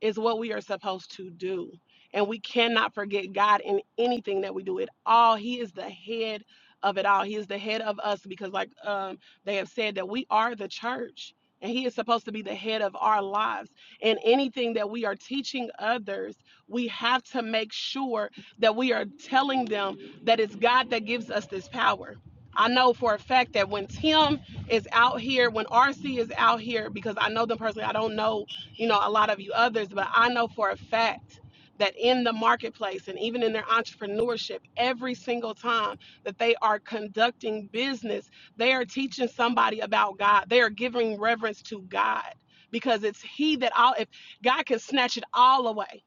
[SPEAKER 8] is what we are supposed to do. And we cannot forget God in anything that we do. It all, He is the head of it all. He is the head of us because, like um, they have said, that we are the church and He is supposed to be the head of our lives and anything that we are teaching others, we have to make sure that we are telling them that it's God that gives us this power. I know for a fact that when Tim is out here, when RC is out here, because I know them personally, I don't know, you know, a lot of you others, but I know for a fact that in the marketplace and even in their entrepreneurship, every single time that they are conducting business, they are teaching somebody about God. They are giving reverence to God because it's He that all, if God can snatch it all away.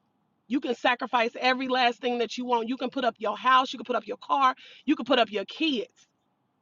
[SPEAKER 8] You can sacrifice every last thing that you want. You can put up your house, you can put up your car, you can put up your kids.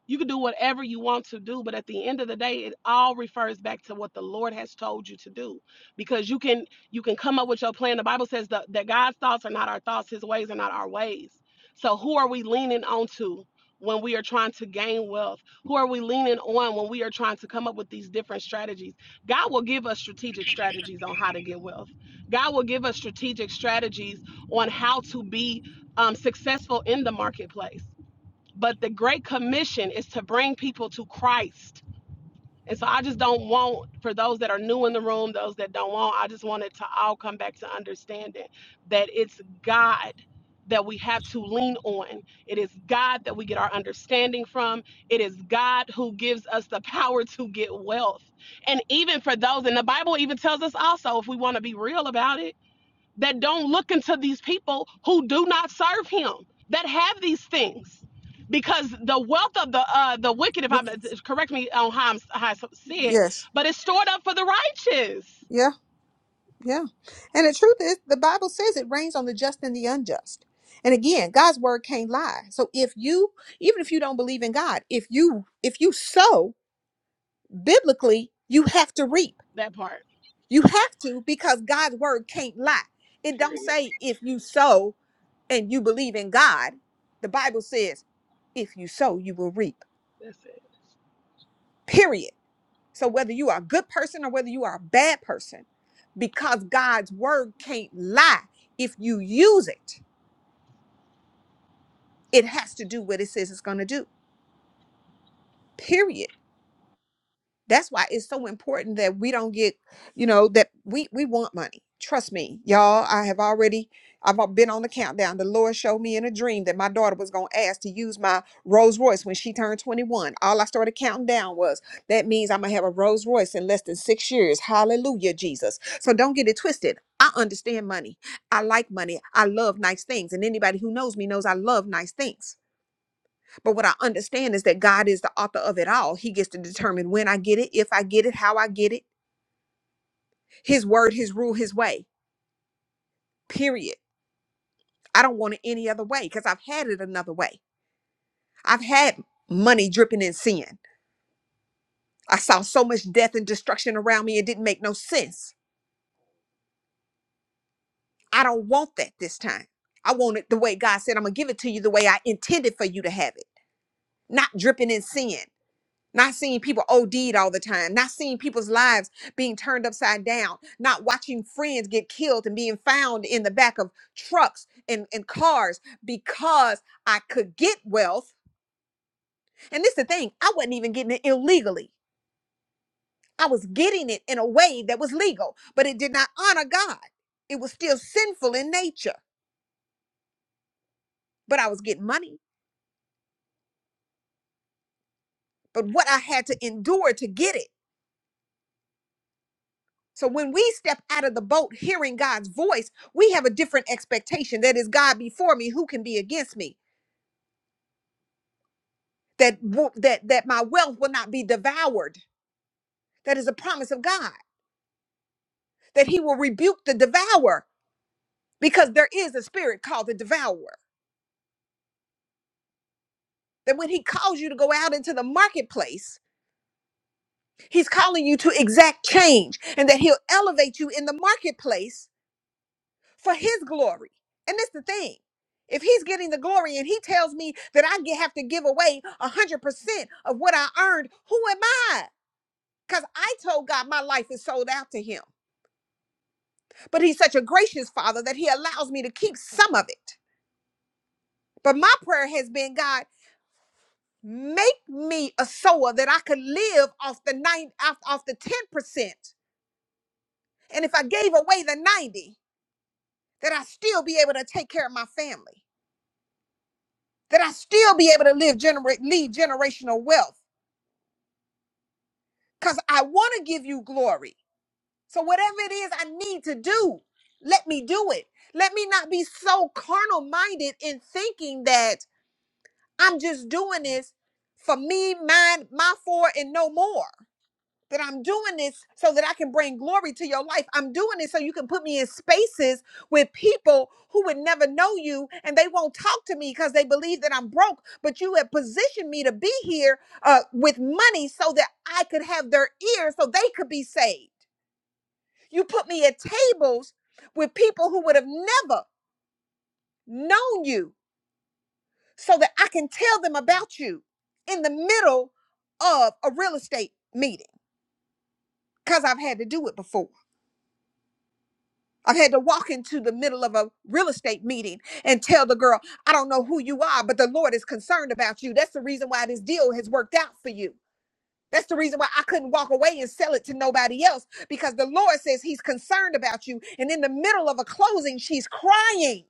[SPEAKER 8] You can do whatever you want to do, but at the end of the day, it all refers back to what the Lord has told you to do. Because you can you can come up with your plan. The Bible says that, that God's thoughts are not our thoughts, his ways are not our ways. So who are we leaning on to when we are trying to gain wealth? Who are we leaning on when we are trying to come up with these different strategies? God will give us strategic strategies on how to get wealth. God will give us strategic strategies on how to be um, successful in the marketplace but the great commission is to bring people to Christ. And so I just don't want for those that are new in the room, those that don't want, I just want it to all come back to understanding that it's God that we have to lean on. It is God that we get our understanding from. It is God who gives us the power to get wealth. And even for those, and the Bible even tells us also, if we want to be real about it that don't look into these people who do not serve him that have these things because the wealth of the uh the wicked if
[SPEAKER 2] With
[SPEAKER 8] i'm correct me on how, I'm, how i said
[SPEAKER 2] yes,
[SPEAKER 8] but it's stored up for the righteous
[SPEAKER 2] yeah, yeah. And the truth is, the Bible says it rains on the just and the unjust. And again, God's word can't lie. So if you, even if you don't believe in God, if you if you sow biblically, you have to reap.
[SPEAKER 8] that part
[SPEAKER 2] You have to because God's word can't lie. It don't say if you sow and you believe in God. The Bible says if you sow, you will reap.
[SPEAKER 8] that's it
[SPEAKER 2] Period So whether you are a good person or whether you are a bad person, because God's word can't lie. If you use it, it has to do what it says it's going to do. Period. that's why it's so important that we don't get you know that we we want money trust me y'all i have already i've al- been on the countdown the lord showed me in a dream that my daughter was going to ask to use my rolls royce when she turned 21 all i started counting down was that means i'm going to have a rolls royce in less than six years hallelujah jesus so don't get it twisted i understand money i like money i love nice things and anybody who knows me knows i love nice things but what I understand is that God is the author of it all. He gets to determine when I get it, if I get it, how I get it. His word, his rule, his way. Period. I don't want it any other way because I've had it another way. I've had money dripping in sin. I saw so much death and destruction around me, it didn't make no sense. I don't want that this time. I want it the way God said, I'm going to give it to you the way I intended for you to have it, not dripping in sin. not seeing people OD'd all the time, not seeing people's lives being turned upside down, not watching friends get killed and being found in the back of trucks and, and cars because I could get wealth. And this is the thing, I wasn't even getting it illegally. I was getting it in a way that was legal, but it did not honor God. It was still sinful in nature, but I was getting money. But what I had to endure to get it So when we step out of the boat hearing God's voice, we have a different expectation that is God before me, who can be against me? That wo- that that my wealth will not be devoured. That is a promise of God. That he will rebuke the devourer because there is a spirit called the devourer. That when he calls you to go out into the marketplace, he's calling you to exact change and that he'll elevate you in the marketplace for his glory. And that's the thing. If he's getting the glory and he tells me that I ge- have to give away 100% of what I earned, who am I? Because I told God my life is sold out to him. But he's such a gracious father that he allows me to keep some of it. But my prayer has been, God, make me a sower that I could live off the nine, off, off the 10%. And if I gave away the 90, that I still be able to take care of my family. that I still be able to live generate lead generational wealth cuz I want to give you glory. So whatever it is I need to do, let me do it. Let me not be so carnal minded in thinking that I'm just doing this for me, mine, my for and no more. that I'm doing this so that I can bring glory to your life. I'm doing this so you can put me in spaces with people who would never know you and they won't talk to me because they believe that I'm broke. But you have positioned me to be here uh, with money so that I could have their ears so they could be saved. You put me at tables with people who would have never known you so that I can tell them about you in the middle of a real estate meeting because I've had to do it before. I've had to walk into the middle of a real estate meeting and tell the girl, I don't know who you are, but the Lord is concerned about you. That's the reason why this deal has worked out for you. That's the reason why I couldn't walk away and sell it to nobody else because the Lord says He's concerned about you. And in the middle of a closing, she's crying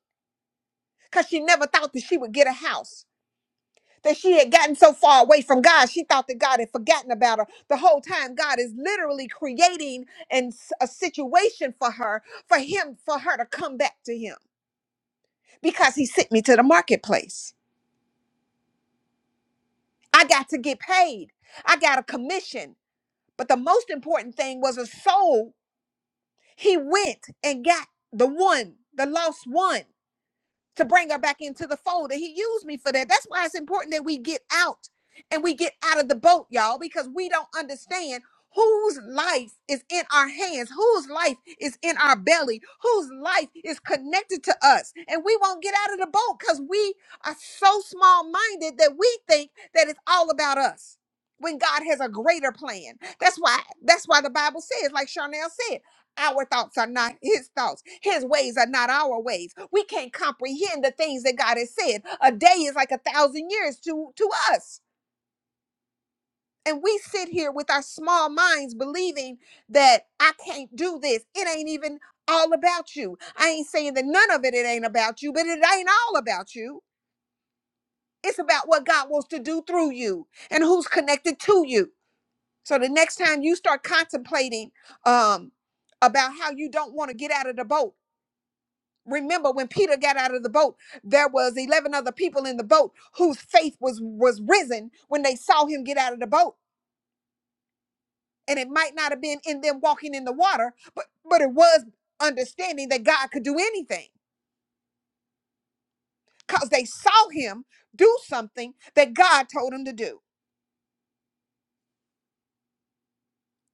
[SPEAKER 2] because she never thought that she would get a house. That she had gotten so far away from God, she thought that God had forgotten about her the whole time. God is literally creating and a situation for her, for him, for her to come back to Him. because he sent me to the marketplace. I got to get paid. I got a commission. But the most important thing was a soul. He went and got the one, the lost one. to bring her back into the fold. And he used me for that. That's why it's important that we get out and we get out of the boat, y'all, because we don't understand whose life is in our hands, whose life is in our belly, whose life is connected to us. And we won't get out of the boat because we are so small minded that we think that it's all about us. When God has a greater plan. That's why, that's why the Bible says, like Charnel said, our thoughts are not his thoughts. His ways are not our ways. We can't comprehend the things that God has said. A day is like a thousand years to, to us. And we sit here with our small minds believing that I can't do this. It ain't even all about you. I ain't saying that none of it, it ain't about you, but it ain't all about you. It's about what God wants to do through you and who's connected to you. So the next time you start contemplating um, about how you don't want to get out of the boat, remember when peter got out of the boat there was 11 other people in the boat whose faith was was risen when they saw him get out of the boat and it might not have been in them walking in the water but but it was understanding that god could do anything because they saw him do something that god told him to do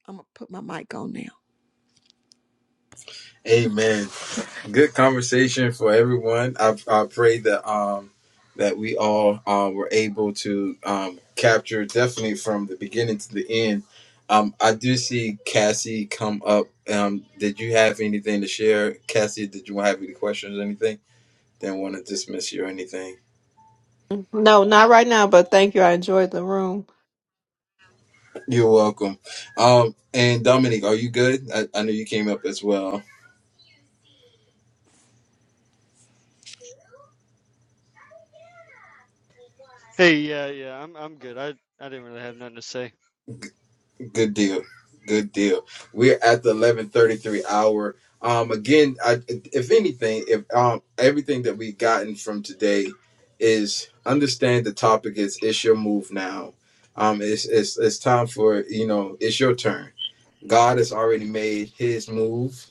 [SPEAKER 2] i'm gonna put my mic on now
[SPEAKER 1] Amen. Good conversation for everyone. I I pray that um that we all uh were able to um capture definitely from the beginning to the end. Um, I do see Cassie come up. Um, did you have anything to share, Cassie? Did you have any questions or anything? Didn't want to dismiss you or anything.
[SPEAKER 14] No, not right now, but thank you. I enjoyed the room.
[SPEAKER 1] You're welcome. Um, and Dominique, are you good? I, I know you came up as well.
[SPEAKER 15] Hey, yeah, yeah, I'm I'm good. I I didn't really have nothing to say.
[SPEAKER 1] Good deal. Good deal. We're at the 11:33 hour. Um, again, I, if anything, if um, everything that we've gotten from today is understand the topic is it's your move now. Um, it's it's it's time for you know it's your turn. God has already made His move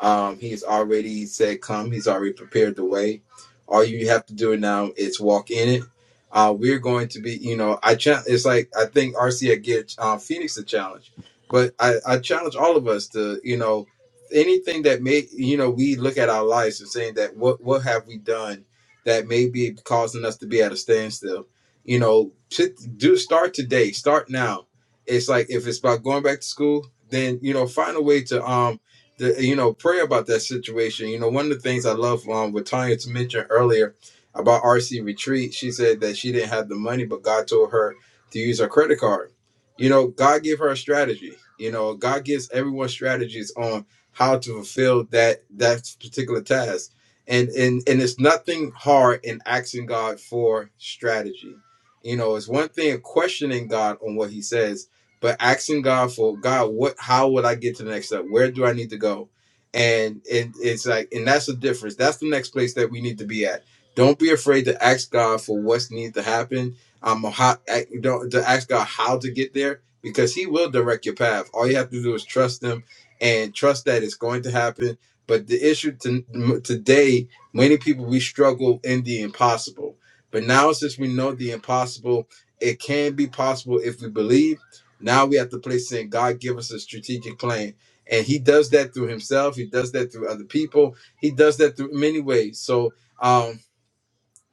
[SPEAKER 1] Um, he's already said, Come, he's already prepared the way. All you have to do now is walk in it. Uh, we're going to be, you know, I challenge, it's like I think RC I get uh, Phoenix a challenge, but I, I challenge all of us to, you know, anything that may, you know, we look at our lives and saying that what, what have we done that may be causing us to be at a standstill? You know, to do start today, start now. It's like if it's about going back to school, then, you know, find a way to, um the, you know, pray about that situation. You know, one of the things I love um, what Tanya mentioned earlier about RC Retreat, she said that she didn't have the money, but God told her to use her credit card. You know, God gave her a strategy. You know, God gives everyone strategies on how to fulfill that that particular task. And and and it's nothing hard in asking God for strategy. You know, it's one thing questioning God on what He says but asking God for God, what how would I get to the next step? Where do I need to go? And it, it's like, and that's the difference. That's the next place that we need to be at. Don't be afraid to ask God for what's needs to happen. Um, how, I- don't to ask God how to get there because He will direct your path. All you have to do is trust Him and trust that it's going to happen. But the issue to, today, many people we struggle in the impossible. But now, since we know the impossible, it can be possible if we believe now we have to place in God give us a strategic plan. And he does that through himself. He does that through other people. He does that through many ways. So um,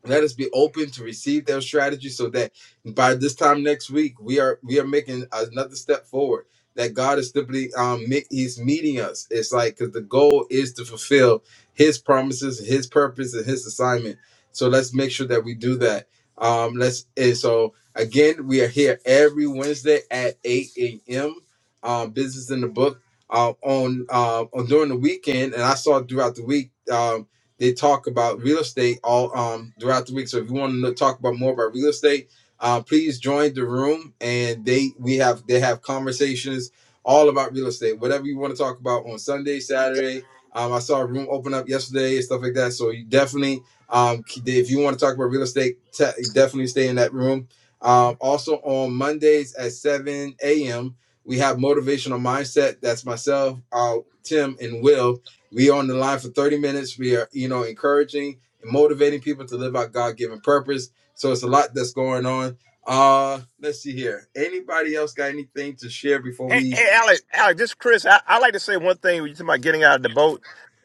[SPEAKER 1] let us be open to receive their strategy so that by this time next week we are we are making another step forward that god is simply um me- he's meeting us it's like because the goal is to fulfill his promises his purpose and his assignment so let's make sure that we do that um let's and so again we are here every wednesday at 8 a.m um business in the book uh, on uh on during the weekend and i saw throughout the week Um, they talk about real estate all um, throughout the week. So if you want to talk about more about real estate, uh, please join the room. And they we have they have conversations all about real estate. Whatever you want to talk about on Sunday, Saturday. Um, I saw a room open up yesterday and stuff like that. So you definitely, um, if you want to talk about real estate, te- definitely stay in that room. Um, also on Mondays at 7 a.m. We have motivational mindset. That's myself, uh, Tim, and Will. We are on the line for 30 minutes. We are, you know, encouraging and motivating people to live out God given purpose. So it's a lot that's going on. Uh let's see here. Anybody else got anything to share before
[SPEAKER 13] Hey,
[SPEAKER 1] we
[SPEAKER 13] hey, Alex, Alex, this is Chris. I, I like to say one thing when you talking about getting out of the boat.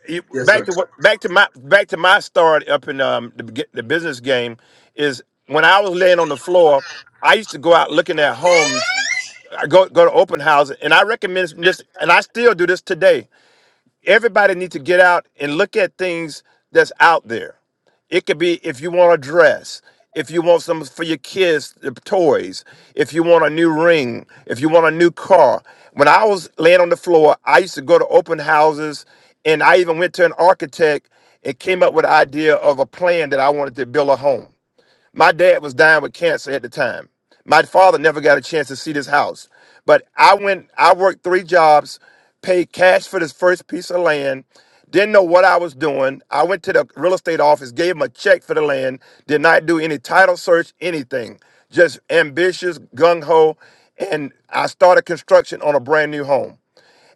[SPEAKER 13] You,
[SPEAKER 1] Yes,
[SPEAKER 13] back
[SPEAKER 1] sir.
[SPEAKER 13] to what? Back to my back to my start up in um the, beg- the business game is when I was laying on the floor. I used to go out looking at homes. I go go to open houses, and I recommend this, and I still do this today. Everybody needs to get out and look at things that's out there. It could be if you want a dress, if you want some for your kids, the toys, if you want a new ring, if you want a new car. When I was laying on the floor, I used to go to open houses and I even went to an architect and came up with an idea of a plan that I wanted to build a home. My dad was dying with cancer at the time. My father never got a chance to see this house. But I went, I worked three jobs, paid cash for this first piece of land, didn't know what I was doing. I went to the real estate office, gave him a check for the land, did not do any title search, anything. Just ambitious, gung ho. And I started construction on a brand new home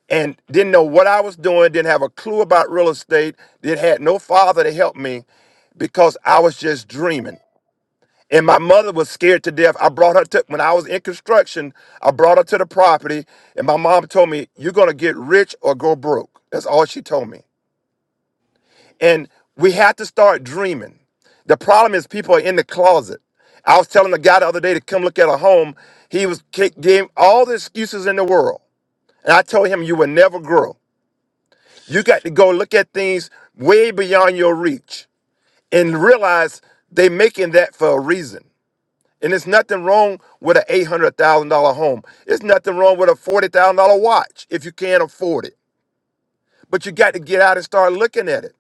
[SPEAKER 13] and didn't know what I was doing, didn't have a clue about real estate, did had no father to help me because I was just dreaming. And my mother was scared to death. I brought her to, when I was in construction, I brought her to the property. And my mom told me, You're going to get rich or go broke. That's all she told me. And we had to start dreaming. The problem is, people are in the closet. I was telling the guy the other day to come look at a home. He was kick- gave all the excuses in the world. And I told him, You will never grow. You got to go look at things way beyond your reach and realize they making that for a reason. And there's nothing wrong with an $800,000 home. There's nothing wrong with a $40,000 watch if you can't afford it. But you got to get out and start looking at it.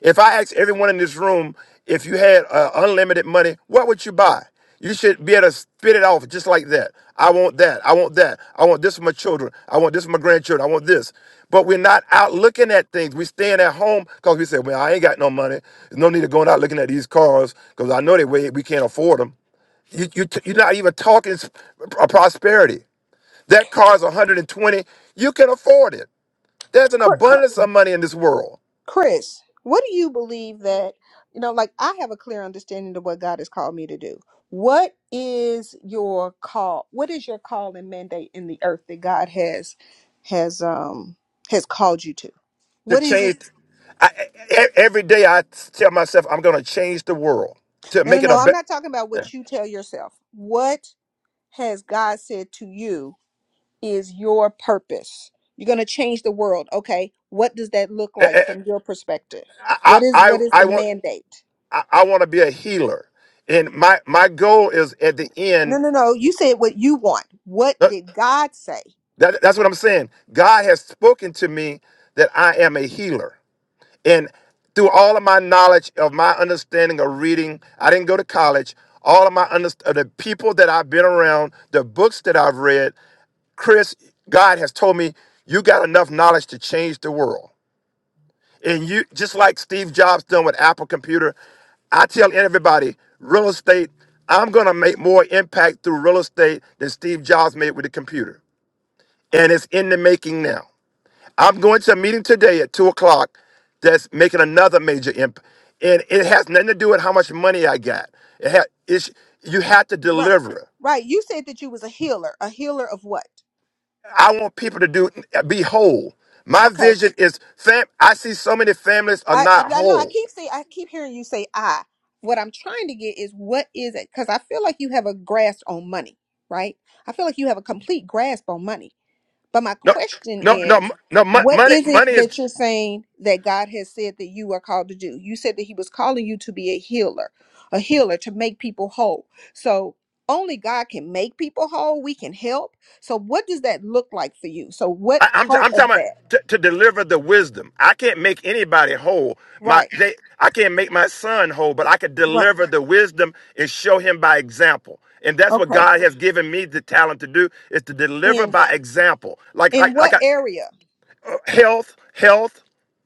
[SPEAKER 13] If I asked everyone in this room if you had uh, unlimited money, what would you buy? You should be able to spit it off just like that. I want that. I want that. I want this for my children. I want this for my grandchildren. I want this. But we're not out looking at things. We're staying at home because we say, well, I ain't got no money. There's no need of going out looking at these cars because I know they weigh, we can't afford them you, you you're not even talking s- p- prosperity. That car's 120. You can afford it. There's an
[SPEAKER 2] Cor-
[SPEAKER 13] abundance of money in this world
[SPEAKER 2] Chris, what do you believe that, you know, like I have a clear understanding of what God has called me to do. What is your call? What is your call and mandate in the earth that God has has um has called you to?
[SPEAKER 13] to
[SPEAKER 2] What is it?
[SPEAKER 13] change. I, e- e- every day I tell myself I'm going to change the world to
[SPEAKER 2] No, no,
[SPEAKER 13] make it a
[SPEAKER 2] no. I'm
[SPEAKER 13] better.
[SPEAKER 2] not talking about what you tell yourself. What has God said to you is your purpose? You're going to change the world, okay? What does that look like
[SPEAKER 13] I,
[SPEAKER 2] from your perspective?
[SPEAKER 13] I,
[SPEAKER 2] What is
[SPEAKER 13] I
[SPEAKER 2] what is
[SPEAKER 13] I
[SPEAKER 2] the
[SPEAKER 13] want
[SPEAKER 2] mandate?
[SPEAKER 13] I, I want to be a healer, and my my goal is at the
[SPEAKER 2] No,
[SPEAKER 13] end.
[SPEAKER 2] no, no. You said what you want. What
[SPEAKER 13] uh,
[SPEAKER 2] did God say?
[SPEAKER 13] That, that's what I'm saying. God has spoken to me that I am a healer. And through all of my knowledge of my understanding of reading, I didn't go to college. All of my underst- of the people that I've been around, the books that I've read, Chris, God has told me you got enough knowledge to change the world. And you just like Steve Jobs done with Apple Computer, I tell everybody, real estate, I'm gonna make more impact through real estate than Steve Jobs made with the computer. And it's in the making now. I'm going to a meeting today at two o'clock that's making another major impact. And it has nothing to do with how much money I got. It ha- it's, you have to
[SPEAKER 2] Right.
[SPEAKER 13] deliver.
[SPEAKER 2] Right. You said that you was a healer. A healer of what?
[SPEAKER 13] I want people to do be whole. My
[SPEAKER 2] Okay.
[SPEAKER 13] vision is fam. I see so many families are
[SPEAKER 2] I I,
[SPEAKER 13] not
[SPEAKER 2] I know I
[SPEAKER 13] whole.
[SPEAKER 2] keep saying I keep hearing you say I. What I'm trying to get is what is it? Because I feel like you have a grasp on money, right? I feel like you have a complete grasp on money. But my
[SPEAKER 13] No,
[SPEAKER 2] question
[SPEAKER 13] no, no,
[SPEAKER 2] is,
[SPEAKER 13] m- no. mon-
[SPEAKER 2] what
[SPEAKER 13] Money,
[SPEAKER 2] is it
[SPEAKER 13] money
[SPEAKER 2] that
[SPEAKER 13] is.
[SPEAKER 2] you're saying that God has said that you are called to do? You said that He was calling you to be a healer, a healer to make people whole. So only God can make people whole. We can help. So what does that look like for you? So
[SPEAKER 13] I,
[SPEAKER 2] what
[SPEAKER 13] I'm, t-
[SPEAKER 2] part
[SPEAKER 13] I'm
[SPEAKER 2] of
[SPEAKER 13] talking about
[SPEAKER 2] that?
[SPEAKER 13] to, to deliver the wisdom. I can't make anybody whole. My
[SPEAKER 2] Right.
[SPEAKER 13] they, I can't make my son whole, but I could
[SPEAKER 2] Right.
[SPEAKER 13] deliver the wisdom and show him by example. And that's what
[SPEAKER 2] Okay.
[SPEAKER 13] God has given me the talent to do is to deliver
[SPEAKER 2] In
[SPEAKER 13] by example. Like
[SPEAKER 2] in
[SPEAKER 13] like
[SPEAKER 2] what
[SPEAKER 13] like a,
[SPEAKER 2] area?
[SPEAKER 13] uh, health, health.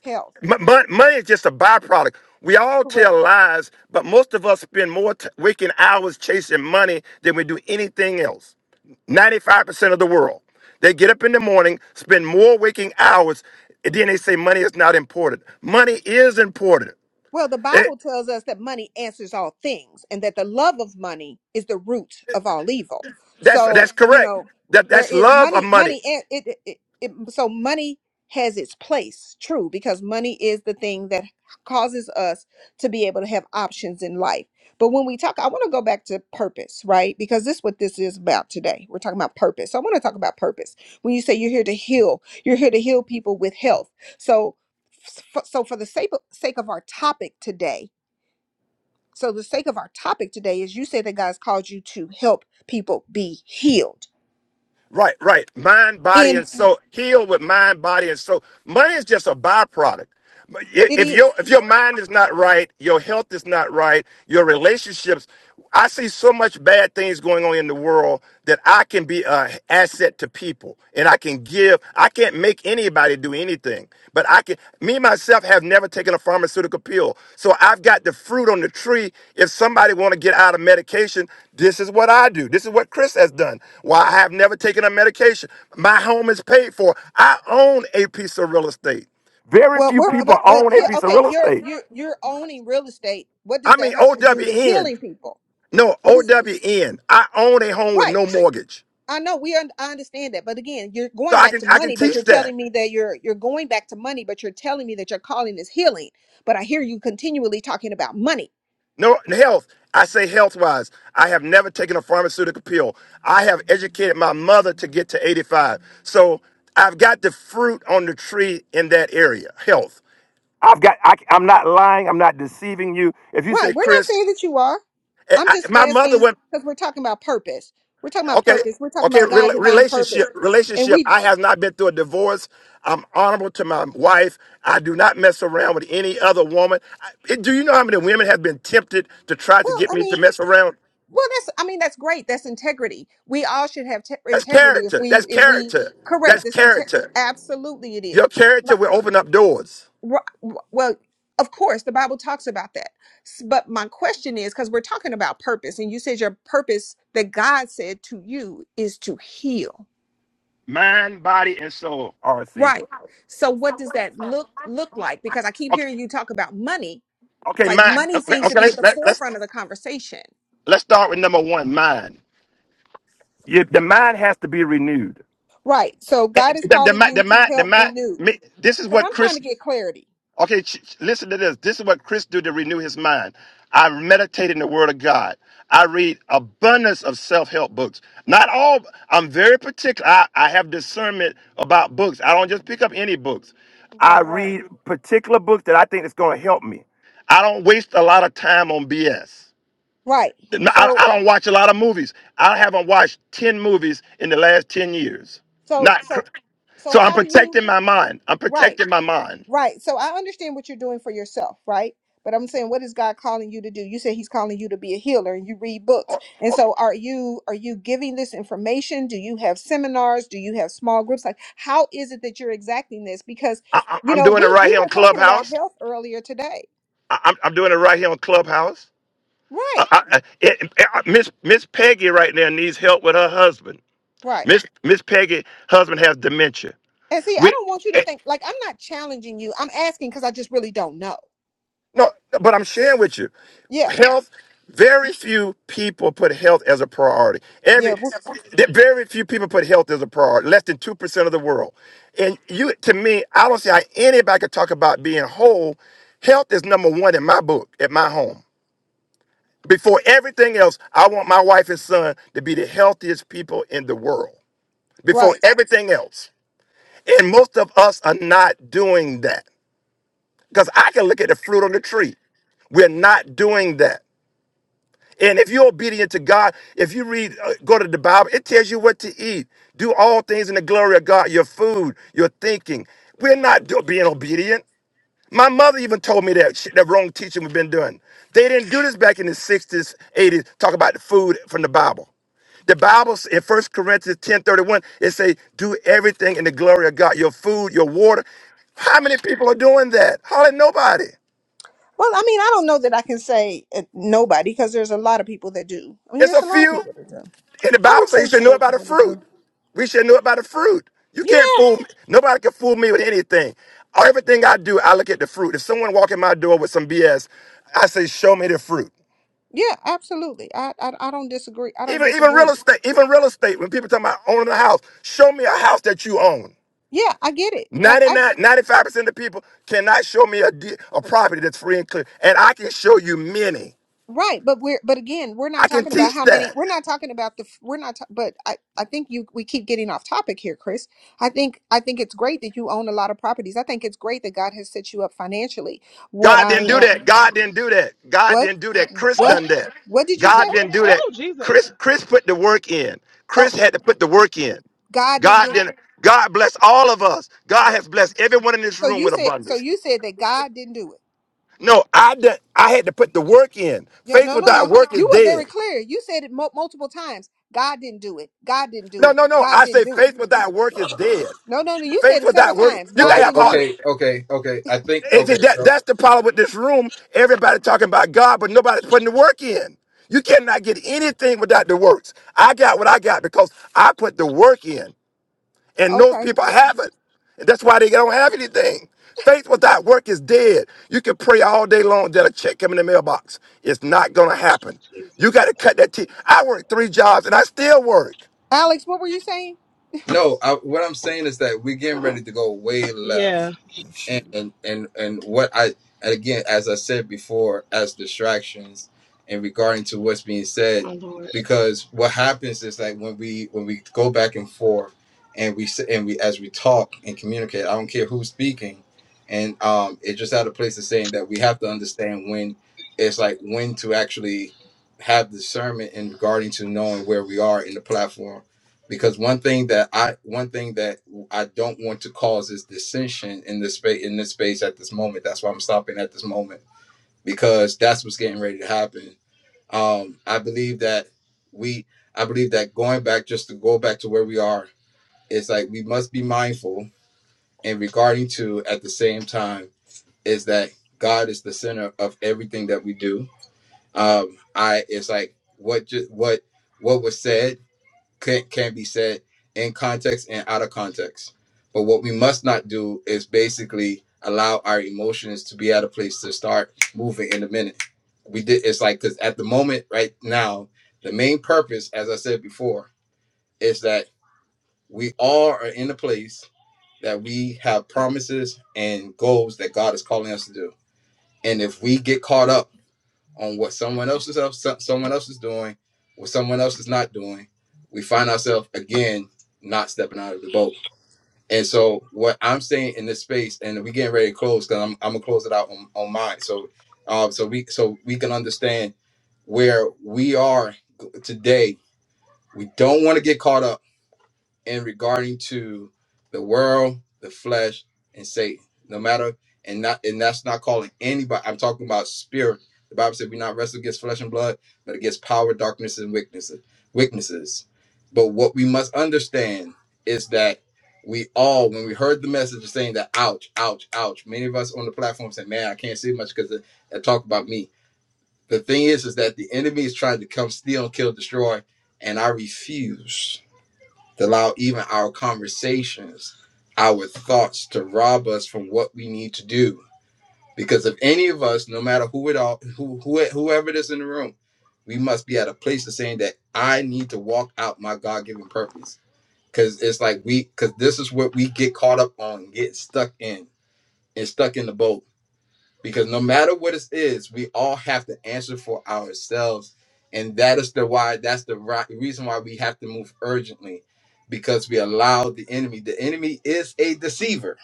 [SPEAKER 2] Health.
[SPEAKER 13] Mo- mon- Money is just a byproduct. We all
[SPEAKER 2] Correct.
[SPEAKER 13] tell lies, but most of us spend more t- waking hours chasing money than we do anything else. 95% of the world. They get up in the morning, spend more waking hours, and then they say money is not important. Money is important.
[SPEAKER 2] Well, the
[SPEAKER 13] It-
[SPEAKER 2] Bible tells us that money answers all things and that the love of money is the root of all evil.
[SPEAKER 13] that's
[SPEAKER 2] So,
[SPEAKER 13] that's
[SPEAKER 2] you
[SPEAKER 13] correct.
[SPEAKER 2] know,
[SPEAKER 13] That
[SPEAKER 2] there
[SPEAKER 13] that's
[SPEAKER 2] is
[SPEAKER 13] love of
[SPEAKER 2] money,
[SPEAKER 13] money.
[SPEAKER 2] money, and it, it, it, it, so money has its place, true, because money is the thing that causes us to be able to have options in life. But when we talk, I want to go back to purpose, right? Because this is what this is about today. We're talking about purpose. So I want to talk about purpose. When you say you're here to heal, you're here to heal people with health. So f- so for the sake of, sake of our topic today so the sake of our topic today is you say that god's called you to help people be healed
[SPEAKER 13] Right, right. Mind, body,
[SPEAKER 2] and
[SPEAKER 13] and soul. Heal with mind, body, and soul. Money is just a byproduct. But i-
[SPEAKER 2] it
[SPEAKER 13] If your
[SPEAKER 2] is
[SPEAKER 13] if your mind is not right, your health is not right, your relationships. I see so much bad things going on in the world that I can be an asset to people, and I can give. I can't make anybody do anything. But I can, me myself have never taken a pharmaceutical pill. So I've got the fruit on the tree. If somebody want to get out of medication, this is what I do. This is what Chris has done. Why I have never taken a medication. My home is paid for. I own a piece of real estate. Very
[SPEAKER 2] well
[SPEAKER 13] few
[SPEAKER 2] we're
[SPEAKER 13] people
[SPEAKER 2] but but
[SPEAKER 13] own
[SPEAKER 2] here
[SPEAKER 13] a piece of
[SPEAKER 2] okay
[SPEAKER 13] real
[SPEAKER 2] you're
[SPEAKER 13] estate.
[SPEAKER 2] you're you're owning real estate what does
[SPEAKER 13] I
[SPEAKER 2] that
[SPEAKER 13] mean,
[SPEAKER 2] have to do with
[SPEAKER 13] OWN.
[SPEAKER 2] healing people
[SPEAKER 13] No,
[SPEAKER 2] what
[SPEAKER 13] O
[SPEAKER 2] is
[SPEAKER 13] W N. I own a home with
[SPEAKER 2] right
[SPEAKER 13] no mortgage.
[SPEAKER 2] i know we un- i understand that but again you're
[SPEAKER 13] So
[SPEAKER 2] going
[SPEAKER 13] I
[SPEAKER 2] back
[SPEAKER 13] can
[SPEAKER 2] to
[SPEAKER 13] I can
[SPEAKER 2] money but you're
[SPEAKER 13] teach that.
[SPEAKER 2] telling me that you're you're going back to money but you're telling me that your calling is healing but i hear you continually talking about money
[SPEAKER 13] No, health. I say health wise. I have never taken a pharmaceutical pill. I have educated my mother to get to 85. So I've got the fruit on the tree in that area, health. I've got, I, I'm not lying. I'm not deceiving you. If you
[SPEAKER 2] Right.
[SPEAKER 13] say,
[SPEAKER 2] We're not
[SPEAKER 13] Chris,
[SPEAKER 2] saying that you are.
[SPEAKER 13] I,
[SPEAKER 2] I'm
[SPEAKER 13] I-
[SPEAKER 2] just
[SPEAKER 13] my mother
[SPEAKER 2] asking
[SPEAKER 13] went,
[SPEAKER 2] because we're talking about purpose. We're talking about
[SPEAKER 13] okay,
[SPEAKER 2] purpose. We're talking
[SPEAKER 13] okay,
[SPEAKER 2] about God
[SPEAKER 13] rela-
[SPEAKER 2] divine purpose.
[SPEAKER 13] relationship,
[SPEAKER 2] And
[SPEAKER 13] relationship.
[SPEAKER 2] we
[SPEAKER 13] I have not been through a divorce. I'm honorable to my wife. I do not mess around with any other woman. I, do you know how many women have been tempted to try to
[SPEAKER 2] well,
[SPEAKER 13] get
[SPEAKER 2] I
[SPEAKER 13] me to
[SPEAKER 2] mean,
[SPEAKER 13] mess around?
[SPEAKER 2] well that's I mean that's great. That's integrity. We all should have te-
[SPEAKER 13] That's
[SPEAKER 2] integrity if
[SPEAKER 13] character.
[SPEAKER 2] we
[SPEAKER 13] That's
[SPEAKER 2] if we
[SPEAKER 13] character.
[SPEAKER 2] correct
[SPEAKER 13] That's
[SPEAKER 2] this inte-
[SPEAKER 13] character.
[SPEAKER 2] absolutely it is.
[SPEAKER 13] Your
[SPEAKER 2] My-
[SPEAKER 13] character will open up doors.
[SPEAKER 2] wh- wh- Well, of course the Bible talks about that. S- But my question is cuz we're talking about purpose and you said your purpose that God said to you is to heal
[SPEAKER 13] Mind, body, and soul. RC.
[SPEAKER 2] Right. So what does that look look like? Because I keep
[SPEAKER 13] Okay.
[SPEAKER 2] hearing you talk about money.
[SPEAKER 13] Okay.
[SPEAKER 2] Like
[SPEAKER 13] Mind.
[SPEAKER 2] money
[SPEAKER 13] Okay.
[SPEAKER 2] seems to
[SPEAKER 13] okay
[SPEAKER 2] be at
[SPEAKER 13] let's
[SPEAKER 2] the
[SPEAKER 13] let, let's
[SPEAKER 2] forefront of the conversation.
[SPEAKER 13] let's start with number one. Mind. You, the mind has to be renewed.
[SPEAKER 2] Right. So God is
[SPEAKER 13] The, the,
[SPEAKER 2] calling
[SPEAKER 13] mi-
[SPEAKER 2] you
[SPEAKER 13] the
[SPEAKER 2] to
[SPEAKER 13] mind. The
[SPEAKER 2] help
[SPEAKER 13] mind.
[SPEAKER 2] renew.
[SPEAKER 13] me- This is
[SPEAKER 2] Because
[SPEAKER 13] what
[SPEAKER 2] I'm trying to
[SPEAKER 13] Chris.
[SPEAKER 2] get clarity.
[SPEAKER 13] Okay, ch- ch- listen to this. This is what Chris do to renew his mind. I meditate in the Word of God. I read abundance of self-help books. Not all. I'm very particular. I, I have discernment about books. I don't just pick up any books. I
[SPEAKER 2] Right.
[SPEAKER 13] Right. read particular books that I think is going to help me. I don't waste a lot of time on BS.
[SPEAKER 2] Right.
[SPEAKER 13] No, I,
[SPEAKER 2] So
[SPEAKER 13] I don't watch a lot of movies. I haven't watched ten movies in the last ten years.
[SPEAKER 2] so
[SPEAKER 13] Not cr-
[SPEAKER 2] so so
[SPEAKER 13] so. I'm
[SPEAKER 2] how do you
[SPEAKER 13] protecting my mind. I'm
[SPEAKER 2] right.
[SPEAKER 13] protecting my mind.
[SPEAKER 2] Right. So I understand what you're doing for yourself, right? But I'm saying what is God calling you to do? You say he's calling you to be a healer and you read books. And so are you are you giving this information? Do you have seminars? Do you have small groups? Like how is it that you're exacting this? Because
[SPEAKER 13] I, I-
[SPEAKER 2] you
[SPEAKER 13] I'm
[SPEAKER 2] know,
[SPEAKER 13] doing it
[SPEAKER 2] we
[SPEAKER 13] right
[SPEAKER 2] we
[SPEAKER 13] here on
[SPEAKER 2] were talking about
[SPEAKER 13] Clubhouse.
[SPEAKER 2] health earlier today.
[SPEAKER 13] I, I'm, I'm doing it right here on Clubhouse. I,
[SPEAKER 2] Right.
[SPEAKER 13] I, I- it- I- Miss Miss Peggy right now needs help with her husband.
[SPEAKER 2] Right.
[SPEAKER 13] Miss Miss Peggy husband has dementia.
[SPEAKER 2] And see, I
[SPEAKER 13] We
[SPEAKER 2] don't want you to
[SPEAKER 13] eh,
[SPEAKER 2] think like I'm not challenging you. I'm asking cuz I just really don't know.
[SPEAKER 13] no, but I'm sharing with you
[SPEAKER 2] Yeah.
[SPEAKER 13] health. Very few people put health as a priority.
[SPEAKER 2] Yeah,
[SPEAKER 13] Every
[SPEAKER 2] w-
[SPEAKER 13] th- very few people put health as a priority. Less than two percent of the world. And you, to me, I don't see how anybody could talk about being whole. Health is number one in my book at my home. Before everything else, I want my wife and son to be the healthiest people in the world.
[SPEAKER 2] right.
[SPEAKER 13] Before everything else. And most of us are not doing that. Because I can look at the fruit on the tree. We're not doing that. And if you're obedient to God, if you read, uh, go to the Bible, it tells you what to eat. Do all things in the glory of God, your food, your thinking. We're not do- being obedient. My mother even told me that shit, that wrong teaching we've been doing. They didn't do this back in the 60s, 80s, talk about the food from the Bible. The Bible s- in 1 Corinthians 10:31 it say, do everything in the glory of God. Your food, your water. How many people are doing that? Hardly nobody.
[SPEAKER 2] Well, I mean, I don't know that I can say uh, nobody because there's a lot of people that do. I mean,
[SPEAKER 13] It's
[SPEAKER 2] there's
[SPEAKER 13] a
[SPEAKER 2] a lot of
[SPEAKER 13] few.
[SPEAKER 2] people that do.
[SPEAKER 13] And the
[SPEAKER 2] I
[SPEAKER 13] Bible
[SPEAKER 2] would
[SPEAKER 13] says
[SPEAKER 2] say
[SPEAKER 13] you should
[SPEAKER 2] that
[SPEAKER 13] know
[SPEAKER 2] there's
[SPEAKER 13] about the
[SPEAKER 2] more that
[SPEAKER 13] fruit.
[SPEAKER 2] do.
[SPEAKER 13] We should know about the fruit. You can't
[SPEAKER 2] Yeah,
[SPEAKER 13] fool me. Nobody can fool me with anything. Everything I do, I look at the fruit. If someone walk in my door with some BS, I say, show me the fruit.
[SPEAKER 2] yeah, absolutely. I, I, I don't disagree. I don't
[SPEAKER 13] Even even real
[SPEAKER 2] disagree.
[SPEAKER 13] estate, even real estate, when people talk about owning a house, show me a house that you own.
[SPEAKER 2] Yeah, I get it. Like
[SPEAKER 13] Ninety
[SPEAKER 2] I,
[SPEAKER 13] nine, ninety five percent of people cannot show me a, de- a property that's free and clear. And I can show you many.
[SPEAKER 2] right, but we're, but again, we're not
[SPEAKER 13] I can
[SPEAKER 2] talking about
[SPEAKER 13] teach
[SPEAKER 2] how many.
[SPEAKER 13] that.
[SPEAKER 2] We're not talking about the. We're not. ta- But I, I think you. We keep getting off topic here, Chris. I think, I think it's great that you own a lot of properties. I think it's great that God has set you up financially. What
[SPEAKER 13] God
[SPEAKER 2] I
[SPEAKER 13] didn't do that.
[SPEAKER 2] am.
[SPEAKER 13] God didn't do that. God
[SPEAKER 2] What?
[SPEAKER 13] didn't do that. Chris
[SPEAKER 8] oh
[SPEAKER 2] What?
[SPEAKER 13] done that.
[SPEAKER 2] What did you say?
[SPEAKER 13] God
[SPEAKER 8] oh
[SPEAKER 13] didn't do that.
[SPEAKER 8] oh jesus
[SPEAKER 13] Chris, Chris put the work in.
[SPEAKER 2] Oh,
[SPEAKER 13] Chris had to put the work in.
[SPEAKER 2] God didn't
[SPEAKER 13] God
[SPEAKER 2] do
[SPEAKER 13] didn't.
[SPEAKER 2] it.
[SPEAKER 13] God bless all of us. God has blessed everyone in this
[SPEAKER 2] So
[SPEAKER 13] room
[SPEAKER 2] you
[SPEAKER 13] with
[SPEAKER 2] said so
[SPEAKER 13] abundance.
[SPEAKER 2] you said that God didn't do it.
[SPEAKER 13] No, I done, I had to put the work in.
[SPEAKER 2] No,
[SPEAKER 13] Faith
[SPEAKER 2] no, no,
[SPEAKER 13] without
[SPEAKER 2] no.
[SPEAKER 13] work is
[SPEAKER 2] You were
[SPEAKER 13] dead.
[SPEAKER 2] very clear. You said it mul multiple times. God didn't do it. God didn't do
[SPEAKER 13] No,
[SPEAKER 2] it.
[SPEAKER 13] no, no.
[SPEAKER 2] God
[SPEAKER 13] I
[SPEAKER 2] didn't
[SPEAKER 13] say
[SPEAKER 2] do it.
[SPEAKER 13] faith without work is dead.
[SPEAKER 2] No, no, no. You said
[SPEAKER 13] Faith
[SPEAKER 2] it several
[SPEAKER 13] without work,
[SPEAKER 2] times.
[SPEAKER 13] you can
[SPEAKER 2] God
[SPEAKER 1] Okay,
[SPEAKER 13] have
[SPEAKER 2] didn't
[SPEAKER 13] all.
[SPEAKER 2] do it.
[SPEAKER 1] okay, okay, okay. I think
[SPEAKER 13] and
[SPEAKER 1] okay,
[SPEAKER 13] see, that,
[SPEAKER 1] so
[SPEAKER 13] that's the problem with this room. Everybody talking about God, but nobody's putting the work in. You cannot get anything without the works. I got what I got because I put the work in. And those
[SPEAKER 2] Okay.
[SPEAKER 13] people haven't. And that's why they don't have anything. Faith without work is dead. You can pray all day long that a check come in the mailbox. It's not gonna happen. You gotta cut that teeth. I work three jobs and I still work.
[SPEAKER 2] Alex, what were you saying?
[SPEAKER 1] no, I, what I'm saying is that we're getting ready to go way left.
[SPEAKER 8] yeah
[SPEAKER 1] and and and what i and again as i said before as distractions and regarding to what's being said
[SPEAKER 8] my lord
[SPEAKER 1] because what happens is like when we when we go back and forth and we s- and we as we talk and communicate i don't care who's speaking and um it just out of place of saying that we have to understand when it's like when to actually have discernment in regarding to knowing where we are in the platform because one thing that I one thing that I don't want to cause is dissension in this space in this space at this moment. That's why I'm stopping at this moment because that's what's getting ready to happen. Um, I believe that we I believe that going back just to go back to where we are, it's like we must be mindful and regarding to at the same time is that God is the center of everything that we do. Um, I it's like what just what what was said can, can be said in context and out of context. But what we must not do is basically allow our emotions to be at a place to start moving in a minute. We did it's like because at the moment right now, the main purpose, as I said before, is that we all are in a place that we have promises and goals that God is calling us to do. And if we get caught up on what someone else is up, so- someone else is doing, what someone else is not doing, we find ourselves again not stepping out of the boat. And so what I'm saying in this space, and we are getting ready to close because I'm, I'm gonna close it out on, on mine. So uh, so we so we can understand where we are today. We don't want to get caught up in regarding to the world, the flesh, and Satan. No matter and not and that's not calling anybody. I'm talking about spirit. The Bible said we not wrestle against flesh and blood, but against power, darkness, and weaknesses. Weaknesses. But what we must understand is that we all, when we heard the message of saying that, ouch, ouch, ouch. Many of us on the platform said, "Man, I can't see much because they talk about me." The thing is, is that the enemy is trying to come steal, kill, destroy, and I refuse to allow even our conversations, our thoughts to rob us from what we need to do. Because if any of us, no matter who it all, who, who whoever it is in the room, we must be at a place of saying that I need to walk out my God given purpose. Because it's like we, because this is what we get caught up on, get stuck in, and stuck in the boat because no matter what it is, we all have to answer for ourselves, and that is the why. That's the right reason why we have to move urgently, because we allow the enemy. The enemy is a deceiver,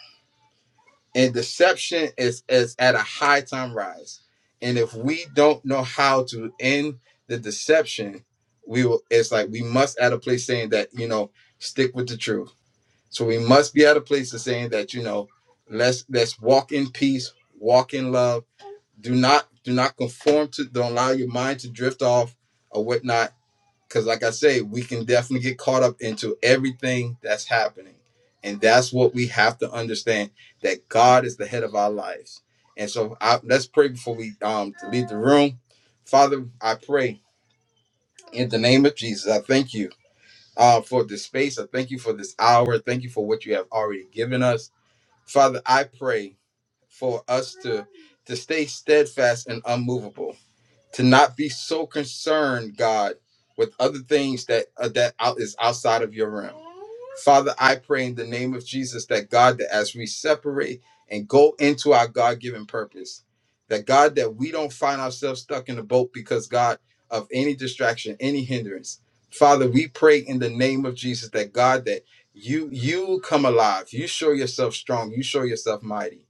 [SPEAKER 1] and deception is is at a high time rise. And if we don't know how to end the deception, we will. It's like we must at a place saying that you know stick with the truth. So we must be at a place of saying that you know let's let's walk in peace, walk in love do not do not conform to don't allow your mind to drift off or whatnot because like i say we can definitely get caught up into everything that's happening and that's what we have to understand that god is the head of our lives and so I, let's pray before we um leave the room father i pray in the name of jesus i thank you uh, for this space i thank you for this hour thank you for what you have already given us father i pray for us to to stay steadfast and unmovable to not be so concerned, God, with other things that uh, that out, is outside of your realm. Father, I pray in the name of Jesus that God, that as we separate and go into our God given purpose, that God, that we don't find ourselves stuck in the boat because God of any distraction, any hindrance. Father, we pray in the name of Jesus that God, that you you come alive, you show yourself strong, you show yourself mighty.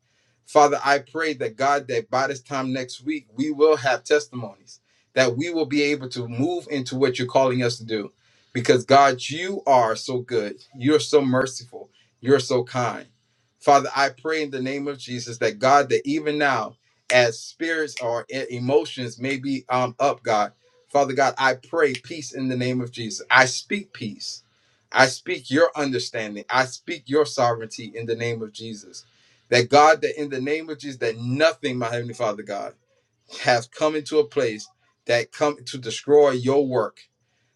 [SPEAKER 1] Father, I pray that God, that by this time next week, we will have testimonies, that we will be able to move into what you're calling us to do because God, you are so good. You're so merciful. You're so kind. Father, I pray in the name of Jesus that God, that even now, as spirits or e- emotions may be um, up, God, Father God, I pray peace in the name of Jesus. I speak peace. I speak your understanding. I speak your sovereignty in the name of Jesus. That God, that in the name of Jesus, that nothing, my heavenly Father God, has come into a place that come to destroy your work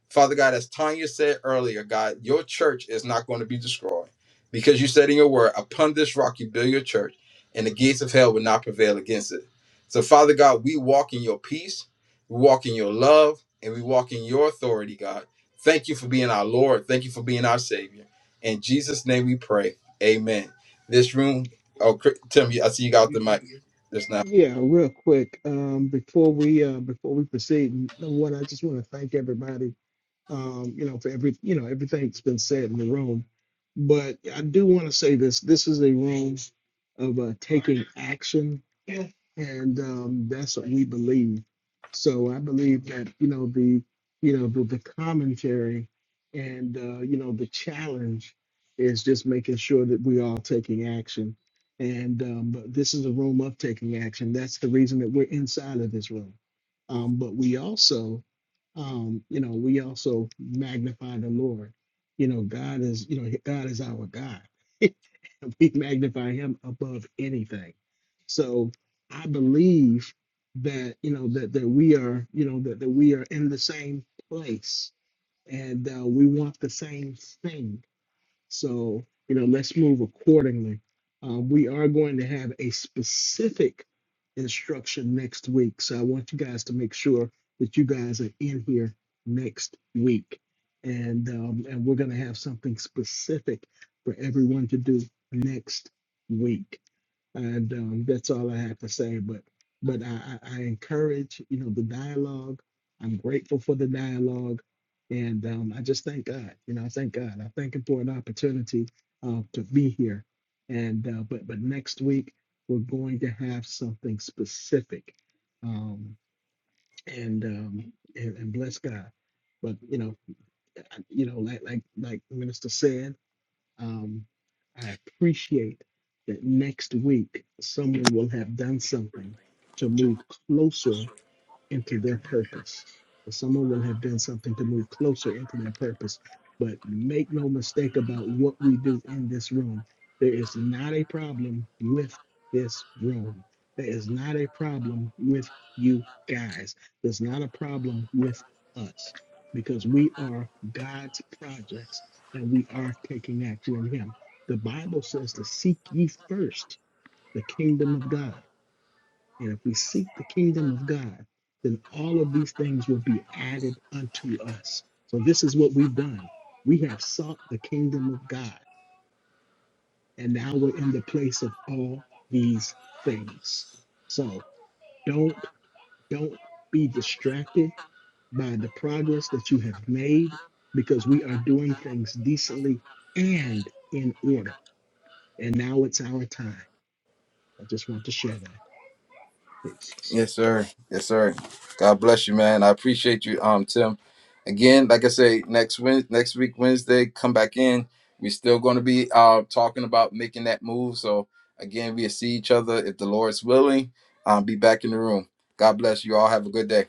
[SPEAKER 1] Father God, as Tanya said earlier, God, your church is not going to be destroyed because you said in your word, upon this rock you build your church, and the gates of hell will not prevail against it. So, Father God, we walk in your peace, we walk in your love, and we walk in your authority, God. Thank you for being our Lord. Thank you for being our Savior. In Jesus' name we pray. Amen. This room, oh, Cr- Tim, I see you got the mic. Just now.
[SPEAKER 11] Yeah, real quick. Um, before we uh, before we proceed, number one, I just want to thank everybody. um, you know, for every, you know, everything that's been said in the room. But I do want to say this: this is a room of uh, taking action, and um, that's what we believe. So I believe that you know the, you know the, the commentary, and uh, you know the challenge is just making sure that we are taking action. And um, but this is a room of taking action. That's the reason that we're inside of this room. Um, but we also um, you know, we also magnify the Lord. You know, God is, you know, God is our God. we magnify him above anything. So I believe that, you know, that, that we are, you know, that, that we are in the same place and uh, we want the same thing so, you know, let's move accordingly. Uh, we are going to have a specific instruction next week. So I want you guys to make sure that you guys are in here next week. And um, and we're going to have something specific for everyone to do next week and um, that's all I have to say. But but I, I I encourage you know the dialogue. I'm grateful for the dialogue, and um, I just thank God. You know, I thank God. I thank Him for an opportunity uh, to be here. And uh, but but next week we're going to have something specific, um, and, um, and and bless God. But you know, I- you know, like like like Minister said. Um, I appreciate that next week someone will have done something to move closer into their purpose. Or someone will have done something to move closer into their purpose. But make no mistake about what we do in this room. There is not a problem with this room. There is not a problem with you guys. There's not a problem with us because we are God's projects and we are taking action in Him. The Bible says to seek ye first the kingdom of God and if we seek the kingdom of God, then all of these things will be added unto us. So this is what we've done. We have sought the kingdom of God, and now we're in the place of all these things. So don't don't be distracted by the progress that you have made because we are doing things decently and in order. And now it's our time. I just want to share that. Peace.
[SPEAKER 1] Yes, sir. Yes, sir. God bless you, man. I appreciate you, um, Tim. Again, like I say, next Wed, next week Wednesday, come back in. We're still going to be uh talking about making that move. So again, we'll see each other if the Lord's willing. Um, be back in the room. God bless you all. Have a good day.